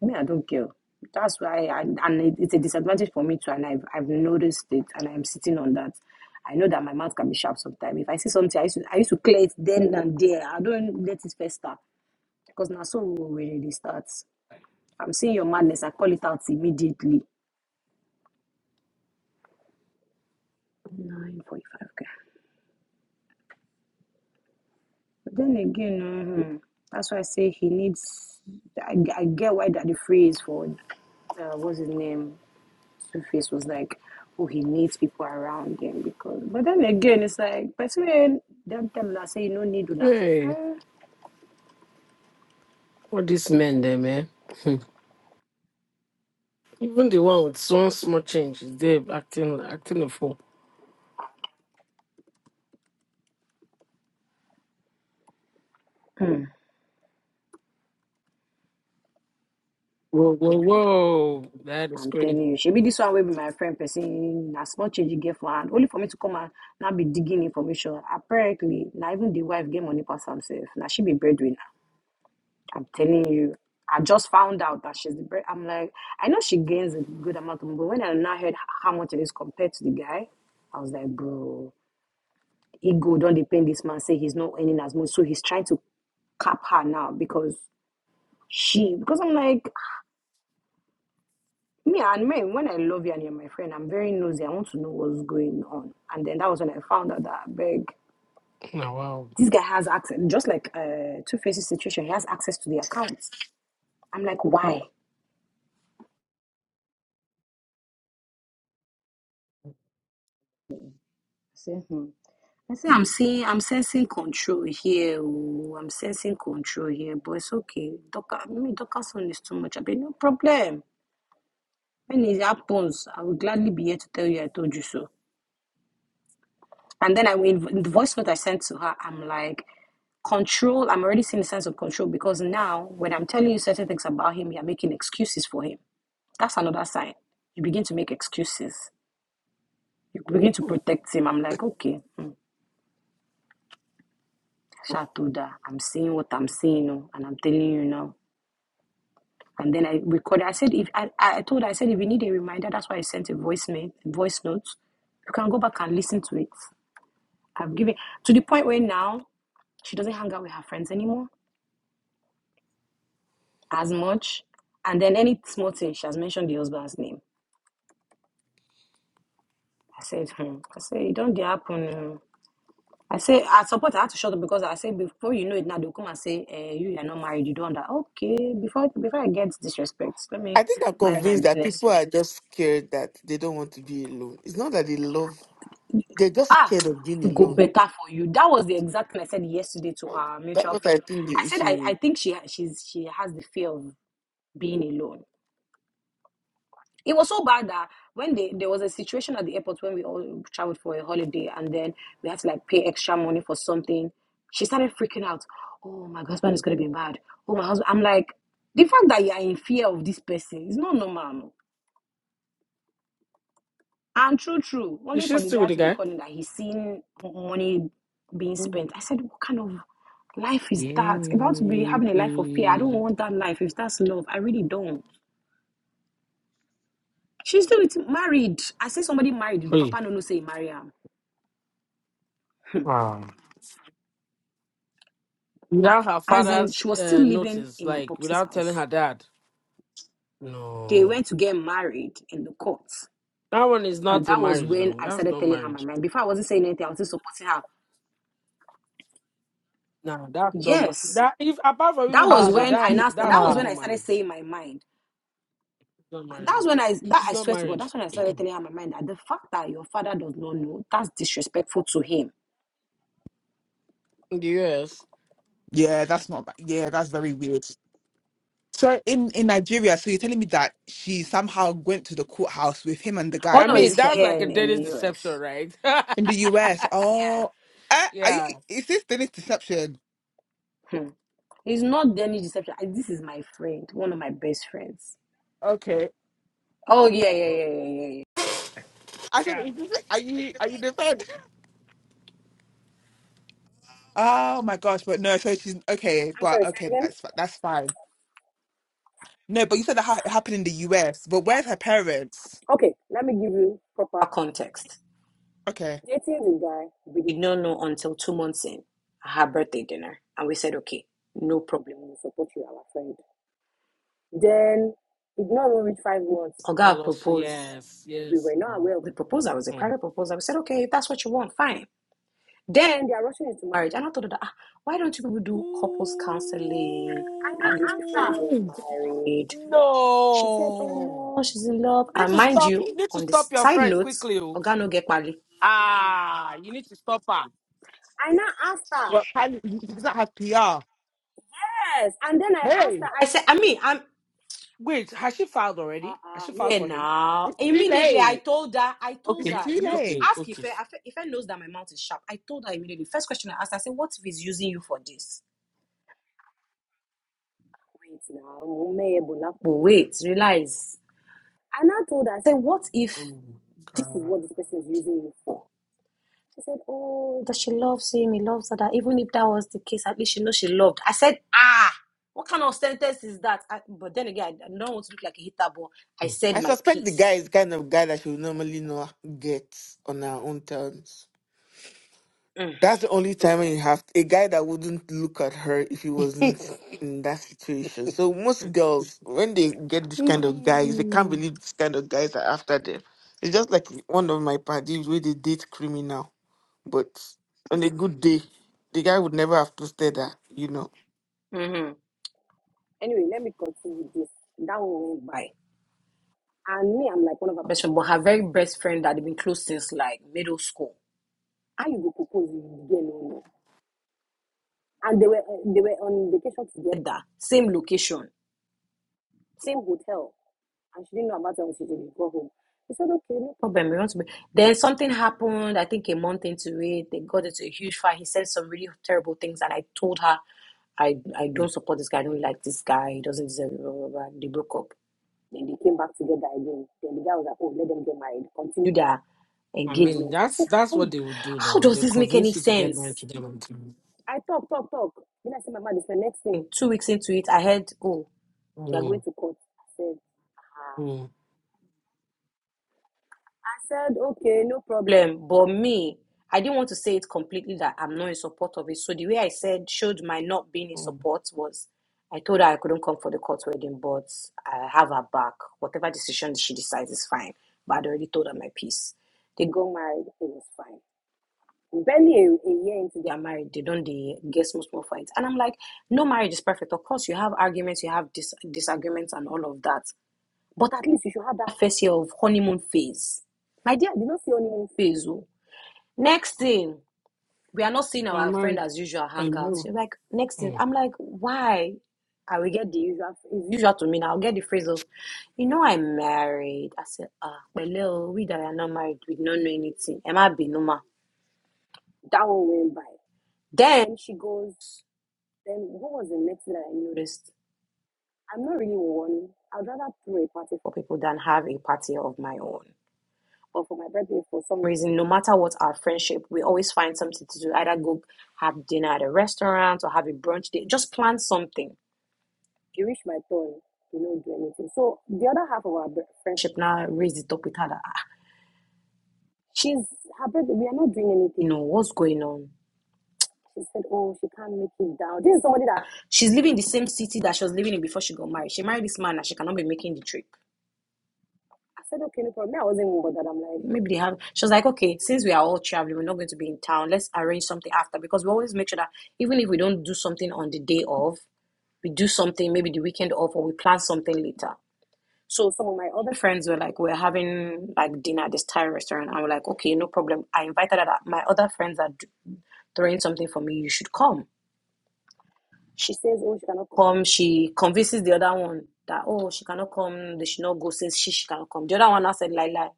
Speaker 4: Me, I don't care. That's why, I, and it, it's a disadvantage for me too. And I've I've noticed it, and I'm sitting on that. I know that my mouth can be sharp sometimes. If I see something, I used to I used to clear it then and there. I don't let it fester because now so we really start. I'm seeing your madness. I call it out immediately. Nine forty-five. Okay. But then again, mhm, that's why I say he needs. I, I get why that the phrase for uh, what's his name Two-Face was like, oh, he needs people around him because. But then again, it's like, but when them tell una say you no need una.
Speaker 5: Hey,
Speaker 4: Eh,
Speaker 5: what these men there, man. Even the one with so small change is there acting acting a fool. Whoa, whoa, whoa. That is
Speaker 4: I'm
Speaker 5: crazy.
Speaker 4: telling you, she be this one will be my friend person. a small change you get for hand, only for me to come and now be digging information. Apparently, now even the wife get money pass herself. Now she be breadwinner. I'm telling you. I just found out that she's the bread. I'm like, I know she gains a good amount of money, but when I now heard how much it is compared to the guy, I was like, bro. ego don't depend this man say he's not earning as much so he's trying to cap her now because she because i'm like me and men when i love you and you're my friend i'm very nosy i want to know what's going on and then that was when i found out that beg
Speaker 5: Now, wow.
Speaker 4: this guy has access just like uh two faces situation he has access to the accounts i'm like why I say, hmm. I say I'm seeing I'm sensing control here. Oh, I'm sensing control here, but it's okay. Docker, me Docker's phone is too much. I be no problem. When it happens, I will gladly be here to tell you I told you so. And then I will, in the voice note I sent to her, I'm like, control. I'm already seeing the sense of control because now when I'm telling you certain things about him, you're making excuses for him. That's another sign. You begin to make excuses. You begin to protect him. I'm like, okay, hmm, Sha I'm seeing what I'm seeing, oh, and I'm telling you now. And then I recorded. I said, if I, I told her, I said, if you need a reminder, that's why I sent a voice mail, voice note. You can go back and listen to it. I've given to the point where now she doesn't hang out with her friends anymore as much. And then any small thing, she has mentioned the husband's name. I said, hmm. I said, it don't dey happen. oh." I say, I support her to shut up because I say before you know it now they'll come and say, eh, you are not married, you don't that. Okay, before before I get disrespect, let me
Speaker 1: i think i'm
Speaker 4: mind my
Speaker 1: convinced that
Speaker 4: business.
Speaker 1: people are just scared that they don't want to be alone it's not that they love they're just
Speaker 4: Ah,
Speaker 1: scared of being
Speaker 4: it go
Speaker 1: alone
Speaker 4: better for you. That was the exact thing I said yesterday to our
Speaker 1: that's
Speaker 4: mutual
Speaker 1: what i
Speaker 4: friend.
Speaker 1: think
Speaker 4: I
Speaker 1: the
Speaker 4: said
Speaker 1: issue
Speaker 4: I,
Speaker 1: is.
Speaker 4: I think she she's she has the fear of being alone it was so bad that when they there was a situation at the airport when we all traveled for a holiday and then we had to like pay extra money for something. She started freaking out. Oh, my husband is gonna be mad. Oh, my husband. I'm like, the fact that you are in fear of this person is not normal. no. And true, true.
Speaker 5: Is
Speaker 4: Only
Speaker 5: she
Speaker 4: for the
Speaker 5: still
Speaker 4: guy
Speaker 5: with the
Speaker 4: to be
Speaker 5: guy?
Speaker 4: calling that he's seen money being spent. I said, what kind of life is that? About to be
Speaker 5: Yeah.
Speaker 4: having a life of fear. I don't want that life. If that's love, I really don't. She's still married. I say somebody married.
Speaker 5: Hey.
Speaker 4: Papa no no say marry am.
Speaker 5: Wow. Without her
Speaker 4: As in,
Speaker 5: father's
Speaker 4: she was still
Speaker 5: uh,
Speaker 4: living
Speaker 5: notice,
Speaker 4: in the
Speaker 5: like
Speaker 4: Popsy's
Speaker 5: without telling
Speaker 4: house.
Speaker 5: her dad.
Speaker 4: They
Speaker 5: No.
Speaker 4: went to get married in the courts.
Speaker 5: That one is
Speaker 4: And
Speaker 5: not a
Speaker 4: that was
Speaker 5: marriage
Speaker 4: when
Speaker 5: now.
Speaker 4: I
Speaker 5: That's
Speaker 4: started
Speaker 5: not
Speaker 4: telling her my
Speaker 5: marriage.
Speaker 4: mind. Before I wasn't saying anything, I was just supporting her.
Speaker 5: No, that's not ma-
Speaker 4: Yes.
Speaker 5: that if apart from
Speaker 4: That
Speaker 5: even
Speaker 4: was
Speaker 3: Ah,
Speaker 5: this,
Speaker 3: that's
Speaker 4: when I
Speaker 5: that's
Speaker 4: now sta- that
Speaker 5: that's
Speaker 4: was
Speaker 5: not
Speaker 3: ah.
Speaker 4: when
Speaker 5: even
Speaker 4: I started
Speaker 5: marriage.
Speaker 4: saying my mind.
Speaker 5: not married.
Speaker 4: That's when I that
Speaker 5: It's
Speaker 4: I
Speaker 5: not
Speaker 4: swear to God,
Speaker 5: marriage
Speaker 4: that's when I started telling her my mind that the fact that your father does not know, that's disrespectful to him.
Speaker 5: in the US.
Speaker 3: Yeah, that's not. Yeah, that's very weird. So in in Nigeria, so you're telling me that she somehow went to the courthouse with him and the
Speaker 4: Oh
Speaker 3: guy,
Speaker 5: I
Speaker 4: no,
Speaker 3: and they
Speaker 4: he's
Speaker 5: mean,
Speaker 3: just got
Speaker 5: that's
Speaker 3: ma-
Speaker 4: here
Speaker 5: like a
Speaker 4: in, in
Speaker 5: Danish
Speaker 4: the US.
Speaker 5: deception, right?
Speaker 3: in the US.
Speaker 4: Yeah.
Speaker 3: Oh, uh, are you?
Speaker 5: yeah.
Speaker 3: Is this Dennis deception?
Speaker 4: He's not any deception. I- This is my friend, one of my best friends.
Speaker 3: Okay,
Speaker 4: Oh yeah, yeah, yeah, yeah, yeah. yeah.
Speaker 3: I said, is this, are you are you defend? Oh my gosh, but no. So she's okay, but okay, that's fi- that's fine. No, but you said that ha- it happened in the US, but where's her parents?
Speaker 4: Proper context.
Speaker 3: Okay,
Speaker 4: We did not know until two months in her birthday dinner. And we said, okay, no problem. We said, no worry, five months.
Speaker 5: Oh,
Speaker 4: Oga
Speaker 5: lost-
Speaker 4: proposed.
Speaker 5: yes,
Speaker 4: We
Speaker 5: yes.
Speaker 4: were not
Speaker 5: No.
Speaker 4: aware of the proposal. It was a
Speaker 5: Mm.
Speaker 4: private proposal. We said, okay, if that's what you want, fine. Then they are to marriage. And I thought ah, why don't you people do couples
Speaker 5: Ooh.
Speaker 4: counseling at least before you get married? She said,
Speaker 5: No.
Speaker 4: oh no, she's in love.
Speaker 5: You need
Speaker 4: And
Speaker 5: to
Speaker 4: mind
Speaker 5: stop.
Speaker 4: you,
Speaker 5: You need to
Speaker 4: on the
Speaker 5: stop your
Speaker 4: side
Speaker 5: friend
Speaker 4: notes,
Speaker 5: quickly. oh.
Speaker 4: Oga no get married.
Speaker 5: Ah, you need to stop her.
Speaker 3: well, apparently she does not have PR.
Speaker 4: And I asked her,
Speaker 3: Hey,
Speaker 4: I said, I mean, I'm,
Speaker 5: Wait, has she filed already? Has
Speaker 4: uh-uh,
Speaker 5: she filed
Speaker 4: here
Speaker 5: for him?
Speaker 4: now. Immediately, I told her, I told
Speaker 5: Okay.
Speaker 4: her, you know,
Speaker 5: Okay.
Speaker 4: ask
Speaker 5: Okay.
Speaker 4: Ife, Ife, knows that my mouth is sharp. I told her immediately. First question I asked, I said, what if he's using you for this? Wait now, ume ebola. But wait, realize. And I told her, I said, what if
Speaker 5: Oh,
Speaker 4: this is what this person is using you for? She said, oh, that she loves him, he loves her, that even if that was the case, at least she knows she loved. I said, ah, what kind of sentence is that? I, but then again, I, don't want to look like a hitter, but I
Speaker 1: I
Speaker 4: said my
Speaker 1: suspect the guy
Speaker 4: piece.
Speaker 1: is the kind of guy that she would normally not get on her own terms.
Speaker 4: Mm.
Speaker 1: That's the only time when you have a guy that wouldn't look at her if he
Speaker 5: God.
Speaker 1: wasn't in that situation. So most girls, when they get this kind of guys, they can't
Speaker 5: Hmm.
Speaker 1: believe this kind of guys are after them. It's just like one of my parties where they date criminal, but on a good day, the guy would never have toasted her, you know.
Speaker 4: Mhm. Anyway, let me continue this. That one went by. And me, I'm like one of her best friend, but her very best friend that they've been close since like middle school. How you go propose with the girl you know? And they were uh, they were on vacation together, same location, same hotel. And she didn't know about it until she got home. He said, okay, no problem. We want to be. Then something happened, I think a month into it, they got into a huge fight. He said some really terrible things, and I told her, I, I don't support this guy, I don't really like this guy, he doesn't deserve it, blah, blah, blah. They broke up. Then they came back together again. Then the guy was like, oh, let them get married, continue their
Speaker 5: I mean,
Speaker 4: engagement. I
Speaker 5: that's
Speaker 4: said,
Speaker 5: that's what
Speaker 4: how
Speaker 5: they will do
Speaker 4: how
Speaker 5: now.
Speaker 4: does
Speaker 5: They'll
Speaker 4: this make any
Speaker 5: convince you to get married
Speaker 4: sense?
Speaker 5: to them. And to,
Speaker 4: I talk, talk, talk. Then I said, my man, this is the next thing. Two weeks into it, I heard, oh, they are going
Speaker 5: mm,
Speaker 4: to court. I said,
Speaker 5: mm,
Speaker 4: said, okay, no problem. But me, I didn't want to say it completely that I'm not in support of it. So the way I said, showed my not being in
Speaker 5: mm.
Speaker 4: support was I told her I couldn't come for the court wedding, but I have her back. Whatever decision she decides is fine. But I'd already told her my piece. They got married, it was fine. Barely a, a year into their marriage, they don't they get small small fights. And I'm like, no marriage is perfect. Of course, you have arguments, you have dis- disagreements, and all of that. But at least you should have that first year of honeymoon phase. My dear, I did not see honeymoon phase. Oh. Next thing, we are not seeing
Speaker 5: So
Speaker 4: our friend
Speaker 5: married,
Speaker 4: as usual hangouts.
Speaker 5: hello.
Speaker 4: She's like, next thing,
Speaker 5: Mm.
Speaker 4: I'm like, why? I will get the usual, it's usual to me now. I'll get the phrase of, you know, I'm married. I said, ah, but little, we that are not married, we don't know anything. Am I binoma? That one went by. Then she goes, then what was the next thing that I noticed? I'm not really one. I'd rather throw a party for people than have a party of my own. But for my birthday, for some reason, no matter what our friendship, we always find something to do. Either go have dinner at a restaurant or have a brunch date. Just plan something. You reach my turn, you don't do anything. So the other half of our friendship now raised it up with her that "Ah, she's her birthday. We are not doing anything. You know what's going on? She said, "Oh, she can't make it down." This is somebody that she's living in the same city that she was living in before she got married. She married this man and she cannot be making the trip. I said, okay, no problem. I wasn't even bothered. I'm like, maybe they have. She was like, okay, since we are all traveling, we're not going to be in town. Let's arrange something after because we always make sure that even if we don't do something on the day of, we do something maybe the weekend off or we plan something later. So some of my other friends were like, we're having like dinner at this Thai restaurant. And we're like, okay, no problem. I invited her. That my other friends are throwing something for me. You should come. She says, oh, she cannot come. She convinces the other one that, oh, she cannot come. They should not go. Says she, she cannot come. The other one now said, lie, lie.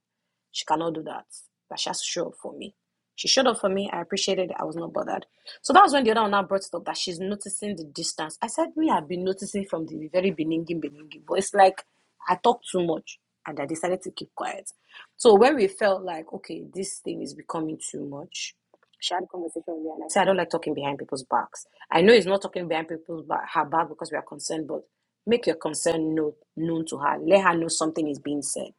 Speaker 4: She cannot do that. But she has to show up for me. She showed up for me. I appreciated it. I was not bothered. So that was when the other one now brought it up that she's noticing the distance. I said, Me, I've been noticing from the very beginning, beginning. But it's like I talk too much and I decided to keep quiet. So when we felt like, okay, this thing is becoming too much, she had a conversation with me and I said, I don't like talking behind people's backs. I know it's not talking behind people's back, her back because we are concerned, but make your concern know, known to her. Let her know something is being said.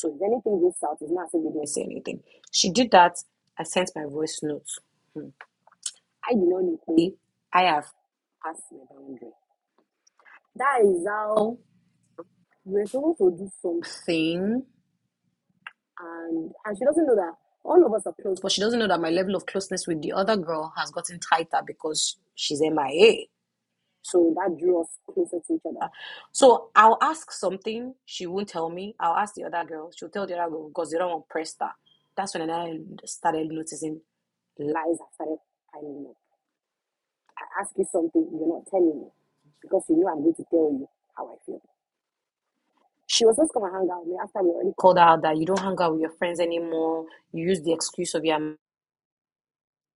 Speaker 4: So if anything goes south, it's not saying they didn't say anything. She did that. I sent my voice notes. I do not need pay. I have passed my boundary. That is how we're supposed to do something. And and she doesn't know that all of us are close, but she doesn't know that my level of closeness with the other girl has gotten tighter because she's MIA. So that drew us closer to each other. So I'll ask something, she won't tell me. I'll ask the other girl, she'll tell the other girl because they the other one press that. That's when I started noticing lies I started piling up. I ask you something, you're not telling me because you know I'm going to tell you how I feel. She was just gonna hang out with me after we already called out that you don't hang out with your friends anymore. You use the excuse of your.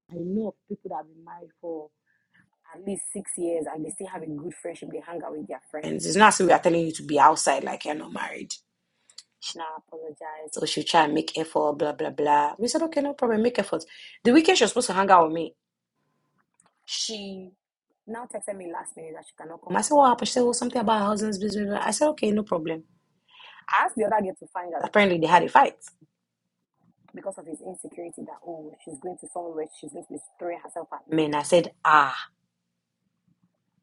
Speaker 4: I know of people that have been married for at least six years and they still have a good friendship. They hang out with their friends. It's not as if we are telling you to be outside like you're not married. She So she'll try and make effort, blah blah blah. We said okay, no problem, make effort. The weekend she was supposed to hang out with me. She. now texted me last minute that she cannot come. I said, What happened? She said, Well, something about her husband's business. I said, Okay, no problem. I asked the other girl to find out. Apparently, they had a fight. Because of his insecurity that, oh, she's going to somewhere, she's going to be throwing herself at men. I said, Ah.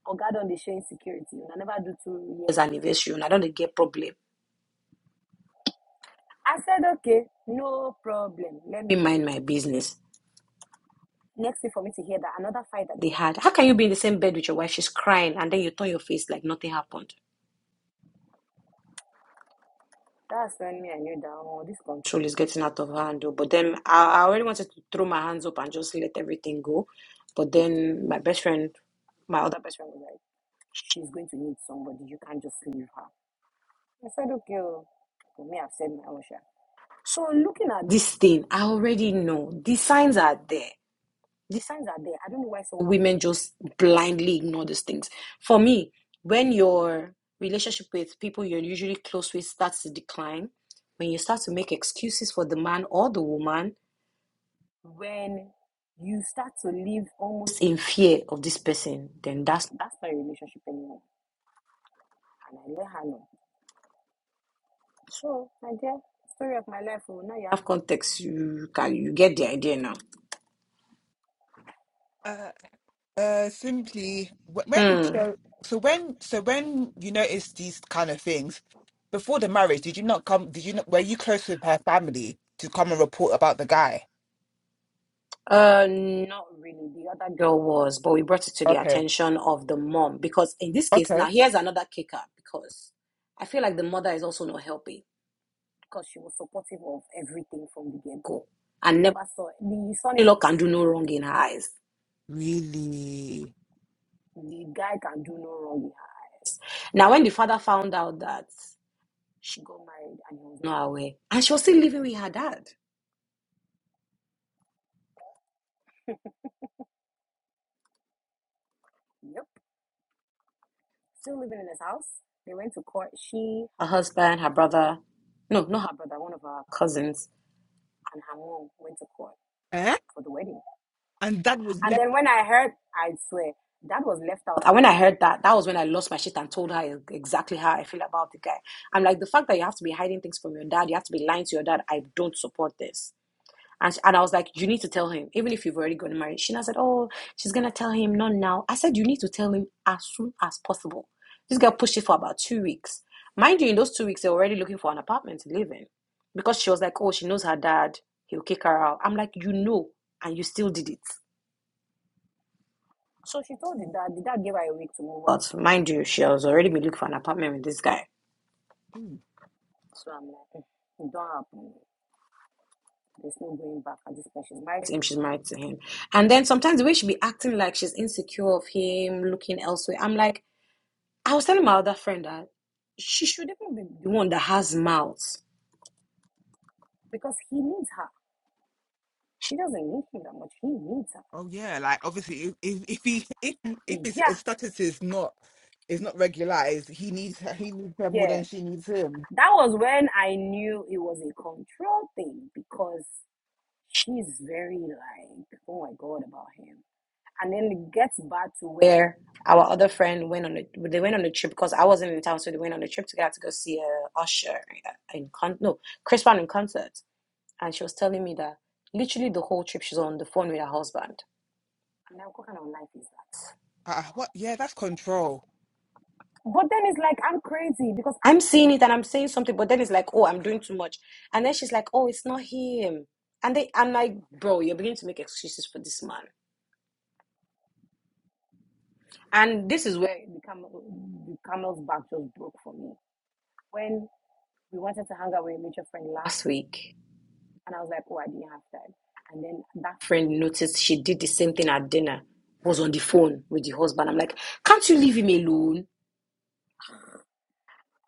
Speaker 4: Oh, God, don't they show insecurity? I never do two years anniversary. I don't get problem. I said, Okay, no problem. Let me mind my business. Next thing for me to hear that another fight that they had. How can you be in the same bed with your wife? She's crying, and then you turn your face like nothing happened. That's when me I knew that oh This control is getting out of hand. oh. But then I, I already wanted to throw my hands up and just let everything go. But then my best friend, my other best friend, was like, she's going to need somebody. You can't just leave her. I said, okay. oh." For me, I've said my own share. So looking at this thing, I already know the signs are there the signs are there. I don't know why some women just blindly ignore these things. For me, when your relationship with people you're usually close with starts to decline, when you start to make excuses for the man or the woman, when you start to live almost in fear of this person, then that's that's not a relationship anymore. I know. So, my dear, story of my life. oh, Now you have context. You can you get the idea now.
Speaker 3: uh, uh, simply wh- when
Speaker 4: Hmm.
Speaker 3: so so when so when you notice these kind of things before the marriage, did you not come? Did you not? Were you close with her family to come and report about the guy?
Speaker 4: Uh, not really. The other girl was, but we brought it to the
Speaker 3: Okay.
Speaker 4: attention of the mom because in this case, now
Speaker 3: Okay.
Speaker 4: here's another kicker because I feel like the mother is also not helping because she was supportive of everything from the get-go and never saw the son-in-law can do no wrong in her eyes.
Speaker 3: Really?
Speaker 4: The guy can do no wrong in her. eyes. Now, when the father found out that she got married and he was not aware, and she was still living with her dad. yep. still living in his house. They went to court. She, her husband, her brother. No, not her brother, one of her cousins for the wedding. And then when I heard, I swear, that was left out. And when I heard that, that was when I lost my shit and told her exactly how I feel about the guy. I'm like, the fact that you have to be hiding things from your dad, you have to be lying to your dad, I don't support this. And, sh- and I was like, you need to tell him, even if you've already gotten married. Sheena said, oh, she's going to tell him, not now. I said, you need to tell him as soon as possible. This girl pushed it for about two weeks. Mind you, in those two weeks, they're already looking for an apartment to live in because she was like, oh, she knows her dad. He'll kick her out. I'm like, you know, and you still did it. So she told the dad, the dad gave her a week to move out. But mind you, she has already been looking for an apartment with this guy.
Speaker 3: Hmm.
Speaker 4: So I'm like, mm, it don't happen. There's no going back at this point. She's married to him. She's married to him. And then sometimes the way she be acting like she's insecure of him, looking elsewhere. I'm like, I was telling my other friend that she should even be the one that has mouths because he needs her. She doesn't need him that much. He needs her.
Speaker 3: Oh yeah. Like obviously, if if, if he if if his, his
Speaker 4: Yeah,
Speaker 3: status is not is not regularized, he needs her. He needs her more
Speaker 4: yeah.
Speaker 3: than she needs him.
Speaker 4: That was when I knew it was a control thing because she's very like, oh my god, about him. and then it gets back to where our other friend went on a, they went on a trip because I wasn't in town, so they went on a trip together to go see uh, Usher in con no Chris Brown in concert, and she was telling me that literally the whole trip she's on the phone with her husband. And I'm like, what kind of life is that?
Speaker 3: Uh, what? Yeah, that's control.
Speaker 4: But then it's like I- I'm seeing it and I'm saying something, but then it's like, oh, I'm doing too much, and then she's like, oh, it's not him, and they I'm like, bro, you're beginning to make excuses for this man, and this is where the camel the camel's back just broke for me when we wanted to hang out with a mutual friend last week, and I was like, oh, I didn't have time. And then that friend noticed she did the same thing at dinner, was on the phone with the husband. I'm like, can't you leave him alone?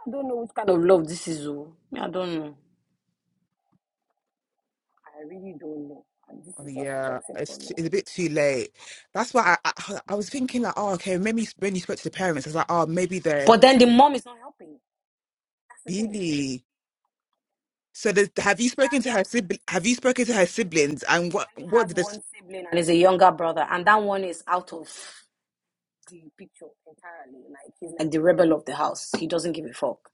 Speaker 4: I don't know what kind of love, this is Oh, I don't know. I really don't know. And this
Speaker 3: Oh,
Speaker 4: is just
Speaker 3: yeah,
Speaker 4: toxic
Speaker 3: it's
Speaker 4: for
Speaker 3: t-
Speaker 4: me.
Speaker 3: it's a bit too late. That's why I, I I was thinking like, oh, okay, maybe when you spoke to the parents, I was like, oh, maybe they're
Speaker 4: But then the mom is not helping. That's the thing.
Speaker 3: really. So the have you spoken to her sibli- have you spoken to her siblings and what
Speaker 4: He
Speaker 3: what
Speaker 4: has
Speaker 3: did
Speaker 4: one
Speaker 3: this
Speaker 4: sibling And is a younger brother, and that one is out of like he's like like the rebel of the house. He doesn't give a fuck.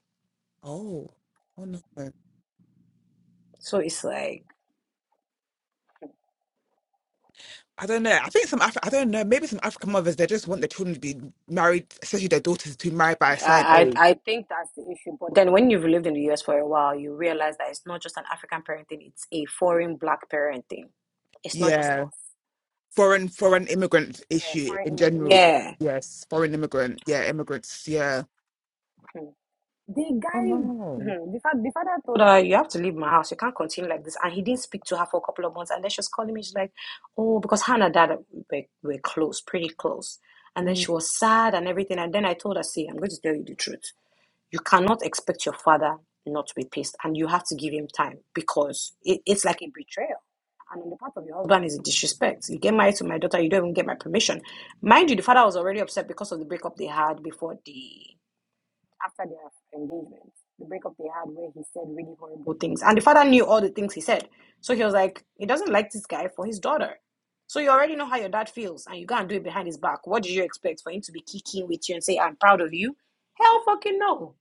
Speaker 3: oh oh no
Speaker 4: So it's like.
Speaker 3: I don't know I think some Af- I don't know maybe some African mothers they just want their children to be married especially their daughters to be married by a certain
Speaker 4: I,
Speaker 3: age
Speaker 4: I I think that's the issue. But then when you've lived in the US for a while, you realize that it's not just an African parenting, it's a foreign black parenting. It's not just
Speaker 3: yeah
Speaker 4: us.
Speaker 3: foreign foreign immigrant
Speaker 4: Yeah,
Speaker 3: issue
Speaker 4: foreign
Speaker 3: in
Speaker 4: immigrant.
Speaker 3: general
Speaker 4: Yeah.
Speaker 3: yes foreign immigrant yeah immigrants yeah oh no
Speaker 4: My Father told her, You have to leave my house. You can't continue like this. And he didn't speak to her for a couple of months. And then she was calling me. She's like, Oh, because her and her dad were, were close, pretty close. And then she was sad and everything. And then I told her, See, I'm going to tell you the truth. You cannot expect your father not to be pissed. And you have to give him time because it, it's like a betrayal on the part of your husband is a disrespect. You get married to my daughter, you don't even get my permission. Mind you, the father was already upset because of the breakup they had before the after their engagement. The breakup they had where he said really horrible things. And the father knew all the things he said. So he was like, he doesn't like this guy for his daughter. So you already know how your dad feels and you go and do it behind his back. What do you expect for him to be kicking with you and say, I'm proud of you? Hell fucking no.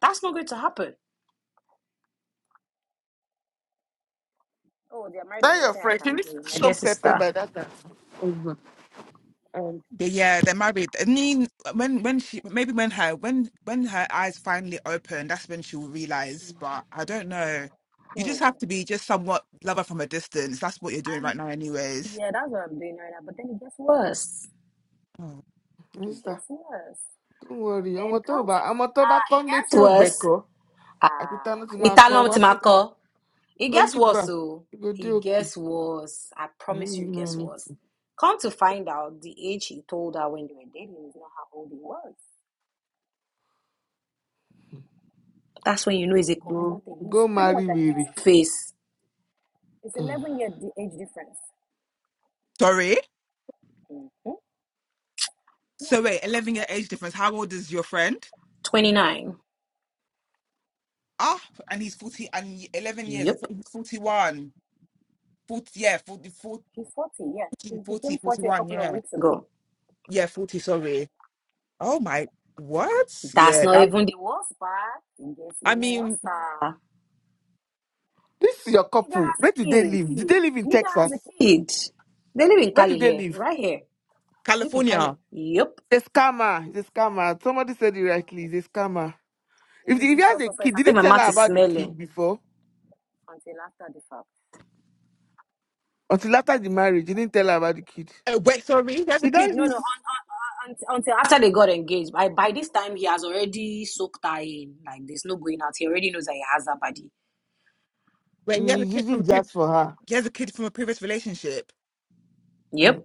Speaker 4: That's not going to happen. Oh, they're married, there's
Speaker 1: Tell your
Speaker 4: nothing I
Speaker 1: friend, she
Speaker 4: can
Speaker 1: needs
Speaker 4: do. My dear
Speaker 1: some pepper
Speaker 4: sister.
Speaker 1: by that time.
Speaker 3: They- Yeah, they're married. I mean, when when she maybe when her when when her eyes finally open, that's when she'll realize. But I don't know. You
Speaker 4: Hmm.
Speaker 3: just have to be just somewhat lover from a distance. That's what you're doing right now, anyways.
Speaker 4: Yeah, that's what I'm doing right now. But then guess what?
Speaker 3: Oh.
Speaker 1: Mister,
Speaker 4: Guess was.
Speaker 1: don't worry. I'm
Speaker 4: And
Speaker 1: talk
Speaker 4: come to
Speaker 1: about I'm talk about come
Speaker 4: guess
Speaker 1: let you
Speaker 4: was.
Speaker 1: back àti tánú ti
Speaker 4: He
Speaker 1: máa
Speaker 4: turned
Speaker 1: kọ́
Speaker 4: over to my call. He guess was
Speaker 1: wọn
Speaker 4: so.
Speaker 1: go do
Speaker 4: He
Speaker 1: okay.
Speaker 4: guess was. I promise you, he guess was. Come to find out, the age he told her when they were dating is not how old he was. That's when you know it's a
Speaker 1: go
Speaker 4: control thing.
Speaker 1: go
Speaker 4: He's pretty
Speaker 1: marry
Speaker 4: much like
Speaker 1: wèrè.
Speaker 4: a face. It's
Speaker 1: Ugh.
Speaker 4: eleven year di- age difference.
Speaker 3: Sorry.
Speaker 4: Yeah.
Speaker 3: So wait, eleven year age difference. How old is your friend?
Speaker 4: Twenty nine.
Speaker 3: Ah, and he's forty and y- eleven years.
Speaker 4: Yep.
Speaker 3: He's forty one. Forty. Yeah, 40, 40,
Speaker 4: He's forty. Yeah. He
Speaker 3: 40,
Speaker 4: became forty a
Speaker 3: forty-one,
Speaker 4: couple of
Speaker 3: Yeah,
Speaker 4: weeks ago.
Speaker 3: yeah, forty. Sorry. Oh my. What?
Speaker 4: That's
Speaker 3: Yeah,
Speaker 4: not
Speaker 3: that.
Speaker 4: even the worst part. It gets
Speaker 3: I
Speaker 4: even
Speaker 3: mean,
Speaker 4: worse.
Speaker 1: this is your
Speaker 4: Nigga
Speaker 1: couple
Speaker 4: has
Speaker 1: where
Speaker 4: a
Speaker 1: do they
Speaker 4: kid.
Speaker 1: live Did they live in
Speaker 4: Nigga has
Speaker 1: texas
Speaker 4: a kid. They live in
Speaker 1: where do
Speaker 4: Cali
Speaker 1: they
Speaker 4: here,
Speaker 1: live
Speaker 4: right here. Live in
Speaker 3: California.
Speaker 4: Cali. Yep.
Speaker 1: he's a scammer he's a scammer somebody said it rightly he's a scammer if, if he has a kid
Speaker 4: I
Speaker 1: did he
Speaker 4: think my
Speaker 1: tell her
Speaker 4: mouth is
Speaker 1: about the
Speaker 4: smelling.
Speaker 1: kid before until after the marriage he didn't tell her about the kid
Speaker 3: Oh, wait, sorry. He has a
Speaker 1: he
Speaker 3: kid.
Speaker 1: don't
Speaker 4: No, no,
Speaker 1: use
Speaker 4: until, until after they got engaged. By by this time, he has already soaked her in. Like, there's no going out. He already knows that he has her body.
Speaker 3: Wait, he has a
Speaker 1: he's
Speaker 3: kid from a
Speaker 1: using
Speaker 3: pre-
Speaker 1: jazz for her
Speaker 3: he has a kid from a previous relationship.
Speaker 1: Mm,
Speaker 4: Yep.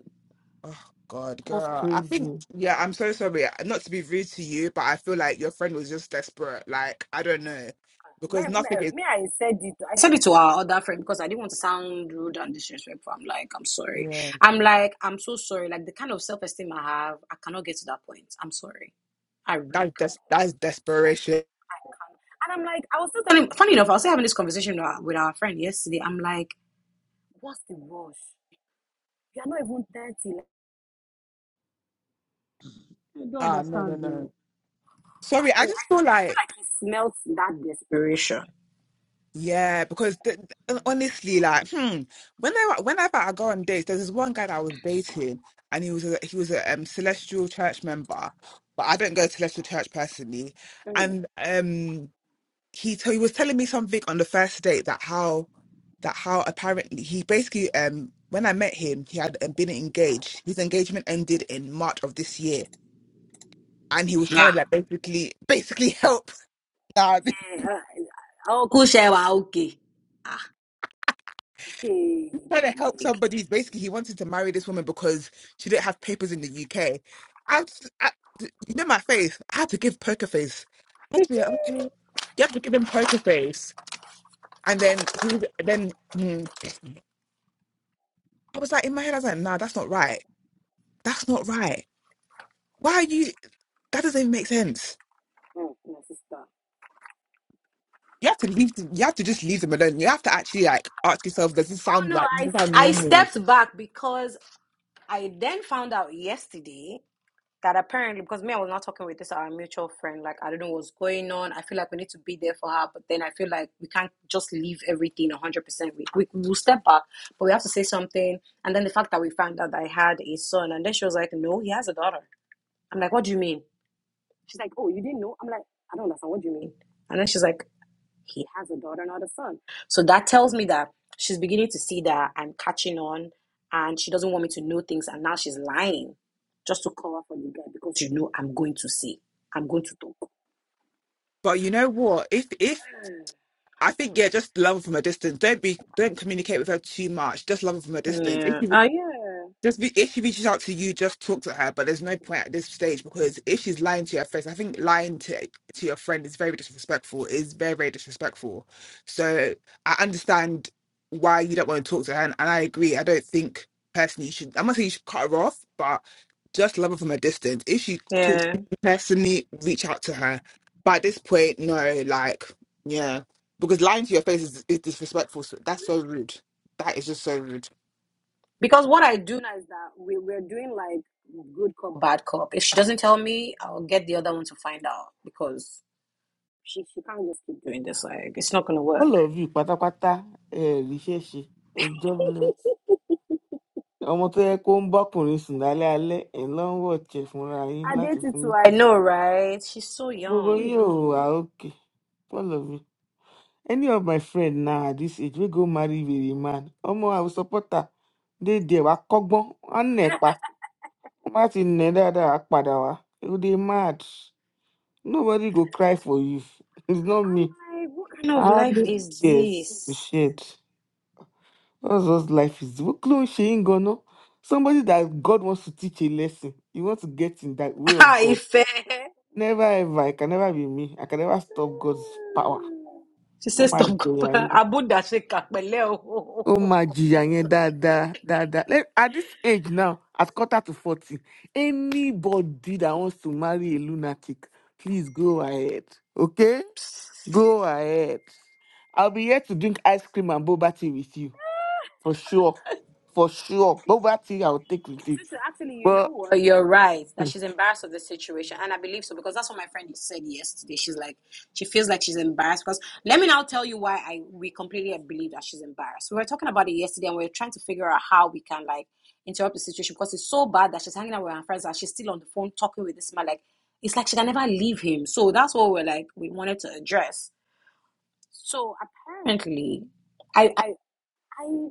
Speaker 3: Oh God,
Speaker 1: that's
Speaker 3: girl. I think
Speaker 1: crazy
Speaker 3: yeah. I'm so sorry. Uh, Not to be rude to you, but I feel like your friend was just desperate. Like I don't know,
Speaker 4: Me,
Speaker 3: because
Speaker 4: me,
Speaker 3: nothing is.
Speaker 4: me, I said it. I said it to our other friend because I didn't want to sound rude and disrespectful. I'm like, I'm sorry.
Speaker 3: Yeah,
Speaker 4: I'm like, I'm so sorry. Like the kind of self esteem I have, I cannot get to that point. I'm sorry. I really
Speaker 3: that's
Speaker 4: can't.
Speaker 3: des- that's desperation.
Speaker 4: And I'm like, I was still telling, funny enough, I was still having this conversation with our with our friend yesterday. I'm like, what's the rush? You're not even 30. like-
Speaker 3: Ah, no, no, no. Sorry, I
Speaker 4: And
Speaker 3: just feel
Speaker 4: I feel
Speaker 3: like.
Speaker 4: like he smells that desperation.
Speaker 3: Yeah, because th th- honestly, like, hmm, whenever whenever I go on dates, there's this one guy that I was dating, and he was a, he was a um, Celestial Church member, but I don't go to Celestial Church personally.
Speaker 4: Mm.
Speaker 3: And um, he t he was telling me something on the first date that how that how apparently he basically um when I met him, he had um, been engaged. His engagement ended in March of this year, and he was trying
Speaker 4: Nah.
Speaker 3: to like basically basically help.
Speaker 4: Oh, cool, Shewa, okay. Hey,
Speaker 3: trying to help
Speaker 4: big.
Speaker 3: somebody. Basically, he wanted to marry this woman because she didn't have papers in the UK. I, was- I you know my face. I had to give poker face. I had to be like, okay, you have to give him poker face. And then he was. Then mm, I was like in my head, I was like, nah, that's not right. That's not right. Why are you? That doesn't even make sense. You have to leave. th- You have to just leave them alone. You have to actually like ask yourself, does this sound like does this sound
Speaker 4: I,
Speaker 3: normal?
Speaker 4: mean, I was not talking with this our mutual friend. Like I don't know what's going on. I feel like we need to be there for her, but then I feel like we can't just leave everything one hundred percent. We we will step back, but we have to say something. And then the fact that we found out that I had a son, and then she was like, "No, he has a daughter." I'm like, "What do you mean?" And then she's like, he has a daughter, not a son. So that tells me that she's beginning to see that I'm catching on and she doesn't want me to know things. And now she's lying just to cover for the guy because you know I'm going to see. I'm going to talk.
Speaker 3: But you know what? If if I think yeah, just love her from a distance. Don't be don't communicate with her too much. Just love her from a distance. If
Speaker 4: Yeah.
Speaker 3: you just be, if she reaches out to you, just talk to her. But there's no point at this stage because if she's lying to your face, I think lying to to your friend is very disrespectful. Is very very disrespectful. So I understand why you don't want to talk to her, and, and I agree. I don't think personally you should. I'm not saying you should cut her off, but just love her from a distance. If she talks to
Speaker 4: yeah.
Speaker 3: you personally, reach out to her. But at this point, no, like yeah, because lying to your face is, is disrespectful. So that's so rude. That is just so rude.
Speaker 4: Because what I do now is good cop, bad cop. If she doesn't tell me, I'll get the other one to find out because she, she can't just keep doing this. Like, it's not going to work.
Speaker 1: all of you pátápátá Eh, ẹ eh, ṣe ẹ jobless ọmọ tó yẹ kó ń bọ́kùnrin sùn lálẹ́ alẹ́ ẹ̀ ló ń wọ̀jẹ̀ fúnra yín
Speaker 4: I
Speaker 1: láti
Speaker 4: dated
Speaker 1: fún
Speaker 4: too. I
Speaker 1: yín.
Speaker 4: know, right? She's so
Speaker 1: gbogbo
Speaker 4: young.
Speaker 1: yín ò wá òkè all of you any of my friend now at this age wey go marry very man ọmọ àwọn supporter dey there wá kọ́gbọ́n á nẹ̀ pa wọ́n bá ti nẹ̀ dáadáa á padà wá you dey mad nobody go cry for you it's not me
Speaker 4: Like, what kind
Speaker 1: i
Speaker 4: of
Speaker 1: have
Speaker 4: life
Speaker 1: no
Speaker 4: is
Speaker 1: tears to
Speaker 4: this?
Speaker 1: shed that's what life is what ló ń ṣe yín ganan somebody that God wants to teach a lesson you want to get in that way of God.
Speaker 4: Ife.
Speaker 1: Never ever. It can never be me. I can never stop God's power.
Speaker 4: She
Speaker 1: Oh
Speaker 4: says,
Speaker 1: my
Speaker 4: Stop,
Speaker 1: God.
Speaker 4: Abu Dashika, Pele."
Speaker 1: Oh my God. Dada, dada. Let- At this age now, at quarter to 40, anybody that wants to marry a lunatic, please go ahead. Okay? Go ahead. I'll be here to drink ice cream and boba tea with you. For sure. For sure. Boba tea I'll take with you. But
Speaker 4: No, uh, you're right. That
Speaker 1: people
Speaker 4: she's embarrassed of the situation. And I believe so because that's what my friend said yesterday. She's like, she feels like she's embarrassed. Because let me now tell you why I we completely believe that she's embarrassed. We were talking about it yesterday and we were trying to figure out how we can like interrupt the situation because it's so bad that she's hanging out with her friends and she's still on the phone talking with this man. Like, it's like she can never leave him. So that's what we're like, we wanted to address. So apparently, I, I, I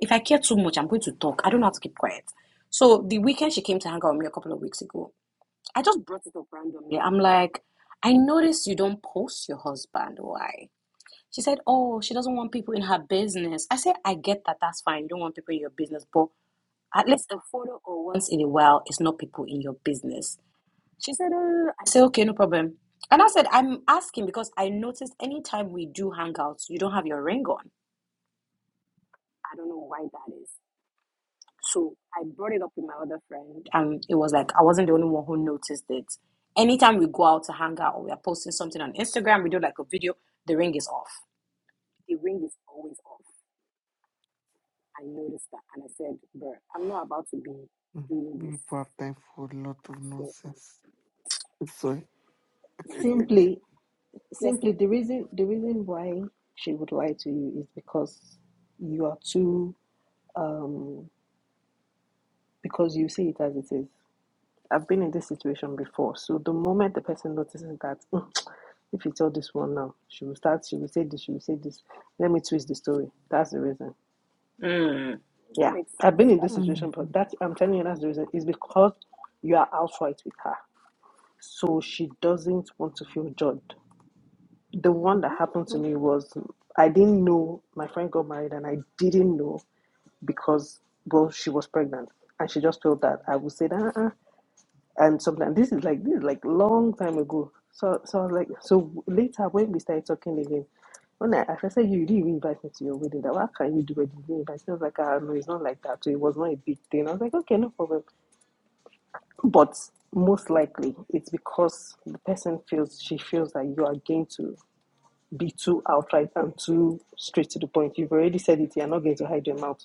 Speaker 4: if I care too much, I'm going to talk. I don't know how to keep quiet. So the weekend she came to hang out with me a couple of weeks ago, I just brought it up randomly. I'm like, I noticed you don't post your husband. Why? She said, Oh, she doesn't want people in her business. I said, I get that. That's fine. You don't want people in your business, but once in a while, it's not in your business. She said, uh, I said, Okay, no problem. And I said, I'm asking because I noticed anytime you don't have your ring on, I don't. So. and it was like I wasn't the only one who noticed it. Anytime we go out to hang out or we are posting something on Instagram, we do like a video, the ring is off. I noticed that and I said, Bro, I'm not about to be doing this.
Speaker 1: have time for a lot
Speaker 4: I
Speaker 1: of
Speaker 4: said, uh,
Speaker 1: nonsense. Sorry.
Speaker 4: my dear.
Speaker 6: Simply,
Speaker 4: Yes, sir.
Speaker 6: simply the reason the reason why she would lie to you is because you are too um because you see it as it is. I've been in this situation before, so the moment the person notices that "Mm, if you tell this one now, she will start, she will say this, she will say this. Let me twist the story. That's the reason.
Speaker 4: Mm. That
Speaker 6: Yeah,
Speaker 4: makes
Speaker 6: I've
Speaker 4: sense.
Speaker 6: been in
Speaker 4: That
Speaker 6: this
Speaker 4: makes
Speaker 6: situation,
Speaker 4: sense.
Speaker 6: but that I'm telling you, that's the reason. Is because you are outright with her, so she doesn't want to feel judged. The one that happened to
Speaker 1: Mhm.
Speaker 6: me was I didn't know my friend got married, and I didn't know because well, she was pregnant, and she just felt that I would say that. Uh-uh. And sometimes this is like this is like long time ago. So so I was like so later when we started talking again, when I, I said you didn't even invite me to your wedding, that why can you do it? You didn't invite me. I was like, ah no, it's not like that. So it was not a big thing. I was like, okay, no problem. But most likely it's because the person feels she feels that you are going to be too outright and too straight to the point. You've already said it, you're not going to hide your mouth.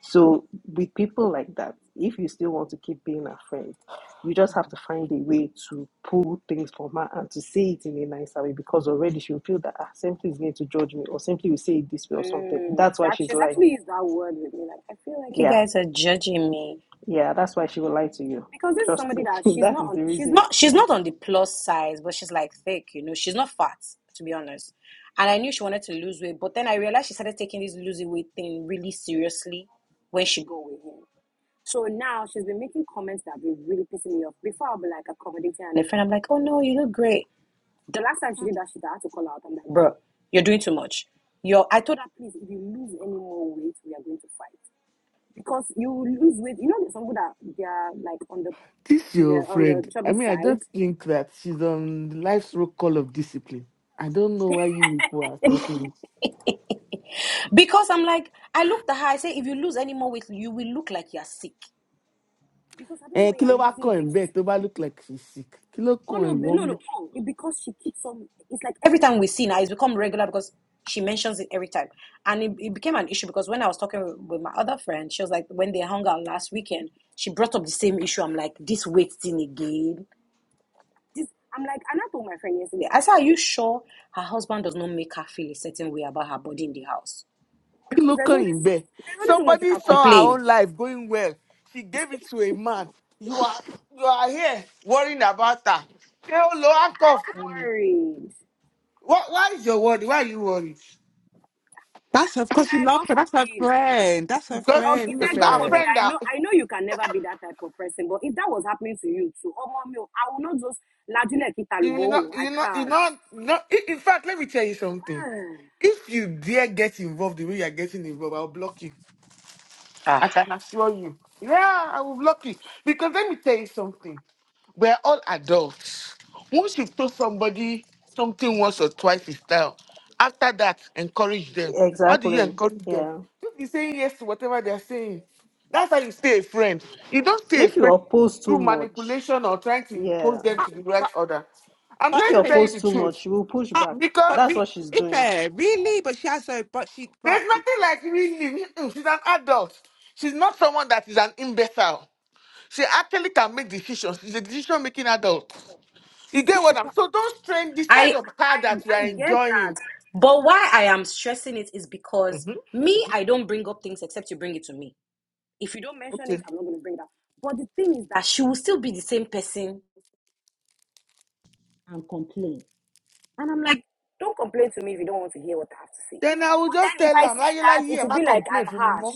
Speaker 6: So, with people like that, if you still want to keep being a friend, you just have to find a way to pull things from her and to say it in a nicer way because already she'll feel that ah, simply is going to judge me or simply will say it this way or something. That's why she's lying. Yeah, yeah, that's why she will lie to you. Trust
Speaker 4: Somebody
Speaker 6: me,
Speaker 4: that she's
Speaker 6: that is the
Speaker 4: she's
Speaker 6: reason.
Speaker 4: not she's not on the plus size, but she's like thick, you know, she's not fat, to be honest. And I knew she wanted to lose weight, but then I realized she started taking this losing weight thing really seriously. She go with him. Now she's been making comments that have been really pissing me off. Before I'll be like accommodating her and a friend, I'm like, oh no, you look great. The last time she did that shit, I had to call out. I'm like, bro, you're doing too much. You're, I told her, please any more weight yeah. because you lose weight. You know, there's some people that they are like on the
Speaker 1: This your
Speaker 4: they're on the
Speaker 1: friend. I
Speaker 4: chubby
Speaker 1: mean, I just
Speaker 4: side.
Speaker 1: think that she's on life's roll call of discipline. I don't know why you people are stopping it.
Speaker 4: Because I'm like, I looked at her. I say, if you lose any more weight, you will look like you're sick. Because I don't know
Speaker 1: Eh,
Speaker 4: where
Speaker 1: kí ló
Speaker 4: you're
Speaker 1: wá
Speaker 4: losing
Speaker 1: kàn in
Speaker 4: weight
Speaker 1: bed tó bá look like she's sick. Kí ló
Speaker 4: Oh
Speaker 1: kàn
Speaker 4: no,
Speaker 1: in
Speaker 4: be- no,
Speaker 1: one bed.
Speaker 4: no. Oh, it, because she keeps on. It's like every time we see now, it's become regular because she mentions it every time, and it, it became an issue because when I was talking with, with my other friend, she was like, when they hung out last weekend, she brought up the same issue. I'm like, this weight thing again. This. I'm like, and I told my friend yesterday. I said, are you sure her husband does not make her feel a certain way about her body in the house?
Speaker 1: Kí
Speaker 4: Because
Speaker 1: ló
Speaker 4: there's
Speaker 1: kàn
Speaker 4: only
Speaker 1: in
Speaker 4: so,
Speaker 1: bed.
Speaker 4: there's only so much you
Speaker 1: Somebody
Speaker 4: can
Speaker 1: saw her
Speaker 4: complain.
Speaker 1: own life going well. She gave it to a man. You are you are here worrying about her. Ṣé ó lo handcuff
Speaker 4: I'm
Speaker 1: ni?
Speaker 4: worried.
Speaker 1: Why why is your worry? Why are you worried?
Speaker 3: That's her, because she
Speaker 4: Eh,
Speaker 3: loves
Speaker 4: God
Speaker 3: her. That's her
Speaker 4: forbid.
Speaker 3: friend. That's her
Speaker 1: Because
Speaker 4: Oh,
Speaker 3: friend,
Speaker 4: if
Speaker 3: Ife.
Speaker 4: I God
Speaker 1: our
Speaker 4: forbid,
Speaker 1: friend
Speaker 4: I know I know you can never be that type of person, but if that was happening to you too, oh mommy, oh, I will not just lajú lẹ̀kìtà
Speaker 1: You will not,
Speaker 4: lùmọ́wò. I
Speaker 1: you not, you
Speaker 4: can't.
Speaker 1: not. no. In in fact, let me tell you something.
Speaker 4: Hmm.
Speaker 1: If you dare get involved the way you are getting involved, I'll block you. I assure you. Yeah, I was lucky. Because let me tell you something. We're all adults. Once you've told somebody something once or twice is style, after that, encourage them. How do you
Speaker 6: exactly.
Speaker 1: encourage them?
Speaker 6: Yeah.
Speaker 1: You be saying yes to whatever they're saying. That's how you stay a friend. You don't stay a
Speaker 6: If you
Speaker 1: friend
Speaker 6: oppose too
Speaker 1: through
Speaker 6: much,
Speaker 1: manipulation or trying to impose
Speaker 6: yeah.
Speaker 1: them
Speaker 3: Ah,
Speaker 1: to the right
Speaker 3: but
Speaker 1: order. I'm
Speaker 3: but
Speaker 6: If
Speaker 1: trying
Speaker 6: you
Speaker 1: to
Speaker 3: Ife,
Speaker 1: tell you the
Speaker 6: oppose too much,
Speaker 1: truth.
Speaker 6: you will push
Speaker 3: ah,
Speaker 6: back.
Speaker 3: but
Speaker 6: That's
Speaker 1: Because
Speaker 3: re,
Speaker 6: what she's doing.
Speaker 3: Ife, really? But she has her, but she, but
Speaker 1: there's nothing like really. mm-mm, She's an adult. She's not someone that is an imbecile. She actually can make decisions. She's a decision making adult. You get
Speaker 3: yeah,
Speaker 1: what I'm
Speaker 3: but
Speaker 1: so don't strain the side
Speaker 4: I
Speaker 1: of her that you are
Speaker 4: I get
Speaker 1: enjoying.
Speaker 4: but why I am stressing it is because me, I don't bring up things except you bring it to me.
Speaker 1: Okay.
Speaker 4: but the thing is That she will still be the same person and complain. And I'm like, don't complain to me if you don't want to hear what I have to say.
Speaker 1: Then I will just
Speaker 4: Then
Speaker 1: tell
Speaker 4: if I
Speaker 1: her,
Speaker 4: say
Speaker 1: like, like,
Speaker 4: that, it
Speaker 1: yeah,
Speaker 4: will
Speaker 1: my
Speaker 4: be like
Speaker 1: complaint
Speaker 4: I'm
Speaker 1: for me.
Speaker 4: harsh.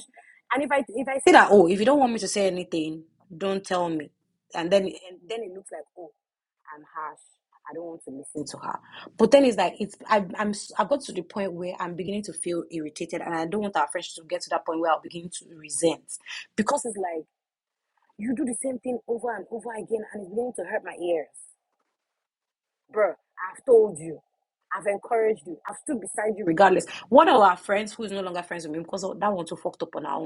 Speaker 4: And if I if I Say that, oh, if you don't want me to say anything, don't tell me. And then and then it looks like, oh, listen to her. But then it's like it's I, I'm i I've got to the point where I'm beginning to feel irritated, and I don't want our friendship to get to that point where I'll begin to resent because it's like regardless. One of our friends who is no longer friends with me because that one too fucked up on her own.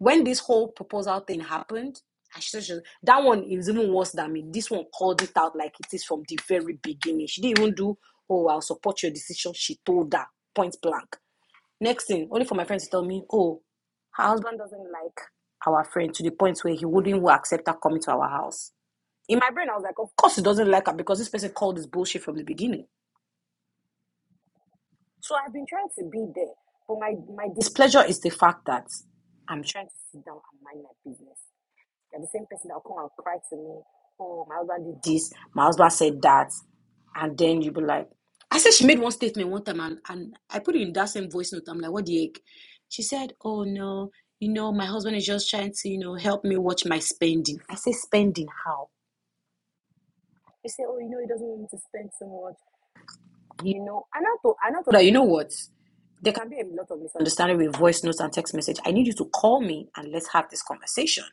Speaker 4: When this whole proposal thing happened, I should, should- that one is even worse than me. This one called it out like it is from the very beginning. She didn't even do, oh, I'll support your decision. She told her point blank. Next thing, only for my friends to tell me, oh, her husband doesn't like our friend to the point where he wouldn't accept her coming to our house. In my brain, I was like, of course he doesn't like her because this person called this bullshit from the beginning. Yeah. Displeasure is the fact that I'm trying to do this. My husband said that. And then you be like, I said she made one statement one time and, and I put it in that same voice note. I'm like, what the heck? She said, Oh no, you know, my husband is just trying to, you know, help me watch my spending. I say spending how? He said, Oh, you know, he doesn't want me to spend so much. You know, and I thought and I thought that you know what? There can be a lot of misunderstanding with voice notes and text message. I need you to call me and let's have this conversation.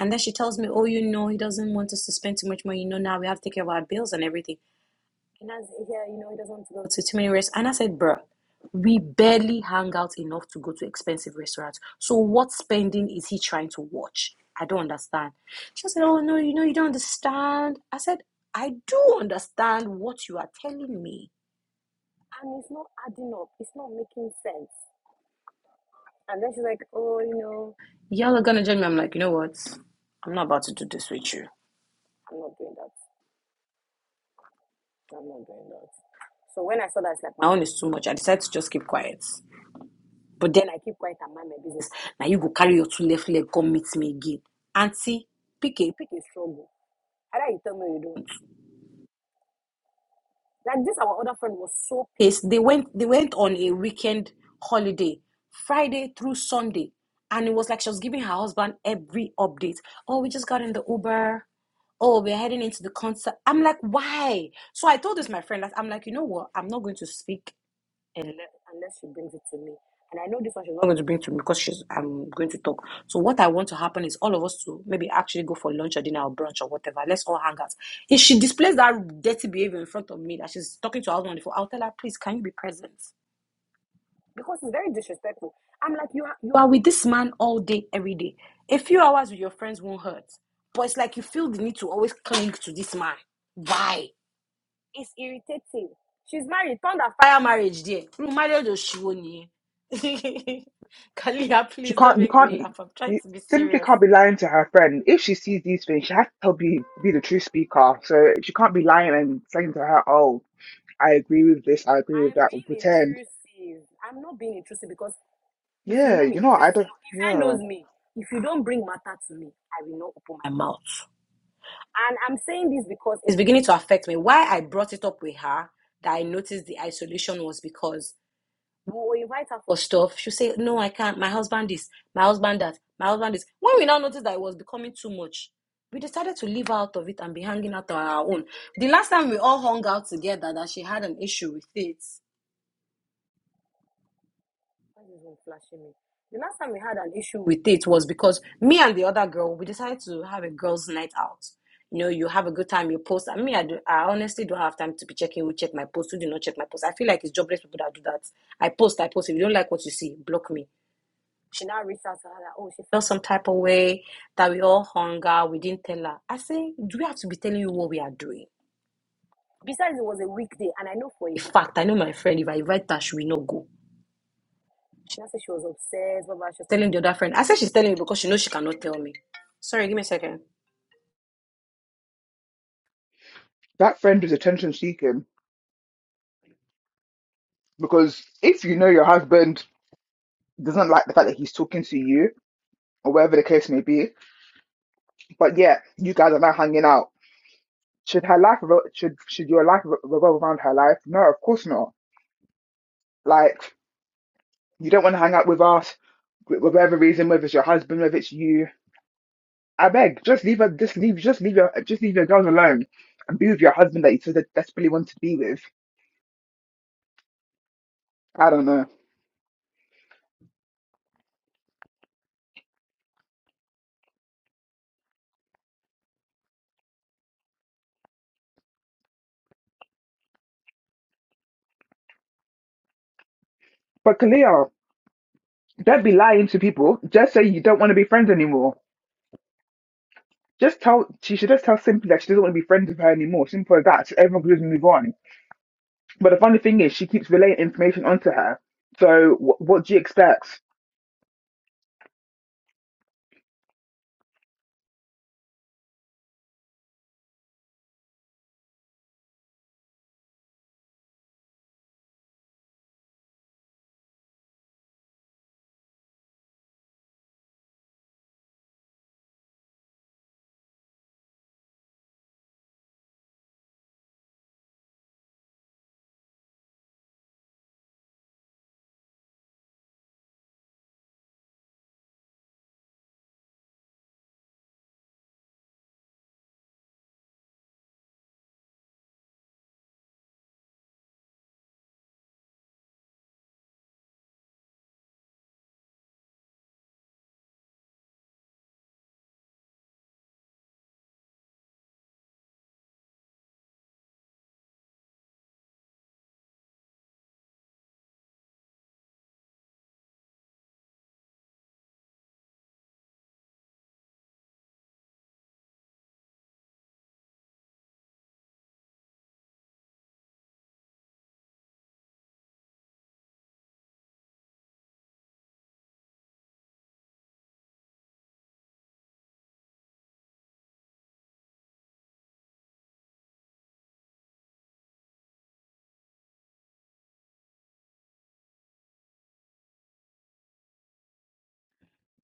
Speaker 4: And then she tells me, Oh, you know, he doesn't want us to spend too much money. You know, now we have to take care of our bills and everything. And as yeah, you know, he doesn't want to go to too many restaurants. And I said, bruh, we barely hang out enough to go to expensive restaurants. So what spending is he trying to watch? I don't understand. She said, Oh no, you know, you don't understand. I said, I do understand what you are telling me. And it's not adding up, it's not making sense. And then she's like, Oh, you know. Y'all are gonna judge me. I'm like, you know what? I'm not about to do this with you. I'm not doing that. I'm not doing that. So when I saw that, it's like my own is too much. I decided to just keep quiet. Now you go carry your two left leg, come meet me again. Auntie, pick a pick a struggle. Either you tell me or you don't. Like this, our other friend was so pissed. They went they went on a weekend holiday, Friday through Sunday. And it was like she was giving her husband every update. Oh, we just got in the Uber. Oh, we're heading into the concert. I'm like, why? So I told this my friend that I'm like, you know what? I'm not going to speak unless she brings it to me. And I know this one she's not going to bring to me because she's I'm going to talk. So what I want to happen is all of us to maybe actually go for lunch or dinner or brunch or whatever. Let's all hang out. If she displays that dirty behavior in front of me that she's talking to her husband on the phone, I'll tell her, please, can you be present? You are with this man all day, every day. A few hours with your friends won't hurt. But it's like you feel the need to always cling to this man. Why? See, she's married. Pound a fire marriage there. Rú marriage òṣìwò Kalia,
Speaker 3: She
Speaker 4: please don't
Speaker 3: can't, you
Speaker 4: make
Speaker 3: can't,
Speaker 4: me laugh. I'm trying
Speaker 3: you
Speaker 4: to be
Speaker 3: simply
Speaker 4: serious.
Speaker 3: can't be lying to her friend. If she sees these things, she has to tell be, be the true speaker. So she can't be lying and saying to her, oh, I agree with this, I agree with
Speaker 4: I'm
Speaker 3: that, or
Speaker 4: being
Speaker 3: pretend.
Speaker 4: intrusive. I'm not being intrusive because if you
Speaker 3: Yeah,
Speaker 4: know me,
Speaker 3: you
Speaker 4: if
Speaker 3: know, I
Speaker 4: I know,
Speaker 3: don't,
Speaker 4: if I
Speaker 3: yeah.
Speaker 4: knows me, if you don't bring matter to me, I will not open my mouth. And I'm saying this because it's beginning to affect me. Why I brought it up with her that I noticed the isolation was because or you invite her for stuff, she'll say, No, I can't. My husband is, my husband that, my husband is. When we now noticed that it was becoming too much, we decided to leave out of it and be hanging out on our own. The last time we all hung out together, that she had an issue with it. Why is flashing me? The last time we had an issue with it was because me and the other girl, we decided to have a girls' night out. You know, you have a good time, you post. And me, I, do, I honestly don't have time to be checking who check my post, who do not check my post. I feel like it's jobless people that do that. I post, I post. If you don't like what you see, block me. She now reached out to her like, oh, she felt some type of way that we all hung out. We didn't tell her. I say, do we have to be telling you what we are doing? Besides, it was a weekday, and I know for a fact, I know my friend. If I invite her, she will not go. She now said she was obsessed, but she was Telling the other friend. I said she's telling me because she knows she cannot tell me. Sorry, give me a second.
Speaker 3: That friend is attention seeking because if you know your husband doesn't like the fact that he's talking to you, or whatever the case may be. But yeah, you guys are now hanging out. Should her life revol- should should your life re- revolve around her life? No, of course not. Like you don't want to hang out with us for whatever reason, whether it's your husband, whether it's you. I beg, just leave her. Just leave. Just leave your. Just leave your girls alone and be with your husband that you so desperately want to be with. I don't know. But Kalia, don't be lying to people. Just say you don't want to be friends anymore. Just tell. She should just tell simply that she doesn't want to be friends with her anymore. Simple as that. So everyone can just move on But the funny thing is, she keeps relaying information onto her. So wh- what do you expect?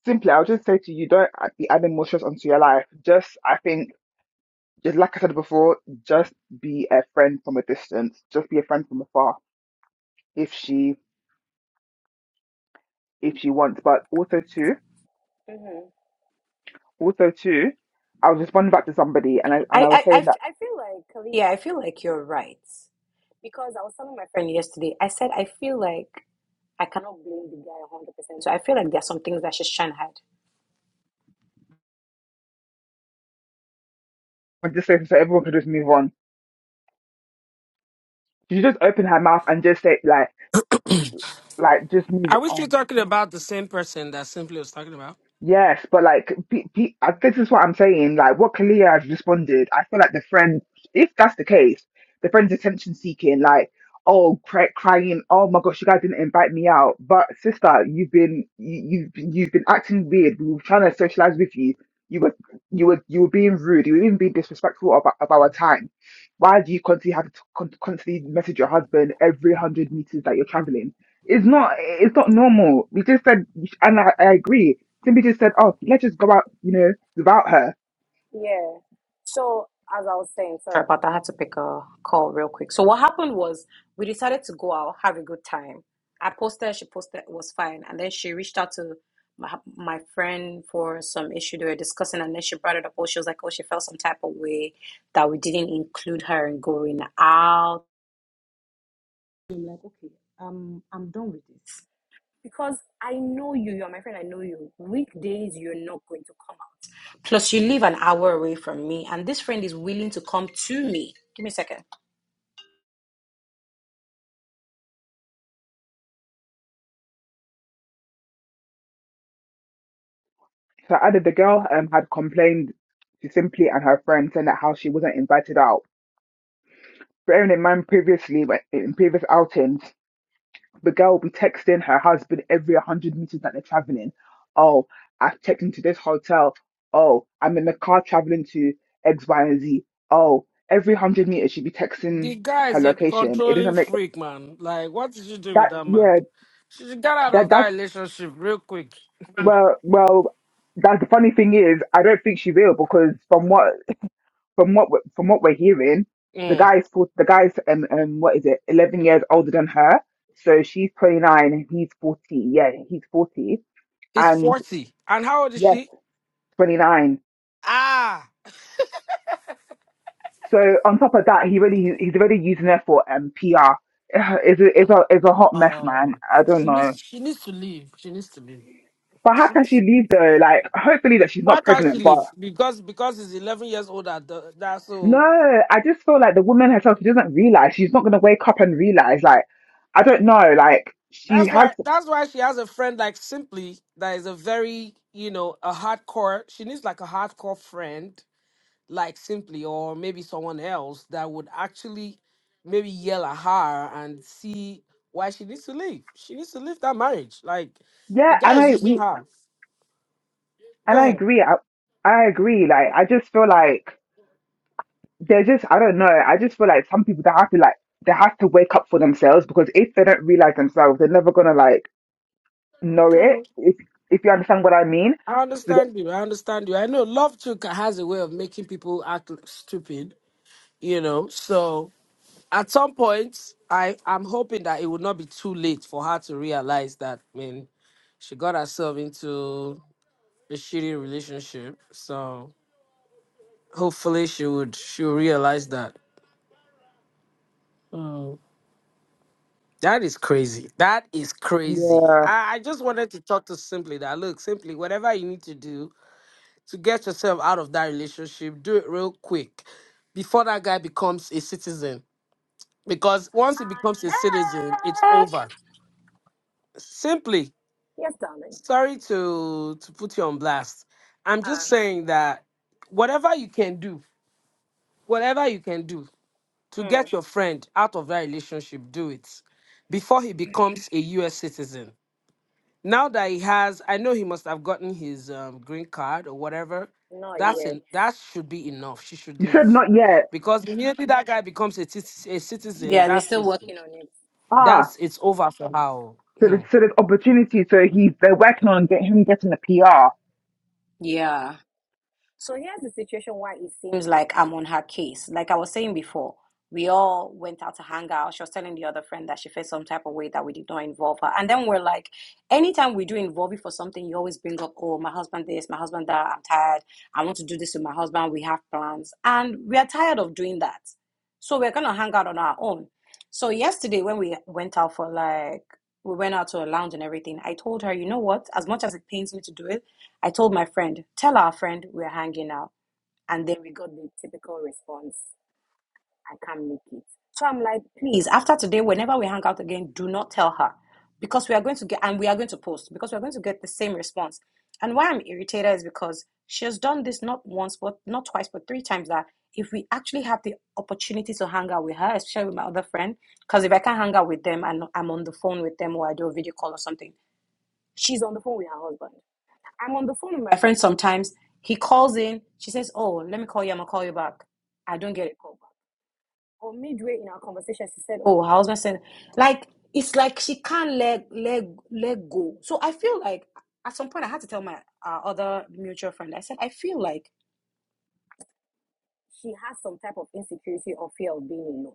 Speaker 3: Simply, I'll just say to you, don't add- be adding more stress onto your life. Just, I think, just like I said before, just be a friend from a distance. Just be a friend from afar if she if she wants. But also too.
Speaker 4: hmm
Speaker 3: Also, too, I was responding back to somebody, and I
Speaker 4: I
Speaker 3: and
Speaker 4: I,
Speaker 3: I was
Speaker 4: I, I
Speaker 3: saying that
Speaker 4: feel like Khalid, yeah, I feel like you're right because I was telling my friend yesterday. I said I feel like I cannot blame the guy 100%. so I feel like there are some things that she's trying to hide.
Speaker 3: I'm just saying so everyone could just move on. She should just open her mouth and just say like like just move
Speaker 5: Are we still
Speaker 3: on.
Speaker 5: talking about the same person that Simply was talking about?
Speaker 3: Yes, but like pe pe uh, this is what I'm saying. Like what Kalia has responded, I feel like the friend, if that's the case, the friend's attention seeking. Like oh, cry, crying. Oh my gosh, you guys didn't invite me out. But sister, you've been you, you've you've been acting weird. We were trying to socialize with you. You were you were you were being rude. You were even being disrespectful of, our- of our time. Why do you constantly have to con- constantly message your husband every hundred meters that you're traveling? It's not it's not normal. We just said, and I, I agree Simply just said, "Oh, let's just go out," you know, without her.
Speaker 4: Yeah. So as I was saying, sorry about that, I had to pick a call real quick. So what happened was we decided to go out, have a good time. I posted, she posted, it was fine. And then she reached out to my, my friend for some issue they were discussing, and then she brought it up. Oh, she was like, oh, she felt some type of way that we didn't include her in going out. I'm like, okay, um, I'm done with this. They- Plus, you live an hour away from me, and this friend is willing to come to me.
Speaker 3: So I added the girl um, had complained to Simply and her friend saying that how she wasn't invited out. Bearing in mind previously, when- in previous outings, the girl will be texting her husband every 100 meters that they're traveling. Oh, I've checked into this hotel. Oh, I'm in the car traveling to X, Y, and Z. Oh, every 100 meters she'd be
Speaker 5: The
Speaker 3: texting
Speaker 5: guy
Speaker 3: her
Speaker 5: is a
Speaker 3: location. It
Speaker 5: controlling
Speaker 3: doesn't make
Speaker 5: freak, man. Like, what did you do with
Speaker 3: that,
Speaker 5: that man?
Speaker 3: yeah,
Speaker 5: She should get out
Speaker 3: that
Speaker 5: of that
Speaker 3: that's,
Speaker 5: relationship real quick.
Speaker 3: well, well, that the funny thing is, I don't think she will because from what, from what, we- from what we're hearing, the
Speaker 5: Mm.
Speaker 3: guy's, for- the guy's, um, um, what is it, 11 years older than her. So she's 29 and he's 40. Yeah, he's 40.
Speaker 5: He's
Speaker 3: And
Speaker 5: 40. And how old is
Speaker 3: Yes,
Speaker 5: she?
Speaker 3: 29.
Speaker 5: Ah.
Speaker 3: So on top of that, he really he's already using her for um PR. It's a, it's a it's a hot mess, man.
Speaker 5: Oh.
Speaker 3: I don't
Speaker 5: She needs
Speaker 3: know.
Speaker 5: she needs to leave. She needs to leave.
Speaker 3: But how can she leave though? Like, hopefully that she's
Speaker 5: Why
Speaker 3: not
Speaker 5: can't she
Speaker 3: pregnant. But
Speaker 5: leave? Because because he's eleven years older. That that so
Speaker 3: no, I just feel like the woman herself she doesn't realize she's not gonna wake up and realize. Like, I don't know. Like, she
Speaker 5: that's
Speaker 3: has.
Speaker 5: why that's why she has a friend like Simply that is a very you know a hardcore. She needs like a hardcore friend like Simply or maybe someone else that would actually maybe yell at her and see why she needs to leave. She needs to leave that marriage. Like
Speaker 3: Yeah,
Speaker 5: the guy
Speaker 3: and
Speaker 5: is
Speaker 3: I
Speaker 5: using
Speaker 3: we
Speaker 5: her.
Speaker 3: and
Speaker 5: Go
Speaker 3: I
Speaker 5: ahead.
Speaker 3: agree. I I agree. Like, I just feel like. they're just I don't know. I just feel like some people they have to like they have to wake up for themselves because if they don't realize themselves, they're never gonna like know it.
Speaker 5: Okay.
Speaker 3: If if you understand what I mean.
Speaker 5: I
Speaker 3: So that-
Speaker 5: understand you. I understand you. I know love too ca- has a way of making people act stupid. You know, so at some point, I I'm hoping that it would not be too late for her to realize that. I mean, she got herself into a shitty relationship, so hopefully she would she'll realize that. Mm. That is crazy. That is crazy.
Speaker 3: yeah,
Speaker 5: I, I just wanted to talk to Simply that look, Simply, whatever you need to do to get yourself out of that relationship, do it real quick before that guy becomes a citizen. Because once he becomes a citizen, it's
Speaker 4: Heck,
Speaker 5: over. Simply.
Speaker 4: yes, darling.
Speaker 5: sorry to to put you on blast. I'm just saying that whatever you can do, whatever you can do to
Speaker 4: Um,
Speaker 5: get your friend out of that relationship, do it before he becomes a U.S. citizen. Now that he has, I know he must have gotten his um, green card or whatever.
Speaker 4: Not
Speaker 5: That's
Speaker 4: yet.
Speaker 5: en- that should be enough. She should
Speaker 3: you said
Speaker 5: leave
Speaker 3: not yet.
Speaker 5: because the minute that guy becomes a, tis- a citizen,
Speaker 4: Yeah, they're
Speaker 5: that's
Speaker 4: still
Speaker 5: it.
Speaker 4: working on it.
Speaker 3: Ah,
Speaker 5: That's it's over for her. oh.
Speaker 3: So
Speaker 5: Hmm.
Speaker 3: there's, so there's opportunity. So he's they're working on get him getting a PR.
Speaker 4: Yeah, So here's the situation why it seems like I'm on her case. Like I was saying before, we all went out to hang out. She was telling the other friend that she felt some type of way that we did not involve her. And then we're like, anytime we do involve you for something, you always bring up, oh, my husband this, my husband that, I'm tired. I want to do this with my husband. We have plans. And we are tired of doing that. So we're going to hang out on our own. So yesterday, when we went out for like, we went out to a lounge and everything, I told her, you know what, as much as it pains me to do it, I told my friend, tell our friend we're hanging out. And then we, so I'm like, please, after today, whenever we hang out again, do not tell her because we are going to get, and we are going to post because we're going to get the same response. And why I'm irritated is because she has done this not once, but not twice, but three times that if we actually have the opportunity to hang out with her, especially with my other friend, because if I can't hang out with them and I'm on the phone with them or I do a video call or something, she's on the phone with her husband. I'm on the phone with my friend sometimes. He calls in. She says, "Oh, let me call you. I'm gonna call you back." I don't get a call back. Or midway in our conversation, she said, "Oh, how's my son?" like it's like she can't let let let go." So I feel like at some point I had to tell my uh, other mutual friend. I said, "I feel like she has some type of insecurity or fear of being alone."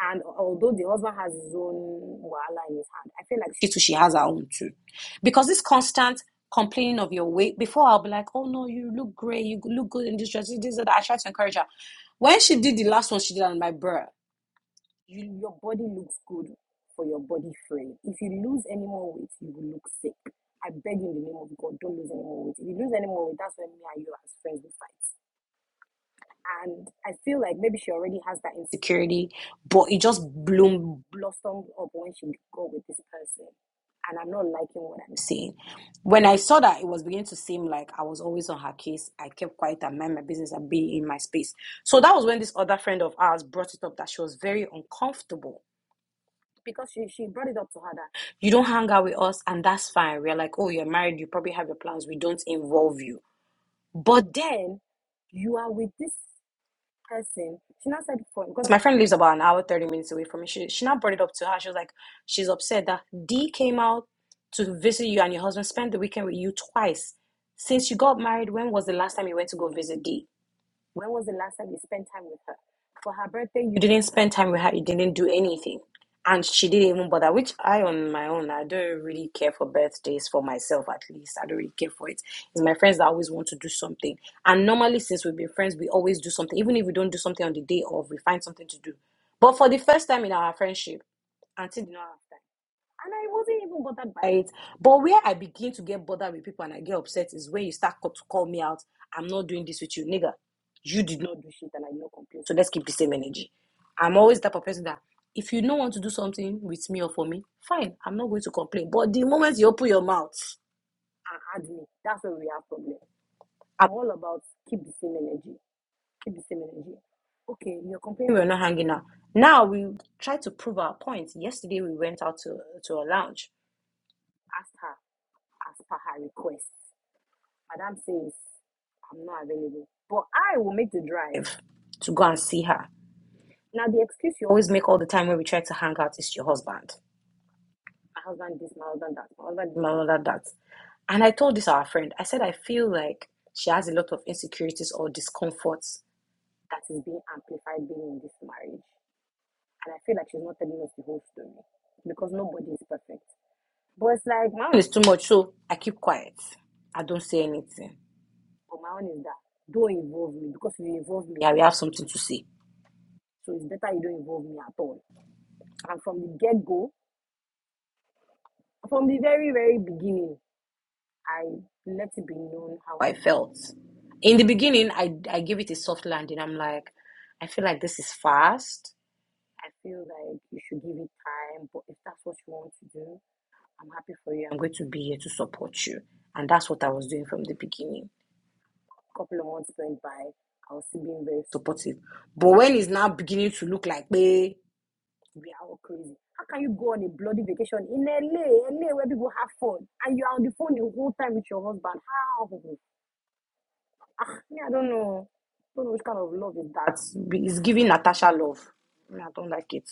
Speaker 4: And although the husband has his own wahala in his hand, I feel like she too, she has her own too. Because this constant complaining of your weight, before I'll be like, oh no, you look great, you look good in this dress, this, that. I try to encourage her. When she did the last one, she did on my bra. You, your body looks good for your body frame. If you lose any more weight, you will look sick. I beg you in the name of God, don't lose any more weight. If you lose any more weight, that's when me and you as friends will fight and I feel like maybe she already has that insecurity, but it just bloomed, blossomed up when she got with this person. And I'm not liking what I'm seeing. When I saw that, it was beginning to seem like I was always on her case. I kept quiet and mind my business and be in my space. So that was when this other friend of ours brought it up that she was very uncomfortable because she, she brought it up to her that you don't hang out with us and that's fine. We're like, oh, you're married, you probably have your plans. We don't involve you. And you are with this person. She now said for because my friend lives about an hour, 30 minutes away from me. She she now brought it up to her. She was like, She's upset that D came out to visit you and your husband spent the weekend with you twice. Since you got married, when was the last time you went to go visit D? Time with her. You didn't spend time with her. You didn't do anything. And she didn't even bother, which I, on my own, I don't really care for birthdays for myself, at least. I don't really care for it. It's my friends that always want to do something. And normally, since we've been friends, we always do something. Even if we don't do something on the day of, we find something to do. But for the first time in our friendship, Auntie did not have time by it. But where I begin to get bothered with people and I get upset is when you start co- to call me out. I'm not doing this with you, nigga. You did not. I will not complain. So let's keep the same energy. I'm always the type of person that if you don't want to do something with me or for me, fine, I'm not going to complain. But the moment you open your mouth, and add me, that's where we have problem. I'm all about keep the same energy, keep the same energy. Okay, you're complaining we're not hanging out. Now we try to prove our point. Yesterday we went out to to a lounge. Asked her as per her request. Madam says I'm not available, but I will make the drive to go and see her. If you always make all the time when we try to hang out, it's your husband. It's my husband that, my husband, my husband that. And I told this our friend. I said I feel like she has a lot of insecurities or discomforts that is being amplified being in this marriage. And I feel like she's not telling us the whole story because nobody is perfect. But it's like my own is too much, so I keep quiet. I don't say anything. But my own is that don't involve me because if you involve me, I will have something to say. So it's better you don't involve me at all. And from the get go, from the very, very beginning, I let it be known how I felt. In the beginning, I I gave it a soft landing. I'm like, I feel like this is fast. I feel like you should give it time. But if that's what you want to do, I'm happy for you. I'm going to be here to support you. And that's what I was doing from the beginning. A couple of months went by. I was still being very supportive. But when it's now beginning to look like, hey, we are all crazy. How can you go on a bloody vacation in LA, LA where people have fun, and you are on the phone the whole time with your husband? How? Love is that be- giving Natasha love. I don't like it.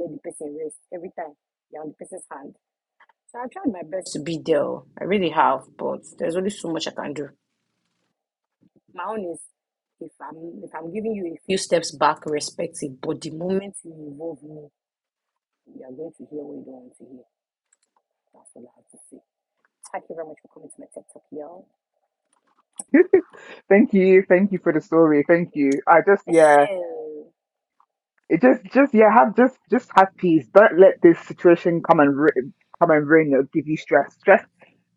Speaker 4: Let the person rest every time you're on the person's hand. I tried my best to be there. oh. I really have, but there's only so much I can do. A few steps back, respect it. But the moment you are going to hear what you say. Thank you very much for coming to my TED Talk, y'all.
Speaker 3: thank you, thank you for the story. Thank you. I just yeah,
Speaker 4: Michelle,
Speaker 3: it just just yeah, have just just have peace. Don't let this situation come and ru- come and ruin you, give you stress. Stress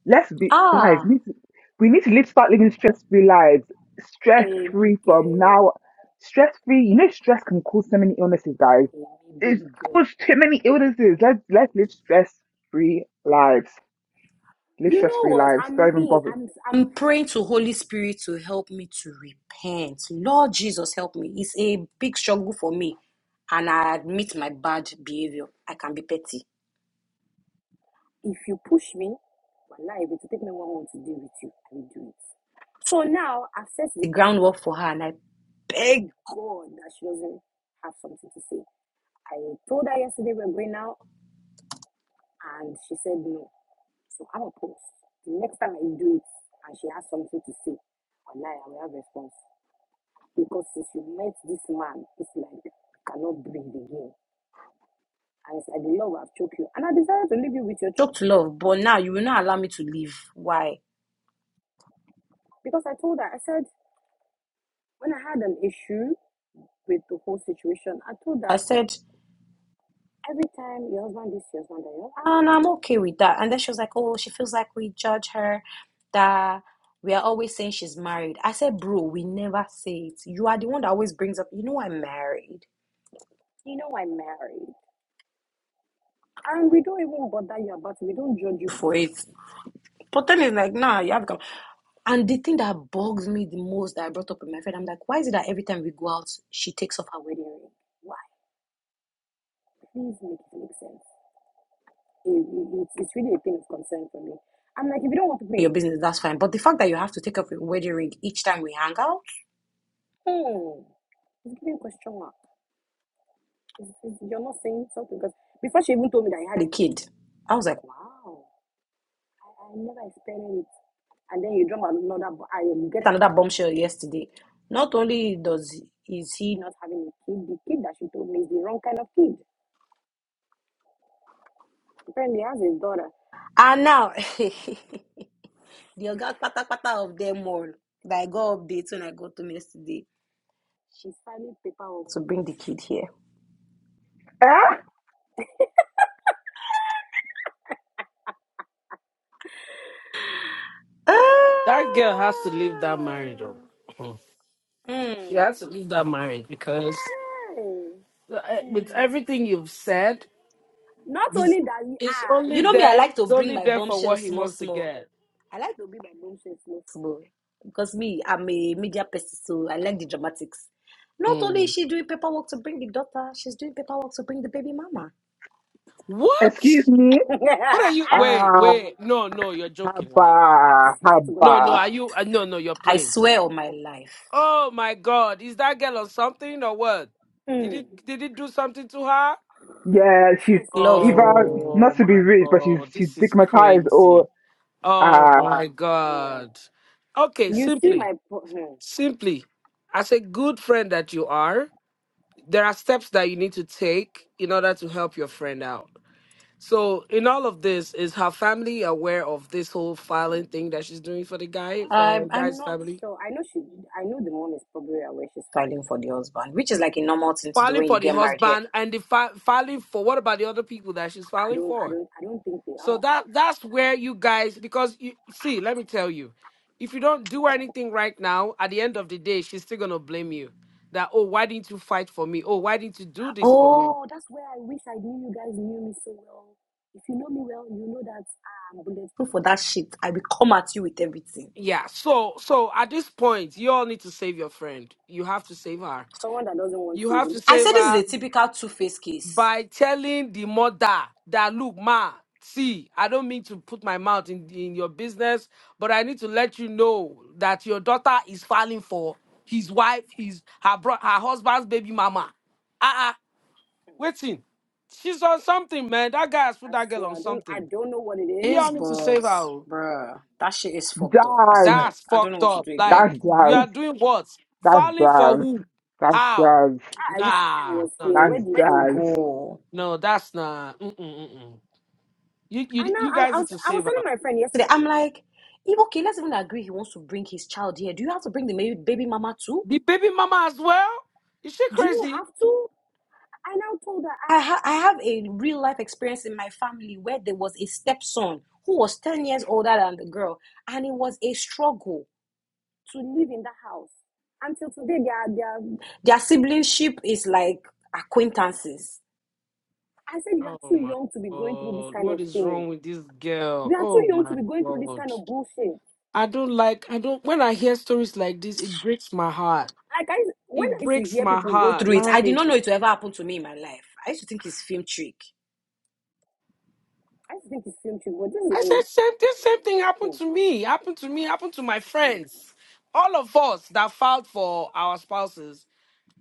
Speaker 3: Let's be guys. Need to, we need to live, start living stress-free lives.
Speaker 4: hey,
Speaker 3: Stress-free from
Speaker 4: Miguel,
Speaker 3: now. Stress-free. You know, stress can cause so many illnesses, guys.
Speaker 4: hey,
Speaker 3: It's
Speaker 4: baby girl.
Speaker 3: caused too many illnesses. Let's let's live stress-free lives. Live
Speaker 4: You know
Speaker 3: stress-free
Speaker 4: what?
Speaker 3: lives. Don't
Speaker 4: I'm
Speaker 3: even
Speaker 4: me.
Speaker 3: bother.
Speaker 4: I'm I'm I'm praying to Holy Spirit to help me to repent. Lord Jesus, help me. It's a big struggle for me, and I admit my bad behavior. I can be petty. If you push me, wallahi, if it take me one month to deal with you, I will do it. So now I've set the groundwork for her, and I beg God that she doesn't have something to say. I told her yesterday we're going out, and she said no. So I will post. The next time I do it and she has something to say, online I will have response. Because since you met this man, it's like you cannot breathe again. And it's like the love have choked you. And I decided to leave you with your choked love, but now you will not allow me to leave. Why? Because I told her, I said, when I had an issue with the whole situation, I told her, I said, Every time your husband this, your husband that, your husband And I'm okay with that. And then she was like, oh, she feels like we judge her, that we are always saying she's married. I said, bro, we never say it. You are the one that always brings up, you know, I'm married You know I'm married. And we don't even bother you about it. We don't judge you for it. it. But then it's like, nah, you have to come. And the thing that bugs me the most that I brought up with my friend, I'm like, why is it that every time we go out, she takes off her wedding ring? Please make it make sense. it- it- it's it's really a thing of concern for me. I'm like, if you don't want to pay your business, that's fine. But the fact that you have to take off your wedding ring each time we hang out, hmm, it's giving a question mark. It's, it's, you're not saying something because before she even told me that I had a kid, I was like, wow, I, I never expected it. And then you drop another, bo- I get another bombshell yesterday. Not only does is he not having a kid, the kid that she told me is the wrong kind of kid. Apparently, he has a daughter. And now The ogas pata pata of them all that I got updates when I got home yesterday. She's filing paperwork to bring the kid here.
Speaker 3: Ah,
Speaker 5: That girl has to leave that marriage. oh. You have to leave that marriage because
Speaker 4: Hey.
Speaker 5: uh, with
Speaker 4: Hmm.
Speaker 5: everything you've said,
Speaker 4: Knowing
Speaker 5: it's,
Speaker 4: that you, I,
Speaker 5: it's only
Speaker 4: you know me, I
Speaker 5: there.
Speaker 4: like to
Speaker 5: It's
Speaker 4: bring
Speaker 5: only
Speaker 4: my
Speaker 5: there for what
Speaker 4: bombshells
Speaker 5: he
Speaker 4: small,
Speaker 5: wants to
Speaker 4: small.
Speaker 5: get.
Speaker 4: I like to small, small because me, I'm a media person, so I like the dramatics. Not only is
Speaker 5: Mm.
Speaker 4: she doing paperwork to bring the daughter, she's doing paperwork to bring the baby mama.
Speaker 3: excuse
Speaker 5: What?
Speaker 3: me.
Speaker 4: I
Speaker 5: What are you? Wait,
Speaker 3: Ah,
Speaker 5: wait. No, no, you're joking, right?
Speaker 3: haba,
Speaker 4: swear to God on
Speaker 5: No,
Speaker 4: my
Speaker 5: no.
Speaker 3: haba.
Speaker 5: Are you?
Speaker 4: life.
Speaker 5: Uh, no, no. You're
Speaker 4: I
Speaker 5: playing.
Speaker 4: swear on my life.
Speaker 5: Oh my God! Is that girl on something or what? Did
Speaker 4: Hmm.
Speaker 5: it? Did it do something to her?
Speaker 4: And
Speaker 3: Yeah,
Speaker 4: they
Speaker 3: she's
Speaker 4: say love.
Speaker 3: either
Speaker 4: oh.
Speaker 5: Oh
Speaker 3: not to be
Speaker 5: my
Speaker 3: rude, but she's
Speaker 5: God!
Speaker 3: she's
Speaker 5: This is
Speaker 3: stigmatized
Speaker 5: crazy.
Speaker 3: or
Speaker 5: Oh
Speaker 3: ah,
Speaker 5: my God! Okay,
Speaker 4: You see
Speaker 5: simply.
Speaker 4: my. po- hmm.
Speaker 5: Simply, as a good friend that you are, there are steps that you need to take in order to help your friend out. So, in all of this, is her family aware of this whole filing thing that she's doing for the guy, for the
Speaker 4: I'm
Speaker 5: guy's
Speaker 4: not
Speaker 5: family?
Speaker 4: sure. I know she. I know the mom is probably aware she's filing for the husband, which is like a normal thing to do
Speaker 5: Filing
Speaker 4: when you
Speaker 5: for the
Speaker 4: get married here.
Speaker 5: husband and the fi- filing for what about the other people that she's
Speaker 4: I
Speaker 5: filing
Speaker 4: don't. I
Speaker 5: for?
Speaker 4: don't. I don't think they
Speaker 5: So
Speaker 4: are.
Speaker 5: that that's where you guys because you see, let me tell you, if you don't do anything right now, at the end of the day, she's still gonna blame you. That oh, why didn't you fight for me? Oh, why didn't you do this for me?
Speaker 4: Oh, that's where I wish I knew you guys knew me so well. If you know me well, you know that I'm bulletproof for that shit. I will come at you with everything.
Speaker 5: Yeah, so so at this point, you all need to save your friend. You have to save her.
Speaker 4: Someone that doesn't want
Speaker 5: You have
Speaker 4: saving.
Speaker 5: to
Speaker 4: I
Speaker 5: save
Speaker 4: said this is a
Speaker 5: her
Speaker 4: typical two-faced case.
Speaker 5: by telling the mother that look, ma, see, I don't mean to put my mouth in in your business, but I need to let you know that your daughter is falling for his wife, his her bro- her husband's baby mama. Uh-uh, waiting. She's on something, man. That guy has put
Speaker 4: I
Speaker 5: that girl
Speaker 4: swear,
Speaker 5: on
Speaker 4: I don't. I
Speaker 5: something.
Speaker 4: don't know what it
Speaker 5: You
Speaker 4: is,
Speaker 5: all need to
Speaker 4: but
Speaker 5: save her. oh.
Speaker 4: bruh, that shit is fucked up. I
Speaker 3: die.
Speaker 4: swear,
Speaker 5: That's
Speaker 4: I don't know
Speaker 5: fucked
Speaker 4: what to
Speaker 5: up.
Speaker 4: do again.
Speaker 5: Like
Speaker 3: That's
Speaker 5: you are
Speaker 3: jazz.
Speaker 5: doing what?
Speaker 3: That's
Speaker 5: Falling for
Speaker 3: jazz.
Speaker 5: who?
Speaker 3: That's
Speaker 5: How?
Speaker 3: jazz.
Speaker 4: Ah, I wish Ife
Speaker 5: Nah,
Speaker 4: was
Speaker 5: no,
Speaker 4: here.
Speaker 5: no,
Speaker 4: Where
Speaker 3: That's
Speaker 5: no.
Speaker 4: did Ife
Speaker 3: jazz.
Speaker 4: go?
Speaker 5: No, that's not. Mm-mm, mm-mm. You,
Speaker 4: I
Speaker 5: you,
Speaker 4: know.
Speaker 5: you
Speaker 4: I,
Speaker 5: guys
Speaker 4: I was
Speaker 5: need to
Speaker 4: I was
Speaker 5: save
Speaker 4: telling
Speaker 5: her.
Speaker 4: my friend yesterday. I'm like, if okay, let's even agree he wants to bring his child here. Do you have to bring the baby, baby mama too?
Speaker 5: The baby mama as well. Is she
Speaker 4: Do you
Speaker 5: crazy?
Speaker 4: have to? I now told her I ha- I have a real life experience in my family where there was a stepson who was ten years older than the girl, and it was a struggle to live in that house until today. Their their their siblingship is like acquaintances. I said you are
Speaker 5: Oh
Speaker 4: too
Speaker 5: my
Speaker 4: young to be going through this
Speaker 5: god,
Speaker 4: kind of
Speaker 5: what is
Speaker 4: thing.
Speaker 5: wrong with this girl?
Speaker 4: You are too
Speaker 5: Oh
Speaker 4: young to
Speaker 5: my
Speaker 4: be going through this
Speaker 5: god,
Speaker 4: kind of bullshit.
Speaker 5: I don't like. I don't. When I hear stories like this, it breaks my heart.
Speaker 4: Like I, when
Speaker 5: It
Speaker 4: I used to
Speaker 5: breaks
Speaker 4: hear
Speaker 5: my
Speaker 4: people go
Speaker 5: heart.
Speaker 4: through it, I
Speaker 5: Like.
Speaker 4: did not know it will ever happen to me in my life. I used to think it's film trick. I used to think it's film trick, but this is
Speaker 5: I said,
Speaker 4: like,
Speaker 5: same, this same thing happened
Speaker 4: hmm.
Speaker 5: to me, happened to me, happened to my friends. All of us that filed for our spouses,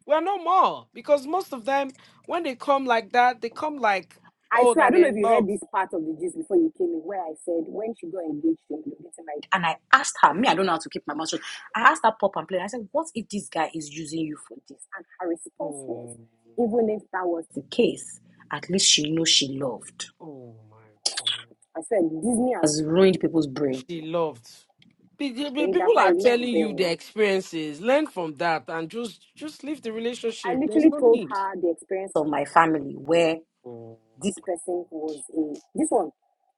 Speaker 5: we're no more because most of them, when they come like that, they come like,
Speaker 4: I
Speaker 5: oh,
Speaker 4: swear, I
Speaker 5: that
Speaker 4: don't
Speaker 5: they're
Speaker 4: know if
Speaker 5: in
Speaker 4: you heard
Speaker 5: love.
Speaker 4: this part of the gist before you came in, where I said when she got engaged to him, getting married. And I asked her, me, I don't know how to keep my mouth shut. I asked her pop and play. I said, What if this guy is using you for this? And her response was,
Speaker 5: Oh,
Speaker 4: even if that was, The case, at least she knows she loved.
Speaker 5: oh my God.
Speaker 4: I said, Disney has Has ruined people's brain.
Speaker 5: She loved. Pe- pe- pe-
Speaker 4: that's
Speaker 5: People
Speaker 4: why I
Speaker 5: are
Speaker 4: love
Speaker 5: telling you
Speaker 4: them.
Speaker 5: their experiences. Learn from that and just just leave the
Speaker 4: I
Speaker 5: relationship. There's
Speaker 4: literally
Speaker 5: no
Speaker 4: told
Speaker 5: need.
Speaker 4: her the experience of my family where this person was a this one.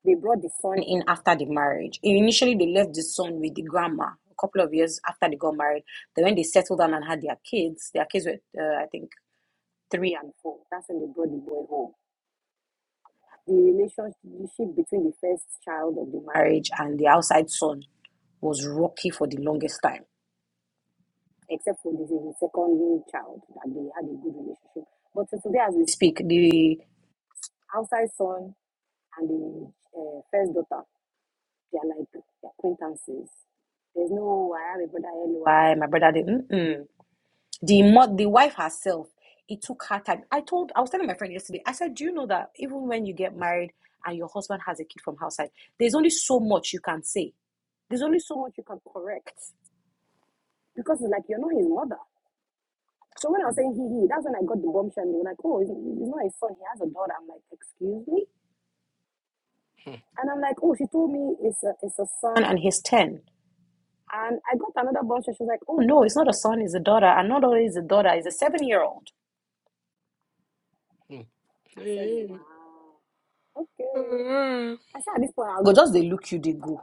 Speaker 4: They brought the son in after the marriage. Initially, they left the son with the grandma a couple of years after they got married. Then, when they settled down and had their kids, their kids were, uh, I think, three and four. That's when they brought the boy home. The relationship between the first child of the marriage and the outside son was rocky for the longest time, except for the the second child that they had a good relationship. But so today, as we speak, the outside son and the uh, first daughter, they are like acquaintances. There's no, I have a brother, hello, I, my brother didn't. Mm-mm. The, mo- the wife herself, it took her time. I told, I was telling my friend yesterday, I said, Do you know that even when you get married and your husband has a kid from outside, there's only so much you can say, there's only so much you can correct because it's like you're not his mother. So when I was saying he, he, that's when I got the bombshell. They were like, Oh, he's, he's not his son, he has a daughter. I'm like, Excuse me? And I'm like, oh, she told me it's a, it's a son and he's 10. And I got another bunch and she was like, oh, no, it's not a son, it's a daughter. And not only is a daughter, it's a seven year old. I said, wow, okay.
Speaker 5: Oh.
Speaker 4: I said, at this point, I'll go just they look you, they go.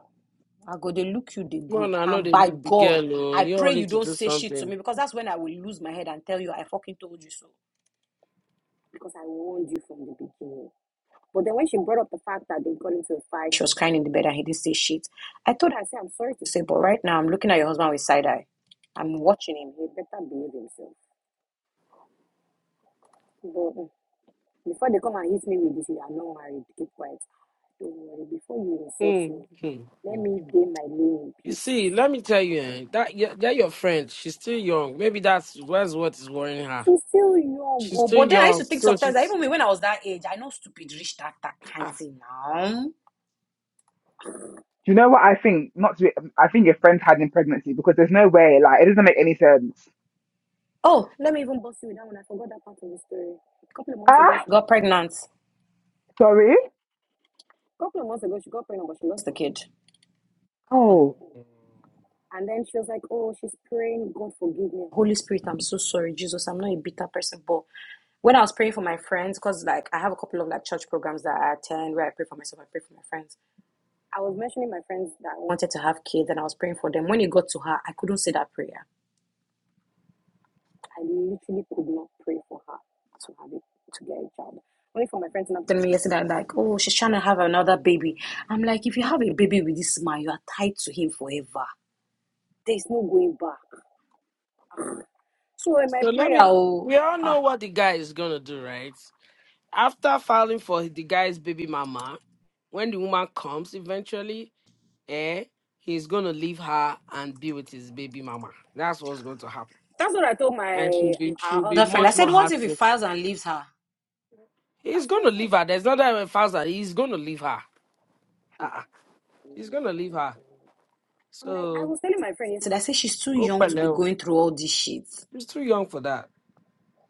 Speaker 4: I go, they look you, they go.
Speaker 5: Man, I know
Speaker 4: And
Speaker 5: they
Speaker 4: by
Speaker 5: make the
Speaker 4: God,
Speaker 5: girl. Oh,
Speaker 4: I
Speaker 5: you all
Speaker 4: pray you
Speaker 5: need to
Speaker 4: don't
Speaker 5: do
Speaker 4: say shit to
Speaker 5: something.
Speaker 4: me because that's when I will lose my head and tell you I fucking told you so. Because I warned you from the beginning. But then when she brought up the fact that they got into a fight, she was saying shit. I told her, I said, I'm sorry to say, but right now I'm looking at your husband with side eye. I'm watching him. He better behave himself. But mm, before they come and hit me with this, you are not married. Keep quiet. Don't worry. Before you insult me,
Speaker 5: Mm, mm,
Speaker 4: let
Speaker 5: mm.
Speaker 4: me gain my lane in
Speaker 5: You
Speaker 4: peace.
Speaker 5: see, let me tell you, eh, that your- that your friend, she's still young. Maybe that's that's what is worrying her.
Speaker 4: She's still young,
Speaker 5: She's
Speaker 4: oh,
Speaker 5: still
Speaker 4: but then I used to
Speaker 5: young,
Speaker 4: think
Speaker 5: so
Speaker 4: sometimes that
Speaker 5: she's.
Speaker 4: even when I was that age, I know stupid rich that that kind of
Speaker 5: Ah.
Speaker 4: thing now.
Speaker 3: Do you know what I think? Not to be, I think your friend's hiding pregnancy because there's no way, like, it doesn't make any sense.
Speaker 4: Oh, let me even bust you with that one. I forgot that part of the story. A couple of months ago,
Speaker 3: Ah,
Speaker 4: she got pregnant. A
Speaker 3: sorry.
Speaker 4: couple of months ago, she got pregnant, but she lost the kid.
Speaker 5: hmm.
Speaker 3: Oh,
Speaker 4: And then she was like, "Oh, she's praying, God forgive me, Holy Spirit, I'm so sorry, Jesus, I'm not a bitter person, but." when I was praying for my friends, because like I have a couple of like church programs that I attend where I pray for myself, I pray for my friends. I was mentioning my friends that I wanted to have kids and I was praying for them. When it got to her, I couldn't say that prayer. I literally could not pray for her to have it to get a child. Only for my friends and I'm telling me yesterday like, oh, she's trying to have another baby. I'm like, if you have a baby with this man, you are tied to him forever. There's no going back. So in my
Speaker 5: So let
Speaker 4: prayer,
Speaker 5: me.
Speaker 4: oh,
Speaker 5: We all
Speaker 4: ah,
Speaker 5: know what the guy is gonna do, right? After filing for the guy's baby mama, when the woman comes eventually, eh, he's gonna leave her and be with his baby mama. That's what's going to happen,
Speaker 4: that's what I told
Speaker 5: and she'll
Speaker 4: my um,
Speaker 5: be she'll
Speaker 4: our
Speaker 5: be
Speaker 4: other friend. I
Speaker 5: much more
Speaker 4: said, what if he
Speaker 5: heartless.
Speaker 4: files and leaves her?
Speaker 5: He's
Speaker 4: That's what
Speaker 5: going
Speaker 4: I
Speaker 5: to
Speaker 4: said.
Speaker 5: leave her. There's no other way fast that he's going to leave her. Uh-uh. He's going to leave her.
Speaker 4: I'm like, I
Speaker 5: So,
Speaker 4: was telling my friend yesterday, I said she's too
Speaker 5: go
Speaker 4: young to be
Speaker 5: Peleo.
Speaker 4: going through all this shit.
Speaker 5: He's too young for that.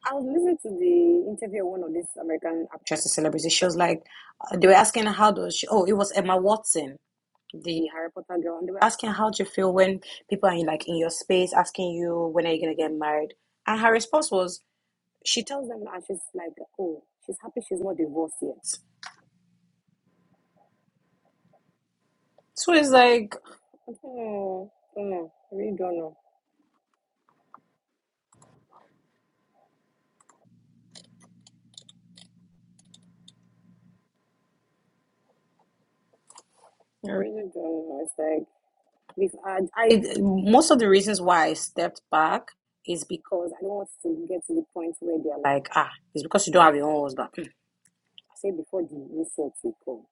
Speaker 4: I was listening to the interview of one of these American actresses, celebrities. She was like, uh, they were asking her how does she, oh, it was Emma Watson, the Harry Potter girl, and they were asking how do you feel when people are in, like in your space asking you when are you gonna get married? And her response was, she tells them, and she's like, oh, she's happy she's not divorced yet. So it's like, hmm, hmm, I really don't know. I really don't know. It's like We've had, I, most of the reasons why I stepped back is because I don't want to get to the point where they're like, ah, it's because you don't have your own husband. Hmm. I said before the insults will come,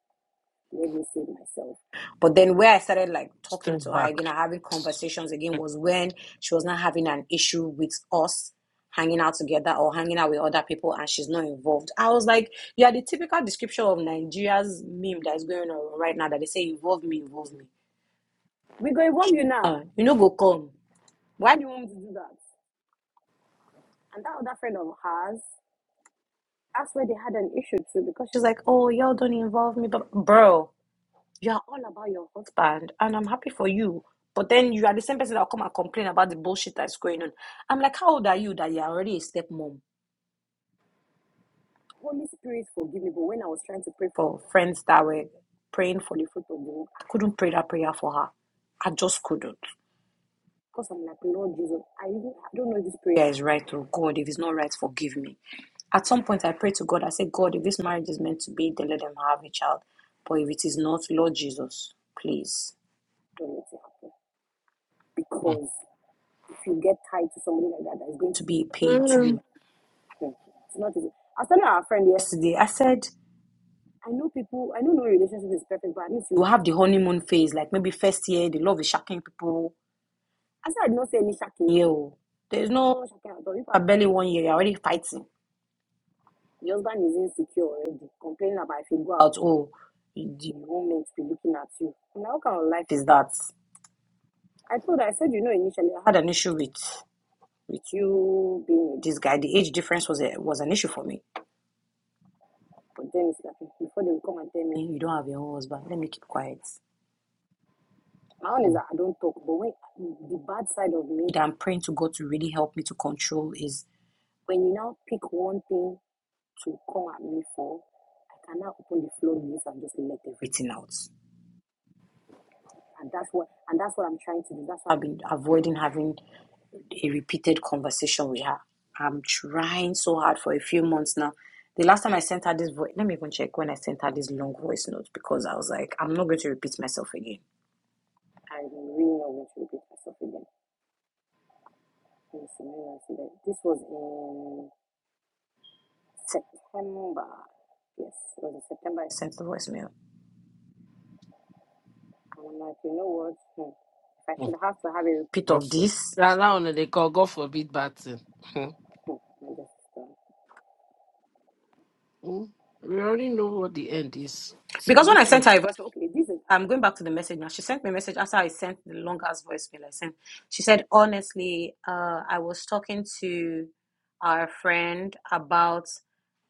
Speaker 4: let me save myself. But then where I started like talking
Speaker 5: Step
Speaker 4: to her
Speaker 5: back.
Speaker 4: again, or having conversations again, was when she was not having an issue with us hanging out together or hanging out with other people and she's not involved. I was like, you are the typical description of Nigeria's meme that is going on right now that they say involve me, involve me. We go involve you now. Uh, You know go come. Why do you want me to do that? And that other friend of hers, that's where they had an issue too, because she's like, Oh, y'all don't involve me, but bro, you're all about your husband, and I'm happy for you. But then you are the same person that'll come and complain about the bullshit that's going on. I'm like, How old are you that you're already a stepmom? Holy Spirit forgive me, but when I was trying to pray for friends that were praying for the I couldn't pray that prayer for her. I just couldn't. Because I'm like, Lord Jesus, I, really- I don't know if this prayer is right or God. If it's not right, forgive me. At some point, I prayed to God. I said, God, if this marriage is meant to be, then let them have a child. But if it is not, Lord Jesus, please don't let it happen.
Speaker 5: Mm.
Speaker 4: Because if you get tied to somebody like that, that is going to be a pain to
Speaker 5: Mm,
Speaker 4: you. Hmm. It's not easy. I was telling our friend yesterday, I said, I know people, I know no relationship is perfect, but at least you have the honeymoon phase. Like maybe first year, the love is shocking people. I said, I did not say any shocking. Yo, there's no shocking at all. People are barely one year, you're already fighting. The husband is insecure already, complaining about if you go out, oh, the woman to be looking at you. Now, what kind of life is that? I told her, I said, you know, initially I had an issue with with him being with this guy. The age difference was a, was an issue for me. But then it's like before they will come and tell me you don't have your own husband, let me keep quiet. My own is
Speaker 5: mm.
Speaker 4: that I don't talk. But when the bad side of me that I'm praying to God to really help me to control is when you now pick one thing to come at me for, I cannot open the floodgates and just let everything out. And that's what and that's what I'm trying to do. That's why I've been avoiding having a repeated conversation with her. I'm trying so hard for a few months now. The last time I sent her this voice, let me even check when I sent her this long voice note because I was like, I'm not going to repeat myself again. I'm really not going to repeat myself again. Let me see, let me see that. This was in September. Yes, it was in September. I sent the voicemail. And I'm like, you know what? Hmm. If I
Speaker 5: mm.
Speaker 4: should have to have a repeat
Speaker 5: God
Speaker 4: of
Speaker 5: for-
Speaker 4: this,
Speaker 5: Yeah, now on they call God forbid bad thing. Mm.
Speaker 4: hmm, my sister,
Speaker 5: Mm. We already know what the end is.
Speaker 4: Because when I sent her a voice, okay, this is, I'm going back to the message now. She sent me a message after I sent the longest voicemail I sent. She said, honestly, uh, I was talking to our friend about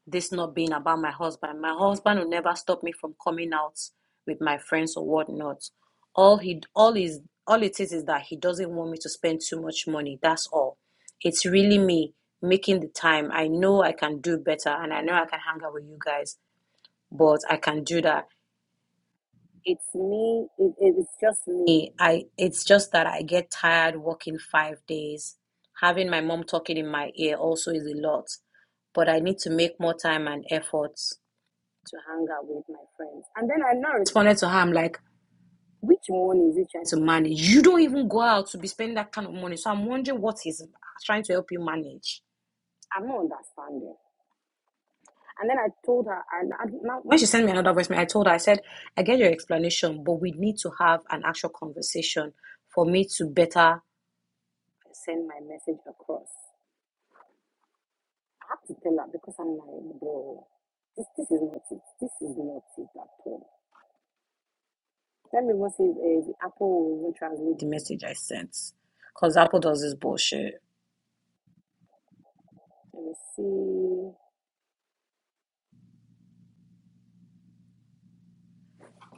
Speaker 4: this not being about my husband. My husband will never stop me from coming out with my friends or whatnot. All he, all is, all it is is that he doesn't want me to spend too much money. That's all. It's really me making the time. I know I can do better, and I know I can hang out with you guys, but I can do that it's me. It, it's just me. I. It's just that I get tired working five days. Having my mom talking in my ear also is a lot. But I need to make more time and efforts to hang out with my friends. And then I now responded to her. I'm like, which money is he trying to manage? You don't even go out to be spending that kind of money. So I'm wondering what he's trying to help you manage. I'm not understanding. And then I told her, and I, now, when she sent me another voicemail, I told her, I said, I get your explanation, but we need to have an actual conversation for me to better send my message across. I have to tell her because I'm like, bro, this, this is not it. This is not it at all. Let me even see if uh, Apple will even translate the message I sent. Because Apple does this bullshit. Let me see.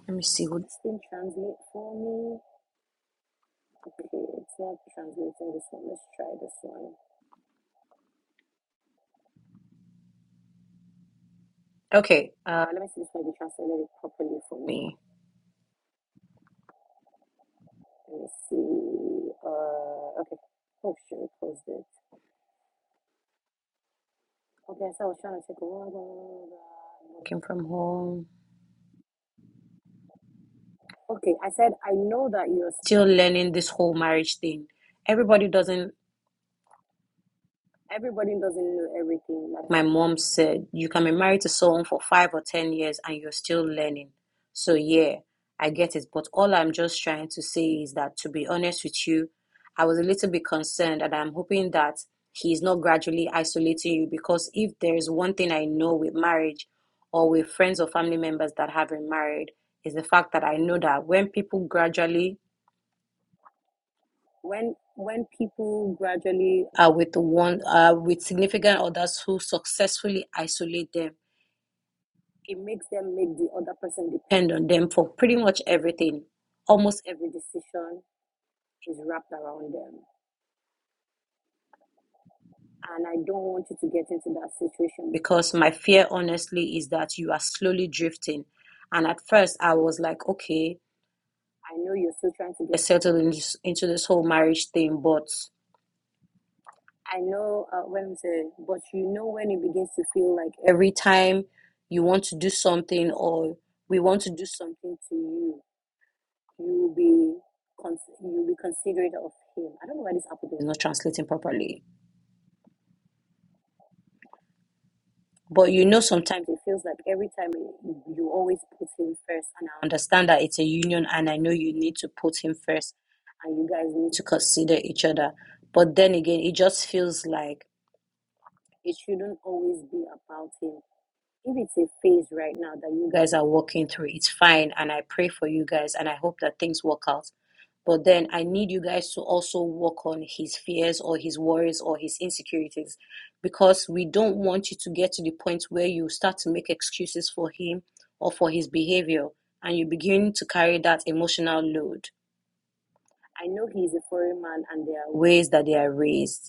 Speaker 4: Let me see what this thing translate for me. Okay, it's not translating this one. Let's try this one. Okay, uh, let me see if I can translate it properly for me. Let me see. Uh, okay. Oh, should I close this? Okay, so I was trying to take a water. Working from home. Okay, I said, I know that you're still learning this whole marriage thing. Everybody doesn't Everybody doesn't know everything. Like my mom said, you can be married to someone for five or ten years and you're still learning. So yeah, I get it. But all I'm just trying to say is that to be honest with you, I was a little bit concerned and I'm hoping that he's not gradually isolating you because if there's one thing I know with marriage or with friends or family members that have been married is the fact that I know that when people gradually when when people gradually are with one uh, with significant others who successfully isolate them it makes them make the other person depend on them for pretty much everything almost every decision is wrapped around them and i don't want you to get into that situation because my fear honestly is that you are slowly drifting and at first i was like okay i know you're still trying to get settled in this, into this whole marriage thing but I know uh, when we say, but you know when it begins to feel like every time you want to do something or we want to do something to you, you will be con- you'll be considerate of him. I don't know why this app is not translating properly, but you know sometimes it feels like every time you you always put him first, and I understand that it's a union, and I know you need to put him first, and you guys need to consider each other. But then again, it just feels like it shouldn't always be about him if it's a phase right now that you guys are walking through, it's fine. And I pray for you guys and I hope that things work out. But then I need you guys to also work on his fears or his worries or his insecurities because we don't want you to get to the point where you start to make excuses for him or for his behavior and you begin to carry that emotional load. I know he's a foreign man and there are ways that they are raised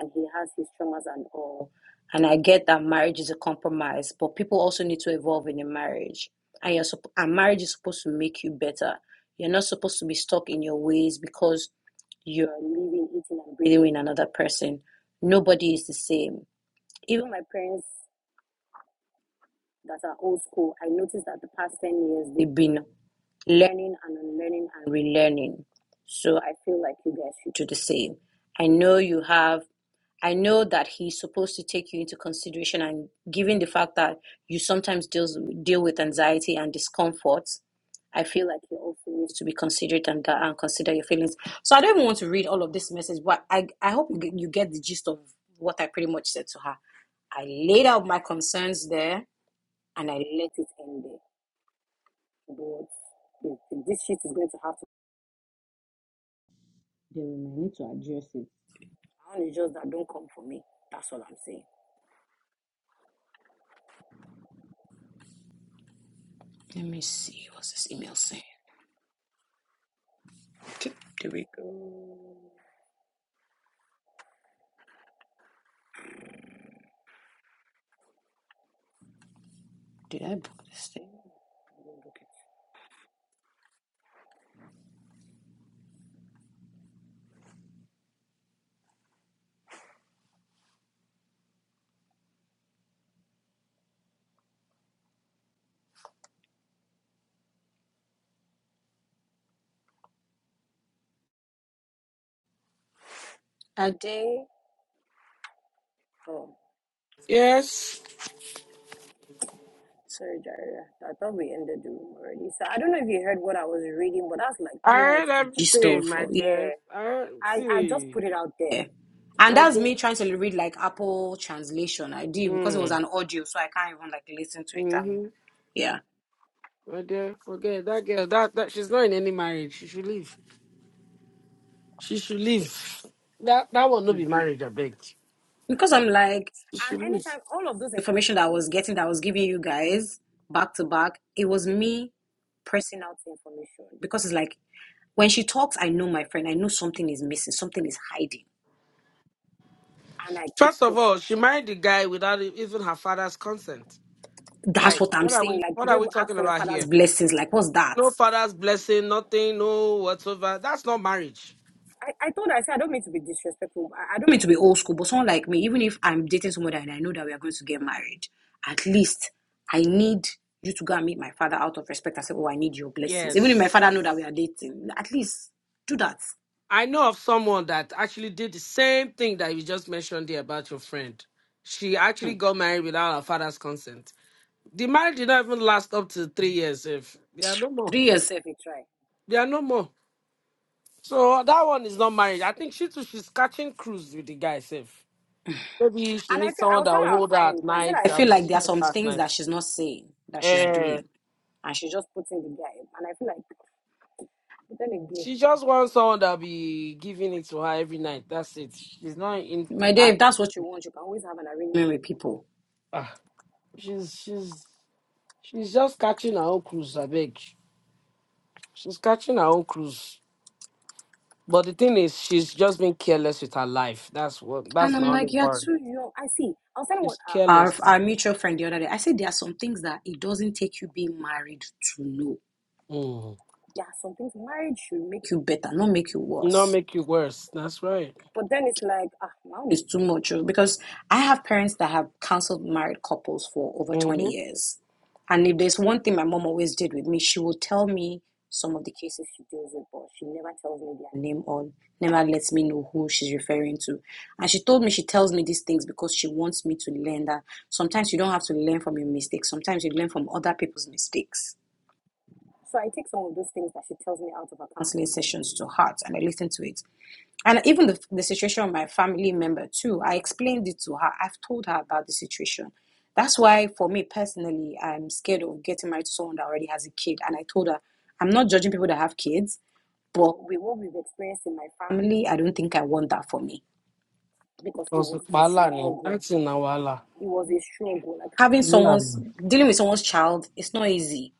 Speaker 4: and he has his traumas and all. And I get that marriage is a compromise, but people also need to evolve in a marriage. And you're supp- and marriage is supposed to make you better. You're not supposed to be stuck in your ways because you're living, eating, and breathing with another person. Nobody is the same. Even my parents that are old school, I noticed that the past 10 years they've been learning and unlearning and relearning. So I feel like you guys should do the same. I know you have I know that he's supposed to take you into consideration, and given the fact that you sometimes deals deal with anxiety and discomfort, I feel like he also needs to be considerate and that and consider your feelings. So I don't even want to read all of this message, but I I hope you get you get the gist of what I pretty much said to her. I laid out my concerns there, and I let it end there. But if- if this shit is going to happen. then we need to address it. I want to just that don't come for me. Let me see what's this email saying. There we Did I book this thing? I, Oh,
Speaker 5: Yes,
Speaker 4: sorry, Jaira. I thought we ended the room already. So I don't know if you heard what I was reading, but that's like
Speaker 5: I
Speaker 4: pretty much
Speaker 5: heard
Speaker 4: the gist of.
Speaker 5: everything, my
Speaker 4: Yeah,
Speaker 5: dear. I heard,
Speaker 4: I I just
Speaker 5: see,
Speaker 4: put it out there. yeah. And
Speaker 5: my
Speaker 4: that's
Speaker 5: dear.
Speaker 4: me trying to read like Apple translation. I did because it was
Speaker 5: Mm.
Speaker 4: an audio, so I can't even like listen to it. And
Speaker 5: Mm-hmm.
Speaker 4: yeah,
Speaker 5: My dear, forget that girl. That, that she's not in any marriage. She should leave. She should leave. That that will not be marriage, I beg.
Speaker 4: because I'm like
Speaker 5: She
Speaker 4: And
Speaker 5: should leave.
Speaker 4: anytime all of those information that I was getting, that I was giving you guys back to back, it was me pressing out information. because it's like When she talks, I know my friend, I know something is missing, something is hiding. And I keep
Speaker 5: First of
Speaker 4: pushing.
Speaker 5: all, she married the guy without e- even her father's consent.
Speaker 4: That's
Speaker 5: Like,
Speaker 4: what I'm
Speaker 5: what are
Speaker 4: saying.
Speaker 5: we
Speaker 4: Like, you
Speaker 5: what
Speaker 4: don't
Speaker 5: are we
Speaker 4: even ask
Speaker 5: talking
Speaker 4: for your
Speaker 5: about
Speaker 4: father's
Speaker 5: here?
Speaker 4: blessings. Like, what's that?
Speaker 5: No father's blessing, nothing, no whatsoever. That's not marriage.
Speaker 4: I, I told her, I said, I don't mean to be disrespectful. I, I don't mean to be old school, but someone like me, even if I'm dating somebody and I know that we are going to get married, at least I need you to go and meet my father out of respect. I said, Oh, I need your blessings. Even if my
Speaker 5: Yes.
Speaker 4: father know that we are dating, at least do that.
Speaker 5: I know of someone that actually did the same thing that you just mentioned there about your friend. She actually got married without her father's consent. The marriage did not even last up to three years. If there are no more,
Speaker 4: Three years safe, it's right.
Speaker 5: there are no more. So that one is not married. I think she too, she's catching cruise with the guy safe. Maybe she
Speaker 4: And I
Speaker 5: needs
Speaker 4: feel I
Speaker 5: someone
Speaker 4: was
Speaker 5: that
Speaker 4: telling
Speaker 5: will
Speaker 4: our
Speaker 5: hold her at
Speaker 4: friend, I said
Speaker 5: night,
Speaker 4: I
Speaker 5: that'll
Speaker 4: feel
Speaker 5: be
Speaker 4: like there are
Speaker 5: seeing
Speaker 4: some
Speaker 5: her at
Speaker 4: things
Speaker 5: night.
Speaker 4: that she's not saying that she's doing.
Speaker 5: Eh,
Speaker 4: and she just puts in the guy. And I feel like, but then again,
Speaker 5: she just wants someone that'll be giving it to her every night. That's it. She's not in
Speaker 4: my dear,
Speaker 5: ah,
Speaker 4: if that's what you want, you can always have an arrangement with people.
Speaker 5: ah. she's she's she's just catching her own cruise, I beg. She's catching her own cruise. But the thing is she's just been careless with her life. That's what
Speaker 4: And
Speaker 5: that's
Speaker 4: I'm
Speaker 5: my only
Speaker 4: like, you're
Speaker 5: word.
Speaker 4: too young. I see. I was telling what
Speaker 5: She's
Speaker 4: our, our
Speaker 5: careless.
Speaker 4: our mutual friend the other day. I said there are some things that it doesn't take you being married to know.
Speaker 5: Mm.
Speaker 4: There are some things marriage should make you better, not make you
Speaker 5: Not
Speaker 4: worse.
Speaker 5: make you worse. That's right.
Speaker 4: But then it's like, ah, now It's too much oh, because I have parents that have counseled married couples for over 20
Speaker 5: Mm-hmm.
Speaker 4: years. And if there's one thing my mom always did with me, she would tell me some of the cases she deals with, but she never tells me their name or never lets me know who she's referring to. And she told me she tells me these things because she wants me to learn that sometimes you don't have to learn from your mistakes, sometimes you learn from other people's mistakes. So I take some of those things that she tells me out of her counseling sessions to heart and I listen to it and even the, the situation of my family member too i explained it to her i've told her about the situation that's why for me personally i'm scared of getting married to someone that already has a kid and i told her i'm not judging people that have kids but with what we've experienced in my family i don't think i want that for me because it
Speaker 5: Because
Speaker 4: was a
Speaker 5: wahala ni,
Speaker 4: struggle
Speaker 5: acting na wahala.
Speaker 4: it was a struggle like having
Speaker 5: Wahala
Speaker 4: someone's
Speaker 5: ni.
Speaker 4: dealing with someone's child it's not easy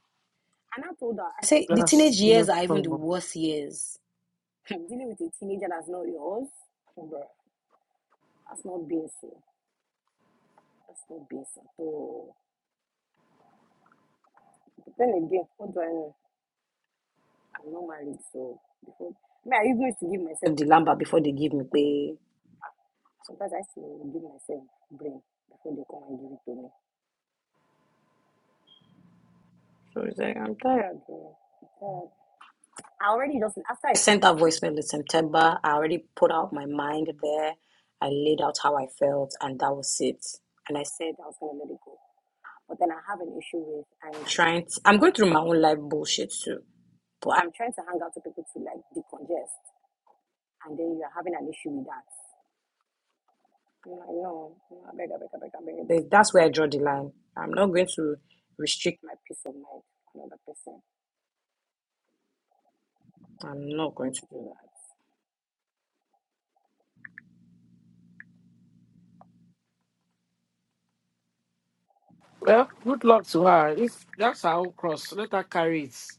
Speaker 4: and i told her i say the teenage
Speaker 5: That's,
Speaker 4: years
Speaker 5: that's
Speaker 4: are even the
Speaker 5: problem.
Speaker 4: worst years dealing with a teenager that's not yours That's not being oh. That's not BS at all. But then again, what do I know? I'm not married, so before me, I usually used to give myself the lamba before they give me pay. Sometimes I still give myself brain before they come and give it to me. So it's like I'm tired. bro. I'm tired. I already just after I sent that voicemail in September, I already put out my mind there. I laid out how I felt, and that was it. And I said I was gonna let it go. But then I have an issue with I'm trying. To, I'm going through my own life bullshit too But I'm trying to hang out with people to like decongest, and then you are having an issue with that. I'm like, no, no, I beg, I beg, I beg, I beg. There's- That's where I draw the line. I'm not going to restrict my peace of mind to another person. I'm not going to do that.
Speaker 5: Well, good luck to her. If that's her own cross, let her carry it.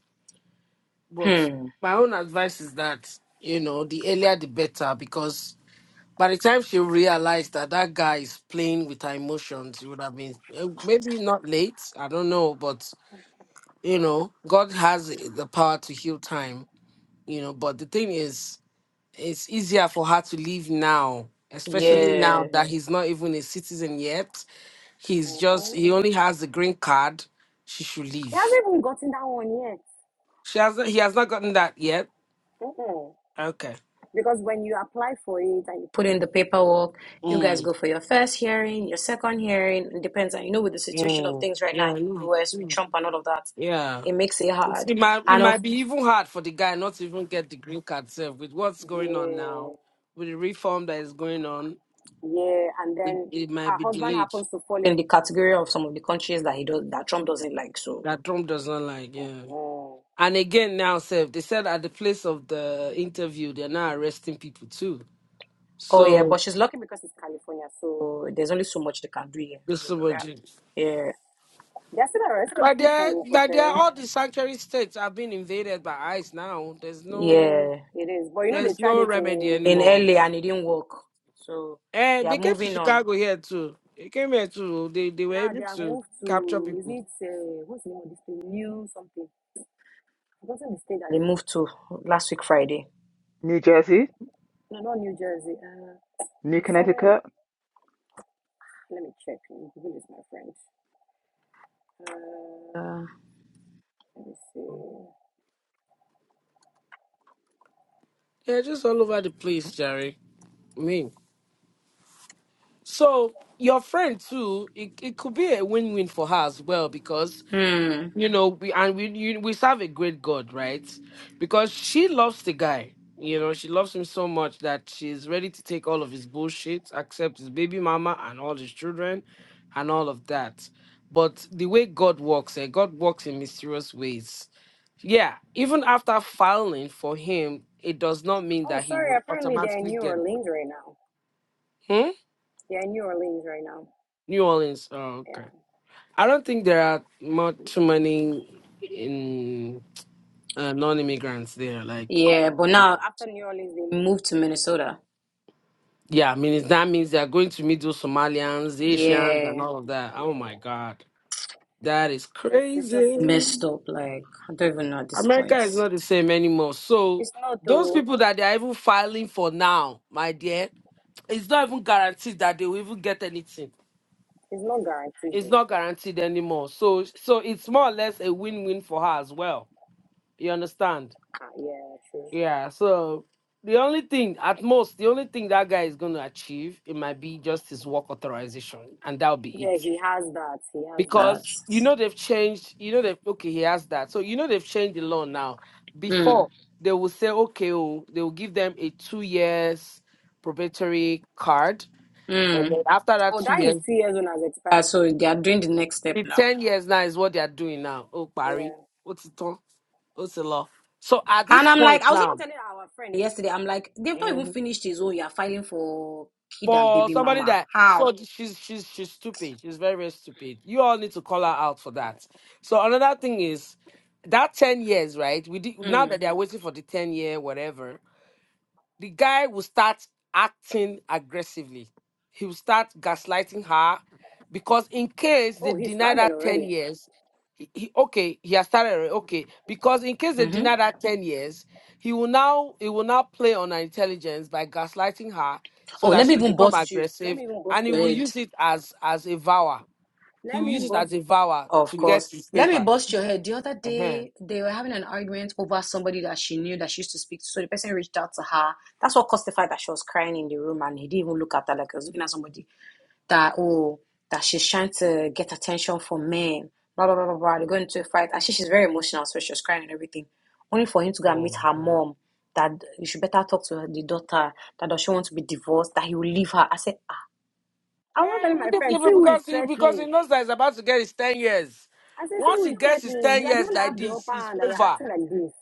Speaker 5: But
Speaker 4: Hmm.
Speaker 5: my own advice is that, you know, the earlier the better because by the time she realized that that guy is playing with her emotions, it would have been eh, maybe not late. I don't know. But, you know, God has the power to heal time, you know. But the thing is, it's easier for her to leave now especially now
Speaker 4: Yeah.
Speaker 5: that he's not even a citizen yet he's
Speaker 4: hmm
Speaker 5: just he only has the green card she should
Speaker 4: He
Speaker 5: leave
Speaker 4: hasn't even gotten that one yet.
Speaker 5: she hasn't he has not gotten that yet
Speaker 4: Mm-mm.
Speaker 5: okay
Speaker 4: Because when you apply for it and you put in the paperwork, you guys
Speaker 5: mm,
Speaker 4: go for your first hearing, your second hearing. It depends. And you know, with the situation of
Speaker 5: mm,
Speaker 4: things right now
Speaker 5: yeah
Speaker 4: in the
Speaker 5: no,
Speaker 4: US with
Speaker 5: mm,
Speaker 4: Trump and all of that,
Speaker 5: yeah
Speaker 4: it makes it
Speaker 5: It's-
Speaker 4: hard.
Speaker 5: it might it
Speaker 4: And of
Speaker 5: might be even hard for the guy not to even get the green card self with what's going on
Speaker 4: yeah,
Speaker 5: now with the reform that is going on
Speaker 4: yeah. And
Speaker 5: it,
Speaker 4: then
Speaker 5: it might
Speaker 4: her
Speaker 5: be
Speaker 4: husband
Speaker 5: delayed
Speaker 4: happens to fall in the category of some of the countries that he does that Trump doesn't like. So
Speaker 5: that trump does not like yeah
Speaker 4: Mhm.
Speaker 5: And again, now, Seth, they said at the place of the interview, they're now arresting people too.
Speaker 4: oh yeah,
Speaker 5: So,
Speaker 4: but she's lucky because it's California, so there's only so much they can do here.
Speaker 5: this is what it-
Speaker 4: Yeah. Yeah. They're still arresting
Speaker 5: But they're,
Speaker 4: people, but
Speaker 5: but they're
Speaker 4: then
Speaker 5: all the sanctuary states have been invaded by ICE now. There's no
Speaker 4: Yeah. It is. But you know, they
Speaker 5: there's
Speaker 4: tried
Speaker 5: no
Speaker 4: it
Speaker 5: remedy
Speaker 4: in, In
Speaker 5: anymore.
Speaker 4: LA and it didn't work. So they
Speaker 5: And
Speaker 4: are
Speaker 5: they came to
Speaker 4: moving on.
Speaker 5: Chicago here too. They came here too. They, they were
Speaker 4: now they
Speaker 5: able
Speaker 4: have
Speaker 5: to
Speaker 4: moved
Speaker 5: capture
Speaker 4: to, is
Speaker 5: people.
Speaker 4: it, uh, what's the name of this place? New something. I've forgotten the state that They moved to last week Friday.
Speaker 3: New Jersey,
Speaker 4: No, not New Jersey. Uh,
Speaker 3: New
Speaker 4: it's somewhere.
Speaker 3: Connecticut,
Speaker 4: Let me check. Google is my friend. Uh, Let me see.
Speaker 5: They're just all over the place, Jerry. I mean, so your friend too, it, it could be a win win for her as well because
Speaker 4: hmm.
Speaker 5: you know we and we you, we serve a great god right because she loves the guy you know she loves him so much that she's ready to take all of his bullshit accept his baby mama and all his children and all of that but the way god works eh, god works in mysterious ways yeah even after filing for him it does not mean
Speaker 4: Oh,
Speaker 5: that he
Speaker 4: sorry.
Speaker 5: would
Speaker 4: Apparently, they're in
Speaker 5: automatically
Speaker 4: New
Speaker 5: get
Speaker 4: Orleans right now.
Speaker 5: hmm?
Speaker 4: They're in New Orleans right now.
Speaker 5: new orleans oh, okay
Speaker 4: Yeah.
Speaker 5: i don't think there are much too many in uh, non-immigrants there. Like
Speaker 4: Yeah, but now After New Orleans, they moved to Minnesota.
Speaker 5: Yeah, I mean, it's, that means they're going to meet those Somalians, Asians, and
Speaker 4: Yeah.
Speaker 5: all of that. Oh
Speaker 4: yeah.
Speaker 5: my God. That is
Speaker 4: It's just it's just
Speaker 5: crazy.
Speaker 4: Messed up. Like I don't even know at this point.
Speaker 5: America is not the same anymore. So,
Speaker 4: It's not
Speaker 5: those
Speaker 4: though.
Speaker 5: people that they're even filing for now, my dear, it's not even guaranteed that they will even get anything.
Speaker 4: It's not guaranteed
Speaker 5: It's
Speaker 4: though.
Speaker 5: not guaranteed anymore. So, so it's more or less a win win for her as well. You understand?
Speaker 4: Ah, yeah, true.
Speaker 5: Yeah. So, the only thing, at most, the only thing that guy is going to achieve, it might be just his work authorization, and that'll be
Speaker 4: Yeah,
Speaker 5: it.
Speaker 4: he has that. He has that.
Speaker 5: because you know they've changed you know they've okay he has that so you know they've changed the law now
Speaker 4: That. Mm.
Speaker 5: before they will say okay oh, they will give them a two years probatory card and
Speaker 4: Mm.
Speaker 5: then after that
Speaker 4: Oh,
Speaker 5: two
Speaker 4: that is
Speaker 5: years
Speaker 4: three years old has Uh, expired. so they are doing the next step
Speaker 5: the
Speaker 4: now.
Speaker 5: 10 years now is what they are doing now oh
Speaker 4: Yeah.
Speaker 5: barry what's it on what's the law so at this
Speaker 4: And I'm like,
Speaker 5: point
Speaker 4: I was even
Speaker 5: now
Speaker 4: telling our friend yesterday, I'm like, they've not even finished his own. You're filing for kid and
Speaker 5: for
Speaker 4: baby
Speaker 5: somebody
Speaker 4: mama.
Speaker 5: that so
Speaker 4: How?
Speaker 5: she's she's she's stupid. She's very very stupid. You all need to call her out for that. So another thing is that ten years, right? We did, now that
Speaker 4: Mm.
Speaker 5: they are waiting for the ten year whatever the guy will start acting aggressively. He will start gaslighting her because in case they
Speaker 4: Oh, he
Speaker 5: deny
Speaker 4: started
Speaker 5: that 10
Speaker 4: already.
Speaker 5: years, he, he- okay, he has started already, okay. Because in case they
Speaker 4: Mm-hmm.
Speaker 5: deny that 10 years, he will now he will now play on her intelligence by gaslighting her
Speaker 4: Oh,
Speaker 5: so that
Speaker 4: let me
Speaker 5: she will
Speaker 4: even
Speaker 5: become
Speaker 4: bust you. Let
Speaker 5: aggressive
Speaker 4: me even bust
Speaker 5: and he
Speaker 4: your
Speaker 5: will
Speaker 4: head.
Speaker 5: use it as as a vower. He
Speaker 4: Let
Speaker 5: will
Speaker 4: me
Speaker 5: use it
Speaker 4: bust.
Speaker 5: as a vower
Speaker 4: Of
Speaker 5: to get
Speaker 4: course.
Speaker 5: his
Speaker 4: Let me
Speaker 5: papers.
Speaker 4: bust your head. The other
Speaker 5: Uh-huh.
Speaker 4: day, they were having an argument over somebody that she knew that she used to speak to. So the person reached out to her. That's what caused the fact that she was crying in the room and he didn't even look at her like he was looking at somebody that, oh, that she's trying to get attention from men. Blah, blah, blah, blah, blah. They go into a fight. Actually, she's very emotional, so she was crying and everything. Only for him to go and meet her mom, that you should better talk to her, the daughter, that does she want to be divorced, that he will leave her. I said, ah, I want
Speaker 5: And
Speaker 4: to
Speaker 5: he
Speaker 4: tell my
Speaker 5: wouldn't
Speaker 4: friend,
Speaker 5: give
Speaker 4: see who is
Speaker 5: because he because
Speaker 4: threatening.
Speaker 5: he knows that he's about to get his ten years.
Speaker 4: I said, see
Speaker 5: Once
Speaker 4: who
Speaker 5: he
Speaker 4: is
Speaker 5: gets his
Speaker 4: threatening.
Speaker 5: ten
Speaker 4: You are the
Speaker 5: years
Speaker 4: one that
Speaker 5: like
Speaker 4: have the
Speaker 5: this,
Speaker 4: upper
Speaker 5: it's
Speaker 4: hand and you're
Speaker 5: over.
Speaker 4: acting like this.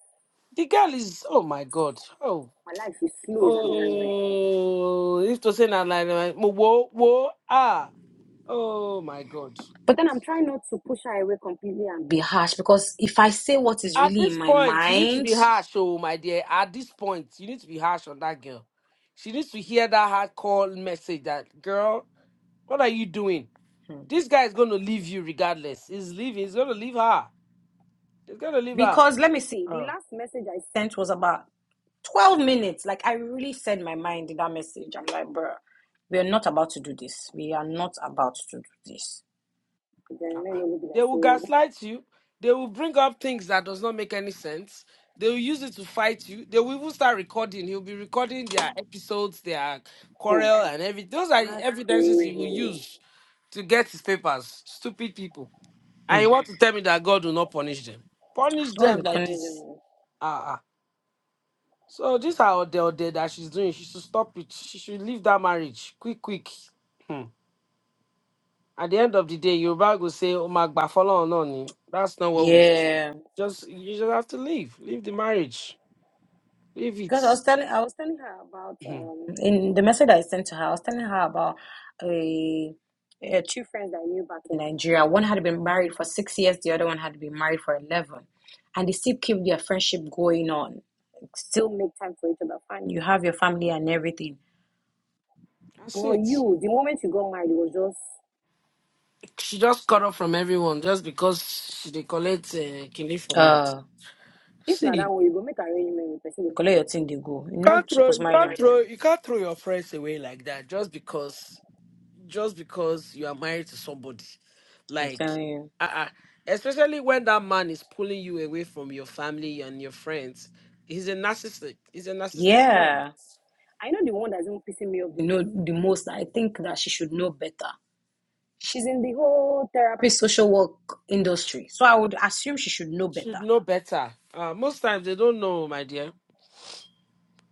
Speaker 5: The girl is oh my god. Oh
Speaker 4: My life is slow, is annoying me.
Speaker 5: oh if to say that like like, mo- whoa whoa ah oh my god.
Speaker 4: But then I'm trying not to push her away completely and be harsh because if I say what is
Speaker 5: At
Speaker 4: really in
Speaker 5: this
Speaker 4: my
Speaker 5: point, you need to
Speaker 4: mind,
Speaker 5: be harsh, oh my dear. At this point, you need to be harsh on that girl. She needs to hear that hardcore message that girl, what are you doing? This guy is gonna leave you regardless. He's leaving, he's gonna leave her. He's gonna leave her.
Speaker 4: because let me see, the
Speaker 5: Uh,
Speaker 4: last message I sent was about 12 minutes. Like I really said my mind in that message. I'm like, bruh, we are not about to do this. We are not about to do this. Then men will be
Speaker 5: they
Speaker 4: like,
Speaker 5: will
Speaker 4: say,
Speaker 5: gaslight you. They will bring up things that does not make any sense. They will use it to fight you. They will even start recording. He'll be recording their episodes, their
Speaker 4: hmm,
Speaker 5: quarrel, and everything. Those are the
Speaker 4: that's
Speaker 5: evidences he will
Speaker 4: crazy.
Speaker 5: use to get his papers. Stupid people. And you
Speaker 4: Mm.
Speaker 5: want to tell me that God will not punish them? Punish
Speaker 4: God
Speaker 5: them
Speaker 4: will
Speaker 5: like
Speaker 4: punish
Speaker 5: this.
Speaker 4: them.
Speaker 5: Ah, ah. So this is how the that she's doing. She should stop it. She should leave that marriage quick, quick. Hmm. At the end of the day, Yoruba will say, "Oh my God, follow on on." That's not what we.
Speaker 4: Yeah.
Speaker 5: Just you just have to leave. Leave the marriage. Leave it.
Speaker 4: Because I was telling I was telling her about
Speaker 5: Mhm.
Speaker 4: um, in the message I sent to her, I was telling her about a, a two friends that I knew back in Nigeria. One had been married for six years, the other one had been married for eleven. And they still keep their friendship going on. Still make time for each other. Fine, you have your family and everything.
Speaker 5: That's
Speaker 4: But
Speaker 5: it.
Speaker 4: you, the moment you got married, it was just
Speaker 5: She just cut off from everyone just because she they collect uh, kidney for night.
Speaker 4: uh if
Speaker 5: See,
Speaker 4: not that
Speaker 5: you
Speaker 4: way, you go make arrangement with person. You collect your thing, they go. You're
Speaker 5: can't
Speaker 4: not
Speaker 5: throw
Speaker 4: supposed to
Speaker 5: you
Speaker 4: marry them.
Speaker 5: can't throw you can't throw your friends away like that just because. just because you are married to somebody.
Speaker 4: I'm
Speaker 5: Like,
Speaker 4: telling you.
Speaker 5: uh-uh. especially when that man is pulling you away from your family and your friends. He's a narcissist. He's a narcissistic man.
Speaker 4: Yeah. I know the one that's even pissing me off You know the most. I think that she should know better. She's in the whole therapy. social work industry. So I would assume she should know
Speaker 5: Should
Speaker 4: better.
Speaker 5: know better. Uh, most times they don't know, my dear.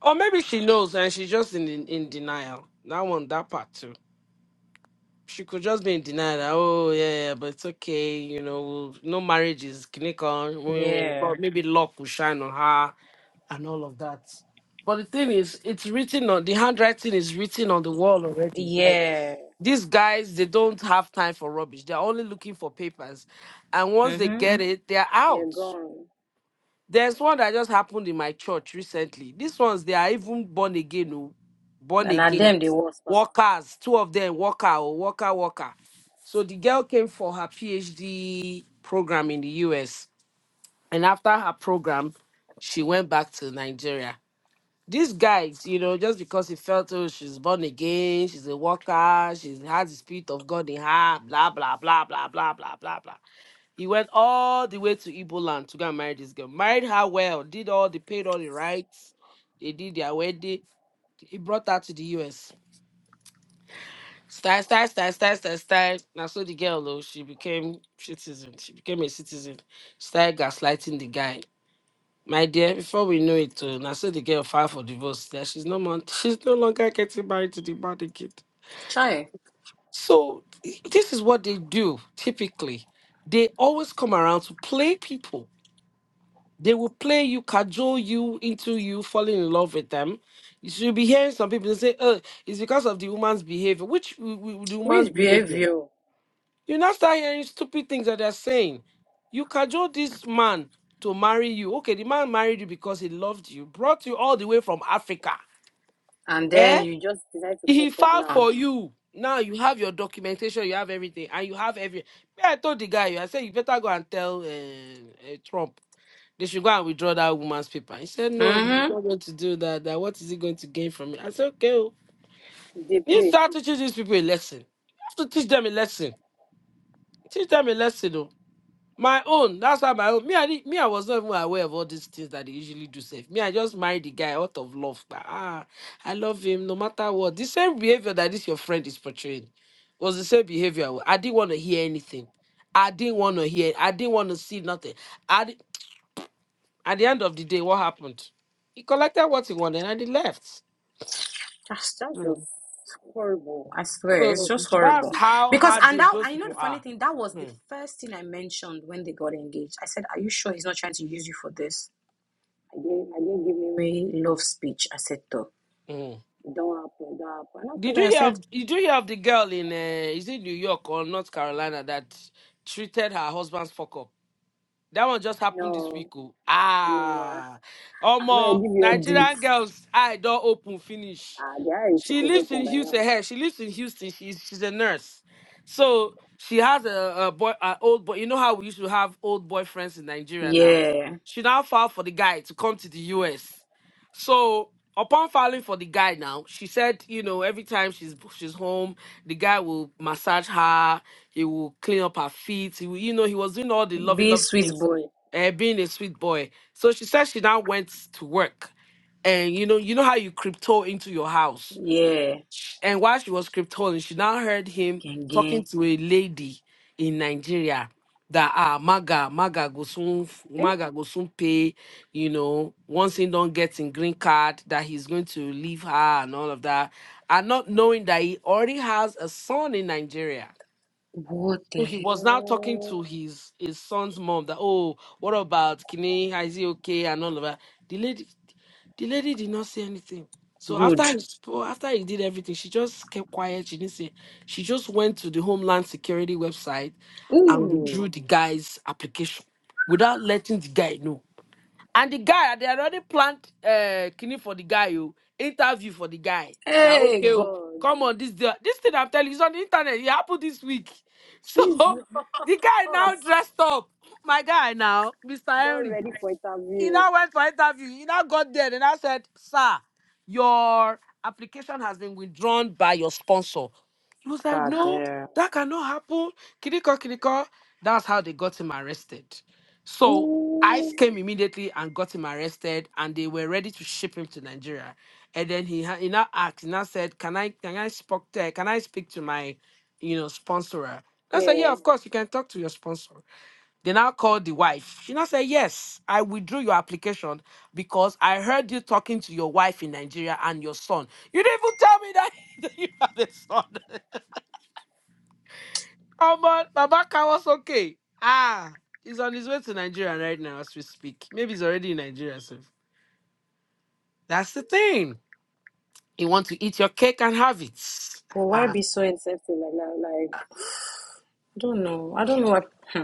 Speaker 5: Or maybe she knows and she's just in, in in denial. That one, that part too. She could just be in denial. That, oh yeah, yeah, but it's okay. You know, no marriage is clinical.
Speaker 4: Yeah.
Speaker 5: Maybe luck will shine on her and all of that. But the thing is, it's written on the handwriting is written on the wall already. Like,
Speaker 4: Yeah.
Speaker 5: these guys, they don't have time for rubbish. They're only looking for papers. And once they
Speaker 4: Mm-hmm.
Speaker 5: get it, they're
Speaker 4: They're
Speaker 5: out.
Speaker 4: gone.
Speaker 5: There's one that just happened in my church recently. These ones, they are even born again, oh, born
Speaker 4: And at
Speaker 5: again.
Speaker 4: them they work. Worst part.
Speaker 5: Workers, two of them, worker, oh, worker, worker. So the girl came for her PhD program in the US. And after her program, she went back to Nigeria these guys, you know, just because he felt oh she's born again, she's a worker, she has the spirit of God in her, blah blah blah blah blah blah blah blah. He went all the way to Igbo land to go and marry this girl. Married her well, did all they paid all the rights, they did their wedding. He brought her to the US. Style, style, style, style, style, style. Now so the girl though, she became citizen. She became a citizen. Started gaslighting the guy. My dear, before we know it, uh, now the girl filed for divorce. That she's no mon- she's no longer getting married to the man again.
Speaker 4: Try.
Speaker 5: So i- this is what they do typically. They always come around to play people. They will play you, cajole you into you falling in love with them. You should be hearing some people say, "Oh, it's because of the woman's behavior." Which w- w- the woman's
Speaker 4: Which
Speaker 5: behavior?
Speaker 4: behavior?
Speaker 5: You now start hearing stupid things that they're saying. You cajole this man to marry you. Okay, the man married you because he loved you, brought you all the way from Africa.
Speaker 4: And then
Speaker 5: Eh?
Speaker 4: you Just decide to
Speaker 5: He
Speaker 4: fuck up
Speaker 5: filed
Speaker 4: now.
Speaker 5: for you. Now you have your documentation, you have everything, and you have every. Me, I told the guy, I said, you better go and tell uh, uh, Trump. They should go and withdraw that woman's paper. He said,
Speaker 4: just.
Speaker 5: no, they're
Speaker 4: Mm-hmm.
Speaker 5: not going to do that. That What is he going to gain from it? I said, okay. oh.
Speaker 4: They
Speaker 5: You
Speaker 4: play.
Speaker 5: start to teach these people a lesson. You have to teach them a lesson. Teach them a lesson, though. My own. That's how my own. Me, I, did me, I was not even aware of all these things that they usually do. Safe. Me, I just married the guy out of love. but, Ah, I love him no matter what. The same behavior that this your friend is portraying was the same behavior. I didn't want to hear anything. I didn't want to hear. I didn't want to see nothing. At the, at the end of the day, what happened? He collected what he wanted and he left.
Speaker 4: Gosh, that's just
Speaker 5: Mm.
Speaker 4: horrible. I swear, it's
Speaker 5: So
Speaker 4: just
Speaker 5: that's
Speaker 4: horrible.
Speaker 5: how
Speaker 4: Because and
Speaker 5: hardened
Speaker 4: that
Speaker 5: those
Speaker 4: and you know
Speaker 5: people
Speaker 4: the funny
Speaker 5: are.
Speaker 4: thing, that was the
Speaker 5: Mm,
Speaker 4: first thing I mentioned when they got engaged. I said, Are you sure he's not trying to use you for this? I didn't I didn't give him any love speech. I said though.
Speaker 5: mm.
Speaker 4: It don't happen, it don't happen. And I
Speaker 5: Did
Speaker 4: told
Speaker 5: you
Speaker 4: her, I
Speaker 5: hear
Speaker 4: said,
Speaker 5: of did you hear of the girl in uh, is it New York or North Carolina that treated her husband's fuck up? That one just happened this week.
Speaker 4: No,
Speaker 5: Oh.
Speaker 4: I know
Speaker 5: Ah,
Speaker 4: I
Speaker 5: Omo,
Speaker 4: to give you updates.
Speaker 5: Nigerian girls, eye door open, finish.
Speaker 4: Ah, the eye is
Speaker 5: She
Speaker 4: supposed to
Speaker 5: lives
Speaker 4: open
Speaker 5: in
Speaker 4: by
Speaker 5: Houston.
Speaker 4: now.
Speaker 5: Hey, she lives in Houston. She's she's a nurse, so she has a, a boy, an old boy. You know how we used to have old boyfriends in Nigeria now.
Speaker 4: Yeah.
Speaker 5: She now filed for the guy to come to the U.S. So upon filing for the guy now, she said, you know, every time she's she's home, the guy will massage her he will clean up her feet. He will, you know, he was doing all the lovely,
Speaker 4: Be
Speaker 5: lovely
Speaker 4: sweet
Speaker 5: things,
Speaker 4: boy.
Speaker 5: uh, being a sweet boy. So she said she now went to work. And you know, you know how you crypto into your house.
Speaker 4: Yeah.
Speaker 5: And while she was cryptoing, she now heard him
Speaker 4: Gang
Speaker 5: talking
Speaker 4: gang.
Speaker 5: to a lady in Nigeria that ah Maga, Maga go soon
Speaker 4: Eh?
Speaker 5: Maga go soon pay, you know, once he don't get in green card, that he's going to leave her and all of that. And not knowing that he already has a son in Nigeria
Speaker 4: What
Speaker 5: so
Speaker 4: the
Speaker 5: he was now talking
Speaker 4: hell?
Speaker 5: to his his son's mom that oh what about Kini is he okay and all of that. The lady the lady did not say anything. So
Speaker 4: Good.
Speaker 5: after he spo- after he did everything, she just kept quiet. She didn't say. She just went to the Homeland Security website and withdrew the guy's application without letting the guy know. And the guy, they already planned uh kidney for the guy, you interview for the guy. That okay, oh,
Speaker 4: God.
Speaker 5: come on, this the- this thing I'm telling you is on the internet. It happened this week. So
Speaker 4: Jesus,
Speaker 5: the guy now
Speaker 4: not
Speaker 5: dressed up. My guy now, Mr. Henry.
Speaker 4: ready for
Speaker 5: He
Speaker 4: interview.
Speaker 5: now went for interview. He now got there and I said, Sir, your application has been withdrawn by your sponsor. He was like, No,
Speaker 4: Cara.
Speaker 5: that cannot happen. Kiriko, Kiriko. That's how they got him arrested. So
Speaker 4: Ooh,
Speaker 5: ICE came immediately and got him arrested, and they were ready to ship him to Nigeria. And then he, ha- he now asked, he now said, Can I can I speak to, can I speak to my you know sponsorer? I said, Yeah,
Speaker 4: yeah,
Speaker 5: of course, you can talk to your sponsor. They now called the wife. She now said, Yes, I withdrew your application because I heard you talking to your wife in Nigeria and your son. You didn't even tell me that that you have a son. Oh man, Babaka was okay. Ah, he's on his way to Nigeria right now as we speak. Maybe he's already in Nigeria. So that's the thing. You want to eat your cake and have it.
Speaker 4: But why
Speaker 5: Ah.
Speaker 4: be so? I like that. Like I don't know. I don't know what.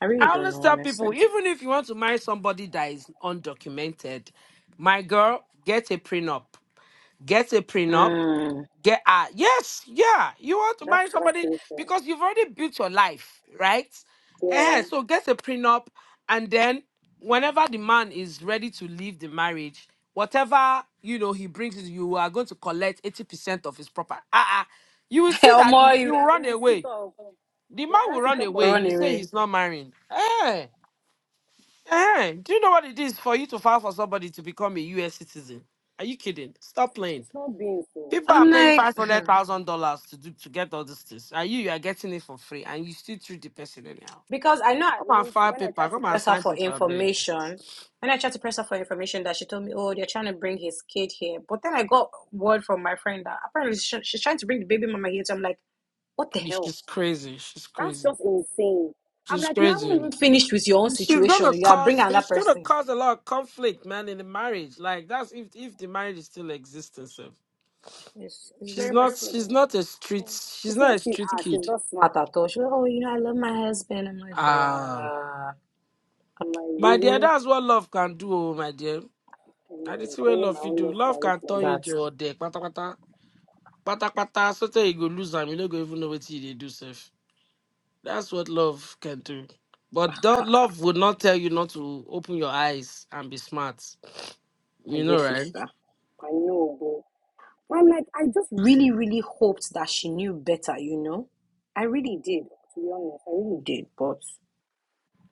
Speaker 4: I really
Speaker 5: I
Speaker 4: don't
Speaker 5: always
Speaker 4: know,
Speaker 5: tell
Speaker 4: honestly.
Speaker 5: people, even if you want to marry somebody that is undocumented, my girl, get a prenup. Get a prenup
Speaker 4: Hmm.
Speaker 5: get out. Yes, yeah. You want to
Speaker 4: that's
Speaker 5: marry somebody
Speaker 4: actually true.
Speaker 5: because you've already built your life, right? Eh,
Speaker 4: Yeah.
Speaker 5: so get a prenup, and then whenever the man is ready to leave the marriage, whatever you know he brings is you are going to collect eighty percent of his property. Ah, uh you will see that
Speaker 4: Omo, you you
Speaker 5: you will run
Speaker 4: sit
Speaker 5: away.
Speaker 4: up.
Speaker 5: The
Speaker 4: You
Speaker 5: man will
Speaker 4: either sit
Speaker 5: run
Speaker 4: up or
Speaker 5: away.
Speaker 4: run
Speaker 5: You say
Speaker 4: away.
Speaker 5: he's not marrying. Eh, eh. Do you know what it is for you to file for somebody to become a U.S. citizen? Are you kidding? Stop playing.
Speaker 4: It's not being so.
Speaker 5: People are
Speaker 4: I'm
Speaker 5: paying
Speaker 4: like.
Speaker 5: five hundred thousand dollars to do to get all these things, and you you are getting it for free, and you still treat the person anyhow.
Speaker 4: Because I know at
Speaker 5: Come and
Speaker 4: least
Speaker 5: file
Speaker 4: when I
Speaker 5: paper.
Speaker 4: tried to
Speaker 5: Come and
Speaker 4: press her
Speaker 5: sign
Speaker 4: for
Speaker 5: paper, beg.
Speaker 4: information, when I tried to press her for information, that she told me, oh, they're trying to bring his kid here. But then I got word from my friend that apparently she- she's trying to bring the baby mama here. So I'm like, what the
Speaker 5: Yeah,
Speaker 4: hell?
Speaker 5: She's crazy. She's
Speaker 4: That's
Speaker 5: crazy.
Speaker 4: just insane. I'm
Speaker 5: She's
Speaker 4: like, you haven't even
Speaker 5: crazy.
Speaker 4: finished with your own
Speaker 5: She's
Speaker 4: situation.
Speaker 5: gonna
Speaker 4: You are bringing
Speaker 5: cause.
Speaker 4: another
Speaker 5: She's gonna
Speaker 4: person.
Speaker 5: cause a lot of conflict, man, in the marriage. Like that's if if the marriage is still existing. So
Speaker 4: It's, it's
Speaker 5: she's
Speaker 4: very much
Speaker 5: not.
Speaker 4: clear
Speaker 5: She's
Speaker 4: that,
Speaker 5: not a street.
Speaker 4: oh, She
Speaker 5: She's
Speaker 4: said
Speaker 5: not a
Speaker 4: she
Speaker 5: street
Speaker 4: ah she's
Speaker 5: kid.
Speaker 4: not smart at all. She was oh you know I love my husband. I'm like
Speaker 5: Ah,
Speaker 4: bruh. I'm like
Speaker 5: my dear,
Speaker 4: really.
Speaker 5: that's what love can do, oh, my dear.
Speaker 4: Can
Speaker 5: And
Speaker 4: you
Speaker 5: it's where
Speaker 4: require my
Speaker 5: love you
Speaker 4: own
Speaker 5: do.
Speaker 4: love
Speaker 5: Love
Speaker 4: carriage
Speaker 5: can
Speaker 4: like
Speaker 5: turn you to your
Speaker 4: that?
Speaker 5: deck. Patakpata, Sometimes you go lose am, you don't go even know what you do self. That's what love can do. But that love would not tell you not to open your eyes and be smart.
Speaker 4: my
Speaker 5: You
Speaker 4: dear
Speaker 5: know, right?
Speaker 4: sister. I know, but I'm like, I just really, really hoped that she knew better, you know? I really did, to be honest. I really did, but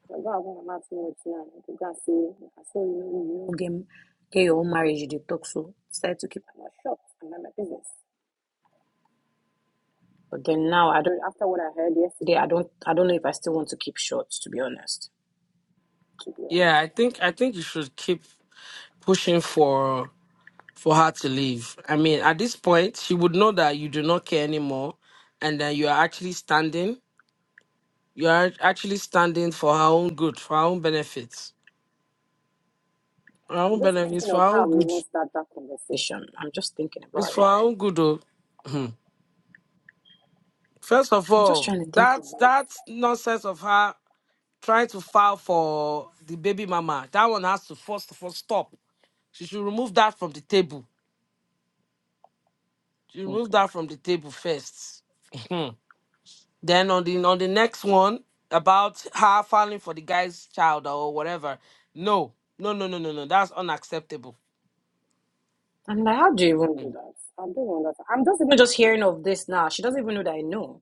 Speaker 4: I go and my mouth too much now. You can say, I saw you, know, you know, get, get your own marriage, you dey talk so. Started to keep my mouth shut and mind my business. But then now, I don't, after what I heard yesterday, I don't, I don't know if I still want to keep short, to be honest. To be
Speaker 5: Yeah,
Speaker 4: honest.
Speaker 5: I think I think you should keep pushing for for her to leave. I mean, at this point, she would know that you do not care anymore, and that you are actually standing. You are actually standing for her own good, for her own benefits, her
Speaker 4: I'm
Speaker 5: own
Speaker 4: just
Speaker 5: benefits,
Speaker 4: thinking
Speaker 5: for
Speaker 4: of
Speaker 5: her
Speaker 4: how
Speaker 5: own
Speaker 4: we
Speaker 5: good.
Speaker 4: even start that conversation. I'm just thinking
Speaker 5: It's
Speaker 4: about
Speaker 5: for
Speaker 4: it.
Speaker 5: her own good, though. Hmm. First of
Speaker 4: I'm just
Speaker 5: all,
Speaker 4: trying to think of
Speaker 5: that that
Speaker 4: it.
Speaker 5: nonsense of her trying to file for the baby mama, that one has to first of all stop. She should remove that from the table. She remove that from the table first. Mhm. then on the on the next one about her filing for the guy's child or whatever. No, no, no, no, no, no. That's unacceptable.
Speaker 4: I'm like, how do you even
Speaker 5: Hmm.
Speaker 4: do that? I don't understand. I'm just even just hearing of this now. She doesn't even know that I know.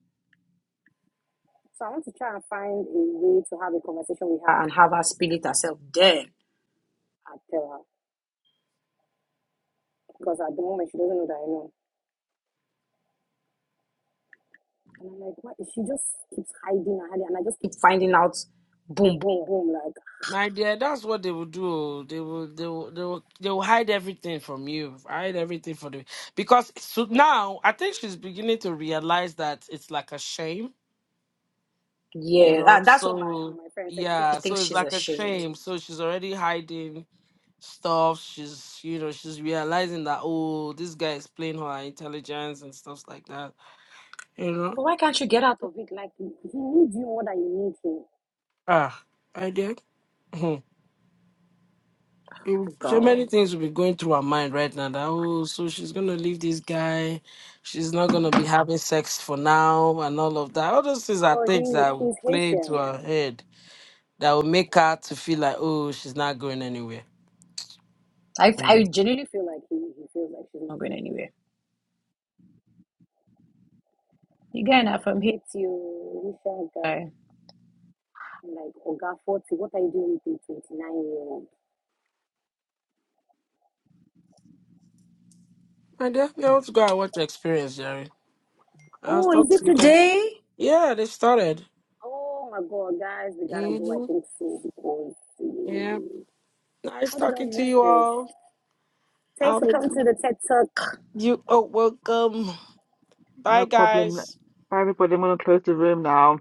Speaker 4: So I want to try and find a way to have a conversation with her and have her spill it herself. Then I tell her. Because at the moment she doesn't know that I know. And I'm like, what? She just keeps hiding and hiding. And I just keep finding out boom, boom, boom. Like,
Speaker 5: My dear, that's what they will do. oh. They will, they will, they will, they will hide everything from you. Hide everything from you because so now I think she's beginning to realize that it's like a shame, you
Speaker 4: yeah,
Speaker 5: know.
Speaker 4: that, that's what my,
Speaker 5: So
Speaker 4: my friend said. She said
Speaker 5: yeah,
Speaker 4: she
Speaker 5: so
Speaker 4: thinks
Speaker 5: it's
Speaker 4: she's
Speaker 5: like a
Speaker 4: ashamed.
Speaker 5: shame. So she's already hiding stuff. She's, you know, she's realizing that oh, this guy is playing her intelligence and stuff like that. You know.
Speaker 4: But why can't you get out? of Like, he needs you more than you need him.
Speaker 5: Ah, my dear. Mm, So many
Speaker 4: Girl.
Speaker 5: things will be going through her mind right now. That oh, so she's gonna leave this guy. She's not gonna be having sex for now, and all of that. All those things are
Speaker 4: Oh,
Speaker 5: things that
Speaker 4: he
Speaker 5: will
Speaker 4: he's
Speaker 5: play into
Speaker 4: Haitian.
Speaker 5: her head that will make her to feel like oh, she's not going anywhere.
Speaker 4: I, I
Speaker 5: Mm.
Speaker 4: genuinely feel like he, he feels like she's not going anywhere. You guy not from Haiti, you sure guy. I'm like, Oga 40, what are you doing with a 29 year old?
Speaker 5: My dear, you have to go and watch the experience, Jerry. I'll
Speaker 4: Oh,
Speaker 5: start
Speaker 4: is it
Speaker 5: to get.
Speaker 4: today?
Speaker 5: Yeah, they started.
Speaker 4: Oh my god, guys, we gotta go. I
Speaker 5: hmm
Speaker 4: think so because
Speaker 5: Yeah.
Speaker 4: eh,
Speaker 5: Nice
Speaker 4: how did I
Speaker 5: talking to
Speaker 4: miss
Speaker 5: you
Speaker 4: this?
Speaker 5: all.
Speaker 4: Thanks for
Speaker 5: Have a
Speaker 4: coming to
Speaker 5: good.
Speaker 4: the TED Talk.
Speaker 5: You oh, welcome. Bye,
Speaker 3: no problem.
Speaker 5: guys.
Speaker 3: Everybody, I'm gonna close the room now.